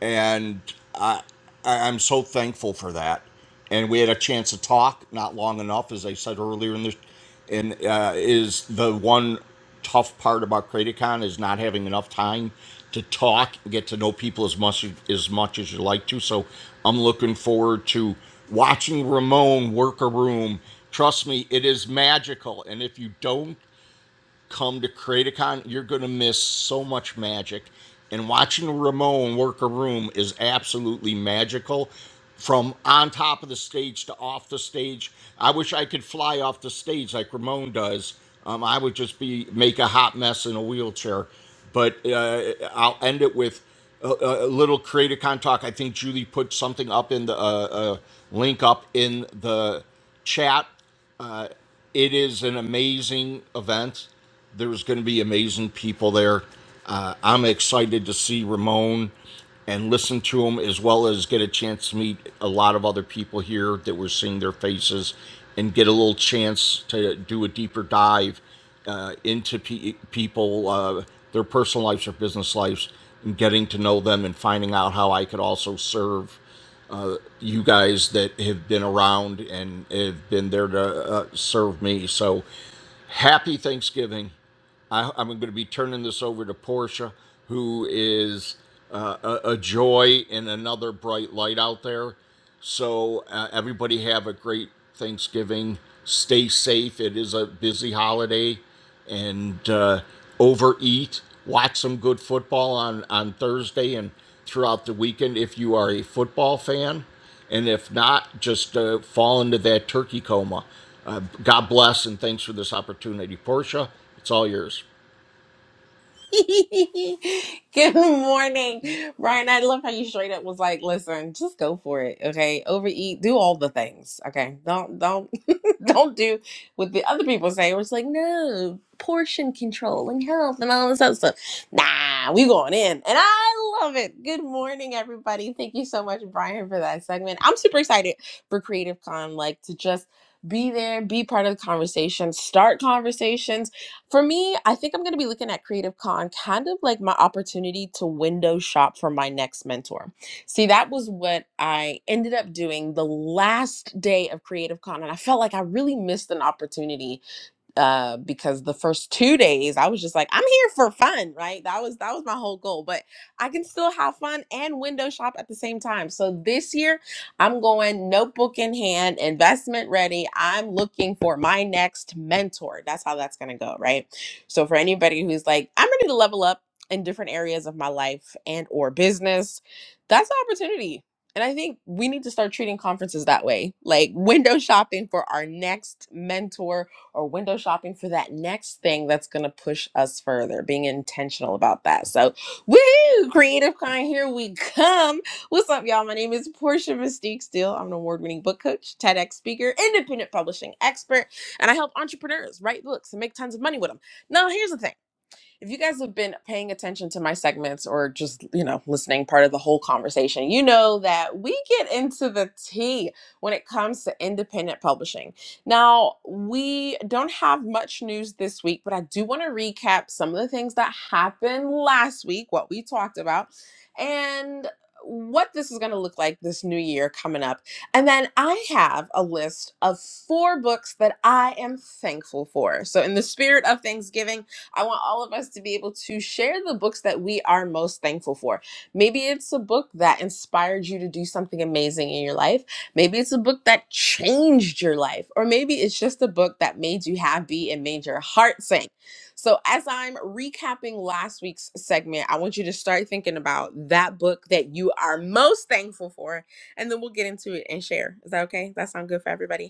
and I, I I'm so thankful for that and we had a chance to talk not long enough as i said earlier in this and uh, is the one tough part about creaticon is not having enough time to talk and get to know people as much as much as you like to so i'm looking forward to watching ramon work a room trust me it is magical and if you don't come to Creaticon, you're going to miss so much magic. And watching Ramon work a room is absolutely magical. From on top of the stage to off the stage, I wish I could fly off the stage like Ramon does. Um, I would just be make a hot mess in a wheelchair. But uh, I'll end it with a, a little Creaticon talk. I think Julie put something up in the uh, uh, link up in the chat Uh, it is an amazing event. There's going to be amazing people there. Uh, I'm excited to see Ramon and listen to him, as well as get a chance to meet a lot of other people here that we're seeing their faces and get a little chance to do a deeper dive uh, into pe- people, uh, their personal lives, their business lives, and getting to know them and finding out how I could also serve uh, you guys that have been around and have been there to uh, serve me. So happy Thanksgiving. I, I'm going to be turning this over to Portia, who is uh, a, a joy and another bright light out there. So, uh, everybody have a great Thanksgiving. Stay safe. It is a busy holiday. And uh, overeat. Watch some good football on, on Thursday and throughout the weekend if you are a football fan. And if not, just uh, fall into that turkey coma. Uh, God bless and thanks for this opportunity. Portia, it's all yours. [LAUGHS] Good morning, Brian. I love how you straight up was like, "Listen, just go for it, okay? Overeat, do all the things, okay? Don't, don't, [LAUGHS] don't do what the other people say." We're just like, "No, portion control and health and all this other stuff." Nah, we going in, and I love it. Good morning, everybody. Thank you so much, Brian, for that segment. I'm super excited for Creative Con, like to just be there, be part of the conversation, start conversations for me, I think I'm going to be looking at Creative Con kind of like my opportunity to window shop for my next mentor. See, that was what I ended up doing the last day of Creative Con, and I felt like I really missed an opportunity uh because the first two days i was just like i'm here for fun right that was that was my whole goal but i can still have fun and window shop at the same time so this year i'm going notebook in hand investment ready i'm looking for my next mentor that's how that's gonna go right so for anybody who's like i'm ready to level up in different areas of my life and or business that's an opportunity and I think we need to start treating conferences that way, like window shopping for our next mentor, or window shopping for that next thing that's going to push us further, being intentional about that. So, woohoo, creative kind, here we come. What's up, y'all? My name is Portia Mystique Steele. I'm an award winning book coach, TEDx speaker, independent publishing expert, and I help entrepreneurs write books and make tons of money with them. Now, here's the thing if you guys have been paying attention to my segments or just, you know, listening part of the whole conversation, you know that we get into the tea when it comes to independent publishing. Now, we don't have much news this week, but I do want to recap some of the things that happened last week, what we talked about, and what this is going to look like this new year coming up. And then I have a list of four books that I am thankful for. So, in the spirit of Thanksgiving, I want all of us to be able to share the books that we are most thankful for. Maybe it's a book that inspired you to do something amazing in your life. Maybe it's a book that changed your life. Or maybe it's just a book that made you happy and made your heart sing. So, as I'm recapping last week's segment, I want you to start thinking about that book that you are most thankful for, and then we'll get into it and share. Is that okay? That sound good for everybody?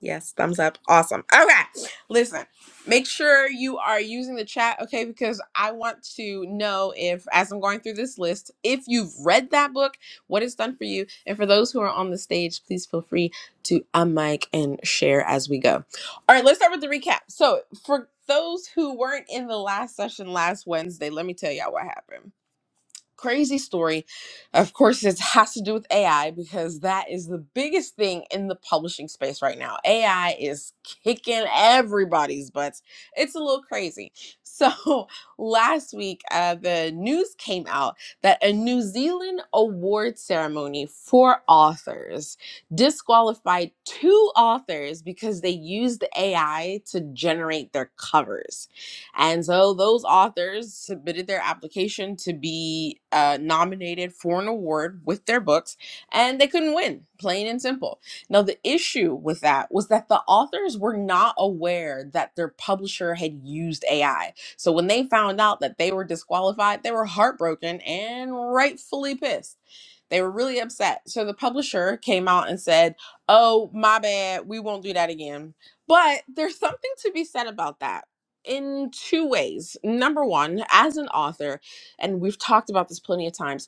Yes, thumbs up. Awesome. Okay, listen, make sure you are using the chat, okay? Because I want to know if, as I'm going through this list, if you've read that book, what it's done for you. And for those who are on the stage, please feel free to unmic and share as we go. All right, let's start with the recap. So, for those who weren't in the last session last Wednesday, let me tell y'all what happened crazy story. Of course, it has to do with AI because that is the biggest thing in the publishing space right now. AI is kicking everybody's butts. It's a little crazy. So, [LAUGHS] last week, uh, the news came out that a New Zealand award ceremony for authors disqualified two authors because they used AI to generate their covers. And so those authors submitted their application to be uh, nominated for an award with their books, and they couldn't win, plain and simple. Now, the issue with that was that the authors were not aware that their publisher had used AI. So when they found out that they were disqualified, they were heartbroken and rightfully pissed. They were really upset. So the publisher came out and said, Oh, my bad. We won't do that again. But there's something to be said about that in two ways. Number one, as an author, and we've talked about this plenty of times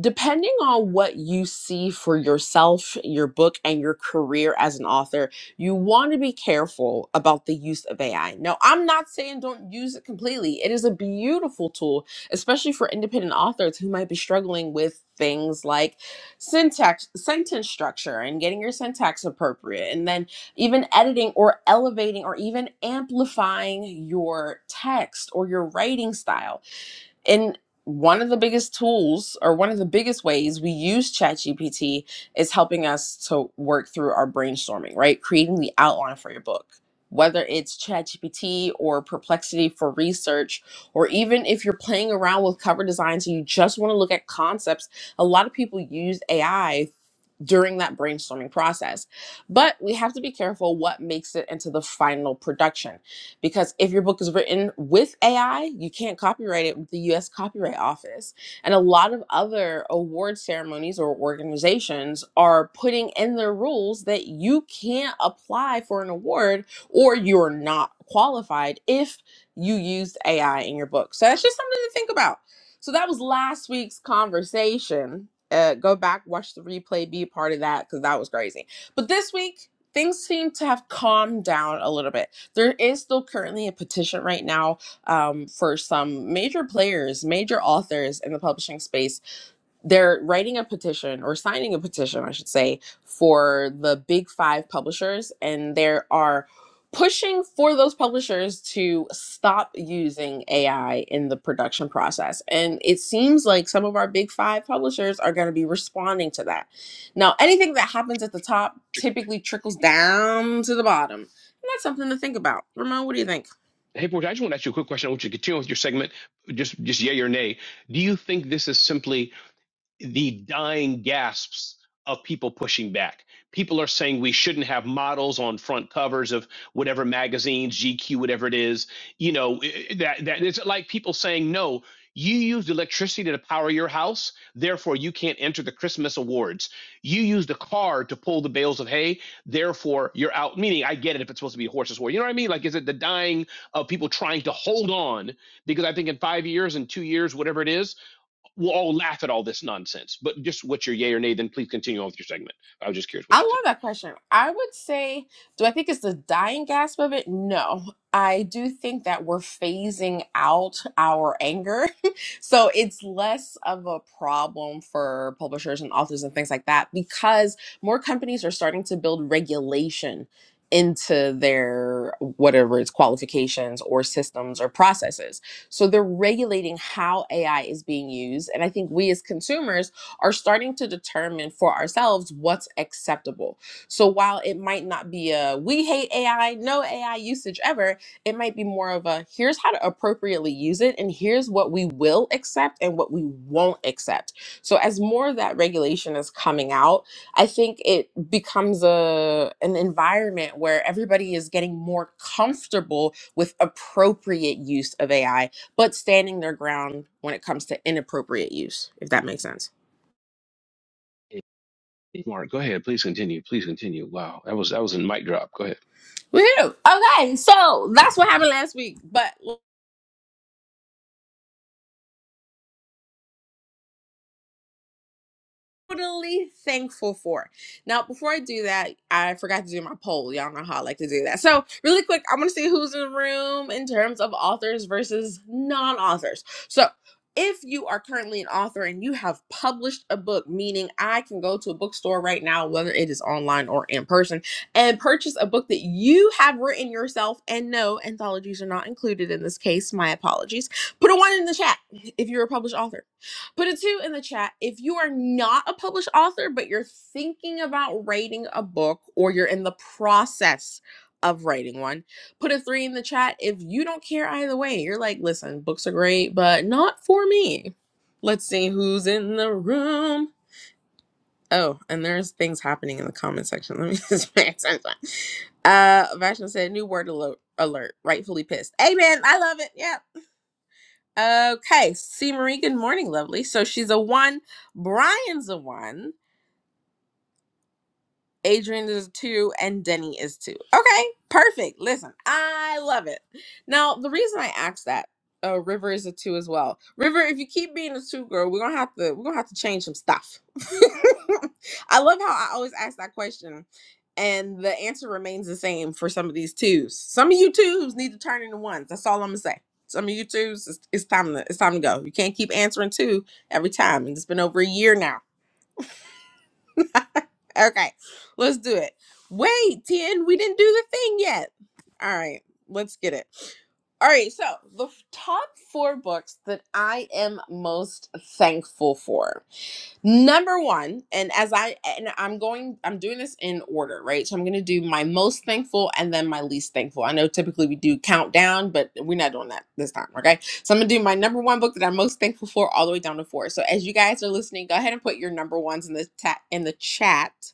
depending on what you see for yourself, your book, and your career as an author, you want to be careful about the use of AI. Now, I'm not saying don't use it completely, it is a beautiful tool, especially for independent authors who might be struggling with things like syntax, sentence structure, and getting your syntax appropriate, and then even editing or elevating or even amplifying your text or your writing style and one of the biggest tools or one of the biggest ways we use ChatGPT is helping us to work through our brainstorming, right? Creating the outline for your book. Whether it's ChatGPT or Perplexity for research, or even if you're playing around with cover designs and you just want to look at concepts, a lot of people use AI during that brainstorming process. But we have to be careful what makes it into the final production. Because if your book is written with AI, you can't copyright it with the US Copyright Office. And a lot of other award ceremonies or organizations are putting in their rules that you can't apply for an award or you're not qualified if you used AI in your book. So that's just something to think about. So that was last week's conversation uh, go back, watch the replay, be a part of that because that was crazy. But this week, things seem to have calmed down a little bit. There is still currently a petition right now um, for some major players, major authors in the publishing space they're writing a petition or signing a petition, I should say, for the big five publishers, and they are pushing for those publishers to stop using AI in the production process. And it seems like some of our big five publishers are going to be responding to that. Now, anything that happens at the top typically trickles down to the bottom. And that's something to think about. Ramon, what do you think? Hey, Portia. I just want to ask you a quick question. I want you to continue with your segment. Just, just yay or nay. Do you think this is simply the dying gasps of people pushing back. People are saying we shouldn't have models on front covers of whatever magazines, GQ, whatever it is. You know, that that it's like people saying, no, you used electricity to power your house, therefore you can't enter the Christmas awards. You used a car to pull the bales of hay, therefore you're out. Meaning, I get it if it's supposed to be a horse's war. You know what I mean? Like, is it the dying of people trying to hold on? Because I think in five years and two years, whatever it is, We'll all laugh at all this nonsense, but just what's your yay or nay? Then please continue on with your segment. I was just curious I what love you think. that question. I would say, do I think it's the dying gasp of it? No. I do think that we're phasing out our anger. [LAUGHS] so it's less of a problem for publishers and authors and things like that because more companies are starting to build regulation into their whatever its qualifications or systems or processes. So they're regulating how AI is being used. And I think we as consumers are starting to determine for ourselves what's acceptable. So while it might not be a we hate AI, no AI usage ever, it might be more of a here's how to appropriately use it and here's what we will accept and what we won't accept. So as more of that regulation is coming out, I think it becomes a an environment where everybody is getting more comfortable with appropriate use of AI, but standing their ground when it comes to inappropriate use, if that makes sense. Hey, Mark, go ahead. Please continue. Please continue. Wow, that was that was a mic drop. Go ahead. Woohoo. Okay, so that's what happened last week. But totally thankful for. Now, before I do that, I forgot to do my poll. Y'all know how I like to do that. So, really quick, I am going to see who's in the room in terms of authors versus non authors. So, if you are currently an author and you have published a book, meaning I can go to a bookstore right now, whether it is online or in person, and purchase a book that you have written yourself, and no, anthologies are not included in this case, my apologies. Put a one in the chat if you're a published author. Put a two in the chat if you are not a published author, but you're thinking about writing a book or you're in the process of writing one. Put a three in the chat if you don't care either way. You're like, listen, books are great, but not for me. Let's see who's in the room. Oh, and there's things happening in the comment section. [LAUGHS] Let me just pay attention. Uh, Vashna said, new word alert, alert, rightfully pissed. Amen. I love it. Yep. Okay, see Marie, good morning, lovely. So she's a one, Brian's a one. Adrian is two and Denny is two. Okay, perfect. Listen, I love it. Now, the reason I asked that, uh, River is a two as well. River, if you keep being a two girl, we're gonna have to we're gonna have to change some stuff. [LAUGHS] I love how I always ask that question, and the answer remains the same for some of these twos. Some of you twos need to turn into ones. That's all I'm gonna say. Some of you twos, it's, it's time to it's time to go. You can't keep answering two every time, and it's been over a year now Okay, let's do it. Wait, Tien, we didn't do the thing yet. All right, let's get it. All right, so the f- top four books that I am most thankful for. Number one, and as I and I'm going, I'm doing this in order, right? So I'm going to do my most thankful and then my least thankful. I know typically we do countdown, but we're not doing that this time, okay? So I'm going to do my number one book that I'm most thankful for, all the way down to four. So as you guys are listening, go ahead and put your number ones in the ta- in the chat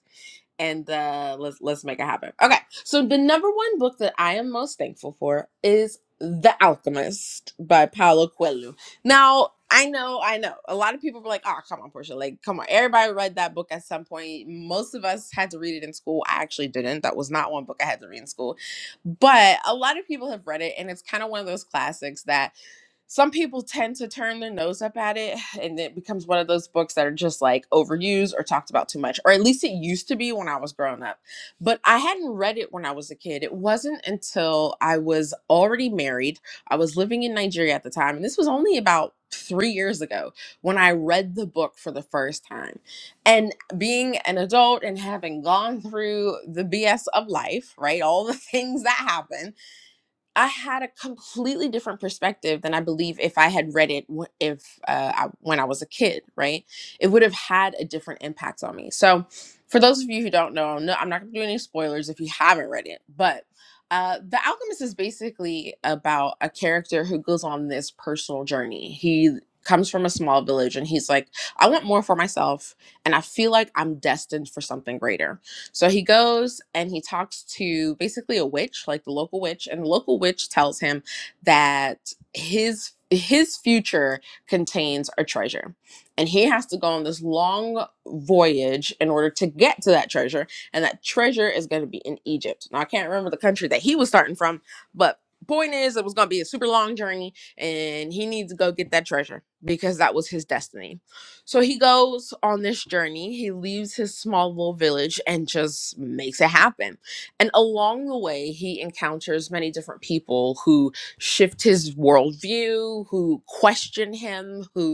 and uh, let's let's make it happen. Okay, so the number one book that I am most thankful for is The Alchemist by Paulo Coelho. Now I know, I know, a lot of people were like, "Oh, come on, Portia! Like, come on!" Everybody read that book at some point. Most of us had to read it in school. I actually didn't. That was not one book I had to read in school, but a lot of people have read it, and it's kind of one of those classics that some people tend to turn their nose up at it and it becomes one of those books that are just like overused or talked about too much or at least it used to be when i was growing up but i hadn't read it when i was a kid it wasn't until i was already married i was living in nigeria at the time and this was only about three years ago when i read the book for the first time and being an adult and having gone through the bs of life right all the [LAUGHS] things that happen I had a completely different perspective than I believe if I had read it wh- if uh, I, when I was a kid, right? It would have had a different impact on me. So, for those of you who don't know, no, I'm not going to do any spoilers if you haven't read it, but uh, The Alchemist is basically about a character who goes on this personal journey. He comes from a small village and he's like, I want more for myself, and I feel like I'm destined for something greater so he goes and he talks to basically a witch, like the local witch, and the local witch tells him that his his future contains a treasure. And he has to go on this long voyage in order to get to that treasure. And that treasure is going to be in Egypt. Now, I can't remember the country that he was starting from, but point is, it was going to be a super long journey. And he needs to go get that treasure because that was his destiny. So he goes on this journey. He leaves his small little village and just makes it happen. And along the way, he encounters many different people who shift his worldview, who question him, who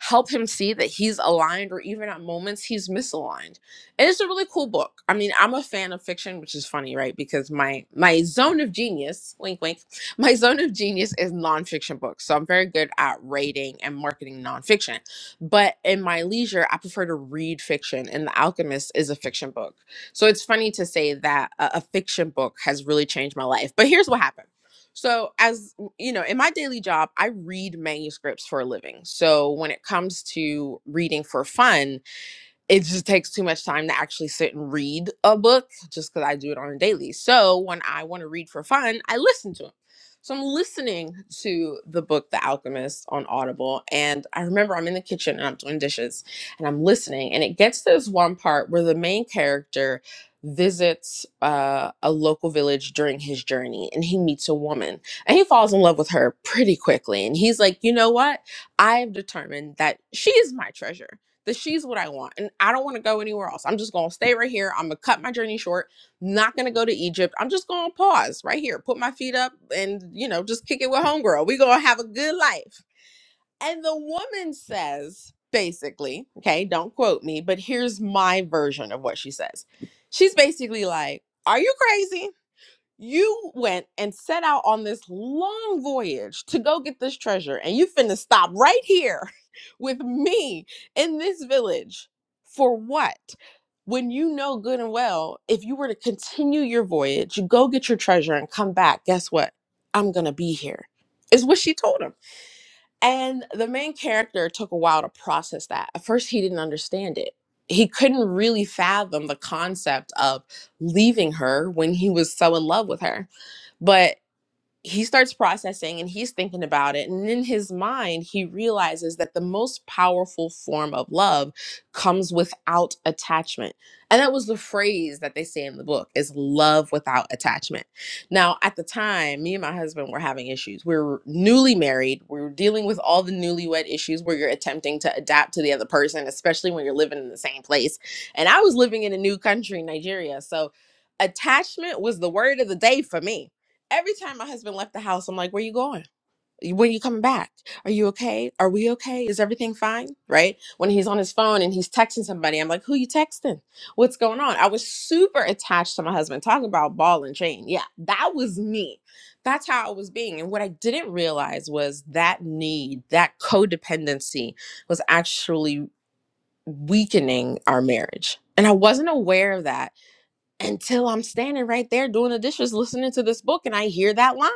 help him see that he's aligned or even at moments he's misaligned and it's a really cool book i mean i'm a fan of fiction which is funny right because my my zone of genius wink wink [LAUGHS] my zone of genius is nonfiction books so i'm very good at rating and marketing nonfiction but in my leisure i prefer to read fiction and the alchemist is a fiction book so it's funny to say that a, a fiction book has really changed my life but here's what happened so as so, you know, in my daily job, I read manuscripts for a living. So when it comes to reading for fun, it just takes too much time to actually sit and read a book just because I do it on a daily. So when I want to read for fun, I listen to them. So I'm listening to the book The Alchemist on Audible. And I remember I'm in the kitchen and I'm doing dishes and I'm listening. And it gets to this one part where the main character visits uh, a local village during his journey and he meets a woman and he falls in love with her pretty quickly. And he's like, you know what? I have determined that she is my treasure that she's what I want. And I don't want to go anywhere else. I'm just going to stay right here. I'm going to cut my journey short. Not going to go to Egypt. I'm just going to pause right here, put my feet up, and, you know, just kick it with Homegirl. we going to have a good life. And the woman says, basically, okay, don't quote me, but here's my version of what she says. She's basically like, Are you crazy? You went and set out on this long voyage to go get this treasure, and you finna stop right here [LAUGHS] with me in this village for what? When you know good and well, if you were to continue your voyage, you go get your treasure and come back, guess what? I'm gonna be here, is what she told him. And the main character took a while to process that. At first, he didn't understand it. He couldn't really fathom the concept of leaving her when he was so in love with her. but he starts processing and he's thinking about it. And in his mind, he realizes that the most powerful form of love comes without attachment. And that was the phrase that they say in the book is love without attachment. Now, at the time, me and my husband were having issues. We were newly married. We were dealing with all the newlywed issues where you're attempting to adapt to the other person, especially when you're living in the same place. And I was living in a new country, Nigeria. So attachment was the word of the day for me every time my husband left the house, I'm like, where you going? When you coming back? Are you okay? Are we okay? Is everything fine? Right? When he's on his phone and he's texting somebody, I'm like, who you texting? What's going on? I was super attached to my husband. Talking about ball and chain. Yeah, that was me. That's how I was being. And what I didn't realize was that need, that codependency was actually weakening our marriage. And I wasn't aware of that until I'm standing right there doing the dishes, listening to this book, and I hear that line.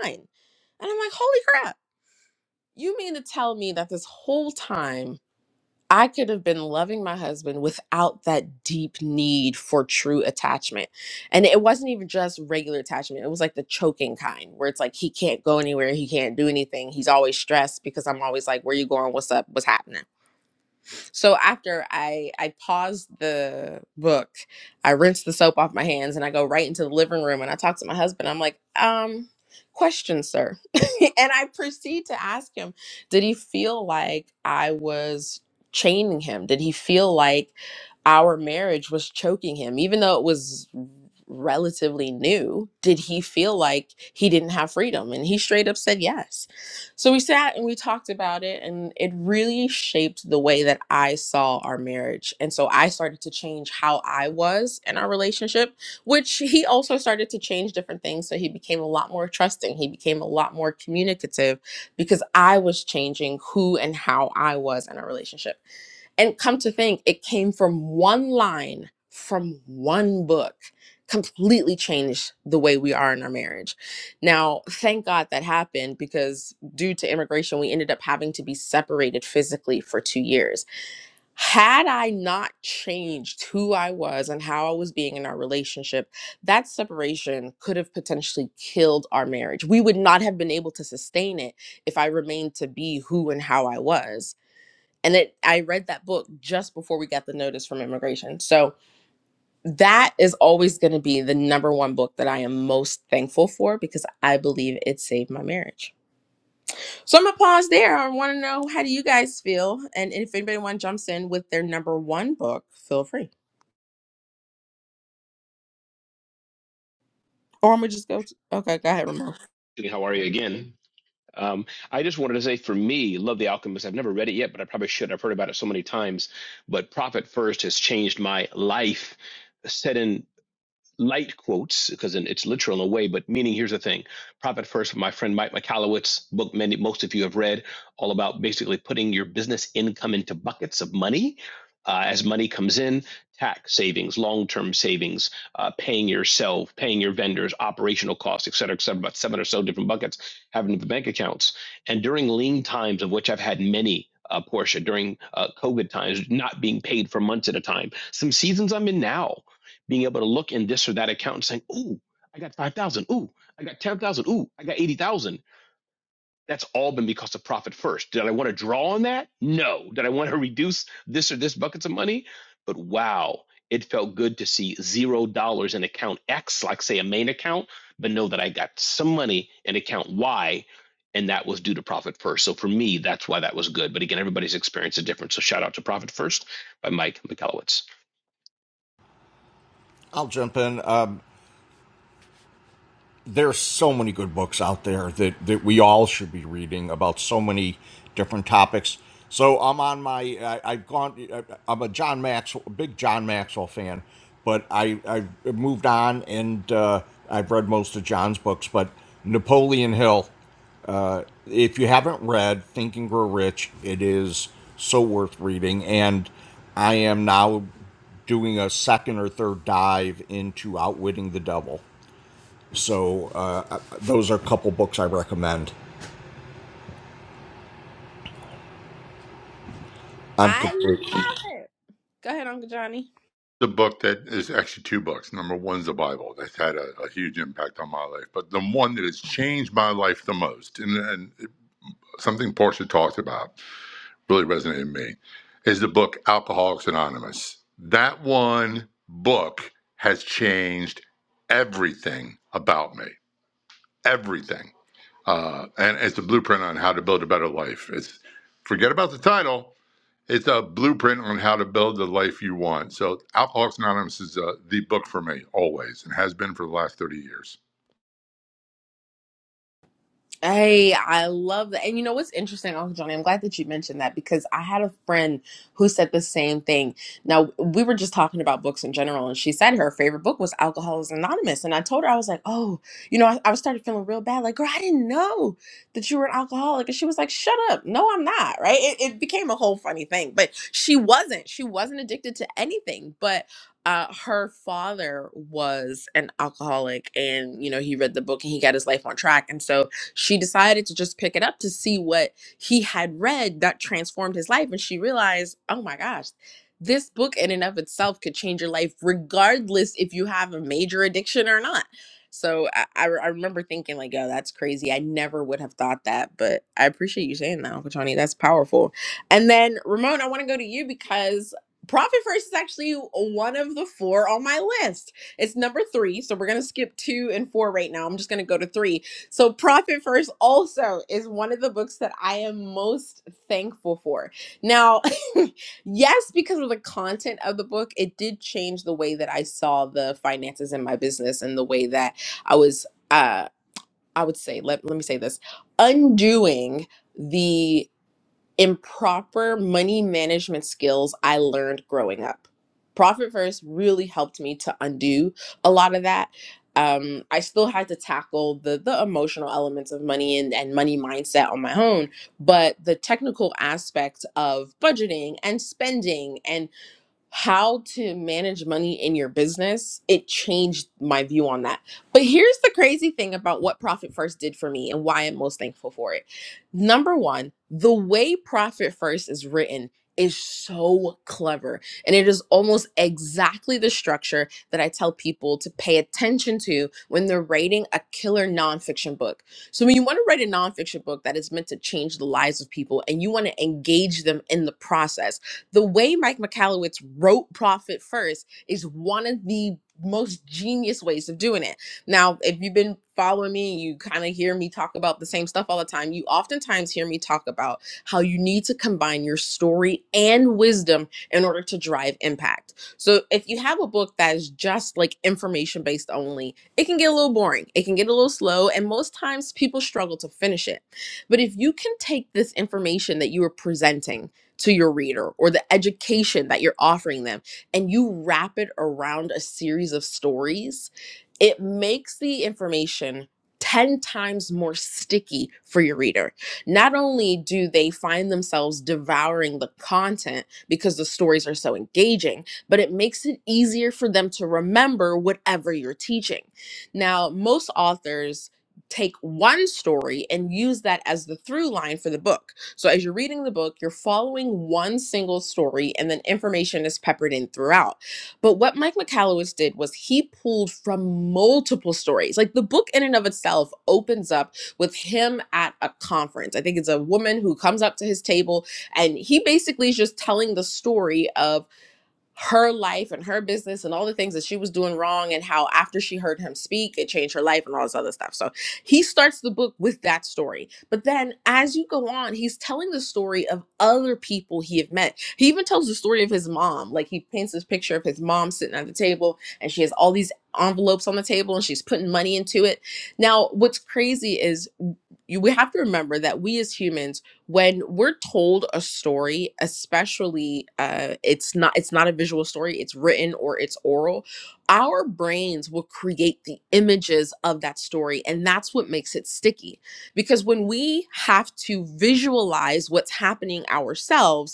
And I'm like, holy crap, you mean to tell me that this whole time I could have been loving my husband without that deep need for true attachment? And it wasn't even just regular attachment, it was like the choking kind where it's like he can't go anywhere, he can't do anything, he's always stressed because I'm always like, where you going? What's up? What's happening? So after I I paused the book, I rinsed the soap off my hands, and I go right into the living room, and I talk to my husband. I'm like, um, question, sir, [LAUGHS] and I proceed to ask him, did he feel like I was chaining him? Did he feel like our marriage was choking him, even though it was relatively new? Did he feel like he didn't have freedom? And he straight up said yes so we sat and we talked about it, and it really shaped the way that I saw our marriage. And so I started to change how I was in our relationship, which he also started to change different things. So he became a lot more trusting, he became a lot more communicative because I was changing who and how I was in a relationship. And come to think, it came from one line from one book, completely changed the way we are in our marriage. Now, thank God that happened because due to immigration, we ended up having to be separated physically for two years. Had I not changed who I was and how I was being in our relationship, that separation could have potentially killed our marriage. We would not have been able to sustain it if I remained to be who and how I was and it i read that book just before we got the notice from immigration so that is always going to be the number one book that i am most thankful for because i believe it saved my marriage so i'm gonna pause there i want to know how do you guys feel and if anybody one jumps in with their number one book feel free or i'm gonna just go to, okay go ahead Ramon. Hey, How are you again? Um, I just wanted to say, for me, love The Alchemist. I've never read it yet, but I probably should. I've heard about it so many times. But Profit First has changed my life. Set in light quotes because it's literal in a way, but meaning here's the thing. Profit First, my friend Mike Mikalowicz, book many most of you have read, all about basically putting your business income into buckets of money. Uh, as money comes in, tax savings, long-term savings, uh, paying yourself, paying your vendors, operational costs, et cetera, et cetera, about seven or so different buckets having the bank accounts. And during lean times, of which I've had many, uh, Portia, during uh, COVID times, not being paid for months at a time. Some seasons I'm in now being able to look in this or that account and saying, "Ooh, I got five thousand. Ooh, I got ten thousand. Ooh, I got eighty thousand. That's all been because of profit first. Did I want to draw on that? No. Did I want to [LAUGHS] reduce this or this buckets of money? But wow, it felt good to see zero dollars in account X, like say a main account, but know that I got some money in account Y, and that was due to profit first. So for me, that's why that was good. But again, everybody's experience is different. So shout out to Profit First by Mike McAllowitz. I'll jump in. Um, there's so many good books out there that, that we all should be reading about so many different topics. So I'm on my I, I've gone I, I'm a John Maxwell big John Maxwell fan, but I I've moved on and uh, I've read most of John's books, but Napoleon Hill. Uh, if you haven't read Think and Grow Rich, it is so worth reading. And I am now doing a second or third dive into Outwitting the Devil. So uh, uh, those are a couple books I recommend. I'm i complete. love it go ahead uncle johnny The book that is actually two books. Number one's the Bible. That's had a, a huge impact on my life. But the one that has changed my life the most, and, and something Portia talked about really resonated with me, is the book Alcoholics Anonymous. That one book has changed everything about me. Everything uh, and it's a blueprint on how to build a better life. It's forget about the title. It's a blueprint on how to build the life you want. So, Alcoholics Anonymous is uh, the book for me always, and has been for the last thirty years. Hey, I love that. And you know what's interesting, Uncle Johnny? I'm glad that you mentioned that because I had a friend who said the same thing. Now, we were just talking about books in general, and she said her favorite book was Alcoholics Anonymous. And I told her, I was like, oh, you know, I, I started feeling real bad. Like, girl, I didn't know that you were an alcoholic. And she was like, shut up. No, I'm not. Right. It, it became a whole funny thing, but she wasn't. She wasn't addicted to anything. But uh, her father was an alcoholic and you know he read the book and he got his life on track and so she decided to just pick it up to see what he had read that transformed his life. And she realized, oh my gosh, this book in and of itself could change your life, regardless if you have a major addiction or not. So I, I, I remember thinking like, yo, that's crazy. I never would have thought that, but I appreciate you saying that, Uncle Tony. That's powerful. And then Ramon, I want to go to you because Profit First is actually one of the four on my list. It's number three, so we're gonna skip two and four right now. I'm just gonna go to three so, Profit First also is one of the books that I am most thankful for. Now, [LAUGHS] yes, because of the content of the book, it did change the way that I saw the finances in my business and the way that I was, uh, I would say, let, let me say this, undoing the improper money management skills I learned growing up. Profit First really helped me to undo a lot of that. Um, I still had to tackle the the emotional elements of money and, and money mindset on my own, but the technical aspects of budgeting and spending and how to manage money in your business, it changed my view on that. But here's the crazy thing about what Profit First did for me and why I'm most thankful for it. Number one, the way Profit First is written is so clever and it is almost exactly the structure that I tell people to pay attention to when they're writing a killer nonfiction book. So when you want to write a nonfiction book that is meant to change the lives of people and you want to engage them in the process the way Mike McAllowitz wrote Profit First is one of the most genius ways of doing it. Now, if you've been following me and you kind of hear me talk about the same stuff all the time, you oftentimes hear me talk about how you need to combine your story and wisdom in order to drive impact. So, if you have a book that is just like information based only, it can get a little boring, it can get a little slow, and most times people struggle to finish it. But if you can take this information that you are presenting, to your reader or the education that you're offering them and you wrap it around a series of stories, it makes the information 10 times more sticky for your reader. Not only do they find themselves devouring the content because the stories are so engaging, but it makes it easier for them to remember whatever you're teaching. Now, most authors take one story and use that as the through line for the book so as you're reading the book, you're following one single story and then information is peppered in throughout. But what Mike McCallowis did was he pulled from multiple stories. Like the book in and of itself opens up with him at a conference. I think it's a woman who comes up to his table and he basically is just telling the story of her life and her business and all the things that she was doing wrong and how after she heard him speak it changed her life and all this other stuff so he starts the book with that story but then as you go on he's telling the story of other people he have met he even tells the story of his mom like he paints this picture of his mom sitting at the table and she has all these envelopes on the table and she's putting money into it now what's crazy is you, we have to remember that we as humans when we're told a story especially uh it's not it's not a visual story it's written or it's oral our brains will create the images of that story and that's what makes it sticky because when we have to visualize what's happening ourselves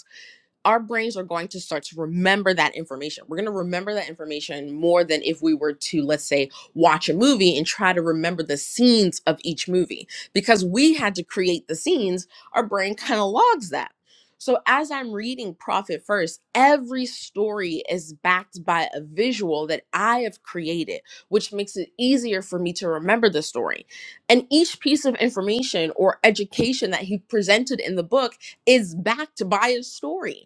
our brains are going to start to remember that information. We're going to remember that information more than if we were to, let's say, watch a movie and try to remember the scenes of each movie. Because we had to create the scenes, our brain kind of logs that. So as I'm reading Profit First, every story is backed by a visual that I have created, which makes it easier for me to remember the story. And each piece of information or education that he presented in the book is backed by a story.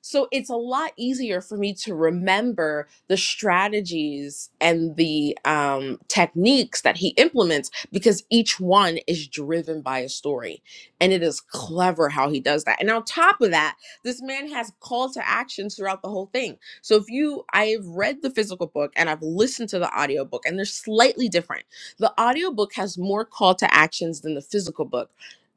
So it's a lot easier for me to remember the strategies and the um, techniques that he implements because each one is driven by a story. And it is clever how he does that. And on top of that, this man has call to actions throughout the whole thing. So if you, I've read the physical book and I've listened to the audiobook, and they're slightly different. The audiobook has more call to actions than the physical book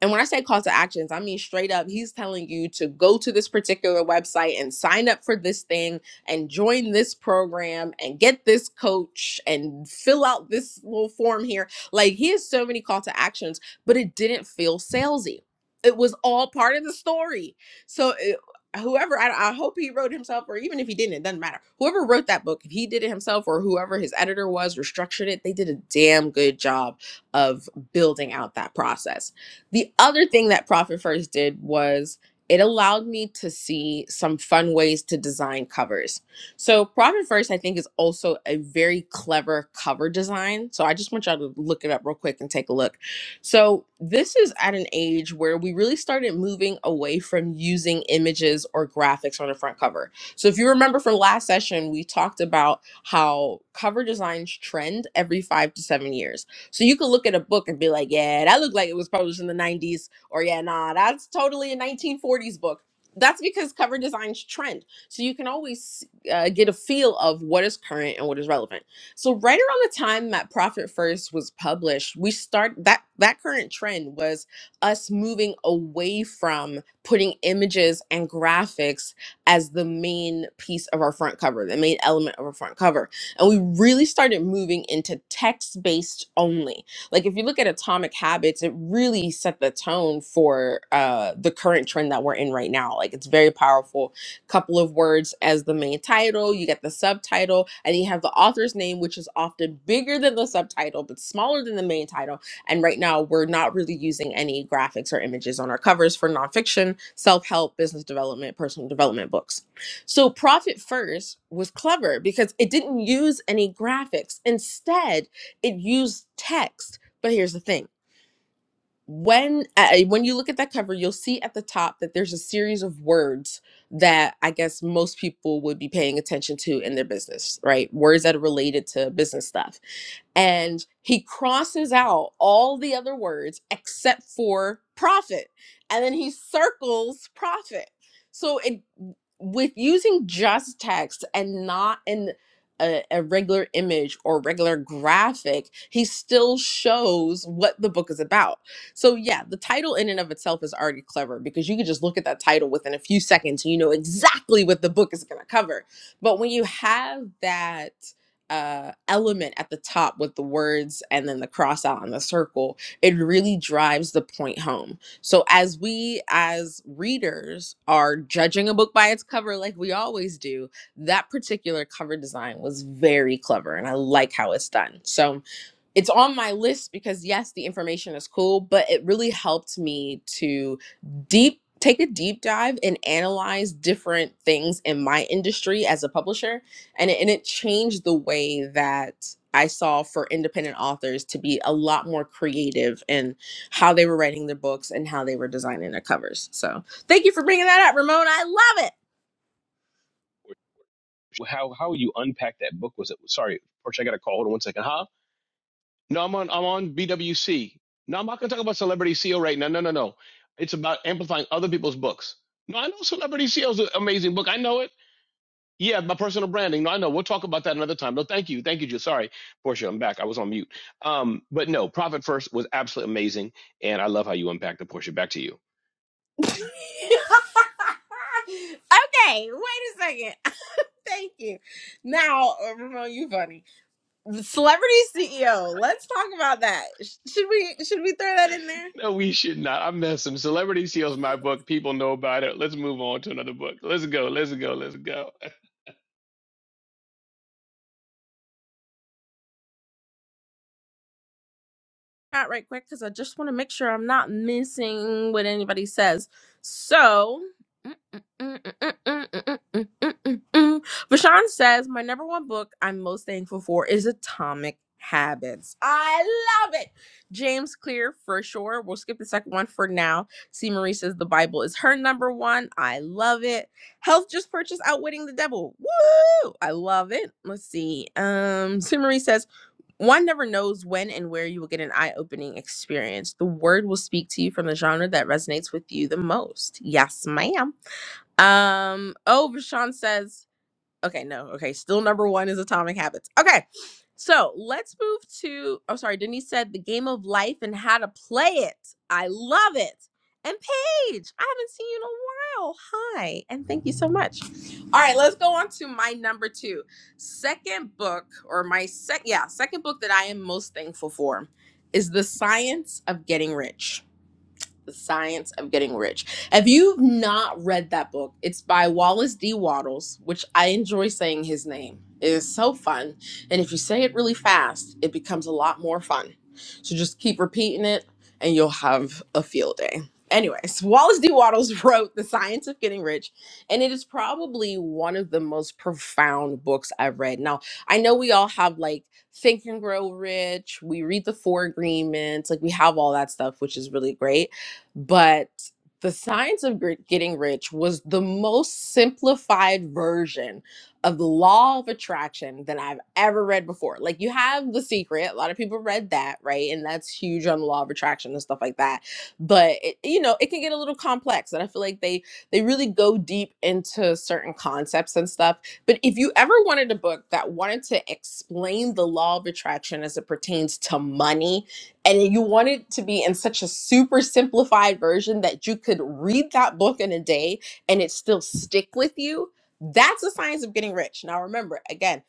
and when I say call to actions, I mean straight up, he's telling you to go to this particular website and sign up for this thing and join this program and get this coach and fill out this little form here. Like he has so many call to actions, but it didn't feel salesy. It was all part of the story. So it, whoever, I, I hope he wrote himself, or even if he didn't, it doesn't matter. Whoever wrote that book, if he did it himself or whoever his editor was or structured it, they did a damn good job of building out that process the other thing that Profit First did was it allowed me to see some fun ways to design covers. So, Profit First, I think, is also a very clever cover design. So, I just want y'all to look it up real quick and take a look. So, this is at an age where we really started moving away from using images or graphics on the front cover. So, if you remember from last session, we talked about how cover designs trend every five to seven years. So you can look at a book and be like, yeah, that looked like it was published in the 90s, or yeah, nah, that's totally a 1940s book. That's because cover designs trend. So you can always uh, get a feel of what is current and what is relevant. So right around the time that Profit First was published, we start that that current trend was us moving away from putting images and graphics as the main piece of our front cover, the main element of our front cover and we really started moving into text based only. Like if you look at Atomic Habits, it really set the tone for uh, the current trend that we're in right now. Like it's very powerful. Couple of words as the main title, you get the subtitle, and you have the author's name, which is often bigger than the subtitle, but smaller than the main title. And right now, we're not really using any graphics or images on our covers for nonfiction, self help, business development, personal development books. So Profit First was clever because it didn't use any graphics. Instead, it used text. But here's the thing. When uh, when you look at that cover, you'll see at the top that there's a series of words that I guess most people would be paying attention to in their business, right? Words that are related to business stuff and he crosses out all the other words except for profit and then he circles profit so it with using just text and not in a, a regular image or regular graphic he still shows what the book is about so yeah the title in and of itself is already clever because you can just look at that title within a few seconds and you know exactly what the book is going to cover but when you have that uh, element at the top with the words and then the cross out and the circle, it really drives the point home. So, as we as readers are judging a book by its cover, like we always do, that particular cover design was very clever and I like how it's done. So, it's on my list because yes the information is cool but it really helped me to deep take a deep dive and analyze different things in my industry as a publisher and it, and it changed the way that i saw for independent authors to be a lot more creative in how they were writing their books and how they were designing their covers so thank you for bringing that up Ramon. i love it How how you unpack that book was it? Sorry, Portia, I got a call. Hold on one second. Huh? No, I'm on I'm on BWC. No, I'm not gonna talk about celebrity CEO right now. No, no, no. It's about amplifying other people's books. No, I know Celebrity CEO is an amazing book. I know it. Yeah, my personal branding. No, I know. We'll talk about that another time. No, thank you. Thank you, Jill. Sorry, Portia, I'm back. I was on mute. Um, but no, Profit First was absolutely amazing. And I love how you unpacked it, Portia. Back to you. [LAUGHS] okay wait a second Thank you. Now, uh, Ramon, you funny. The celebrity CEO. Let's talk about that. Should we should we throw that in there? No, we should not. I'm messing. Celebrity Seals, my book. People know about it. Let's move on to another book. Let's go. Let's go. Let's go. chat right quick because I just want to make sure I'm not missing what anybody says. So, Vashan says, My number one book I'm most thankful for is Atomic Habits. I love it. James Clear, for sure. We'll skip the second one for now. C. Marie says, The Bible is her number one. I love it. Health just purchased Outwitting the Devil. Woo! I love it. Let's see. Um, [LAUGHS] C. Marie says, one never knows when and where you will get an eye opening experience. The word will speak to you from the genre that resonates with you the most. Yes, ma'am. Um, oh, Rashawn says Okay, no. Okay, still number one is Atomic Habits. Okay, so let's move to. Oh, sorry. Denise said the game of life and how to play it. I love it. And Paige, I haven't seen you in a while. Hi, and thank you so much. All right, let's go on to my number two, second book, or my sec, yeah, second book that I am most thankful for is The Science of Getting Rich the Science of Getting Rich. If you've not read that book, it's by Wallace D. Waddles, which I enjoy saying his name. It is so fun. And if you say it really fast, it becomes a lot more fun. So just keep repeating it and you'll have a field day. Anyways, [LAUGHS] Wallace D. Waddles wrote The Science of Getting Rich, and it is probably one of the most profound books I've read. Now, I know we all have like Think and Grow Rich, we read the Four Agreements, like we have all that stuff, which is really great but the science of Gr- getting rich was the most simplified version of the law of attraction that I've ever read before. Like you have the secret, a lot of people read that, right? And that's huge on the law of attraction and stuff like that. But it, you know, it can get a little complex and I feel like they they really go deep into certain concepts and stuff. But if you ever wanted a book that wanted to explain the law of attraction as it pertains to money, and you want it to be in such a super simplified version that you could read that book in a day and it still stick with you that's the science of getting rich now remember again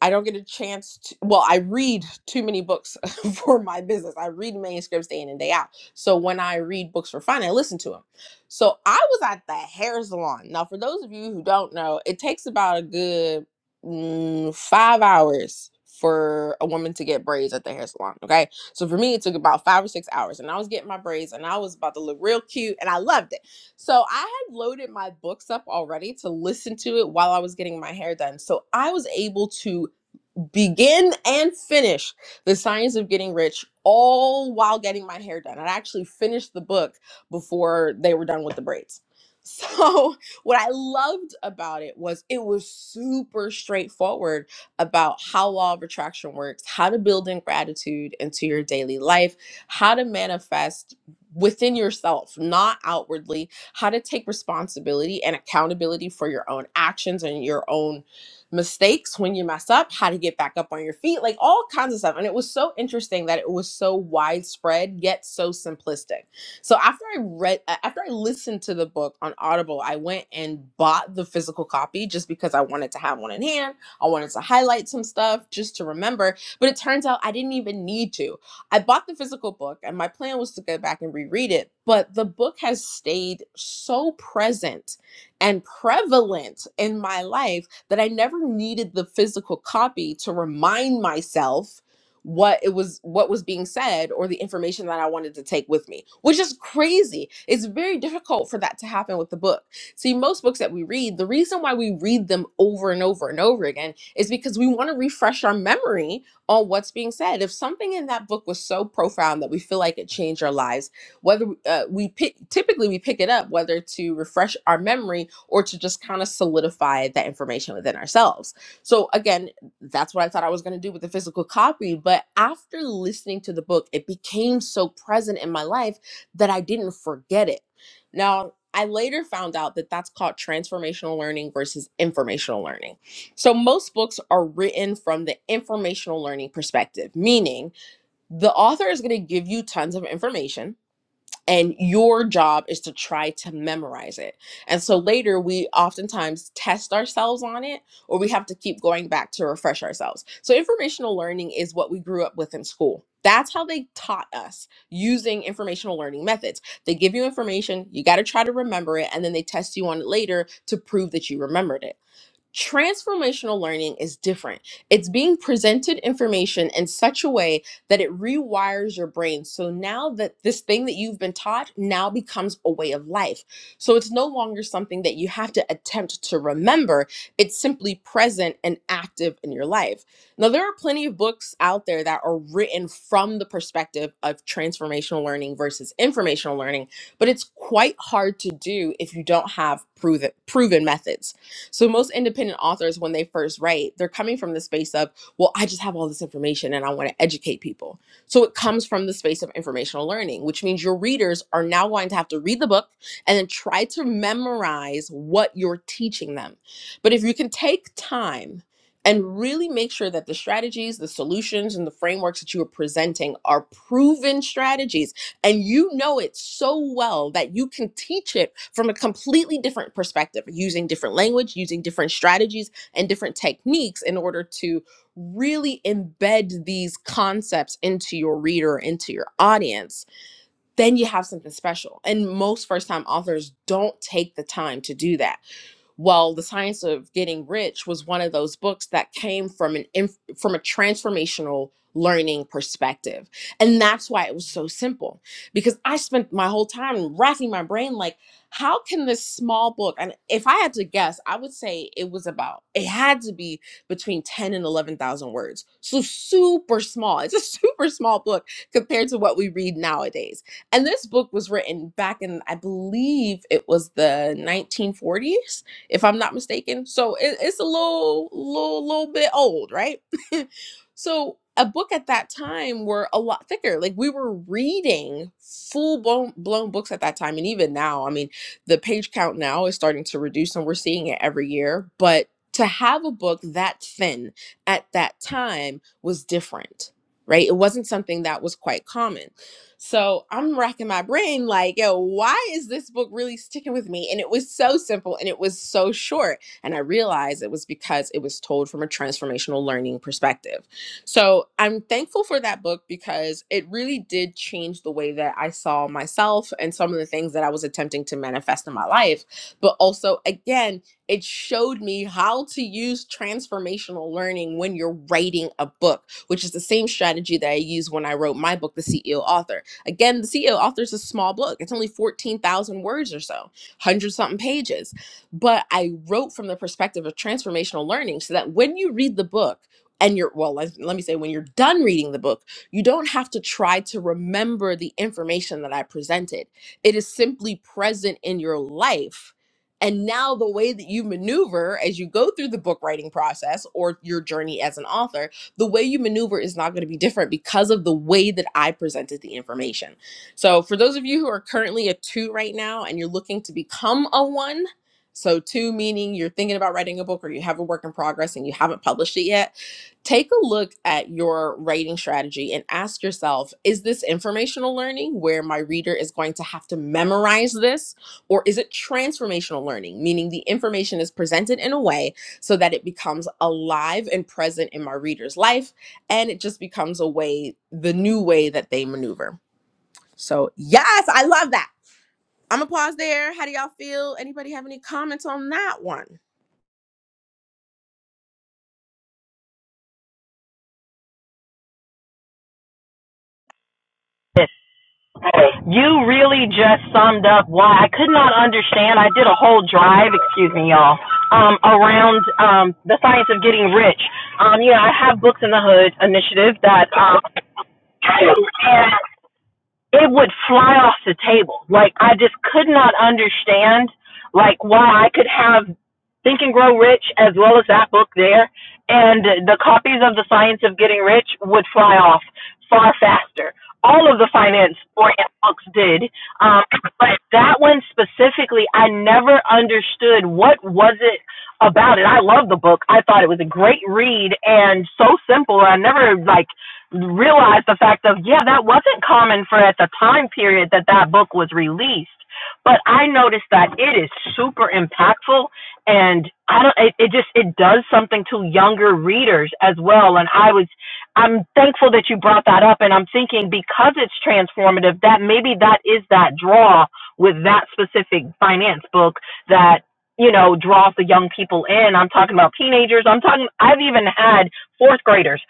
I don't get a chance to, well, I read too many books [LAUGHS] for my business. I read manuscripts day in and day out. So when I read books for fun, I listen to them. So I was at the hair salon. Now, for those of you who don't know, it takes about a good mm, five hours for a woman to get braids at the hair salon. Okay. So for me, it took about five or six hours. And I was getting my braids and I was about to look real cute and I loved it. So I had loaded my books up already to listen to it while I was getting my hair done. So I was able to begin and finish the science of getting rich all while getting my hair done. I actually finished the book before they were done with the braids. So, [LAUGHS] what I loved about it was it was super straightforward about how law of attraction works, how to build in gratitude into your daily life, how to manifest within yourself, not outwardly, how to take responsibility and accountability for your own actions and your own mistakes when you mess up, how to get back up on your feet, like all kinds of stuff. And it was so interesting that it was so widespread yet so simplistic. So after I read, uh, after I listened to the book on Audible, I went and bought the physical copy just because I wanted to have one in hand. I wanted to highlight some stuff just to remember. But it turns out I didn't even need to. I bought the physical book, and my plan was to go back and reread it. But the book has stayed so present and prevalent in my life that I never needed the physical copy to remind myself what it was what was being said or the information that I wanted to take with me which is crazy it's very difficult for that to happen with the book see most books that we read the reason why we read them over and over and over again is because we want to refresh our memory on what's being said if something in that book was so profound that we feel like it changed our lives whether uh, we pick typically we pick it up whether to refresh our memory or to just kind of solidify that information within ourselves so again that's what i thought i was going to do with the physical copy but after listening to the book it became so present in my life that i didn't forget it now I later found out that that's called transformational learning versus informational learning. So, most books are written from the informational learning perspective, meaning the author is going to give you tons of information and your job is to try to memorize it. And so later we oftentimes test ourselves on it or we have to keep going back to refresh ourselves. So informational learning is what we grew up with in school. That's how they taught us using informational learning methods. They give you information, you got to try to remember it, and then they test you on it later to prove that you remembered it. Transformational learning is different. It's being presented information in such a way that it rewires your brain. So now that this thing that you've been taught now becomes a way of life. So it's no longer something that you have to attempt to remember, it's simply present and active in your life. Now, there are plenty of books out there that are written from the perspective of transformational learning versus informational learning, but it's quite hard to do if you don't have proven, proven methods. So most independent authors, when they first write, they're coming from the space of, well, I just have all this information and I want to educate people. So it comes from the space of informational learning, which means your readers are now going to have to read the book and then try to memorize what you're teaching them. But if you can take time and really make sure that the strategies, the solutions, and the frameworks that you are presenting are proven strategies and you know it so well that you can teach it from a completely different perspective using different language using different strategies and different techniques in order to really embed these concepts into your reader into your audience then you have something special and most first time authors don't take the time to do that well, The Science of Getting Rich was one of those books that came from an inf- from a transformational learning perspective. And that's why it was so simple because I spent my whole time racking my brain like how can this small book and if I had to guess, I would say it was about it had to be between 10 and 11,000 words. So super small. It's a [LAUGHS] super small book compared to what we read nowadays. And this book was written back in I believe it was the 1940s if I'm not mistaken. So it, it's a little, little, little bit old, right? [LAUGHS] so a book at that time were a lot thicker. Like we were reading full blown, blown books at that time, and even now, I mean, the page count now is starting to reduce, and we're seeing it every year. But to have a book that thin at that time was different, right? It wasn't something that was quite common. So I'm racking my brain, like, yo, why is this book really sticking with me? And it was so simple and it was so short. And I realized it was because it was told from a transformational learning perspective. So I'm thankful for that book because it really did change the way that I saw myself and some of the things that I was attempting to manifest in my life. But also, again, it showed me how to use transformational learning when you're writing a book which is the same strategy that I used when I wrote my book, The CEO Author. Again, the CEO authors is a small book. It's only 14,000 words or so, 100 something pages. But I wrote from the perspective of transformational learning so that when you read the book, and you're, well, let, let me say, when you're done reading the book, you don't have to try to remember the information that I presented. It is simply present in your life and now, the way that you maneuver as you go through the book writing process or your journey as an author the way you maneuver is not going to be different because of the way that I presented the information. So, for those of you who are currently a two right now and you're looking to become a one, so two meaning you're thinking about writing a book or you have a work in progress and you haven't published it yet, take a look at your writing strategy and ask yourself is this informational learning where my reader is going to have to memorize this, or is it transformational learning, meaning the information is presented in a way? so that it becomes alive and present in my reader's life and it just becomes a way the new way that they maneuver so yes i love that i'm gonna pause there how do y'all feel anybody have any comments on that one You really just summed up why I could not understand. I did a whole drive, excuse me, y'all, um, around um, the science of getting rich. Um, you know, I have Books in the Hood initiative that, um, and it would fly off the table. Like I just could not understand like why I could have Think and Grow Rich as well as that book there and the copies of The Science of Getting Rich would fly off far faster. All of the finance or books did, um, but that one specifically, I never understood what was it about it. I love the book. I thought it was a great read and so simple. I never like realize the fact of yeah that wasn't common for at the time period that that book was released but i noticed that it is super impactful and i don't it, it just it does something to younger readers as well and i was i'm thankful that you brought that up and i'm thinking because it's transformative that maybe that is that draw with that specific finance book that you know draws the young people in i'm talking about teenagers i'm talking i've even had fourth graders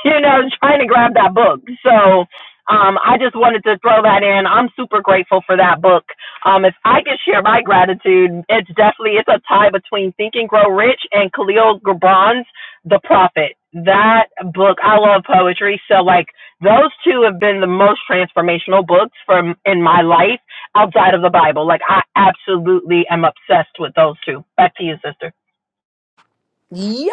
[LAUGHS] you know, trying to grab that book. So um, I just wanted to throw that in. I'm super grateful for that book. Um, if I can share my gratitude, it's definitely it's a tie between Think and Grow Rich and Khalil Gibran's The Prophet. That book, I love poetry, so like those two have been the most transformational books from in my life outside of the Bible. Like I absolutely am obsessed with those two. Back to you, sister. Yes,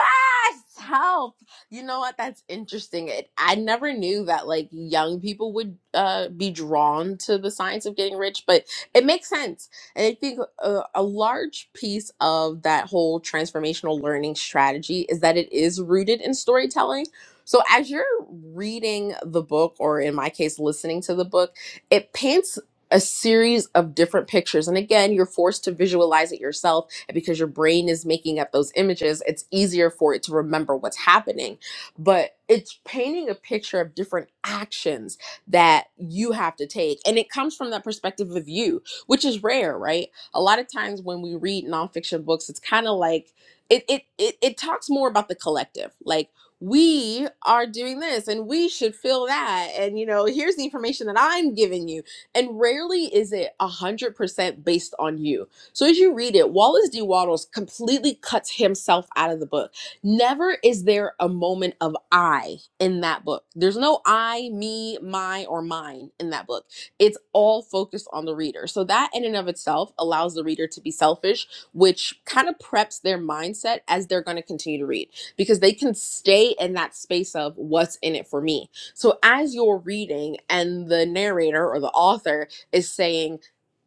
help. You know what? That's interesting. It, I never knew that like young people would uh, be drawn to the science of getting rich, but it makes sense. And I think a, a large piece of that whole transformational learning strategy is that it is rooted in storytelling. So as you're reading the book, or in my case, listening to the book, it paints a series of different pictures. And again, you're forced to visualize it yourself and because your brain is making up those images, it's easier for it to remember what's happening. But it's painting a picture of different actions that you have to take. And it comes from that perspective of you, which is rare, right? A lot of times when we read nonfiction books, it's kind of like it, it it it talks more about the collective. Like we are doing this and we should feel that. And you know, here's the information that I'm giving you. And rarely is it a hundred percent based on you so as you read it, Wallace D. Wattles completely cuts himself out of the book. Never is there a moment of I in that book. There's no I, me, my, or mine in that book. It's all focused on the reader. So that in and of itself allows the reader to be selfish, which kind of preps their mindset as they're going to continue to read because they can stay in that space of what's in it for me. So as you're reading and the narrator or the author is saying,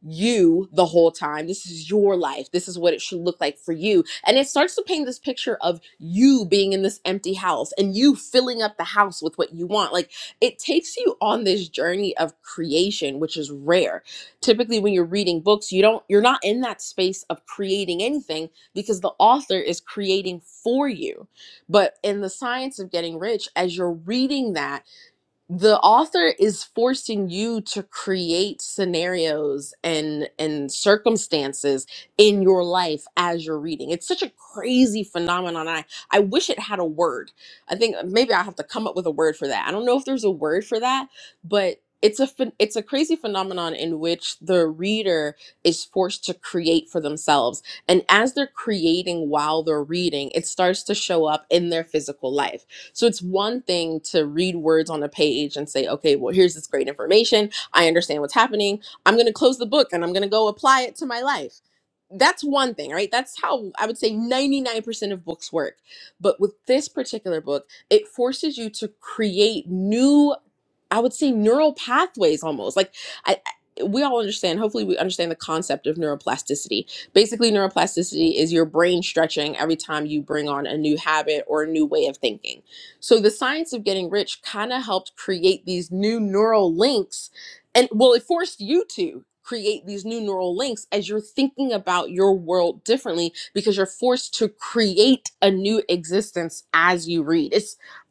you the whole time. This is your life. This is what it should look like for you. And it starts to paint this picture of you being in this empty house and you filling up the house with what you want. Like it takes you on this journey of creation, which is rare. Typically when you're reading books, you don't you're not in that space of creating anything because the author is creating for you. But in the science of getting rich, as you're reading that the author is forcing you to create scenarios and and circumstances in your life as you're reading it's such a crazy phenomenon i i wish it had a word i think uh, maybe i have to come up with a word for that i don't know if there's a word for that but it's a phen- it's a crazy phenomenon in which the reader is forced to create for themselves and as they're creating while they're reading it starts to show up in their physical life so it's one thing to read words on a page and say, okay, well, here's this great information. I understand what's happening. I'm going to close the book and I'm going to go apply it to my life. That's one thing, right? That's how I would say 99% of books work. But with this particular book, it forces you to create new I would say neural pathways almost. Like I, I- we all understand, hopefully we understand the concept of neuroplasticity. Basically neuroplasticity is your brain stretching every time you bring on a new habit or a new way of thinking. So the science of getting rich kind of helped create these new neural links and well it forced you to create these new neural links as you're thinking about your world differently because you're forced to create a new existence as you read. It's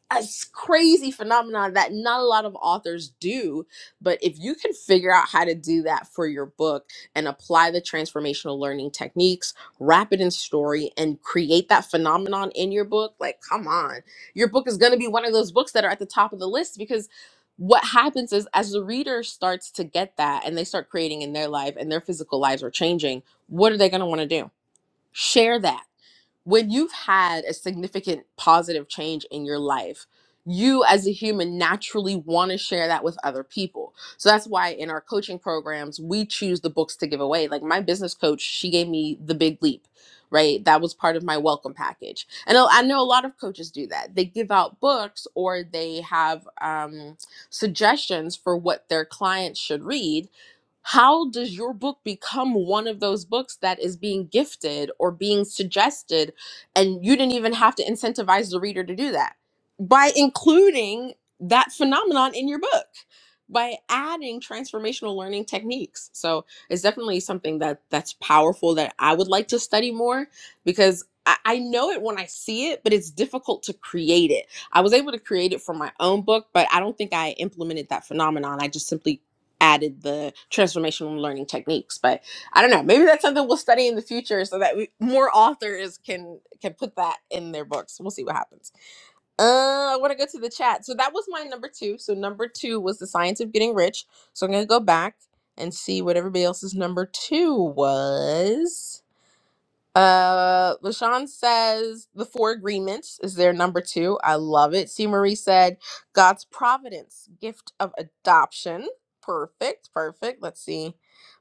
a crazy phenomenon that not a lot of authors do but if you can figure out how to do that for your book and apply the transformational learning techniques wrap it in story and create that phenomenon in your book like come on your book is going to be one of those books that are at the top of the list because what happens is as the reader starts to get that and they start creating in their life and their physical lives are changing what are they going to want to do share that when you've had a significant positive change in your life, you as a human naturally want to share that with other people. So that's why in our coaching programs, we choose the books to give away. Like my business coach, she gave me The Big Leap, right? That was part of my welcome package. And I I know a lot of coaches do that. They give out books or they have um, suggestions for what their clients should read how does your book become one of those books that is being gifted or being suggested and you didn't even have to incentivize the reader to do that by including that phenomenon in your book by adding transformational learning techniques. So it's definitely something that that's powerful that I would like to study more because I, I know it when I see it, but it's difficult to create it. I was able to create it for my own book, but I don't think I implemented that phenomenon. I just simply added the transformational learning techniques. but. I don't know. Maybe that's something we'll study in the future, so that we, more authors can can put that in their books. We'll see what happens. Uh, I want to go to the chat. So that was my number two. So number two was the science of getting rich. So I'm gonna go back and see what everybody else's number two was. Uh, Lashawn says the four agreements is their number two. I love it. C. Marie said God's providence, gift of adoption. Perfect, perfect. Let's see.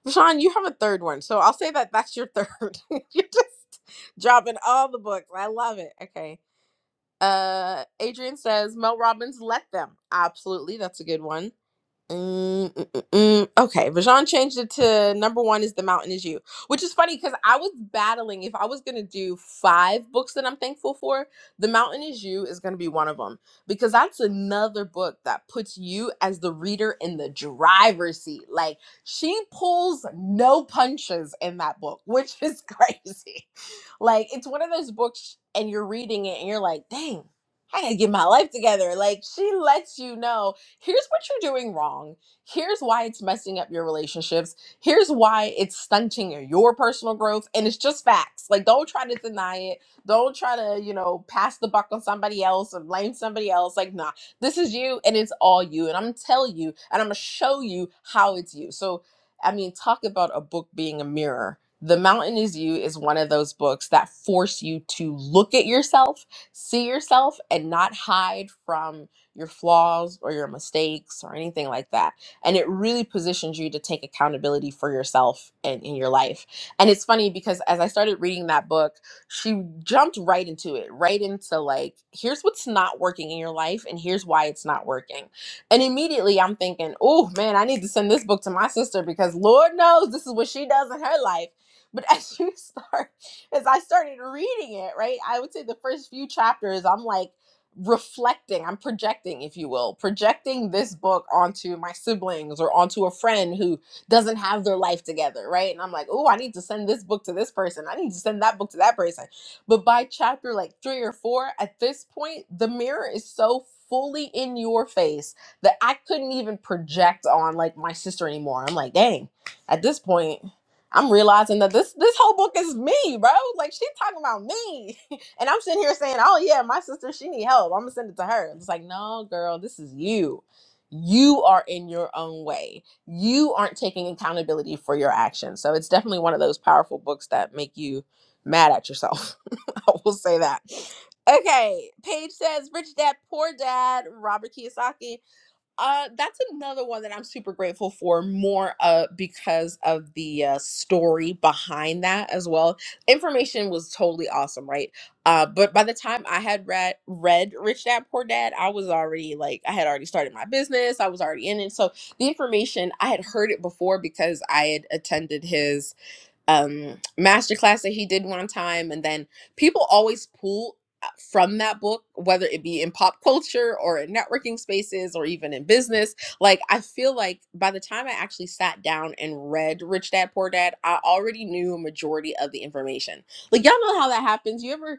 Lashawn, you have a third one, so I'll say that that's your third. [LAUGHS] You're just dropping all the books. I love it. Okay. Uh, Adrian says Mel Robbins, let them. Absolutely, that's a good one. Mm, mm, mm, mm. Okay, Vajon changed it to number one is The Mountain Is You, which is funny because I was battling if I was going to do five books that I'm thankful for, The Mountain Is You is going to be one of them because that's another book that puts you as the reader in the driver's seat. Like she pulls no punches in that book, which is [LAUGHS] crazy. Like it's one of those books and you're reading it and you're like, dang, I gotta get my life together. Like she lets you know here's what you're doing wrong. Here's why it's messing up your relationships. Here's why it's stunting your personal growth. And it's just facts. Like, don't try to deny it. Don't try to, you know, pass the buck on somebody else or blame somebody else. Like, nah, this is you and it's all you. And I'm going to tell you and I'm going to show you how it's you. So, I mean, talk about a book being a mirror. The Mountain is You is one of those books that force you to look at yourself see yourself and not hide from your flaws or your mistakes or anything like that. And it really positions you to take accountability for yourself and in your life. And it's funny because as I started reading that book, she jumped right into it, right into like, here's what's not working in your life and here's why it's not working. And immediately I'm thinking, oh man, I need to send this book to my sister because Lord knows this is what she does in her life. But [LAUGHS] as you start, as I started reading it, right, I would say the first few chapters, I'm like, reflecting, I'm projecting, if you will, projecting this book onto my siblings or onto a friend who doesn't have their life together, right? And I'm like, oh, I need to send this book to this person. I need to send that book to that person. But by chapter like three or four, at this point, the mirror is so fully in your face that I couldn't even project on like my sister anymore. I'm like, dang, at this point, I'm realizing that this this whole book is me, bro. Like she's talking about me. [LAUGHS] And I'm sitting here saying, "Oh yeah, my sister, she need help. I'm gonna send it to her." It's like, no, girl, this is you. You are in your own way. You aren't taking accountability for your actions. So it's definitely one of those powerful books that make you mad at yourself. [LAUGHS] I will say that. Okay, Paige says, "Rich Dad Poor Dad," Robert Kiyosaki. Uh, that's another one that I'm super grateful for, more uh because of the uh, story behind that as well. Information was totally awesome, right? Uh, but by the time I had read read Rich Dad Poor Dad, I was already like I had already started my business. I was already in it, so the information I had heard it before because I had attended his um masterclass that he did one time and then people always pull uh, from that book whether it be in pop culture or in networking spaces or even in business like i feel like by the time i actually sat down and read rich dad poor dad i already knew a majority of the information like y'all know how that happens you ever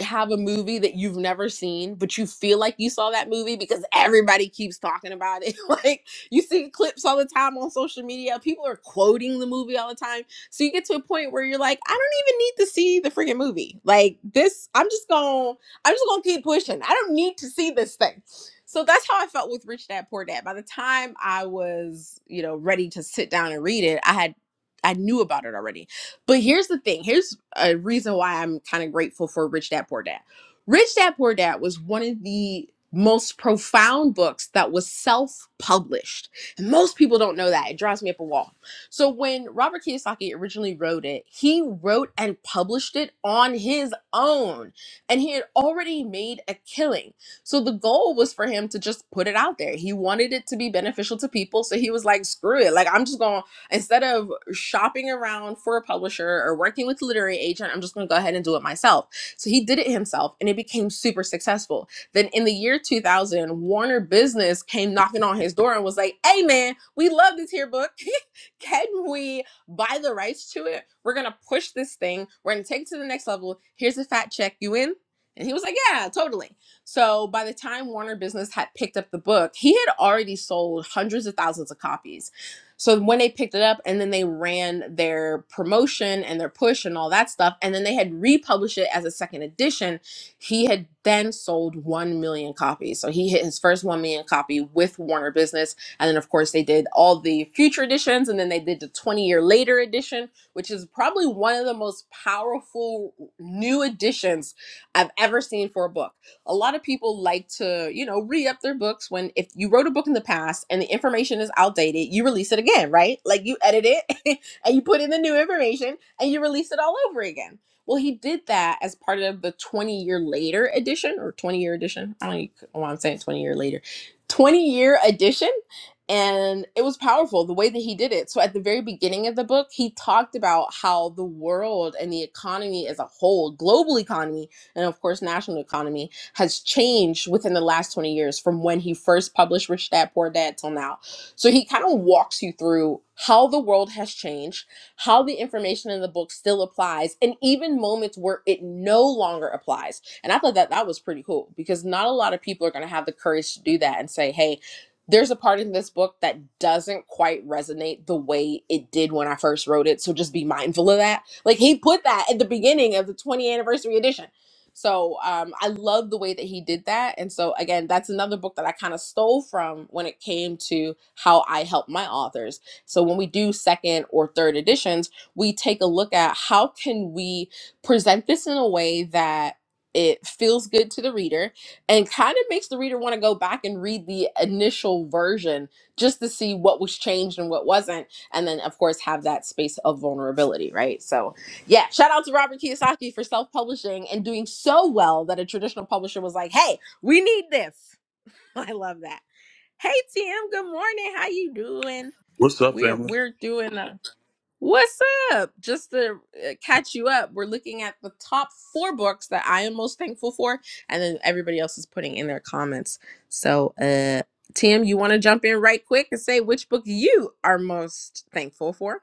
have a movie that you've never seen, but you feel like you saw that movie because everybody keeps talking about it. [LAUGHS] like you see clips all the time on social media. People are quoting the movie all the time. So you get to a point where you're like, I don't even need to see the freaking movie. Like this, I'm just gonna I'm just gonna keep pushing. I don't need to see this thing. So that's how I felt with Rich Dad Poor Dad. By the time I was, you know, ready to sit down and read it, I had I knew about it already but here's the thing. Here's a reason why I'm kind of grateful for Rich Dad Poor Dad. Rich Dad Poor Dad was one of the most profound books that was self-published. And most people don't know that. It drives me up a wall. So when Robert Kiyosaki originally wrote it, he wrote and published it on his own. And he had already made a killing. So the goal was for him to just put it out there. He wanted it to be beneficial to people. So he was like, screw it. Like I'm just going to Instead of shopping around for a publisher or working with a literary agent, I'm just going to go ahead and do it myself. So he did it himself and it became super successful. Then in the year 2000, Warner Business came knocking on his door and was like, hey man, we love this here book. [LAUGHS] Can we buy the rights to it? We're going to push this thing. We're going to take it to the next level. Here's a fat check. You in? And he was like, yeah, totally. So by the time Warner Business had picked up the book, he had already sold hundreds of thousands of copies so when they picked it up and then they ran their promotion and their push and all that stuff, and then they had republished it as a second edition, he had then sold 1 million copies. So he hit his first 1 million copy with Warner Business. And then, of course, they did all the future editions and then they did the 20 year later edition, which is probably one of the most powerful new editions I've ever seen for a book a lot of people like to, you know, re up their books when if you wrote a book in the past and the information is outdated, you release it again, right? Like you edit it [LAUGHS] and you put in the new information and you release it all over again. Well, he did that as part of the 20 year later edition or 20 year edition. I don't know why I'm saying 20 year later. 20 year edition. And it was powerful the way that he did it. So, at the very beginning of the book, he talked about how the world and the economy as a whole, global economy, and of course, national economy, has changed within the last 20 years from when he first published Rich Dad Poor Dad till now. So he kind of walks you through how the world has changed, how the information in the book still applies, and even moments where it no longer applies. And I thought that that was pretty cool because not a lot of people are going to have the courage to do that and say, hey, there's a part in this book that doesn't quite resonate the way it did when I first wrote it. So just be mindful of that. Like he put that at the beginning of the 20th anniversary edition. So um, I love the way that he did that. And so, again, that's another book that I kind of stole from when it came to how I help my authors. So when we do second or third editions, we take a look at how can we present this in a way that it feels good to the reader and kind of makes the reader want to go back and read the initial version just to see what was changed and what wasn't and then of course have that space of vulnerability right so yeah, shout out to Robert Kiyosaki for self-publishing and doing so well that a traditional publisher was like, "Hey, we need this." [LAUGHS] I love that. Hey TM, good morning. How you doing? What's up, We're family? we're doing a What's up? Just to uh, catch you up, we're looking at the top 4 books that I am most thankful for and then everybody else is putting in their comments. So, uh TM, you want to jump in right quick and say which book you are most thankful for?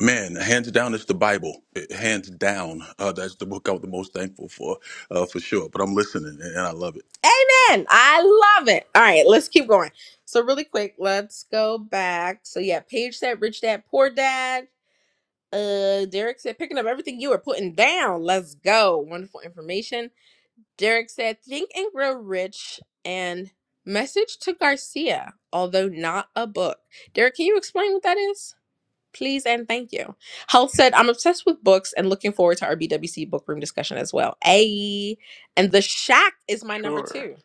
Man, hands down, it's the Bible. It- Hands down, uh, that's the book I was the most thankful for, uh, for sure. But I'm listening, and and I love it. Amen. I love it. All right, let's keep going. So really quick, let's go back. So yeah, Paige said rich dad, poor dad. Uh Derek said picking up everything you were putting down. Let's go. Wonderful information. Derek said think and grow rich and message to Garcia, although not a book. Derek, can you explain what that is? Please and thank you. Health said, I'm obsessed with books and looking forward to our BWC book room discussion as well. Ayy. And the shack is my number Sure. two.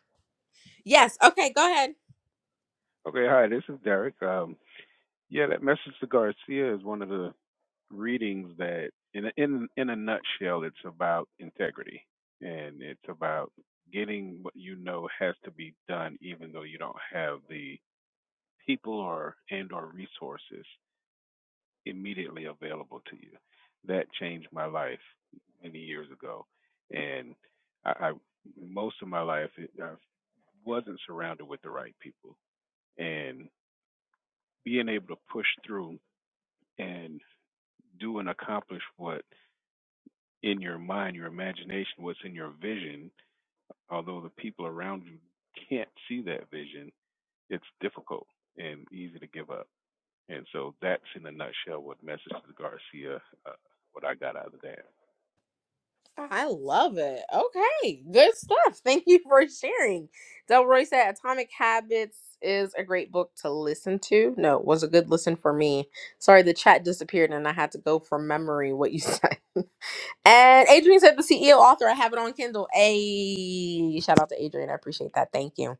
Yes. Okay, go ahead. Okay, hi, this is Derek. Um, yeah, that message to Garcia is one of the readings that, in a, in in a nutshell, it's about integrity, and it's about getting what you know has to be done, even though you don't have the people or and or resources immediately available to you. That changed my life many years ago, and I, I most of my life it, I wasn't surrounded with the right people, and. being able to push through and do and accomplish what in your mind, your imagination, what's in your vision, although the people around you can't see that vision, it's difficult and easy to give up. And so that's in a nutshell what message to Garcia, uh, what I got out of that. I love it. Okay, good stuff. Thank you for sharing. Delroy said Atomic Habits is a great book to listen to. No, it was a good listen for me. Sorry, the chat disappeared and I had to go from memory what you [LAUGHS] said. And Adrian said the CEO author. I have it on Kindle. A shout out to Adrian. I appreciate that. Thank you.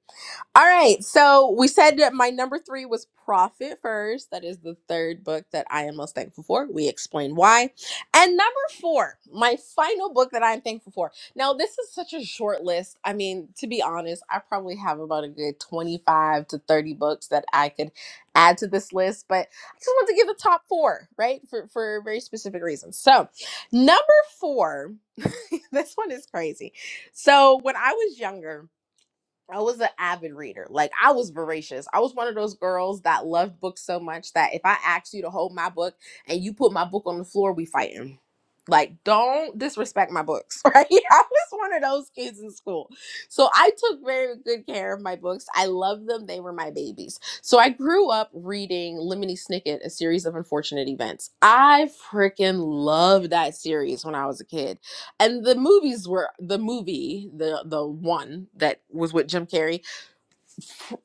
All right. So we said that my number three was Profit First. That is the third book that I am most thankful for. We explained why. And number four, my final book that I'm thankful for. Now, this is such a short list. I mean, to be honest, I probably have about a good 25 to 30 books that I could add to this list, but I just want to give the top four, right? For, for very specific reasons. So, number four, [LAUGHS] this one is crazy. So, when I was younger, I was an avid reader. Like I was voracious. I was one of those girls that loved books so much that if I asked you to hold my book and you put my book on the floor, we fighting. Like don't disrespect my books, [LAUGHS] right? I was one of those kids in school. So I took very good care of my books. I loved them. They were my babies. So I grew up reading Lemony Snicket: A Series of Unfortunate Events. I freaking loved that series when I was a kid and the movies were the movie the the one that was with jim carrey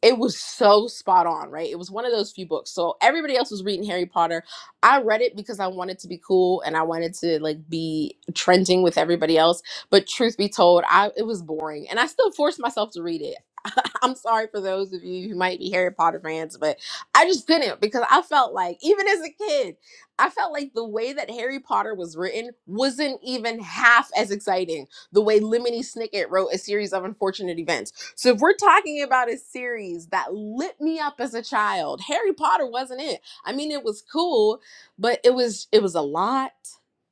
it was so spot on, right? It was one of those few books. So everybody else was reading Harry Potter. I read it because I wanted to be cool and I wanted to like be trending with everybody else. But truth be told, I it was boring, and I still forced myself to read it. [LAUGHS] I'm sorry for those of you who might be Harry Potter fans, but I just couldn't because I felt like even as a kid, I felt like the way that Harry Potter was written wasn't even half as exciting the way Lemony Snicket wrote a series of unfortunate events so if we're talking about a series that lit me up as a child, Harry Potter wasn't it. I mean, it was cool, but it was it was a lot.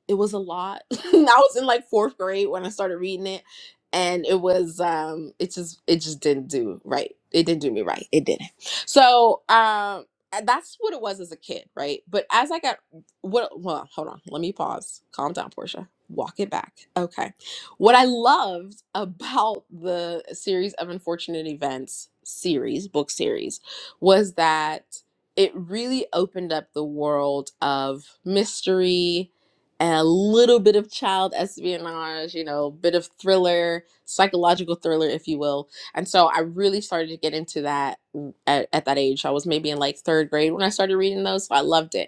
It was a lot. [LAUGHS] I was in like fourth grade when I started reading it, and it was um it just it just didn't do right. It didn't do me right. It didn't. So um and that's what it was as a kid, right? But as I got what well, hold on, let me pause. Calm down, Portia. Walk it back. Okay what I loved about the series of unfortunate events series, book series, was that it really opened up the world of mystery and a little bit of child espionage, you know, bit of thriller, psychological thriller, if you will. And so I really started to get into that at, at that age. I was maybe in like third grade when I started reading those, so I loved it.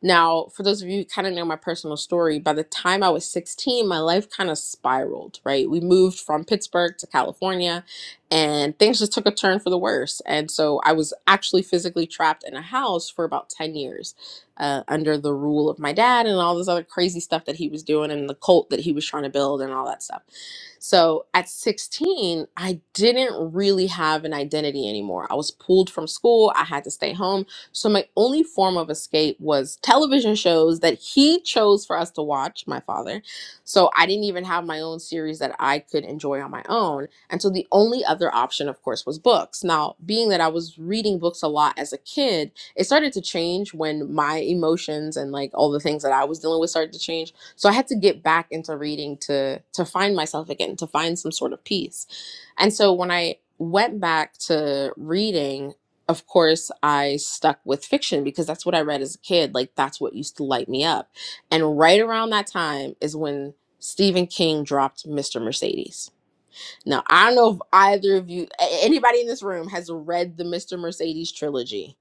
Now, for those of you who kind of know my personal story, by the time I was 16, my life kind of spiraled, right? We moved from Pittsburgh to California and things just took a turn for the worse. And so I was actually physically trapped in a house for about 10 years uh, under the rule of my dad and all this other crazy stuff that he was doing and the cult that he was trying to build and all that stuff. So at 16, I didn't really have an identity anymore. I was pulled from school. I had to stay home so my only form of escape was television shows that he chose for us to watch, my father. So I didn't even have my own series that I could enjoy on my own. And so the only other option, of course, was books. Now, being that I was reading books a lot as a kid, it started to change when my emotions and like all the things that I was dealing with started to change. So I had to get back into reading to to find myself again, to find some sort of peace. And so when I went back to reading of course, I stuck with fiction because that's what I read as a kid. Like, that's what used to light me up. And right around that time is when Stephen King dropped Mr. Mercedes now, I don't know if either of you, a- anybody in this room, has read the Mr. Mercedes trilogy,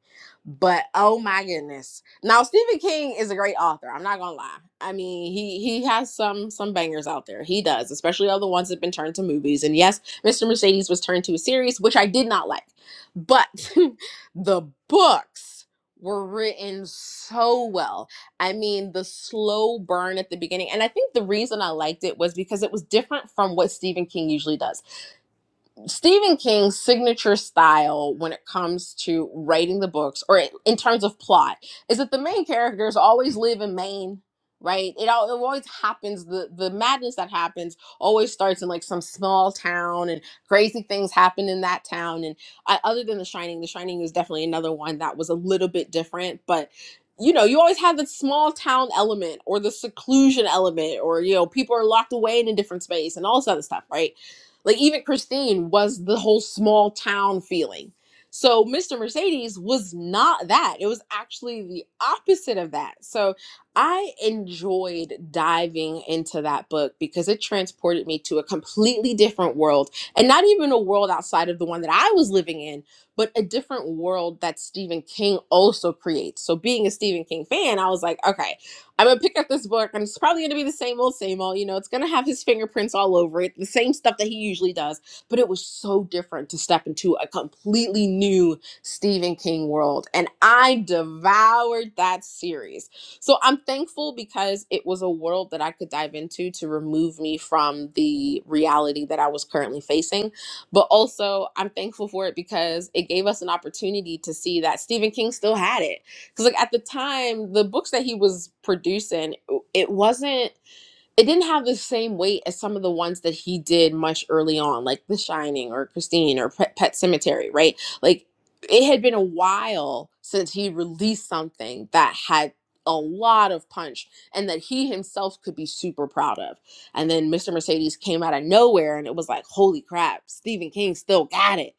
but oh my goodness! Now, Stephen King is a great author. I'm not gonna lie. I mean, he he has some some bangers out there. He does, especially all the ones that've been turned to movies. And yes, Mr. Mercedes was turned to a series, which I did not like, but [LAUGHS] the books were written so well I mean, the slow burn at the beginning. And I think the reason I liked it was because it was different from what Stephen King usually does. Stephen King's signature style when it comes to writing the books or in terms of plot is that the main characters always live in Maine, right? It, al- it always happens the the madness that happens always starts in like some small town and crazy things happen in that town and I, other than The Shining, The Shining is definitely another one that was a little bit different, but you know, you always have the small town element or the seclusion element or you know, people are locked away in a different space and all this other stuff, right? Like even Christine was the whole small town feeling. So Mr. Mercedes was not that. It was actually the opposite of that. So I enjoyed diving into that book because it transported me to a completely different world and not even a world outside of the one that I was living in, but a different world that Stephen King also creates. So being a Stephen King fan, I was like, okay, I'm gonna pick up this book, and it's probably gonna be the same old, same old. You know, it's gonna have his fingerprints all over it, the same stuff that he usually does. But it was so different to step into a completely new Stephen King world, and I devoured that series. So I'm thankful because it was a world that I could dive into to remove me from the reality that I was currently facing. But also, I'm thankful for it because it gave us an opportunity to see that Stephen King still had it because like at the time the books that he was producing it wasn't it didn't have the same weight as some of the ones that he did much early on like the shining or christine or pet, pet cemetery right like it had been a while since he released something that had a lot of punch and that he himself could be super proud of and then mr mercedes came out of nowhere and it was like holy crap stephen king still got it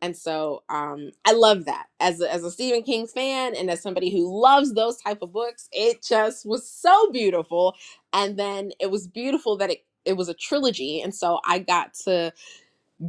and so um, I love that as a, as a Stephen King fan and as somebody who loves those type of books, it just was so beautiful. And then it was beautiful that it it was a trilogy, and so I got to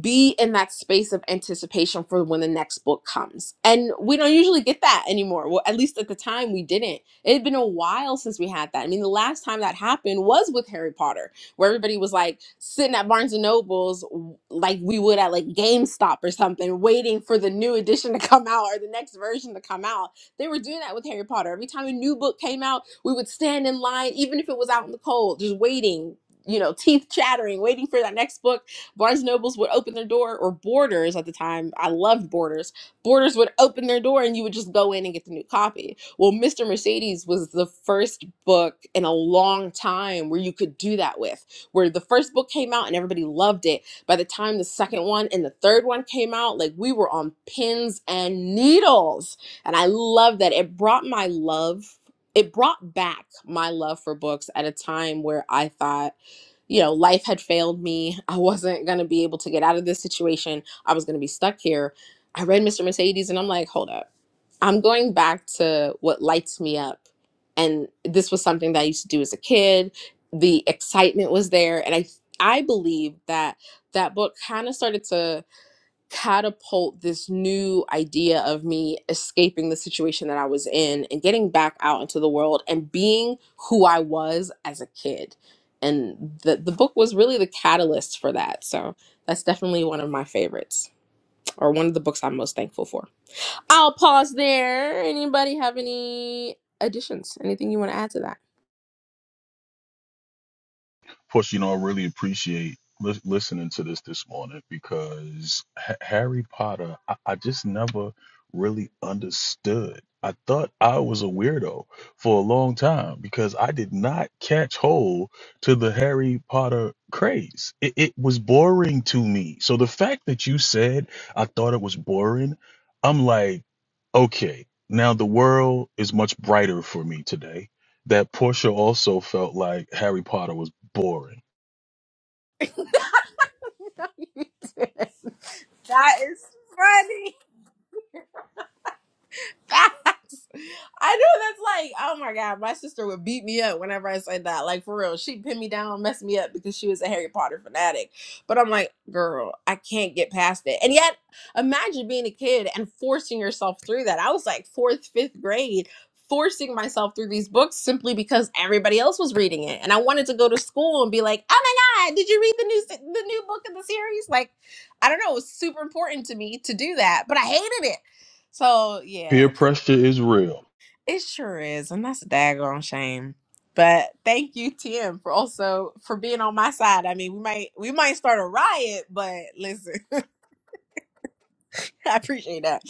be in that space of anticipation for when the next book comes. And we don't usually get that anymore. Well, at least at the time we didn't. It had been a while since we had that. I mean, the last time that happened was with Harry Potter, where everybody was like sitting at Barnes and Nobles like we would at like GameStop or something, waiting for the new edition to come out or the next version to come out. They were doing that with Harry Potter. Every time a new book came out, we would stand in line, even if it was out in the cold, just waiting, you know, teeth chattering, waiting for that next book Barnes& Nobles would open their door, or Borders at the time. I loved Borders. Borders would open their door, and you would just go in and get the new copy. Well, Mr. Mercedes was the first book in a long time where you could do that with. Where the first book came out and everybody loved it. By the time the second one and the third one came out, like we were on pins and needles. And I love that. It brought my love. It brought back my love for books at a time where I thought you know, life had failed me. I wasn't going to be able to get out of this situation. I was going to be stuck here. I read Mr. Mercedes and I'm like, hold up. I'm going back to what lights me up. And this was something that I used to do as a kid. The excitement was there. And I, I believe that that book kind of started to catapult this new idea of me escaping the situation that I was in and getting back out into the world and being who I was as a kid. And the, the book was really the catalyst for that. So that's definitely one of my favorites or one of the books I'm most thankful for. I'll pause there. Anybody have any additions? Anything you want to add to Plus, you know, I really appreciate lis- listening to this this morning because Ha Harry Potter, I, I just never really understood. I thought I was a weirdo for a long time because I did not catch hold to the Harry Potter craze. It, it was boring to me. So the fact that you said I thought it was boring, I'm like, okay, now the world is much brighter for me today that Portia also felt like Harry Potter was boring. that? [LAUGHS] That is funny. [LAUGHS] I know that's like, oh my god, my sister would beat me up whenever I said that. Like for real, she'd pin me down, mess me up because she was a Harry Potter fanatic. But I'm like, girl, I can't get past it. And yet, imagine being a kid and forcing yourself through that. I was like fourth, fifth grade, forcing myself through these books simply because everybody else was reading it, and I wanted to go to school and be like, oh my god, did you read the new se- the new book in the series? Like, I don't know, it was super important to me to do that, but I hated it. So yeah. Peer pressure is real. It sure is, and that's a daggone shame. But thank you, Tim, for also for being on my side. I mean, we might we might start a riot, but listen, [LAUGHS] I appreciate that.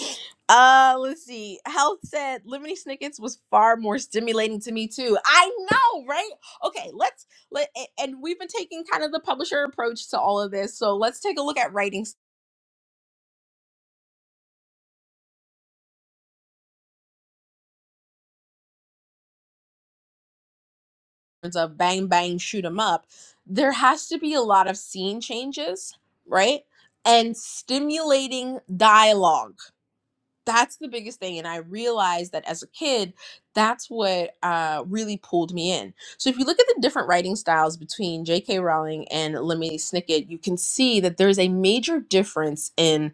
Uh, let's see. Health said Lemony Snickets was far more stimulating to me too. I know, right? Okay, let's let a- and we've been taking kind of the publisher approach to all of this. So let's take a look at writing terms of bang bang shoot 'em up there has to be a lot of scene changes right and stimulating dialogue that's the biggest thing and i realized that as a kid that's what uh, really pulled me in so if you look at the different writing styles between j.k rowling and lemony snicket you can see that there's a major difference in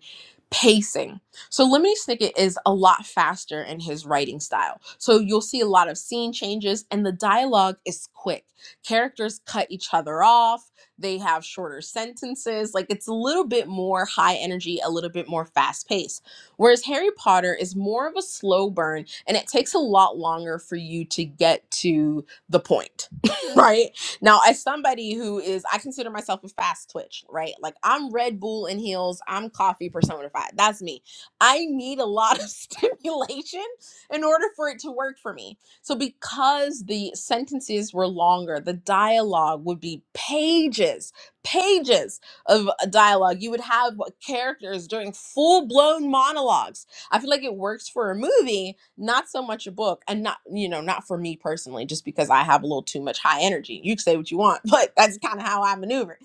pacing so lemony snicket is a lot faster in his writing style so you'll see a lot of scene changes and the dialogue is quick characters cut each other off they have shorter sentences like it's a little bit more high energy a little bit more fast paced Whereas Harry Potter is more of a slow burn and it takes a lot longer for you to get to the point, [LAUGHS] right? Now, as somebody who is, I consider myself a fast twitch, right? Like I'm Red Bull in heels, I'm coffee personified. That's me. I need a lot of [LAUGHS] stimulation in order for it to work for me. So, because the sentences were longer, the dialogue would be pages, pages of dialogue. You would have like, characters doing full blown monologues. I feel like it works for a movie, not so much a book, and not you know not for me personally, just because I have a little too much high energy. You can say what you want, [LAUGHS] but that's kind of how I maneuver.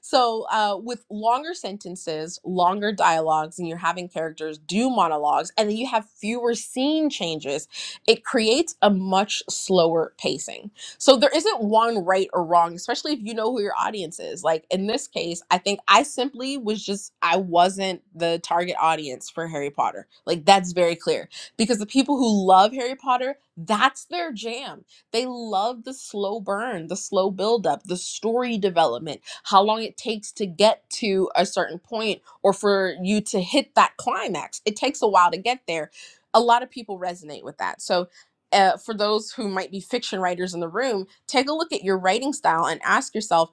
So, uh, with longer sentences, longer dialogues, and you're having characters do monologues, and then you have fewer scene changes, it creates a much slower pacing. So, there isn't one right or wrong, especially if you know who your audience is. Like in this case, I think I simply was just, I wasn't the target audience for Harry Potter. Like, that's very clear because the people who love Harry Potter, that's their jam they love the slow burn, the slow buildup, the story development, how long it takes to get to a certain point or for you to hit that climax. It takes a while to get there. A lot of people resonate with that. So, uh, for those who might be fiction writers in the room, take a look at your writing style and ask yourself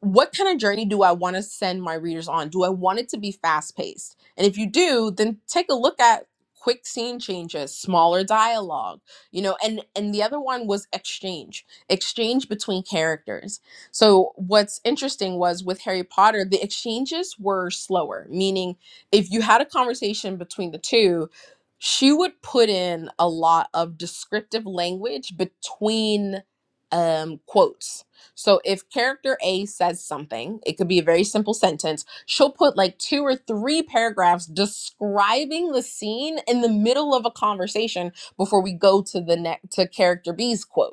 what kind of journey do I want to send my readers on? Do I want it to be fast paced? And if you do, then take a look at quick scene changes, smaller dialogue, you know, and and the other one was exchange, exchange between characters. So what's interesting was with Harry Potter, the exchanges were slower, meaning if you had a conversation between the two, she would put in a lot of descriptive language between um quotes so if character A says something, it could be a very simple sentence. She'll put like two or three paragraphs describing the scene in the middle of a conversation before we go to the next to character B's quote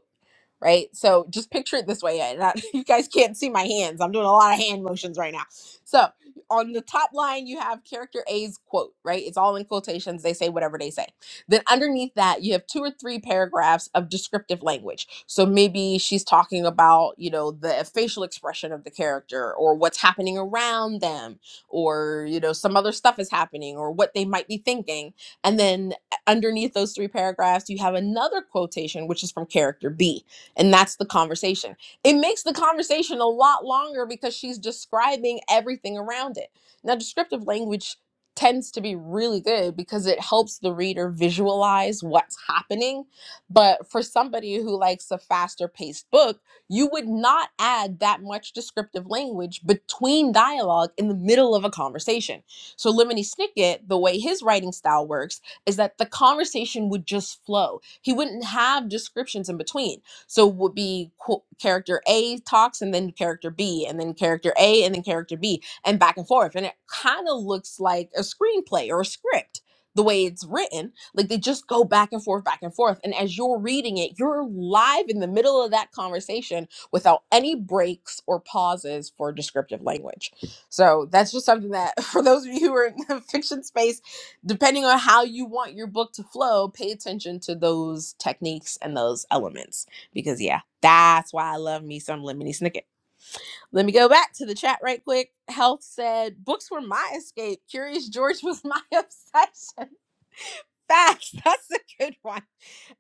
right? So just picture it this way. and I- [LAUGHS] you guys can't see my hands. I'm doing a lot of hand motions right now. So on the top line, you have character A's quote, right? It's all in quotations. They say whatever they say. Then underneath that, you have two or three paragraphs of descriptive language. So maybe she's talking about, you know, the facial expression of the character or what's happening around them or, you know, some other stuff is happening or what they might be thinking. And then underneath those three paragraphs, you have another quotation, which is from character B and that's the conversation. It makes the conversation a lot longer because she's describing everything around it. Now, descriptive language tends to be really good because it helps the reader visualize what's happening. But for somebody who likes a faster paced book, you would not add that much descriptive language between dialogue in the middle of a conversation. So, Lemony Snicket, the way his writing style works, is that the conversation would just flow. He wouldn't have descriptions in between so it would be qu- character A talks and then character B and then character A and then character B and back and forth. And it kind of looks like a screenplay or a script the way it's written. Like they just go back and forth, back and forth. And as you're reading it, you're live in the middle of that conversation without any breaks or pauses for descriptive language. So that's just something that, [LAUGHS] for those of you who are in the fiction space, depending on how you want your book to flow, pay attention to those techniques and those elements because yeah, that's why I love me some lemony snicket. Let me go back to the chat right quick. Health said books were my escape. Curious George was my [LAUGHS] obsession. Facts. That's a good one.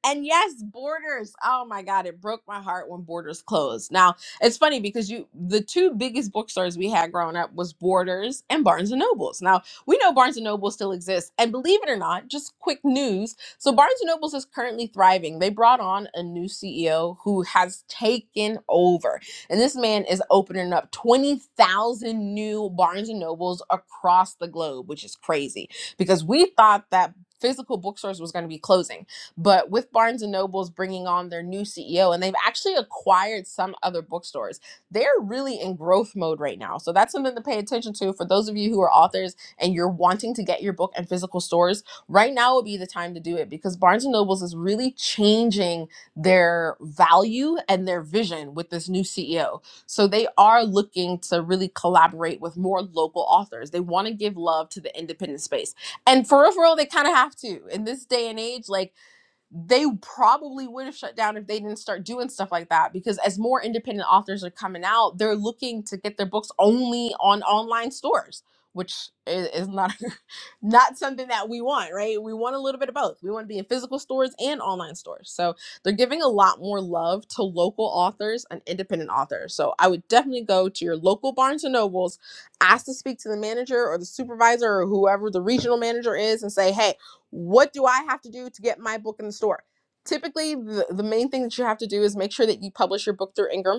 And yes, Borders. Oh my God, it broke my heart when Borders closed. Now it's funny because you the two biggest bookstores we had growing up was Borders and Barnes and Nobles. Now we know Barnes and Noble still exists, and believe it or not, just quick news. So Barnes and Nobles is currently thriving. They brought on a new CEO who has taken over, and this man is opening up twenty thousand new Barnes and Nobles across the globe, which is crazy because we thought that physical bookstores was going to be closing but with Barnes and Noble's bringing on their new CEO, and they've actually acquired some other bookstores, they're really in growth mode right now. So that's something to pay attention to for those of you who are authors and you're wanting to get your book in physical stores. Right now would be the time to do it because Barnes and Noble's is really changing their value and their vision with this new CEO. So they are looking to really collaborate with more local authors. They want to give love to the independent space. And for real, for real, they kind of have to. In this day and age, like they probably would have shut down if they didn't start doing stuff like that because as more independent authors are coming out they're looking to get their books only on online stores which i- is not [LAUGHS] not something that we want right we want a little bit of both we want to be in physical stores and online stores so they're giving a lot more love to local authors and independent authors so i would definitely go to your local barnes and nobles ask to speak to the manager or the supervisor or whoever the regional manager is and say hey what do I have to do to get my book in the store? Typically, the, the main thing that you have to do is make sure that you publish your book through Ingram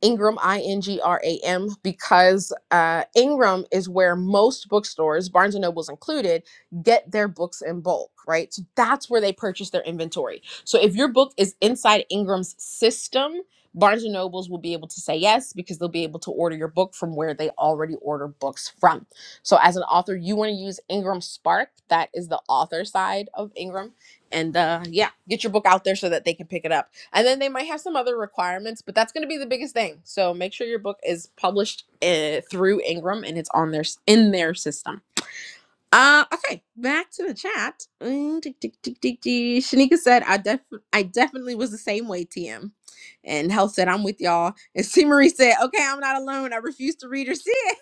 Ingram, I N G R A M, because uh, Ingram is where most bookstores, Barnes and Noble's included, get their books in bulk, right? So that's where they purchase their inventory. So if your book is inside Ingram's system, Barnes and Nobles will be able to say yes because they'll be able to order your book from where they already order books from. So as an author, you want to use Ingram Spark. That is the author side of Ingram. And uh, yeah, get your book out there so that they can pick it up. And then they might have some other requirements, but that's going to be the biggest thing. So make sure your book is published uh, through Ingram and it's on their in their system. Uh, okay, back to the chat. Mm, tick, tick, tick, tick, tick. Shanika said, "I def I definitely was the same way, TM." And Health said, "I'm with y'all." And [LAUGHS] C Marie said, "Okay, I'm not alone. I refuse to read or see it."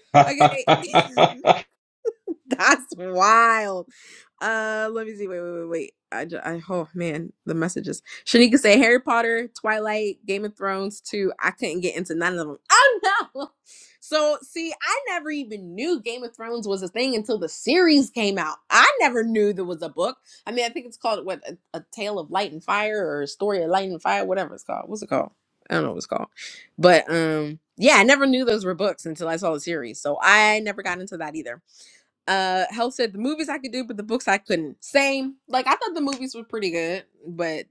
[LAUGHS] I [LAUGHS] okay. [LAUGHS] [LAUGHS] That's wild. Uh, let me see. Wait, wait, wait, wait. I, ju- I oh man, the messages. Shanika said Harry Potter, Twilight, Game of Thrones too. I couldn't get into none of them. [LAUGHS] Oh no. So see, I never even knew Game of Thrones was a thing until the series came out. I never knew there was a book. I mean, I think it's called what a, a Tale of Light and Fire or a Story of Light and Fire, whatever it's called. What's it called? I don't know what it's called. But um, yeah, I never knew those were books until I saw the series. So I never got into that either. Uh, Health said the movies I could do, but the books I couldn't. Same. Like I thought the movies were pretty good, but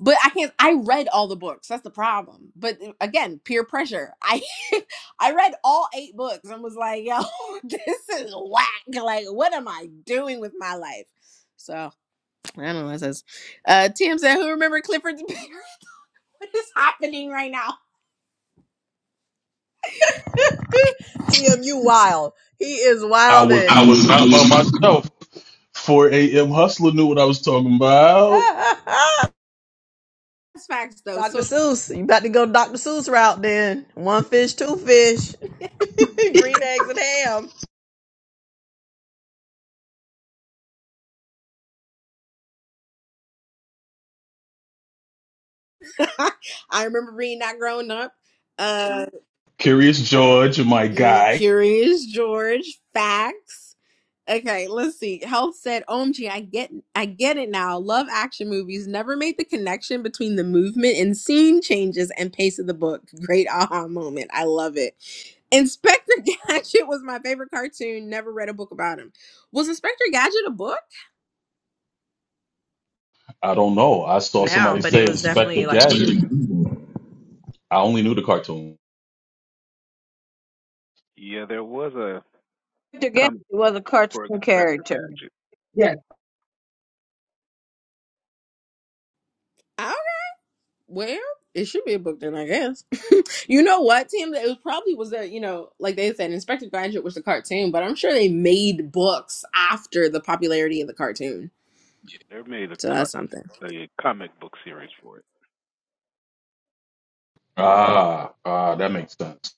but I can't. I read all the books. That's the problem. But uh, again, peer pressure. I [LAUGHS] I read all eight books and was like, yo, [LAUGHS] this is whack. Like, what am I doing with my life? So I don't know. what It says, uh, Tim said, who remember Clifford's Beer? [LAUGHS] what is happening right now? CMU wild. He is was wilding. I I was was I not by was myself. 4 a.m. Hustler knew what I was talking about. not [LAUGHS] That's facts though. Dr. So Seuss, you about to go Dr. Seuss route then. One fish, two fish, [LAUGHS] green [LAUGHS] eggs and ham. [LAUGHS] I remember reading that growing up. Uh. Curious George, my Mm, guy. curious George facts. Okay, let's see. Health said, "OMG, I get, I get it now. Love action movies. Never made the connection between the movement and scene changes and pace of the book. Great aha moment. I love it." Inspector [LAUGHS] Gadget was my favorite cartoon. Never read a book about him. Was Inspector Gadget a book? I don't know. I saw Now, somebody but it say was Inspector definitely like Gadget. I only knew the cartoon. Yeah, there was a Mr. Gandy comic was a for the cartoon Spectre character. gadget. Yes. I don't, well, it should be a book then, I guess. You know what, Tim? It was probably was a you know, like they said, Inspector Gadget was the cartoon, but I'm sure they made books after the popularity of the cartoon. They made a, So that's something. co- a comic book series for it. Ah, ah, that makes sense.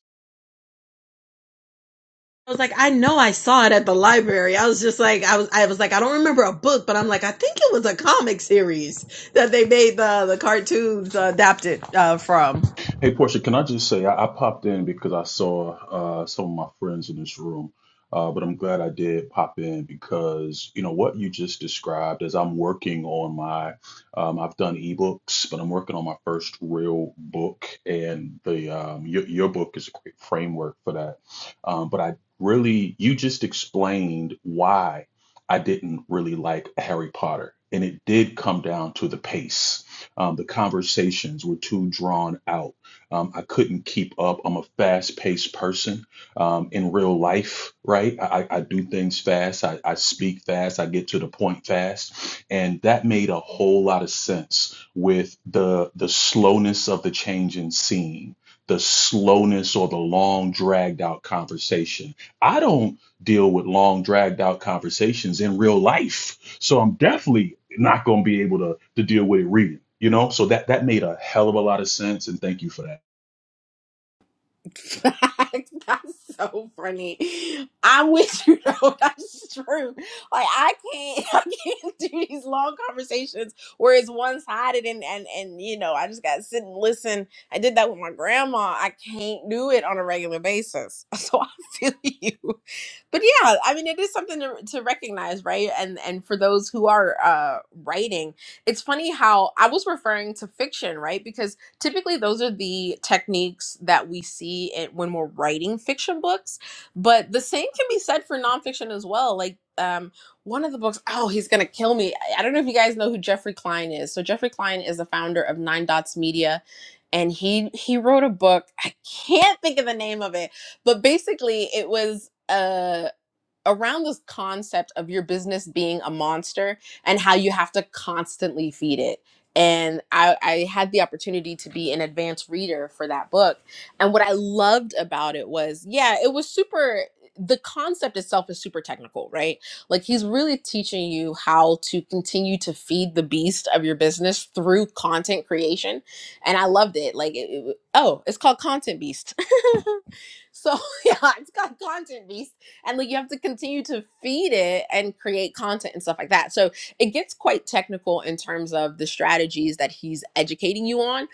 I was like, I know I saw it at the library. I was just like, I was, I was like, I don't remember a book, but I'm like, I think it was a comic series that they made the the cartoons uh, adapted uh, from. Hey, Portia, can I just say I, I popped in because I saw uh, some of my friends in this room, uh, but I'm glad I did pop in because you know what you just described as I'm working on my, um, I've done ebooks, but I'm working on my first real book, and the um, your, your book is a great framework for that. Um, but I really, you just explained why I didn't really like Harry Potter, and it did come down to the pace um, the conversations were too drawn out. Um, I couldn't keep up. I'm a fast paced person um, in real life, right? I, I do things fast. I, I speak fast. I get to the point fast. And that made a whole lot of sense with the, the slowness of the change in scene, the slowness or the long dragged out conversation. I don't deal with long dragged out conversations in real life. So I'm definitely not going to be able to, to deal with it reading, you know? So that, that made a hell of a lot of sense. And thank you for that. [LAUGHS] that's so funny. I wish you [LAUGHS] know that's true. Like I can't, [LAUGHS] I can't do these long conversations where it's one sided and and and you know I just gotta sit and listen. I did that with my grandma. I can't do it on a regular basis. [LAUGHS] So I feel [LAUGHS] you. but yeah i mean it is something to, to recognize right and and for those who are uh writing it's funny how i was referring to fiction right because typically those are the techniques that we see it when we're writing fiction books but the same can be said for nonfiction as well like um one of the books oh he's gonna kill me i I don't know if you guys know who jeffrey klein is so jeffrey klein is the founder of nine dots media and he he wrote a book i can't think of the name of it but basically it was uh around this concept of your business being a monster and how you have to constantly feed it and I, I had the opportunity to be an advanced reader for that book and what i loved about it was yeah it was super the concept itself is super technical right like he's really teaching you how to continue to feed the beast of your business through content creation and i loved it like it, it- oh it's called content beast [LAUGHS] So [LAUGHS] yeah, it's got content beast, and like you have to continue to feed it and create content and stuff like that. So it gets quite technical in terms of the strategies that he's educating you on.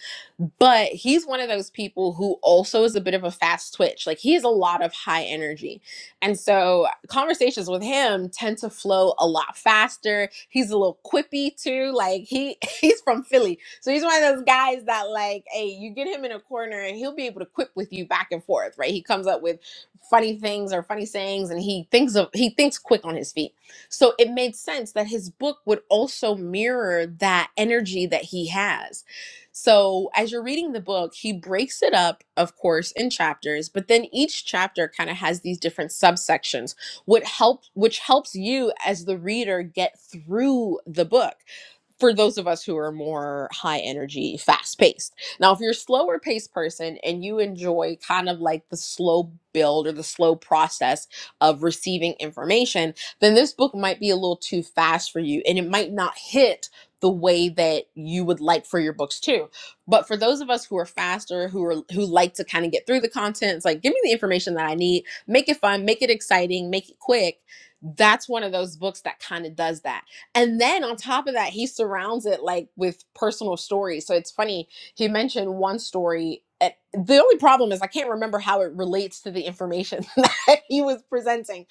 But he's one of those people who also is a bit of a fast twitch. Like he has a lot of high energy, and so conversations with him tend to flow a lot faster. He's a little quippy too. Like he [LAUGHS] he's from Philly, so he's one of those guys that, like, hey, you get him in a corner and he'll be able to quip with you back and forth, right? He comes up with funny things or funny sayings, and he thinks of he thinks quick on his feet. So it made sense that his book would also mirror that energy that he has. So as you're reading the book, he breaks it up, of course, in chapters, but then each chapter kind of has these different subsections, what help which helps you as the reader get through the book for those of us who are more high energy, fast paced. Now, if you're a slower paced person and you enjoy kind of like the slow build or the slow process of receiving information, then this book might be a little too fast for you and it might not hit the way that you would like for your books too. But for those of us who are faster, who are who like to kind of get through the content, it's like give me the information that I need, make it fun, make it exciting, make it quick. That's one of those books that kind of does that and then on top of that, he surrounds it like with personal stories. So it's funny, he mentioned one story. and The only problem is I can't remember how it relates to the information [LAUGHS] that he was presenting.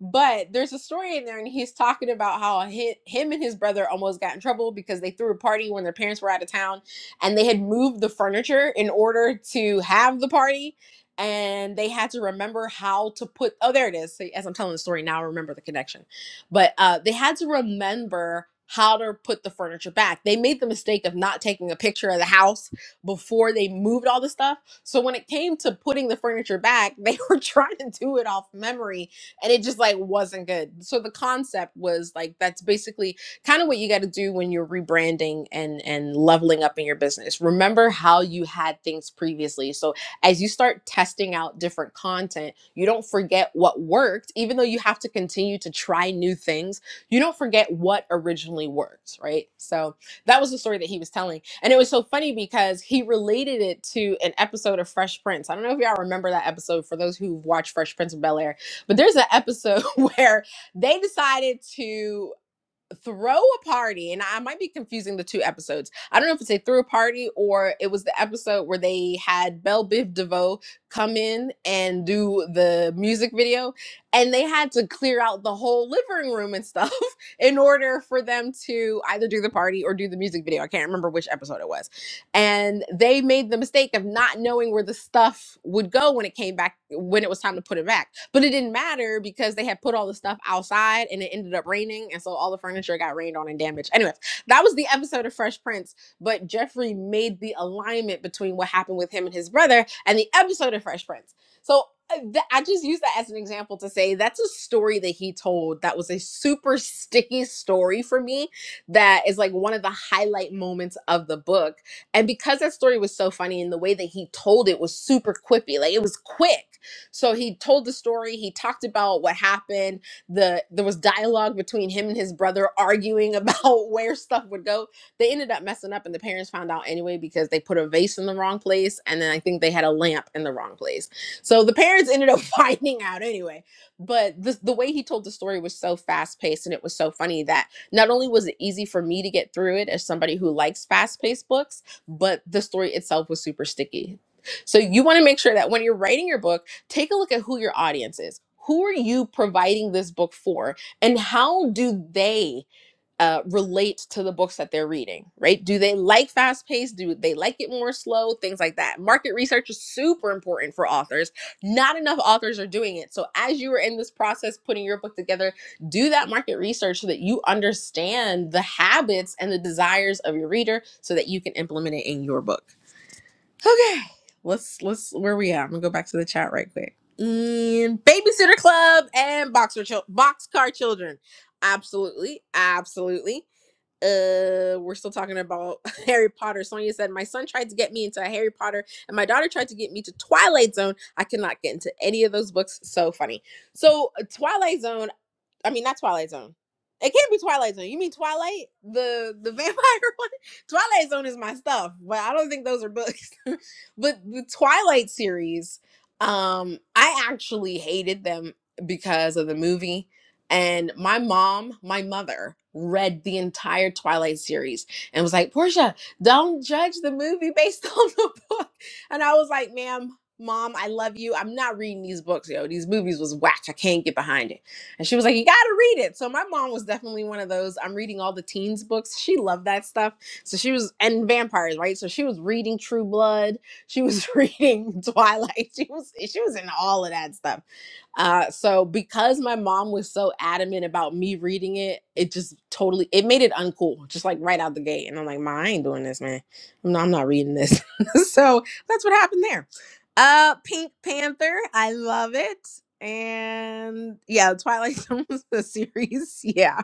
But there's a story in there, and he's talking about how hi him and his brother almost got in trouble because they threw a party when their parents were out of town and they had moved the furniture in order to have the party. And they had to remember how to put, oh, there it is. So as I'm telling the story now, I remember the connection but uh, they had to remember how to put the furniture back. They made the mistake of not taking a picture of the house before they moved all the stuff. So when it came to putting the furniture back, they [LAUGHS] were trying to do it off memory and it just like wasn't good. So the concept was like that's basically kind of what you got to do when you're rebranding and and leveling up in your business. Remember how you had things previously. So as you start testing out different content, you don't forget what worked, even though you have to continue to try new things. You don't forget what originally worked, right? So that was the story that he was telling. And it was so funny because he related it to an episode of Fresh Prince. I don't know if y'all remember that episode for those who've watched Fresh Prince of Bel Air, but there's an episode [LAUGHS] where they decided to throw a party and i might be confusing the two episodes i don't know if it's a throw a party or it was the episode where they had belle biv devoe come in and do the music video and they had to clear out the whole living room and stuff [LAUGHS] in order for them to either do the party or do the music video i can't remember which episode it was and they made the mistake of not knowing where the stuff would go when it came back when it was time to put it back but it didn't matter because they had put all the stuff outside and it ended up raining and so all the furniture got rained on and damaged anyways that was the episode of fresh prince but jeffrey made the alignment between what happened with him and his brother and the episode of fresh prince so uh, th- I just use that as an example to say that's a story that he told that was a super sticky story for me that is like one of the highlight moments of the book and because that story was so funny and the way that he told it was super quippy, like it was quick. So he told the story, he talked about what happened. The there was dialogue between him and his brother arguing about [LAUGHS] where stuff would go. They ended up messing up and the parents found out anyway because they put a vase in the wrong place and then I think they had a lamp in the wrong place. So the parents ended up [LAUGHS] finding out anyway. But the, the way he told the story was so fast paced and it was so funny that not only was it easy for me to get through it as somebody who likes fast paced books, but the story itself was super sticky. So you want to make sure that when you're writing your book, take a look at who your audience is. Who are you providing this book for? And how do they? uh, relate to the books that they're reading, right? Do they like fast paced? Do they like it more slow? Things like that. Market research is super important for authors. Not enough authors are doing it. So, as you are in this process putting your book together, do that market research so that you understand the habits and the desires of your reader so that you can implement it in your book. Okay, let's, let's, where we at? I'm gonna go back to the chat right quick. And Babysitter Club and Boxer Chil- Boxcar Children. Absolutely, absolutely uh we're still talking about [LAUGHS] harry potter sonia said my son tried to get me into harry potter and my daughter tried to get me to twilight zone i cannot get into any of those books so funny so uh, twilight zone I mean, not Twilight Zone. It can't be Twilight Zone. You mean Twilight, the the [LAUGHS] vampire one? Twilight Zone is my stuff, but I don't think those are books. [LAUGHS] but the Twilight series, um, I actually hated them because of the movie. And my mom, my mother, read the entire Twilight series and was like, Portia, don't judge the movie based [LAUGHS] on the book. And I was like, ma'am, mom, I love you. I'm not reading these books, yo. These movies was whack. I can't get behind it and she was like, You gotta read it. So my mom was definitely one of those. I'm reading all the teens books. She loved that stuff. So she was and vampires, right? So she was reading True Blood. She was [LAUGHS] reading Twilight. She was she was in all of that stuff. Uh so because my mom was so adamant about me reading it, it just totally it made it uncool, just like right out the gate. And I'm like, Ma, I ain't doing this, man. No, I'm not reading this. [LAUGHS] so that's what happened there uh, Pink Panther, I love it. And yeah, Twilight [LAUGHS] Zone was the series. Yeah.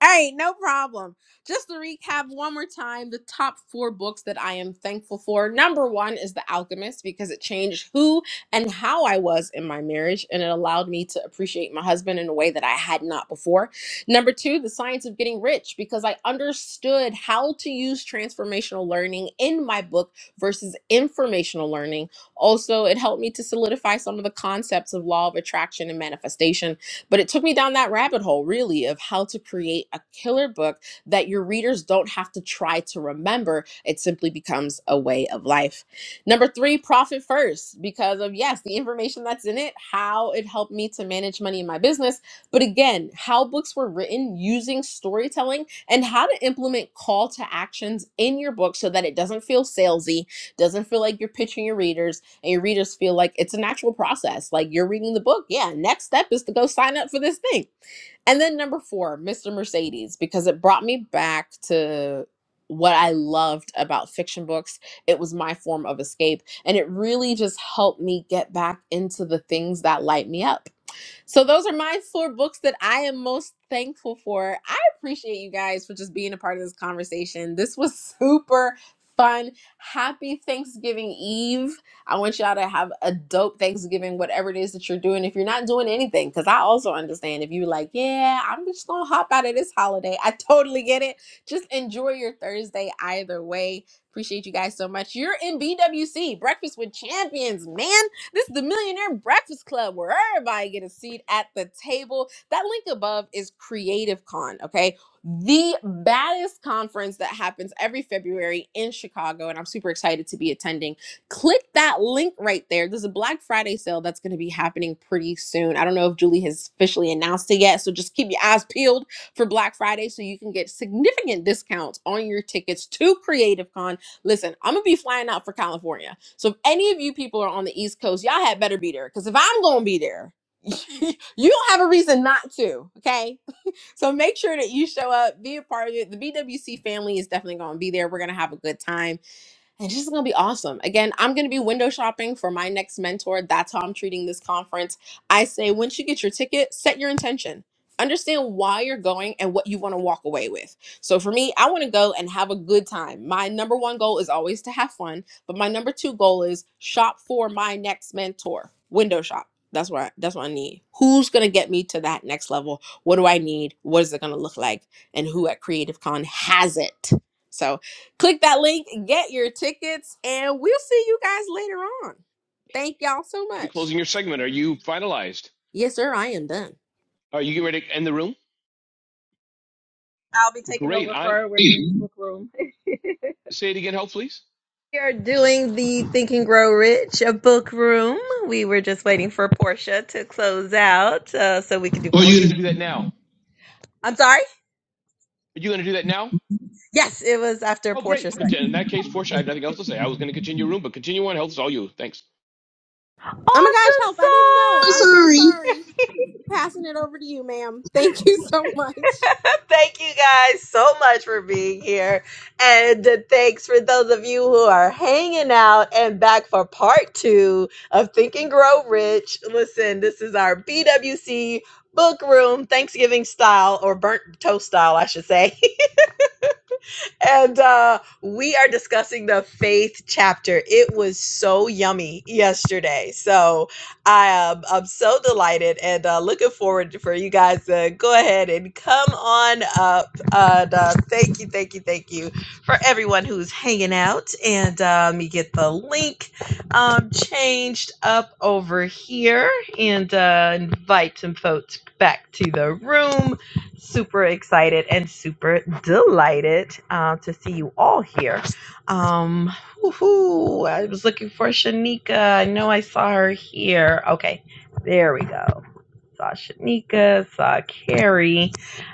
Hey, no problem. Just to recap one more time, the top four books that I am thankful for. Number one is The Alchemist because it changed who and how I was in my marriage and it allowed me to appreciate my husband in a way that I had not before. Number two, The Science of Getting Rich because I understood how to use transformational learning in my book versus informational learning. Also, it helped me to solidify some of the concepts of law of attraction and manifestation but it took me down that rabbit hole, really, of how to create a killer book that your readers don't have to try to remember. It simply becomes a way of life. Number three, profit first, because of, yes, the information that's in it, how it helped me to manage money in my business. But again, how books were written using storytelling and how to implement call to actions in your book so that it doesn't feel salesy, doesn't feel like you're pitching your readers and your readers feel like it's a natural process. Like you're reading the book. Yeah, next step is to go sign up for this thing. And then number four, Mr. Mercedes, because it brought me back to what I loved about fiction books. It was my form of escape. And it really just helped me get back into the things that light me up. So those are my four books that I am most thankful for. I appreciate you guys for just being a part of this conversation. This was super fun. Happy Thanksgiving Eve. I want y'all to have a dope Thanksgiving, whatever it is that you're doing. If you're not doing anything, because I also understand if you're like, yeah, I'm just gonna hop out of this holiday. I totally get it. Just enjoy your Thursday either way. Appreciate you guys so much. You're in BWC, Breakfast with Champions, man. This is the Millionaire Breakfast Club where everybody get a seat at the table. That link above is Creative Con, okay? The baddest conference that happens every February in Chicago, and I'm super excited to be attending. Click that link right there. There's a Black Friday sale that's going to be happening pretty soon. I don't know if Julie has officially announced it yet, so just keep your eyes peeled for Black Friday so you can get significant discounts on your tickets to Creative Con Listen, I'm gonna be flying out for California. So if any of you people are on the East Coast, y'all had better be there. Cause if I'm gonna be there, [LAUGHS] you don't have a reason not to. Okay. So make sure that you show up, be a part of it. The BWC family is definitely gonna be there. We're gonna have a good time and this is gonna be awesome. Again, I'm gonna be window shopping for my next mentor. That's how I'm treating this conference. I say, once you get your ticket, set your intention. Understand why you're going and what you want to walk away with. So for me, I want to go and have a good time. My number one goal is always to have fun, but my number two goal is shop for my next mentor. Window shop. That's what I, that's what I need. Who's gonna get me to that next level? What do I need? What is it gonna look like? And who at Creative Con has it? So. Click that link, get your tickets, and we'll see you guys later on. Thank y'all so you much. closing your segment? Are you finalized? Yes, sir, I am done. Are you getting ready to end the room? Great. I Hey, say it again, help, please. We are doing the Think and Grow Rich book room. We were just waiting for Portia to close out uh, so we could do Oh, Or are you you? going to do that now? Are you going to do that now? Yes, it was after Oh, great. Portia's. Awesome Contin- In that case, Portia, I have nothing else to say. I was going to continue your room, but continue on. Health is all you. Thanks. Oh my gosh, I'm help, I didn't song! know. I'm I'm so sorry. sorry. Passing it over to you, ma'am. [LAUGHS] Thank you so much. [LAUGHS] Thank you guys so much for being here. And uh, thanks for those of you who are hanging out and back for part two of Think and Grow Rich. Listen, this is our BWC book room, Thanksgiving style or burnt toast style, I should say. and uh, we are discussing the faith chapter. It was so yummy yesterday. So I am I'm so delighted and uh, looking forward for you guys to go ahead and come on up. And, uh, thank you, thank you, thank you for everyone who's hanging out. And uh, let me get the link um, changed up over here and uh, invite some folks back to the room super excited and super delighted uh, to see you all here. Um, woohoo, I was looking for Shanika. I know I saw her here. Okay, there we go saw Shanika, saw Carrie.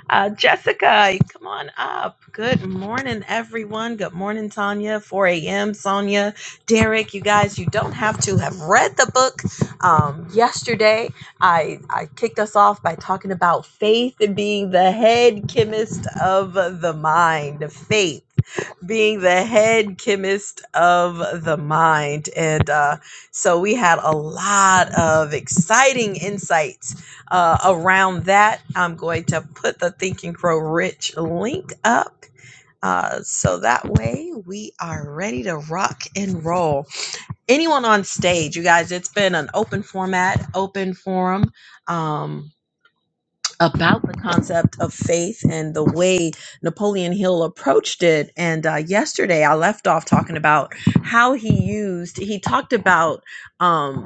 Uh, Jessica, come on up. Good morning, everyone. Good morning, Tanya. 4 a.m., Sonia, Derek. You guys, you don't have to have read the book. Um, yesterday, I, I kicked us off by talking about faith and being the head chemist of the mind. Faith being the head chemist of the mind. And uh, so we had a lot of exciting insights uh, around that. I'm going to put the Thinking and Grow Rich link up. Uh, so that way we are ready to rock and roll. Anyone on stage, you guys, it's been an open format, open forum. Um, about the concept of faith and the way Napoleon Hill approached it. And uh, yesterday I left off talking about how he used, he talked about. Um,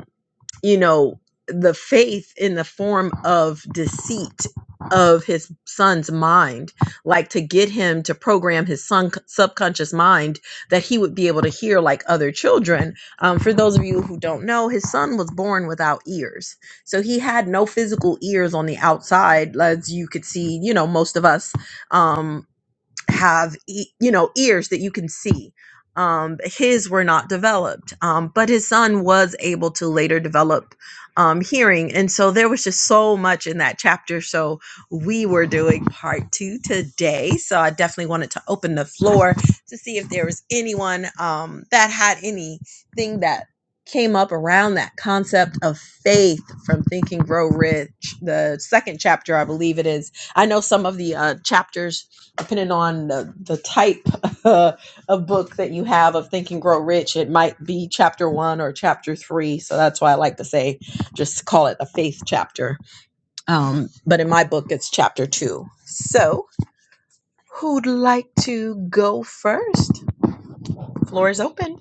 you know, the faith in the form of deceit of his son's mind, like to get him to program his son subconscious mind that he would be able to hear like other children. Um, for those of you who don't know, his son was born without ears, so he had no physical ears on the outside, as you could see. You know, most of us. Um, have e- you know ears that you can see um his were not developed um but his son was able to later develop um hearing and so there was just so much in that chapter so we were doing part 2 today so I definitely wanted to open the floor to see if there was anyone um that had anything that came up around that concept of faith from thinking grow rich the second chapter i believe it is i know some of the uh chapters depending on the, the type [LAUGHS] uh, of book that you have of Think and Grow Rich, it might be chapter one or chapter three. So that's why I like to say just call it a faith chapter. Um, but in my book, it's chapter two. So who'd like to go first? Floor is open.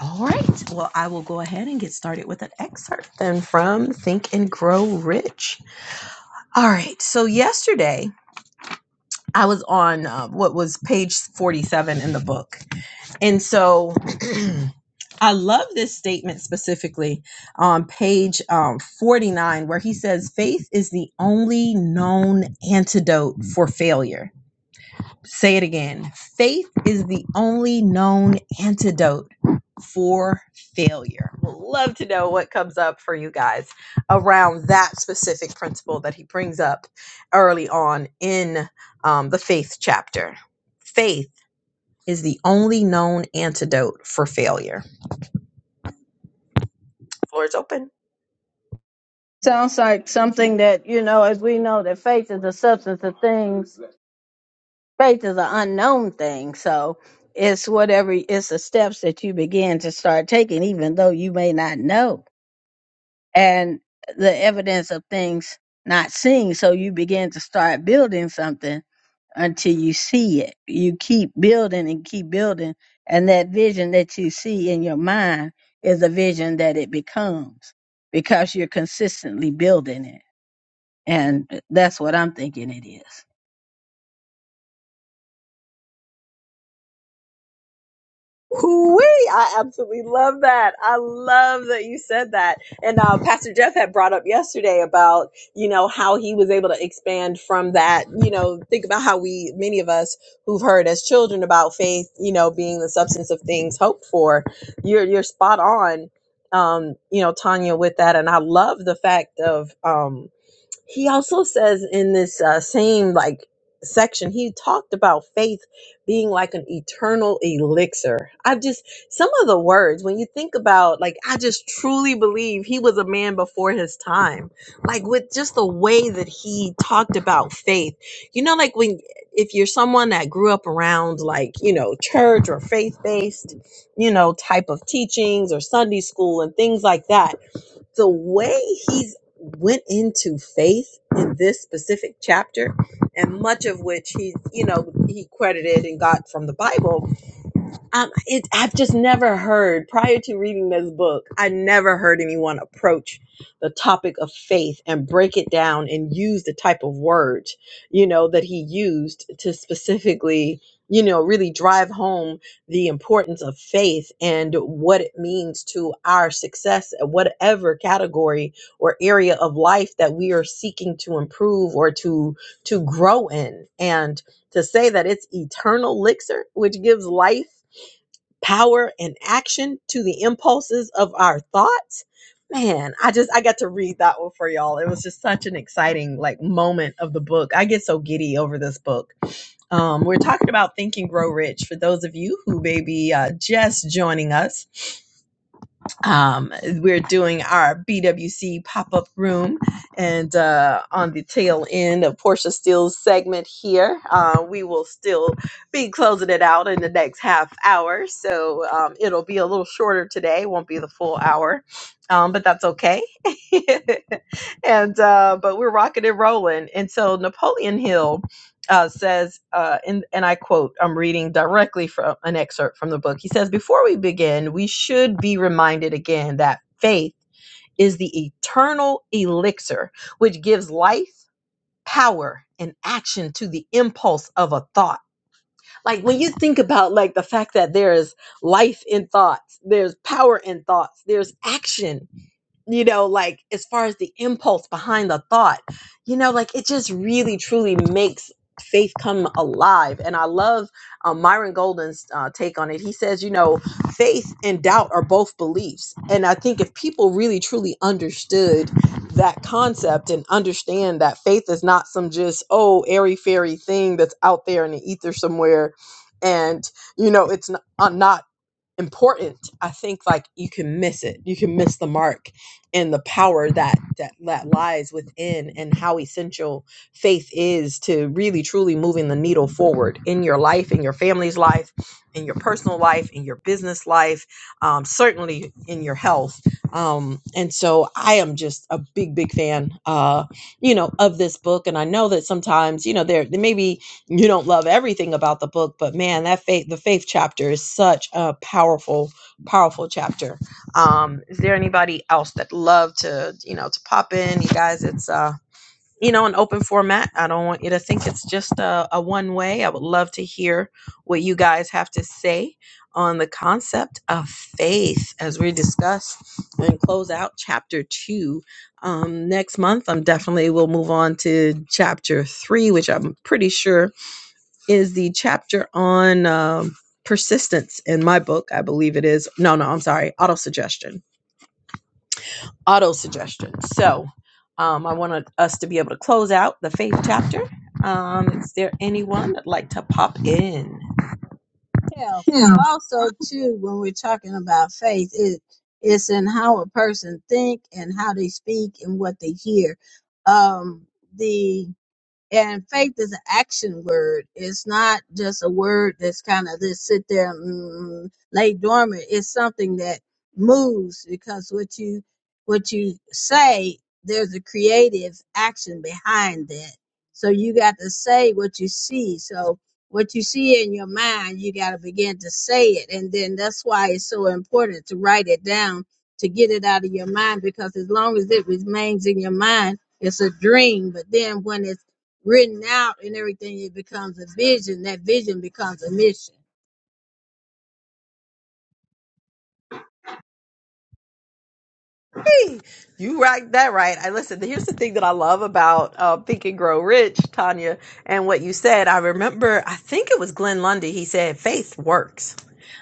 All right. Well, I will go ahead and get started with an excerpt then from Think and Grow Rich. All right. So yesterday, I was on uh, what was page 47 in the book And so [CLEARS THROAT] I love this statement specifically on page um, 49, where he says, Faith is the only known antidote for failure. Say it again faith is the only known antidote for failure. we Would Love to know what comes up for you guys around that specific principle that he brings up early on in um, the faith chapter. Faith is the only known antidote for failure. Floor is open. Sounds like something that, you know, as we know that faith is the substance of things, faith is an unknown thing. So it's whatever, it's the steps that you begin to start taking, even though you may not know. And the evidence of things not seen. So you begin to start building something until you see it. You keep building and keep building. And that vision that you see in your mind is a vision that it becomes because you're consistently building it. And that's what I'm thinking it is. Hoo-wee! I absolutely love that. I love that you said that. And uh, Pastor Jeff had brought up yesterday about, you know, how he was able to expand from that. You know, think about how we, many of us who've heard as children about faith, you know, being the substance of things hoped for. You're, you're spot on, um, you know, Tanya, with that. And I love the fact of, um, he also says in this uh, same like section he talked about faith being like an eternal elixir i just some of the words when you think about like i just truly believe he was a man before his time like with just the way that he talked about faith you know like when if you're someone that grew up around like you know church or faith based you know type of teachings or sunday school and things like that the way he's went into faith in this specific chapter and much of which he, you know he credited and got from the bible um, it, I've just never heard prior to reading this book. I never heard anyone approach the topic of faith and break it down and use the type of words you know that he used to specifically you know really drive home the importance of faith and what it means to our success at whatever category or area of life that we are seeking to improve or to to grow in and to say that it's eternal elixir which gives life power and action to the impulses of our thoughts. Man, I just I got to read that one for y'all. It was just such an exciting like moment of the book. I get so giddy over this book. Um, we're talking about Think and Grow Rich for those of you who may be uh, just joining us um, we're doing our BWC pop up room, and uh, on the tail end of Portia Steele's segment here, uh, we will still be closing it out in the next half hour. So um, it'll be a little shorter today, won't be the full hour, um, but that's okay. [LAUGHS] and uh, but we're rocking and rolling, and so Napoleon Hill uh, says, uh, and, and I quote, I'm reading directly from an excerpt from the book. He says, Before we begin, we should be reminded again that faith is the eternal elixir which gives life, power, and action to the impulse of a thought like when you think about like the fact that there is life in thoughts, there's power in thoughts, there's action you know, like as far as the impulse behind the thought, you know, like it just really truly makes faith come alive. And I love uh, Myron Golden's uh, take on it. He says, you know, faith and doubt are both beliefs. And I think if people really truly understood that concept and understand that faith is not some just, oh, airy fairy thing that's out there in the ether somewhere and you know it's not, uh, not important i think like you can miss it you can miss the mark and the power that that that lies within and how essential faith is to really truly moving the needle forward in your life in your family's life in your personal life in your business life um, certainly in your health um, and so i am just a big big fan uh, you know of this book and i know that sometimes you know there, there may be you don't love everything about the book, but man, that faith, the faith chapter is such a powerful, powerful chapter. Um, is there anybody else that love to, you know, to pop in? You guys, it's, uh, you know, an open format. I don't want you to think it's just a, a one way. I would love to hear what you guys have to say on the concept of faith as we discuss and close out chapter two um, next month. I'm definitely will move on to chapter three, which I'm pretty sure is the chapter on um, persistence in my book. I believe it is. No, no, I'm sorry. Auto suggestion. Auto suggestion. So um, I wanted us to be able to close out the faith chapter. Um, is there anyone that'd like to pop in? Yeah. Also, too, when we're talking about faith, it it's in how a person think and how they speak and what they hear. Um, the And faith is an action word. It's not just a word that's kind of just sit there, mm, lay dormant. It's something that moves because what you what you say, there's a creative action behind that. So you got to say what you see. So what you see in your mind, you got to begin to say it, and then that's why it's so important to write it down to get it out of your mind. Because as long as it remains in your mind, it's a dream. But then when it's written out and everything, it becomes a vision. That vision becomes a mission. Yay! You right that right. I listen. Here's the thing that I love about uh, Think and Grow Rich, Tanya, and what you said. I remember. I think it was Glenn Lundy. He said, "Faith works."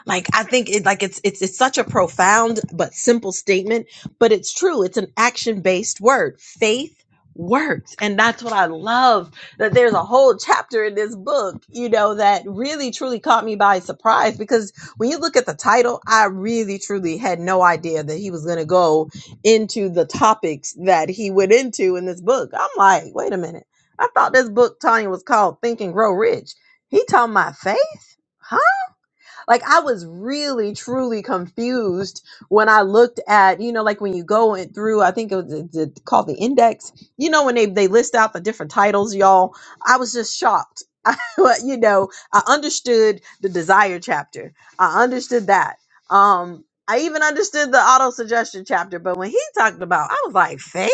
Like I think it like it's it's it's such a profound but simple statement, but it's true. It's an action based word. Faith works, and that's what I love. That there's a whole chapter in this book, you know, that really truly caught me by surprise because when you look at the title, I really truly had no idea that he was going to go into the topics that he went into in this book. I'm like, wait a minute. I thought this book, Tanya, was called Think and Grow Rich. He talking about faith? Like I was really truly confused when I looked at, you know, like when you go in through, I think it was it- it called the index. You know, when they they list out the different titles, y'all. I was just shocked. [LAUGHS] I, you know, I understood the desire chapter. I understood that. Um, I even understood the auto suggestion chapter. But when he talked about, I was like, faith,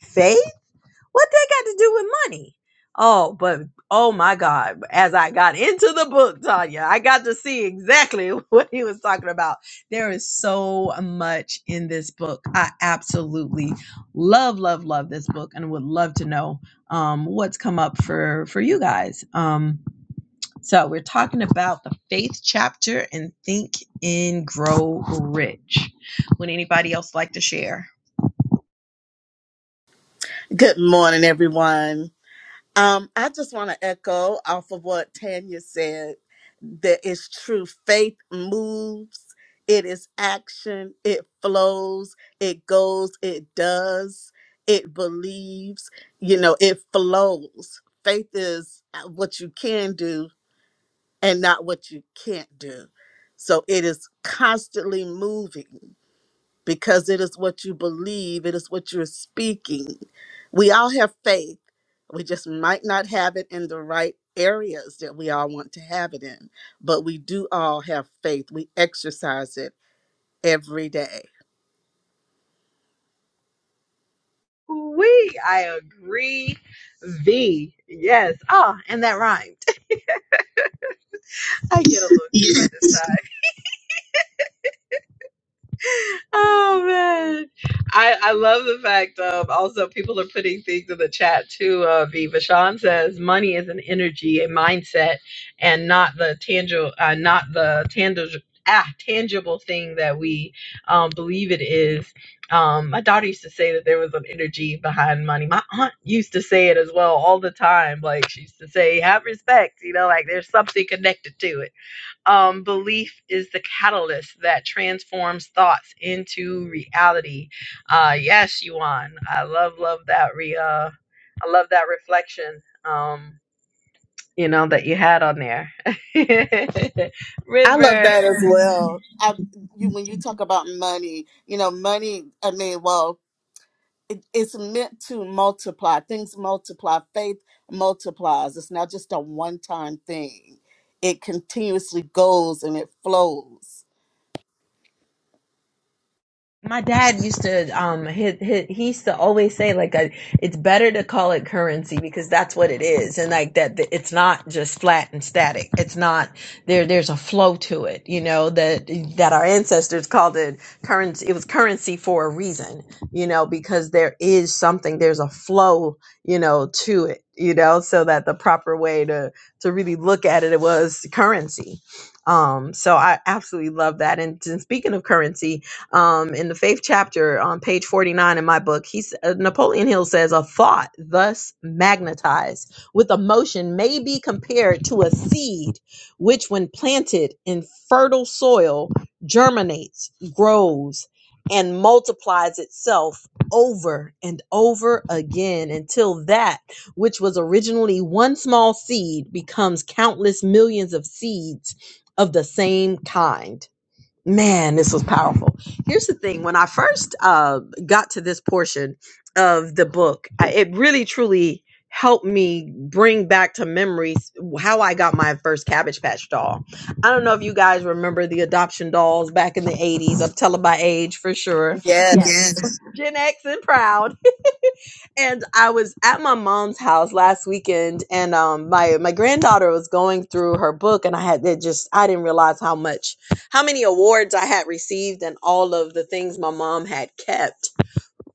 faith. What they got to do with money? Oh, but oh my God, as I got into the book, Tanya, I got to see exactly [LAUGHS] what he was talking about. There is so much in this book. I absolutely love, love, love this book and would love to know um, what's come up for, for you guys. Um, so we're talking about the faith chapter and think and grow rich. Would anybody else like to share? Good morning, everyone. Um, I just want to echo off of what Tanya said. That is true. Faith moves, it is action, it flows, it goes, it does, it believes, you know, it flows. Faith is uh, what you can do and not what you can't do. So it is constantly moving because it is what you believe, it is what you're speaking. We all have faith. We just might not have it in the right areas that we all want to have it in, but we do all have faith. We exercise it every day. We, I agree. V, yes. Ah, and that rhymed. [LAUGHS] I get a little [LAUGHS] excited. Oh man, I I love the fact Um, also people are putting things in the chat too. Uh, Viva Sean says money is an energy, a mindset, and not the tangible, uh, not the tangible. Ah, tangible thing that we um, believe it is. Um, my daughter used to say that there was an energy behind money. My aunt used to say it as well all the time. Like she used to say, "Have respect," you know, like there's something connected to it um, belief is the catalyst that transforms thoughts into reality. Uh, yes, Yuan, I love love that re. Uh, I love that reflection. Um, you know that you had on there, [LAUGHS] I love River. that as well. I, you, when you talk about money, you know, money. I mean, well. it, it's meant to multiply. Things multiply. Faith multiplies. It's not just a one time thing, it continuously goes and it flows. My dad used to um he his, he used to always say like uh it's better to call it currency because that's what it is and like that that it's not just flat and static it's not there there's a flow to it you know that that our ancestors called it currency it was currency for a reason you know because there is something there's a flow you know to it you know so that the proper way to to really look at it was currency um so I absolutely love that and, and speaking of currency um, in the faith chapter on page 49 in my book, he's, uh, Napoleon Hill says, A thought thus magnetized with emotion may be compared to a seed which, when planted in fertile soil, germinates, grows, and multiplies itself over and over again until that which was originally one small seed becomes countless millions of seeds of the same kind Man, this was powerful. Here's the thing when I first uh, got to this portion of the book, I, it really truly helped me bring back to memories how I got my first Cabbage Patch doll. I don't know if you guys remember the adoption dolls back in the 80s. I'm telling my age for sure. Yes. Yes. Yes. Gen X and proud and I was at my mom's house last weekend, and um, my my granddaughter was going through her book, and I had it just I didn't realize how much, how many awards I had received, and all of the things my mom had kept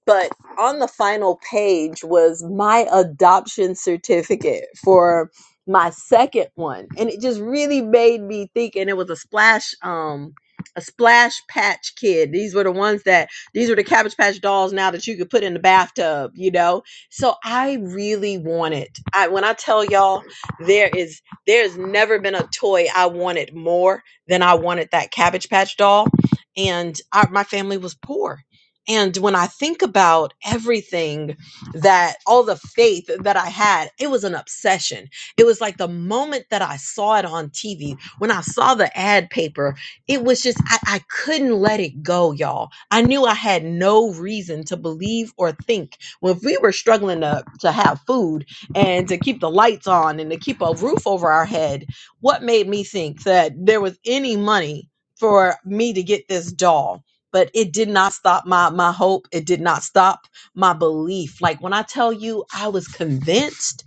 but on the final page was my adoption certificate for my second one and it just really made me think and it was a splash um a splash patch kid these were the ones that these were the cabbage patch dolls now that you could put in the bathtub you know so i really wanted i when i tell y'all there is there's never been a toy i wanted more than i wanted that cabbage patch doll and I, my family was poor and when I think about everything that all the faith that I had, it was an obsession. It was like the moment that I saw it on TV, when I saw the ad paper, it was just, I, I couldn't let it go, y'all. I knew I had no reason to believe or think. Well, if we were struggling to, to have food and to keep the lights on and to keep a roof over our head, what made me think that there was any money for me to get this doll? but it did not stop my my hope it did not stop my belief like when i tell you i was convinced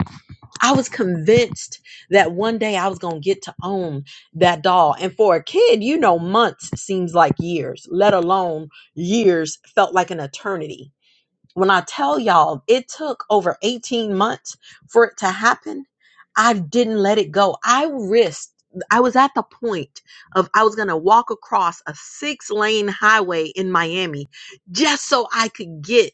i was convinced that one day i was going to get to own that doll and for a kid you know months seems like years let alone years felt like an eternity when I tell y'all, it took over 18 months for it to happen. I didn't let it go. I risked, I was at the point of I was going to walk across a six lane highway in Miami just so I could get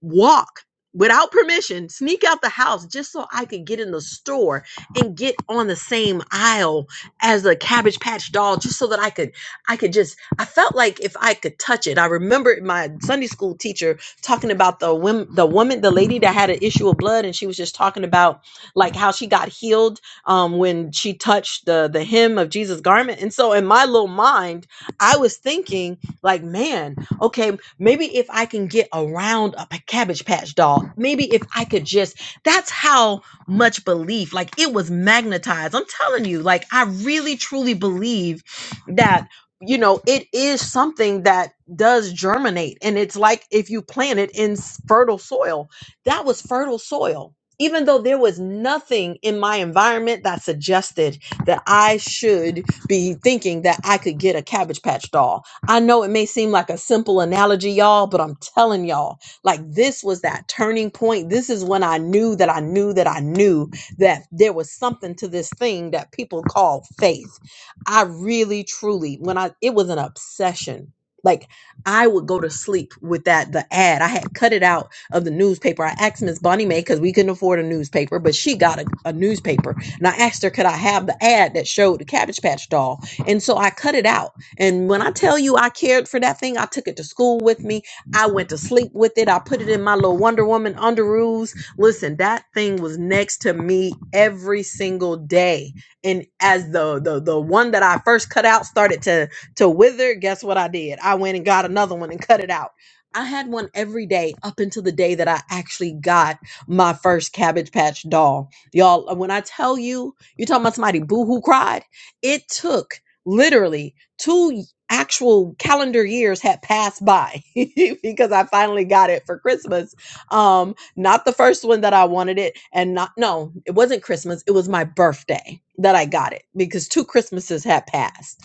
walk without permission, sneak out the house just so I could get in the store and get on the same aisle as the Cabbage Patch doll, just so that I could, I could just, I felt like if I could touch it. I remember my Sunday school teacher talking about the women, the woman, the lady that had an issue of blood, and she was just talking about like how she got healed um, when she touched the the hem of Jesus' garment. And so in my little mind, I was thinking like, man. Okay, maybe if I can get around a p- cabbage patch doll, maybe if I could just, that's how much belief, like it was magnetized. I'm telling you, like I really truly believe that, you know, it is something that does germinate. And it's like if you plant it in s- fertile soil, that was fertile soil. Even though there was nothing in my environment that suggested that I should be thinking that I could get a cabbage patch doll I know it may seem like a simple analogy, y'all, but I'm telling y'all, like this was that turning point. This is when I knew that I knew that I knew that there was something to this thing that people call faith. I really, truly, when I, it was an obsession. Like I would go to sleep with that the ad. I had cut it out of the newspaper. I asked Miss Bonnie Mae because we couldn't afford a newspaper, but she got a, a newspaper. And I asked her, could I have the ad that showed the Cabbage Patch doll? And so I cut it out and when I tell you I cared for that thing, I took it to school with me. I went to sleep with it. I put it in my little Wonder Woman underoos. Listen, that thing was next to me every single day. And as the the the one that I first cut out started to to wither, guess what I did? I went and got another one and cut it out. I had one every day up until the day that I actually got my first Cabbage Patch doll. Y'all, when I tell you, you're talking about somebody boo hoo cried. It took literally two actual calendar years had passed by [LAUGHS] because I finally got it for Christmas. Um, not the first one that I wanted it, and not no, it wasn't Christmas. It was my birthday that I got it because two Christmases had passed.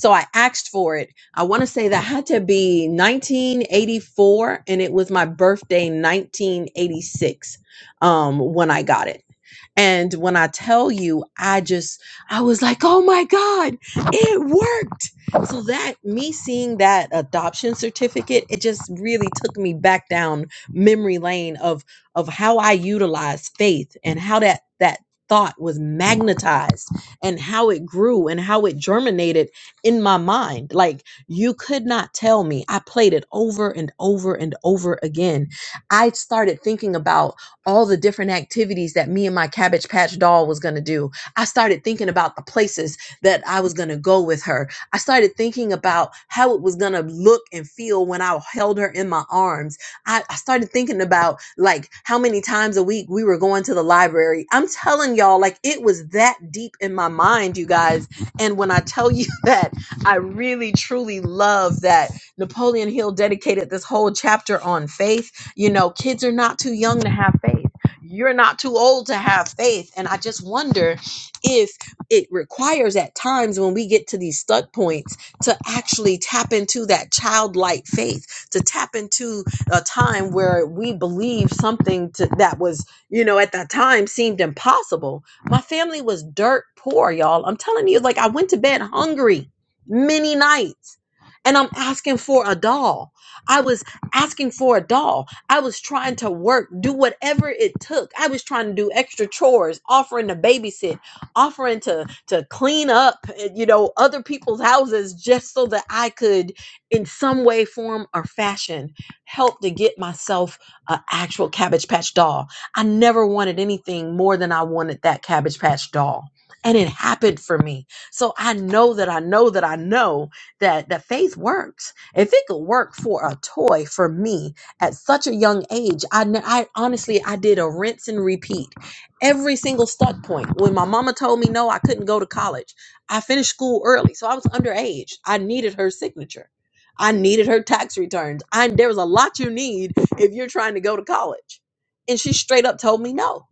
So I asked for it. I want to say that had to be 1984, and it was my birthday 1986 um, when I got it. And when I tell you, I just, I was like, oh my God, it worked. So that, me seeing that adoption certificate, it just really took me back down memory lane of, of how I utilized faith and how that, that thought was magnetized and how it grew and how it germinated in my mind. Like you could not tell me. I played it over and over and over again. I started thinking about all the different activities that me and my cabbage patch doll was going to do. I started thinking about the places that I was going to go with her. I started thinking about how it was going to look and feel when I held her in my arms. I, I started thinking about like how many times a week we were going to the library. I'm telling y'all, like it was that deep in my mind, you guys. And when I tell you [LAUGHS] that, I really truly love that Napoleon Hill dedicated this whole chapter on faith you know, kids are not too young to have faith. You're not too old to have faith. And I just wonder if it requires at times when we get to these stuck points to actually tap into that childlike faith, to tap into a time where we believe something to, that was, you know, at that time seemed impossible. My family was dirt poor, y'all. I'm telling you, like I went to bed hungry many nights and I'm asking for a doll. I was asking for a doll. I was trying to work, do whatever it took. I was trying to do extra chores, offering to babysit, offering to to clean up, eh, you know, other people's houses just so that I could in some way form or fashion help to get myself an actual cabbage patch doll. I never wanted anything more than I wanted that cabbage patch doll. And it happened for me. So I know that I know that I know that the faith works. If it could work for a toy for me, at such a young age I, I honestly i did a rinse and repeat every single stuck point when my mama told me no i couldn't go to college i finished school early so i was underage i needed her signature i needed her tax returns i there was a lot you need if you're trying to go to college and she straight up told me no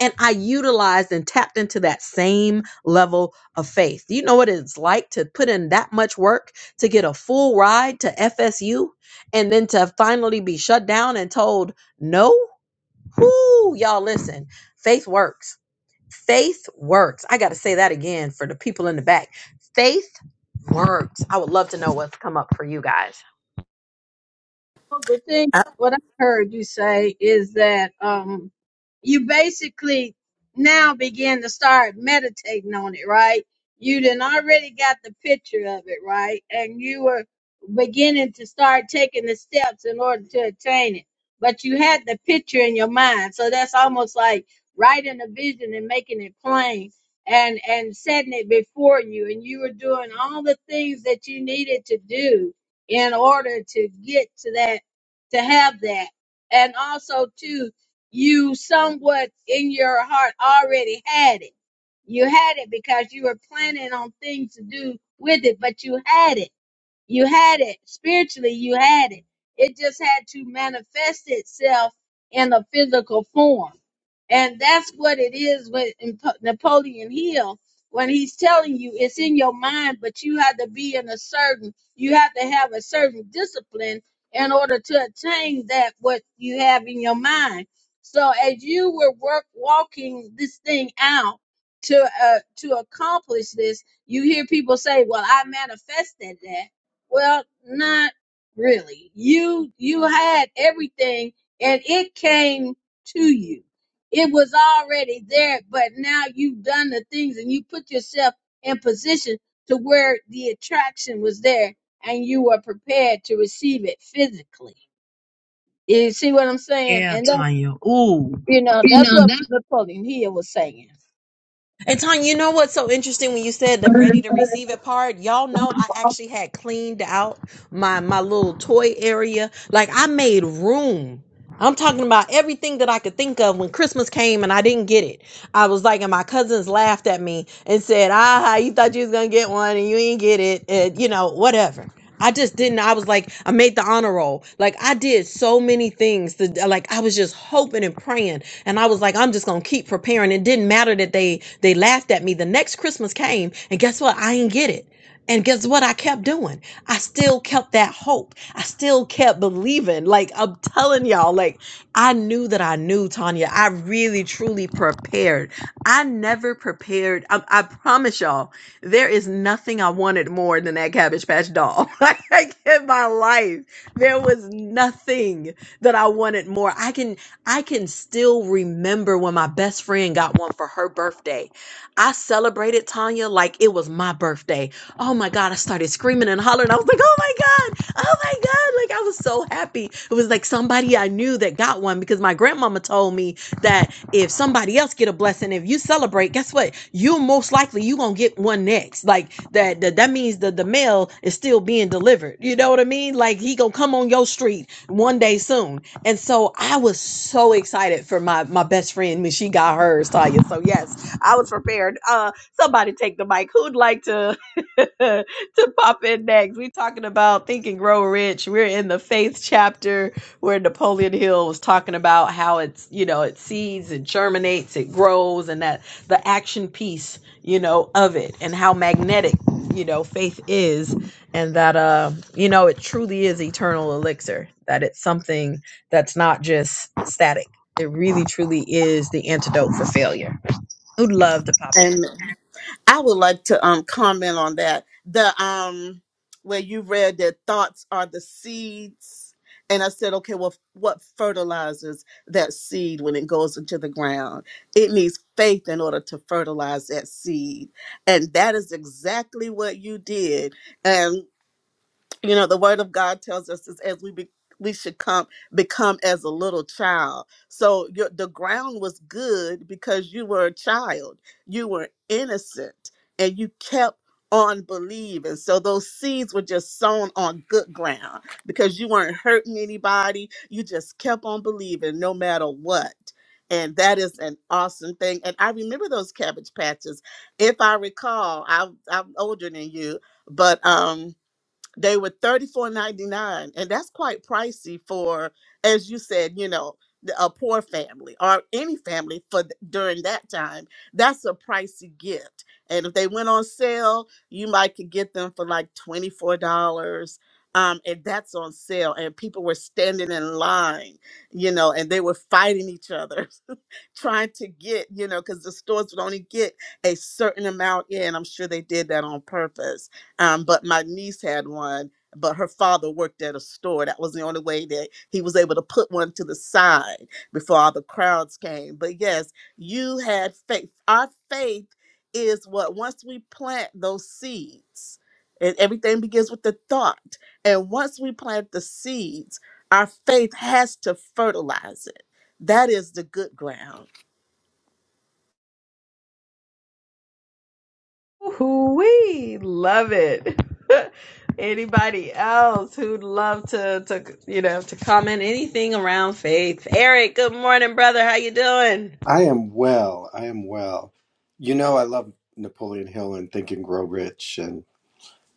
and I utilized and tapped into that same level of faith. You know what it's like to put in that much work to get a full ride to FSU and then to finally be shut down and told no? Whoo, y'all listen, faith works Faith works. I got to say that again for the people in the back. Faith works. I would love to know what's come up for you guys. Well, the thing, what I heard you say is that um, you basically now begin to start meditating on it, right? You done already got the picture of it, right? And you were beginning to start taking the steps in order to attain it. But you had the picture in your mind. So that's almost like writing a vision and making it plain and and setting it before you and you were doing all the things that you needed to do in order to get to that to have that. And also, too, you somewhat in your heart already had it. You had it because you were planning on things to do with it, but you had it. You had it. Spiritually, you had it. It just had to manifest itself in a physical form. And that's what it is with Imp- Napoleon Hill when he's telling you it's in your mind, but you have to be in a certain, you have to have a certain discipline in order to attain that what you have in your mind. So as you were work walking this thing out to uh, to accomplish this, you hear people say, "Well, I manifested that." Well, not really. You you had everything, and it came to you it was already there, but now you've done the things and you put yourself in position to where the attraction was there and you were prepared to receive it physically. You see what I'm saying? Yeah, And that, Tanya. you know, that's what Napoleon Hill was saying. And Tanya, you know what's so interesting when you said the ready to receive it part? Y'all know I actually had cleaned out my my little toy area. Like I made room. I'm talking about everything that I could think of when Christmas came and I didn't get it. I was like, and my cousins laughed at me and said, "Ah, you thought you was gonna get one and you ain't get it," and you know, whatever. I just didn't. I was like, I made the honor roll. Like I did so many things. To, like I was just hoping and praying and I was like, I'm just gonna keep preparing. It didn't matter that they they laughed at me. The next Christmas came, and guess what? I didn't get it. And guess what I kept doing? I still kept that hope. I still kept believing. Like I'm telling y'all, like I knew that I knew, Tanya. I really truly prepared. I never prepared. I, I promise y'all, there is nothing I wanted more than that Cabbage Patch doll. [LAUGHS] like in my life, there was nothing that I wanted more. I can I can still remember when my best friend got one for her birthday. I celebrated Tanya like it was my birthday. Oh my God, I started screaming and hollering. I was like, oh my God, oh my God. Like I was so happy. It was like somebody I knew that got one because my grandmama told me that if somebody else get a blessing, if you celebrate, guess what? You most likely you gonna get one next. Like that that, that means that the mail is still being delivered. You know what I mean? Like he gonna come on your street one day soon. And so I was so excited for my my best friend when she got hers, Tanya. So yes, I was prepared. Uh somebody take the mic. Who'd like to [LAUGHS] to pop in next? We're talking about Think and Grow Rich. We're in the faith chapter where Napoleon Hill was talking about how it's, you know, it seeds, it germinates, it grows, and that the action piece, you know, of it and how magnetic, you know, faith is and that uh, you know, it truly is eternal elixir, that it's something that's not just static. It really truly is the antidote for failure. Who'd love to pop Amen. in? I would like to um comment on that. The um where you read that thoughts are the seeds. And I said, okay, well, what fertilizes that seed when it goes into the ground? It needs faith in order to fertilize that seed. And that is exactly what you did. And you know the word of god tells us is as we be, we should come become as a little child so your the ground was good because you were a child you were innocent and you kept on believing so those seeds were just sown on good ground because you weren't hurting anybody you just kept on believing no matter what and that is an awesome thing and i remember those cabbage patches if i recall I, i'm older than you but um they were thirty four ninety nine, and that's quite pricey for, as you said, you know, the- a poor family or any family for th- during that time. That's a pricey gift, and if they went on sale, you might could get them for like twenty four dollars. Um, and that's on sale, and people were standing in line, you know, and they were fighting each other [LAUGHS] trying to get, you know, because the stores would only get a certain amount in. I'm sure they did that on purpose. Um, but my niece had one, but her father worked at a store. That was the only way that he was able to put one to the side before all the crowds came. But yes, you had faith. Our faith is what once we plant those seeds, and everything begins with the thought. And once we plant the seeds, our faith has to fertilize it. That is the good ground We love it. [LAUGHS] Anybody else who'd love to to you know to comment anything around faith? Eric, good morning, brother. How you doing? I am well. I am well. You know, I love Napoleon Hill and Think and Grow Rich, and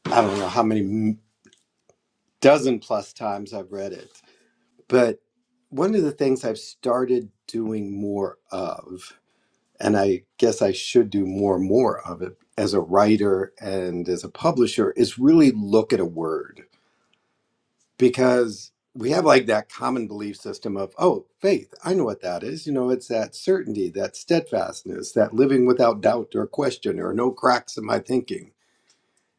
I don't know how many m- dozen plus times I've read it. But one of the things I've started doing more of, and I guess I should do more and more of it as a writer and as a publisher, is really look at a word. because we have like that common belief system of oh faith i know what that is you know it's that certainty that steadfastness that living without doubt or question or no cracks in my thinking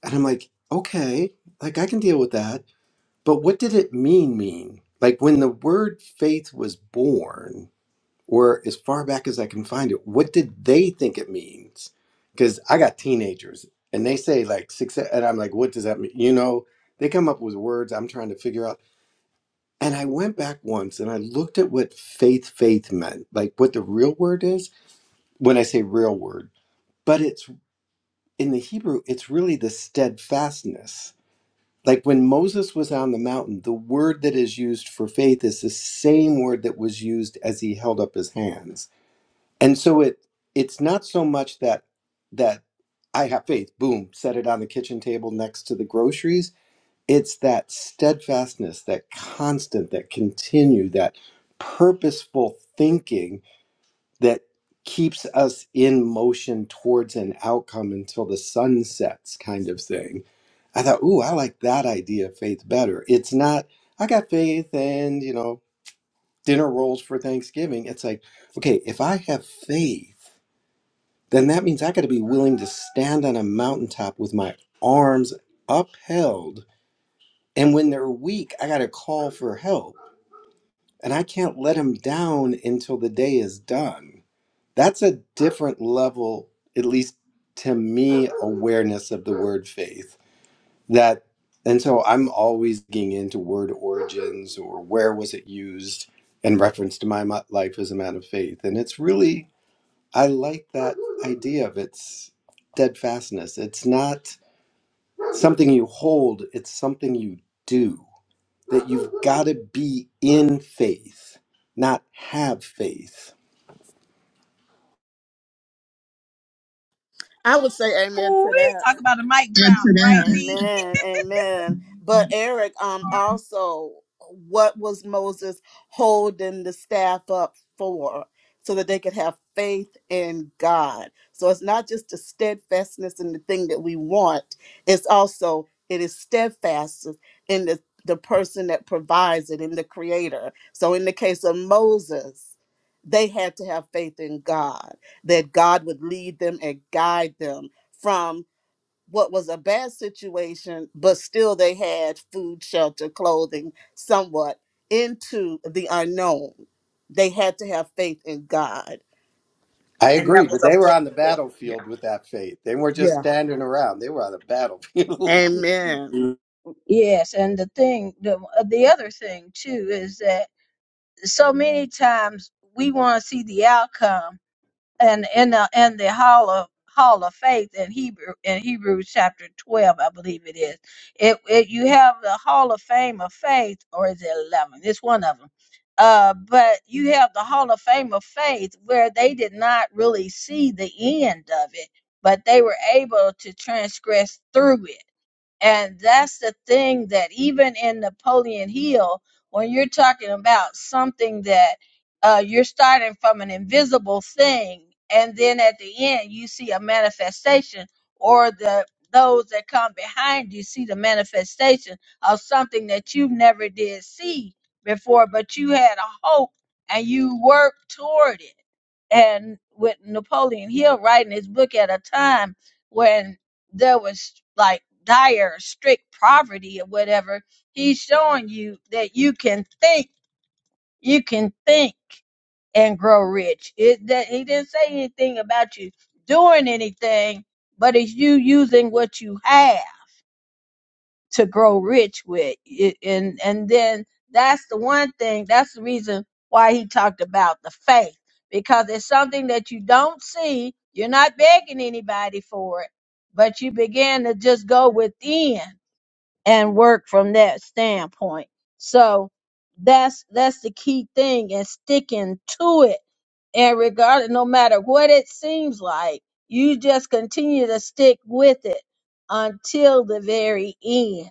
and i'm like okay like i can deal with that but what did it mean mean like when the word faith was born or as far back as i can find it what did they think it means because i got teenagers and they say like success and i'm like what does that mean you know they come up with words i'm trying to figure out and I went back once and I looked at what faith faith meant, like what the real word is when I say real word. But it's in the Hebrew, it's really the steadfastness. Like when Moses was on the mountain, the word that is used for faith is the same word that was used as he held up his hands. And so it it's not so much that that I have faith, boom, set it on the kitchen table next to the groceries it's that steadfastness, that constant, that continue, that purposeful thinking that keeps us in motion towards an outcome until the sun sets, kind of thing. I thought, ooh, I like that idea of faith better. It's not, I got faith and, you know, dinner rolls for Thanksgiving. It's like, okay, if I have faith, then that means I got to be willing to stand on a mountaintop with my arms upheld and when they're weak, I got to call for help. And I can't let them down until the day is done. That's a different level, at least to me, awareness of the word faith. That, and so I'm always getting into word origins or where was it used in reference to my mo- life as a man of faith. And it's really, I like that idea of its steadfastness. It's not something you hold, it's something you do that you've got to be in faith, not have faith. I would say amen Ooh, to that. talk about a mic Thanks drop, right? Amen. Amen. But Eric, um, also, what was Moses holding the staff up for? So that they could have faith in God. So it's not just the steadfastness in the thing that we want, it's also it is steadfast in the, the person that provides it, in the creator. So in the case of Moses, they had to have faith in God, that God would lead them and guide them from what was a bad situation, but still they had food, shelter, clothing, somewhat into the unknown. They had to have faith in God. I And that agree, was but a they were on the focal point. Yeah. battlefield with that faith. They weren't just Yeah. standing around. They were on the battlefield. [LAUGHS] Amen. you Yes, and the thing, the uh, the other thing too, is that so many times we want to see the outcome and in the in the hall of hall of faith in Hebrew in Hebrews chapter twelve, I believe it is. It, it you have the hall of fame of faith, or is it eleven? It's one of them. Uh, but you have the hall of fame of faith where they did not really see the end of it, but they were able to transgress through it and that's the thing that even in Napoleon Hill, when you're talking about something that uh, you're starting from an invisible thing, and then at the end you see a manifestation, or the those that come behind you see the manifestation of something that you never did see before, but you had a hope and you worked toward it and with Napoleon Hill writing his book at a time when there was like dire, strict poverty or whatever, he's showing you that you can think, you can think and grow rich. It, that, he didn't say anything about you doing anything, but it's you using what you have to grow rich with. It- And and then that's the one thing, that's the reason why he talked about the faith because it's something that you don't see, you're not begging anybody for it, but you begin to just go within and work from that standpoint. So that's that's the key thing and sticking to it and regardless no matter what it seems like you just continue to stick with it until the very end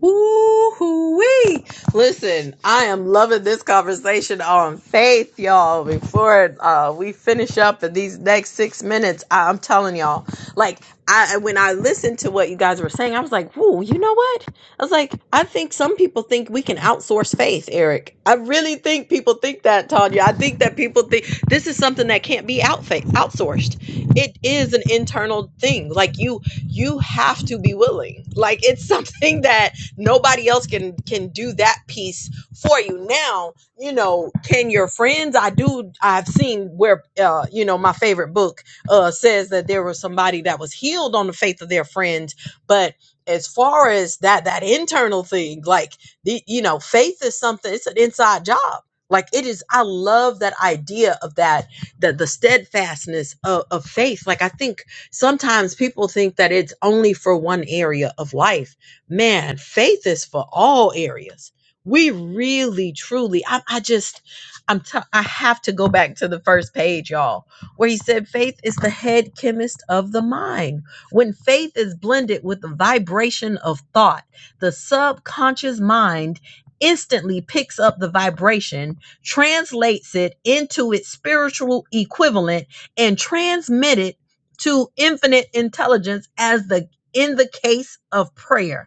Woo-hoo-wee. Listen, I am loving this conversation on faith, y'all. Before uh, we finish up in these next six minutes, I- I'm telling y'all, like, I when I listened to what you guys were saying, I was like, "Whoa, you know what?" I was like, "I think some people think we can outsource faith, Eric. I really think people think that, Tanya. I think that people think this is something that can't be out outsourced. It is an internal thing. Like you, you have to be willing. Like it's [LAUGHS] something that." Nobody else can can do that piece for you. Now, you know, can your friends? I do. I've seen where, uh, you know, my favorite book uh, says that there was somebody that was healed on the faith of their friends, but as far as that that internal thing like the you know faith is something it's an inside job like it is i love that idea of that the the steadfastness of, of faith like i think sometimes people think that it's only for one area of life man, faith is for all areas. We really, truly, I, I just, I'm, t- I have to go back to the first page, y'all, where he said faith is the head chemist of the mind. When faith is blended with the vibration of thought, the subconscious mind instantly picks up the vibration, translates it into its spiritual equivalent, and transmit it to infinite intelligence as the in the case of prayer.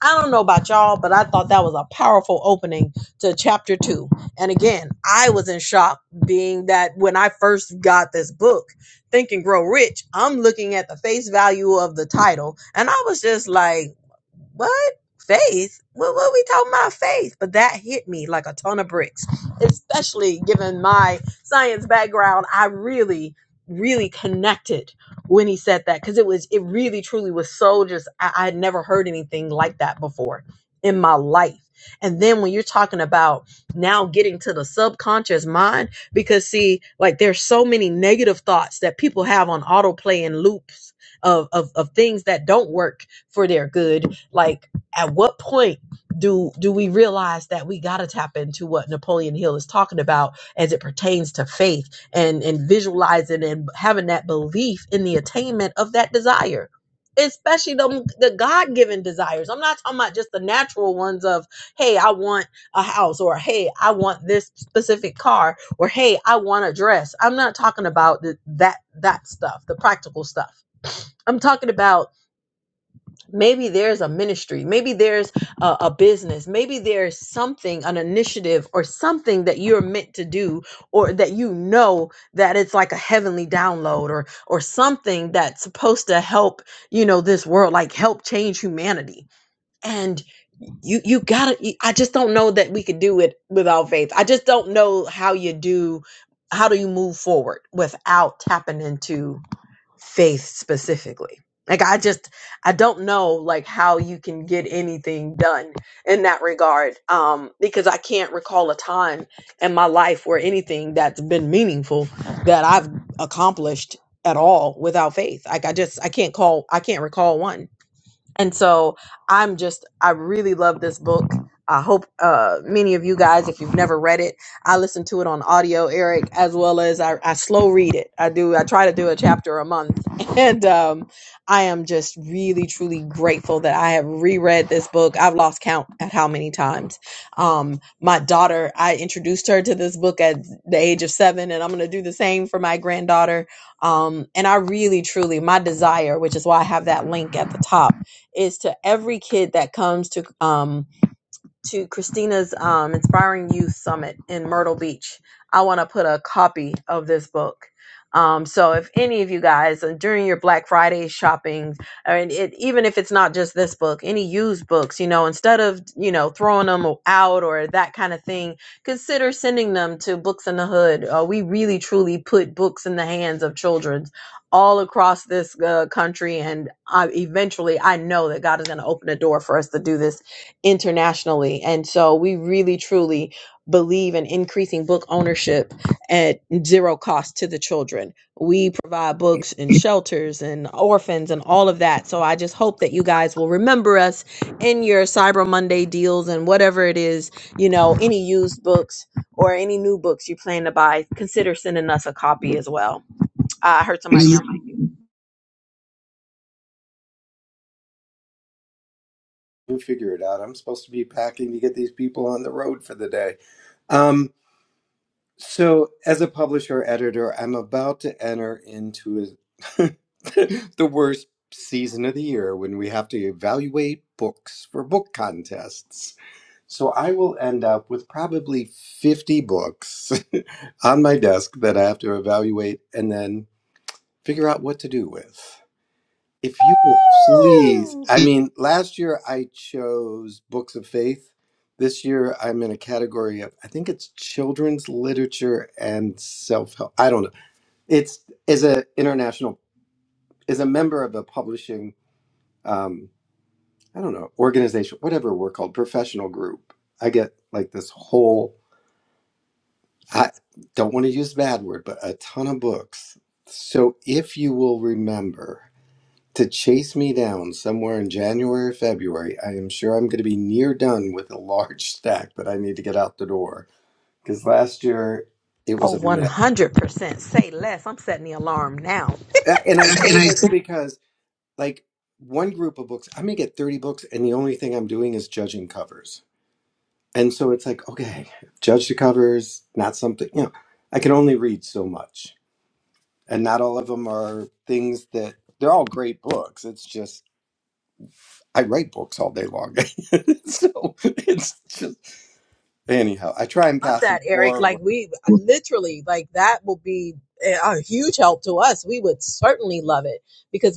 I don't know about y'all, but I thought that was a powerful opening to chapter two. And again, I was in shock being that when I first got this book, Think and Grow Rich, I'm looking at the face value of the title, and I was just like, what faith what, what we talking about faith but that hit me like a ton of bricks especially given my science background i really really connected when he said that because it was it really truly was so just I, I had never heard anything like that before in my life and then when you're talking about now getting to the subconscious mind because see like there's so many negative thoughts that people have on autoplay and loops of, of of things that don't work for their good like, at what point do do we realize that we got to tap into what Napoleon Hill is talking about as it pertains to faith and and visualizing and having that belief in the attainment of that desire? Especially the, the God given desires. I'm not talking about just the natural ones of, hey, I want a house, or hey, I want this specific car, or hey, I want a dress. I'm not talking about the, that that stuff, the practical stuff. I'm talking about Maybe there's a ministry. Maybe there's a, a business. Maybe there's something, an initiative or something that you're meant to do or that you know that it's like a heavenly download or or something that's supposed to help, you know, this world, like help change humanity. And you you gotta you- I just don't know that we could do it without faith. I just don't know how you do how do you move forward without tapping into faith specifically. Like I just I don't know like how you can get anything done in that regard um because I can't recall a time in my life where anything that's been meaningful that I've accomplished at all without faith. Like I just I can't call I can't recall one and so I'm just, I really love this book. I hope uh, many of you guys, if you've never read it, I listen to it on audio, Eric, as well as I, I slow read it. I do, I try to do a chapter a month. [LAUGHS] And um, I am just really, truly grateful that I have reread this book. I've lost count at how many times. Um, my daughter, I introduced her to this book at the age of seven, and I'm going to do the same for my granddaughter. Um, and I really, truly, my desire, which is why I have that link at the top is to every kid that comes to um, to Christina's um, Inspiring Youth Summit in Myrtle Beach. I want to put a copy of this book. Um, so if any of you guys uh, during your Black Friday shopping, I mean, it, even if it's not just this book, any used books, you know, instead of you know throwing them out or that kind of thing, consider sending them to Books in the Hood. Uh, we really truly put books in the hands of children all across this uh, country, and I, eventually, I know that God is going to open a door for us to do this internationally. And so we really truly believe in increasing book ownership at zero cost to the children. We provide books and shelters and orphans and all of that. So I just hope that you guys will remember us in your Cyber Monday deals and whatever it is, you know, any used books or any new books you plan to buy, consider sending us a copy as well. I heard somebody Mhm. else. figure it out. I'm supposed to be packing to get these people on the road for the day. Um, so, as a publisher editor, I'm about to enter into a, [LAUGHS] the worst season of the year when we have to evaluate books for book contests. So I will end up with probably 50 books [LAUGHS] on my desk that I have to evaluate and then figure out what to do with. If you will please, Woo! I mean, last year I chose books of faith. This year I'm in a category of I think it's children's literature and self-help. I don't know. It's as a international as a member of a publishing um I don't know, organization, whatever we're called, professional group. I get like this whole I don't want to use the bad word, but a ton of books. So if you will remember to chase me down somewhere in January or February, I am sure I'm going to be near done with a large [LAUGHS] stack that I need to get out the door. Because last year it Oh, was a mess. 100%. Say less. I'm setting the alarm now. A- And I say [LAUGHS] this because, like, one group of books, I may get 30 books, and the only thing I'm doing is judging covers. And so it's like, okay, judge the covers, not something, you know, I can only read so much. and not all of them are things that they're all great books. It's just I write books all day long, [LAUGHS] so it's just anyhow. I try and love pass them that, Eric. Like forward. we literally, like that will be eh, uh, to us. We would certainly love it because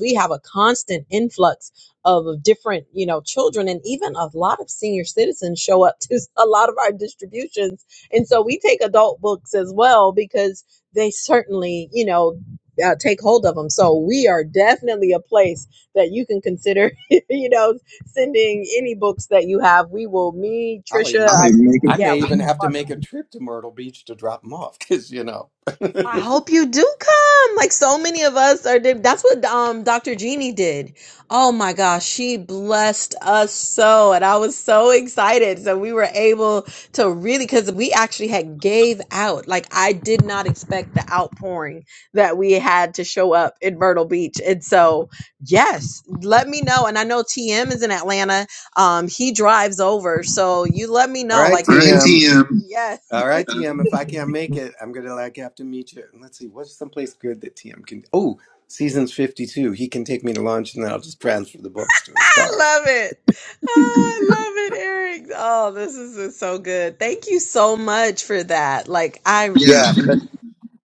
an influx of different, you know, children and even a lot of senior citizens show up to a lot of our distributions, and so we take adult books as well because they certainly, you know. Uh, take hold of them. So we are definitely a place that you can consider, [LAUGHS] you know, sending any books that you have. We will, me, I'll even Trisha, make I I, a. make I it. may even have to make a trip to Myrtle Beach to drop them off because you know. [LAUGHS] all I hope you do come. Like so many of us are did. That's what um Dr. Jeannie did. Oh my gosh, she blessed us so and I was so excited. So we were able to really cuz we actually had gave out. Like I did not expect the outpouring that we had to show up in Myrtle Beach. And so, yes, let me know and I know TM is in Atlanta. Um he drives over. So you let me know right, like All right, TM. TM. Yes. All right, TM. If I can't make it, I'm gonna like have to meet you. And let's see, what's someplace good that TM can? Oh, seasons 52. He can take me to lunch, and then I'll just transfer the books to his car. Love it. Oh, I love it, Eric. Oh, this is is so good. Thank you so much for that. Like I really Yeah. Yeah, appreciate but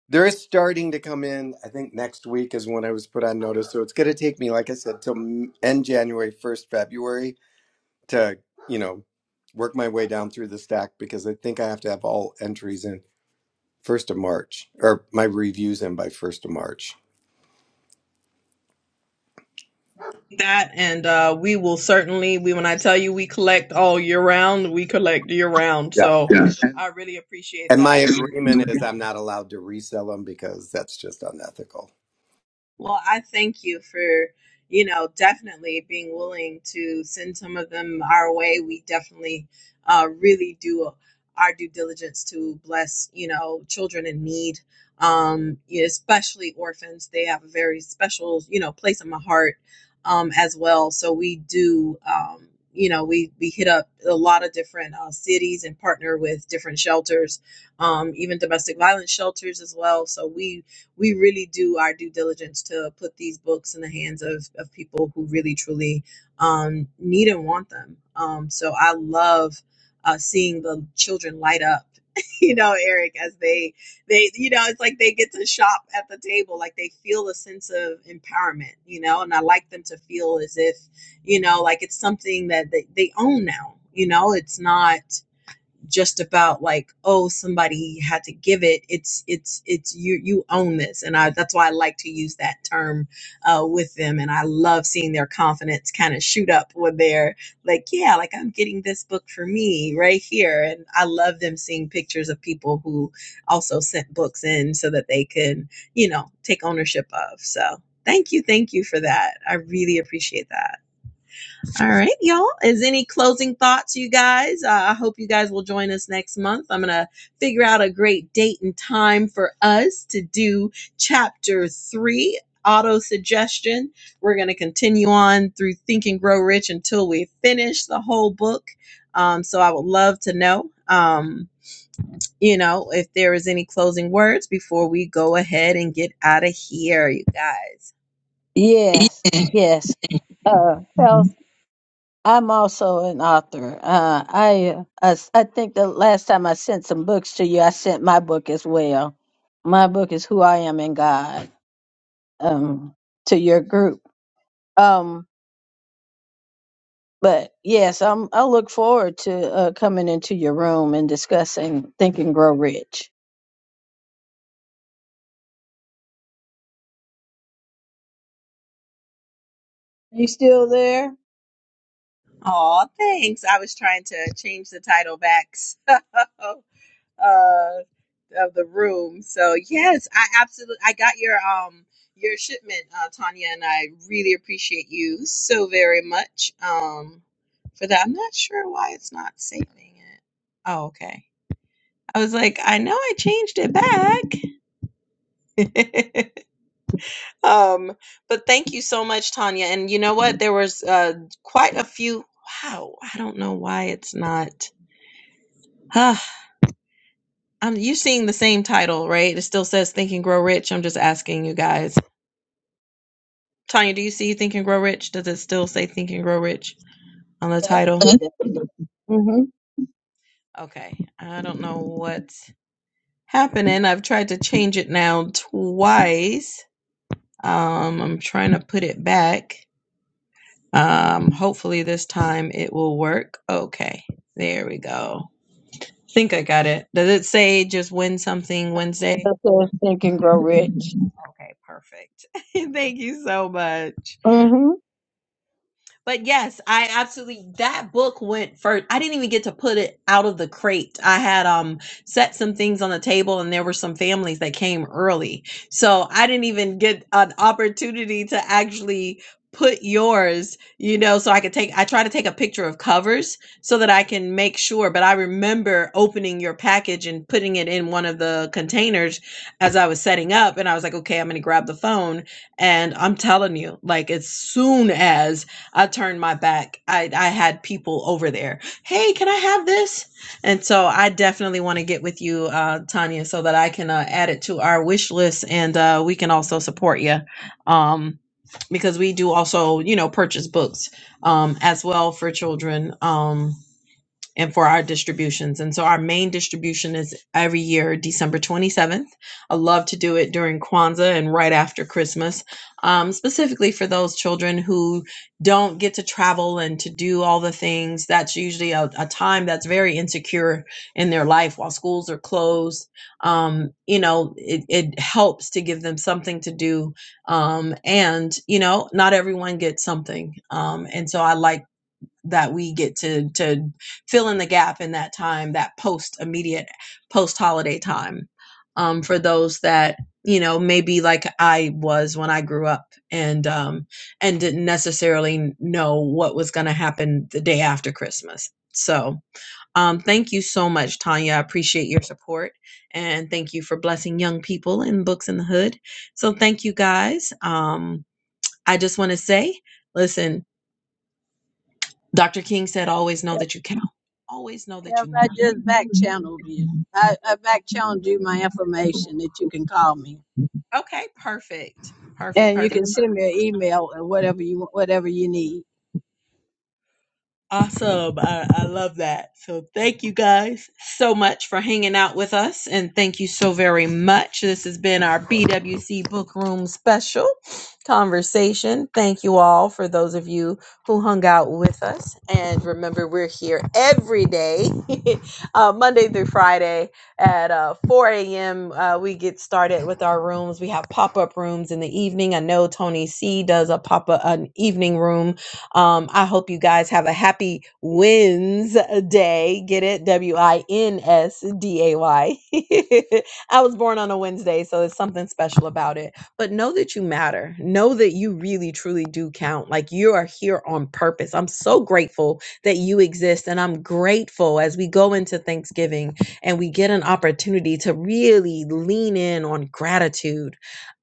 There is starting to come in. I think next week is when I was put on notice. So it's going to take me, like I said, till m- end January, first February to, you know, work my way down through the stack because I think I have to have all entries in first of March or my reviews in by first of March. that and uh we will certainly we when I tell you we collect all year round, we collect year round. Yeah. So Yeah. I really appreciate And my that. agreement is I'm not allowed to resell them because that's just unethical. Well, I thank you for, you know, definitely being willing to send some of them our way. We definitely uh, really do our due diligence to bless, you know, children in need, um, yeah, especially orphans. They have a very special, you know, place in my heart um, as well. So we do. Um, you know, we, we hit up a lot of different uh, cities and partner with different shelters, um, even domestic violence shelters as well. So we we really do our due diligence to put these books in the hands of, of people who really truly um, need and want them. Um, so I love uh, seeing the children light up. [LAUGHS] You know, Eric, as they they you know, it's like they get to shop at the table, like they feel a sense of empowerment, you know, and I like them to feel as if, you know, like it's something that they, they own now. You know, it's not just about like oh somebody had to give it it's it's it's you you own this and i that's why i like to use that term uh, with them and i love seeing their confidence kind of shoot up when they're like yeah like i'm getting this book for me right here and i love them seeing pictures of people who also sent books in so that they can you know take ownership of so thank you thank you for that i really appreciate that all right, y'all. Is any closing thoughts, you guys? Uh, I hope you guys will join us next month. I'm going to figure out a great date and time for us to do chapter three auto suggestion. We're going to continue on through Think and Grow Rich until we finish the whole book. Um, so I would love to know. Um, you know, if there is any closing words before we go ahead and get out of here, you guys. Yes, yes. Uh, Charles, I'm also an author. Uh, I, uh, I s- I think the last time I sent some books to you, I sent my book as well. My book is Who I Am in God um, to your group. Um, but yes, I'm, I look forward to uh, coming into your room and discussing Think and Grow Rich. You still there? Oh, thanks. I was trying to change the title back. [LAUGHS] So uh, of the room. So yes, I absolutely I got your um your shipment, uh, Tanya, and I really appreciate you so very much um for that. I'm not sure why it's not saving it. Oh, okay. I was like, I know I changed it back. [LAUGHS] um, but thank you so much, Tanya. And you know what? There was uh quite a few. Wow, I don't know why it's not. [SIGHS] Um, you're seeing the same title, right? It still says Think and Grow Rich. I'm just asking you guys. Tanya, do you see Think and Grow Rich? Does it still say Think and Grow Rich on the title? Mhm. Mm-hmm. Okay. I don't know what's happening. I've tried to change it now twice. Um, I'm trying to put it back. Um, hopefully this time it will work. Okay. There we go. I think I got it. Does it say just win something Wednesday? Think and Grow Rich. Okay, perfect. [LAUGHS] Thank you so much. Mm-hmm. But yes, I absolutely that book went first. I didn't even get to put it out of the crate. I had um set some things on the table and there were some families that came early. So I didn't even get an opportunity to actually put yours, you know, so I could take I try to take a picture of covers so that I can make sure, but I remember opening your package and putting it in one of the containers as I was setting up and I was like, "Okay, I'm going to grab the phone." And I'm telling you, like as soon as I turned my back. I, I had people over there. Hey, can I have this? And so I definitely want to get with you, uh, Tanya, so that I can uh, add it to our wish list and uh, we can also support you um, because we do also, you know, purchase books um, as well for children. Um, and for our distributions. And so our main distribution is every year, December 27th. I love to do it during Kwanzaa and right after Christmas, um, specifically for those children who don't get to travel and to do all the things. That's usually a, a time that's very insecure in their life while schools are closed. Um, you know, it, it helps to give them something to do. Um, and, you know, not everyone gets something. Um, and so I like that we get to to fill in the gap in that time that post immediate post holiday time um for those that you know maybe like i was when i grew up and um and didn't necessarily know what was going to happen the day after christmas so um thank you so much tanya i appreciate your support and thank you for blessing young people in books in the hood so thank you guys um i just want to say listen Dr. King said, always know that you count, always know that If you I matter. just back channeled you, I, I back channeled you my information that you can call me Okay, perfect. Perfect, and you perfect. can send me an email or whatever you whatever you need. Awesome. I, I love that. So, thank you guys so much for hanging out with us. And thank you so very much. This has been our BWC Book Room special conversation. Thank you all for those of you who hung out with us. And remember, we're here every day, [LAUGHS] uh, Monday through Friday at uh, 4 a.m. Uh, we get started with our rooms. We have pop up rooms in the evening. I know Tony C does a pop up, an evening room um, I hope you guys have a happy Wednesday. Get it? W I N S D A Y. [LAUGHS] I was born on a Wednesday, so there's something special about it. But know that you matter. Know that you really, truly do count. Like you are here on purpose. I'm so grateful that you exist. And I'm grateful as we go into Thanksgiving and we get an opportunity to really lean in on gratitude.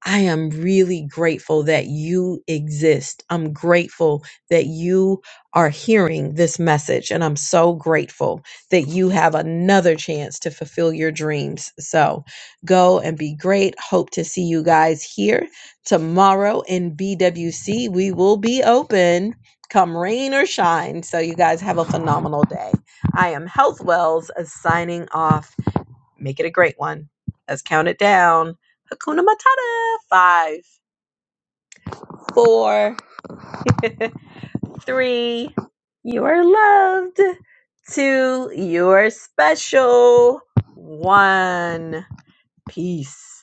I am really grateful that you exist. I'm grateful that you are hearing this message. And I'm so grateful that you have another chance to fulfill your dreams. So go and be great. Hope to see you guys here tomorrow in BWC. We will be open. Come rain or shine. So, you guys have a phenomenal day. I am Health Wells uh, signing off. Make it a great one. Let's count it down. Hakuna Matata. Five, four. [LAUGHS] Three, you are loved. Two, you are special. One, peace.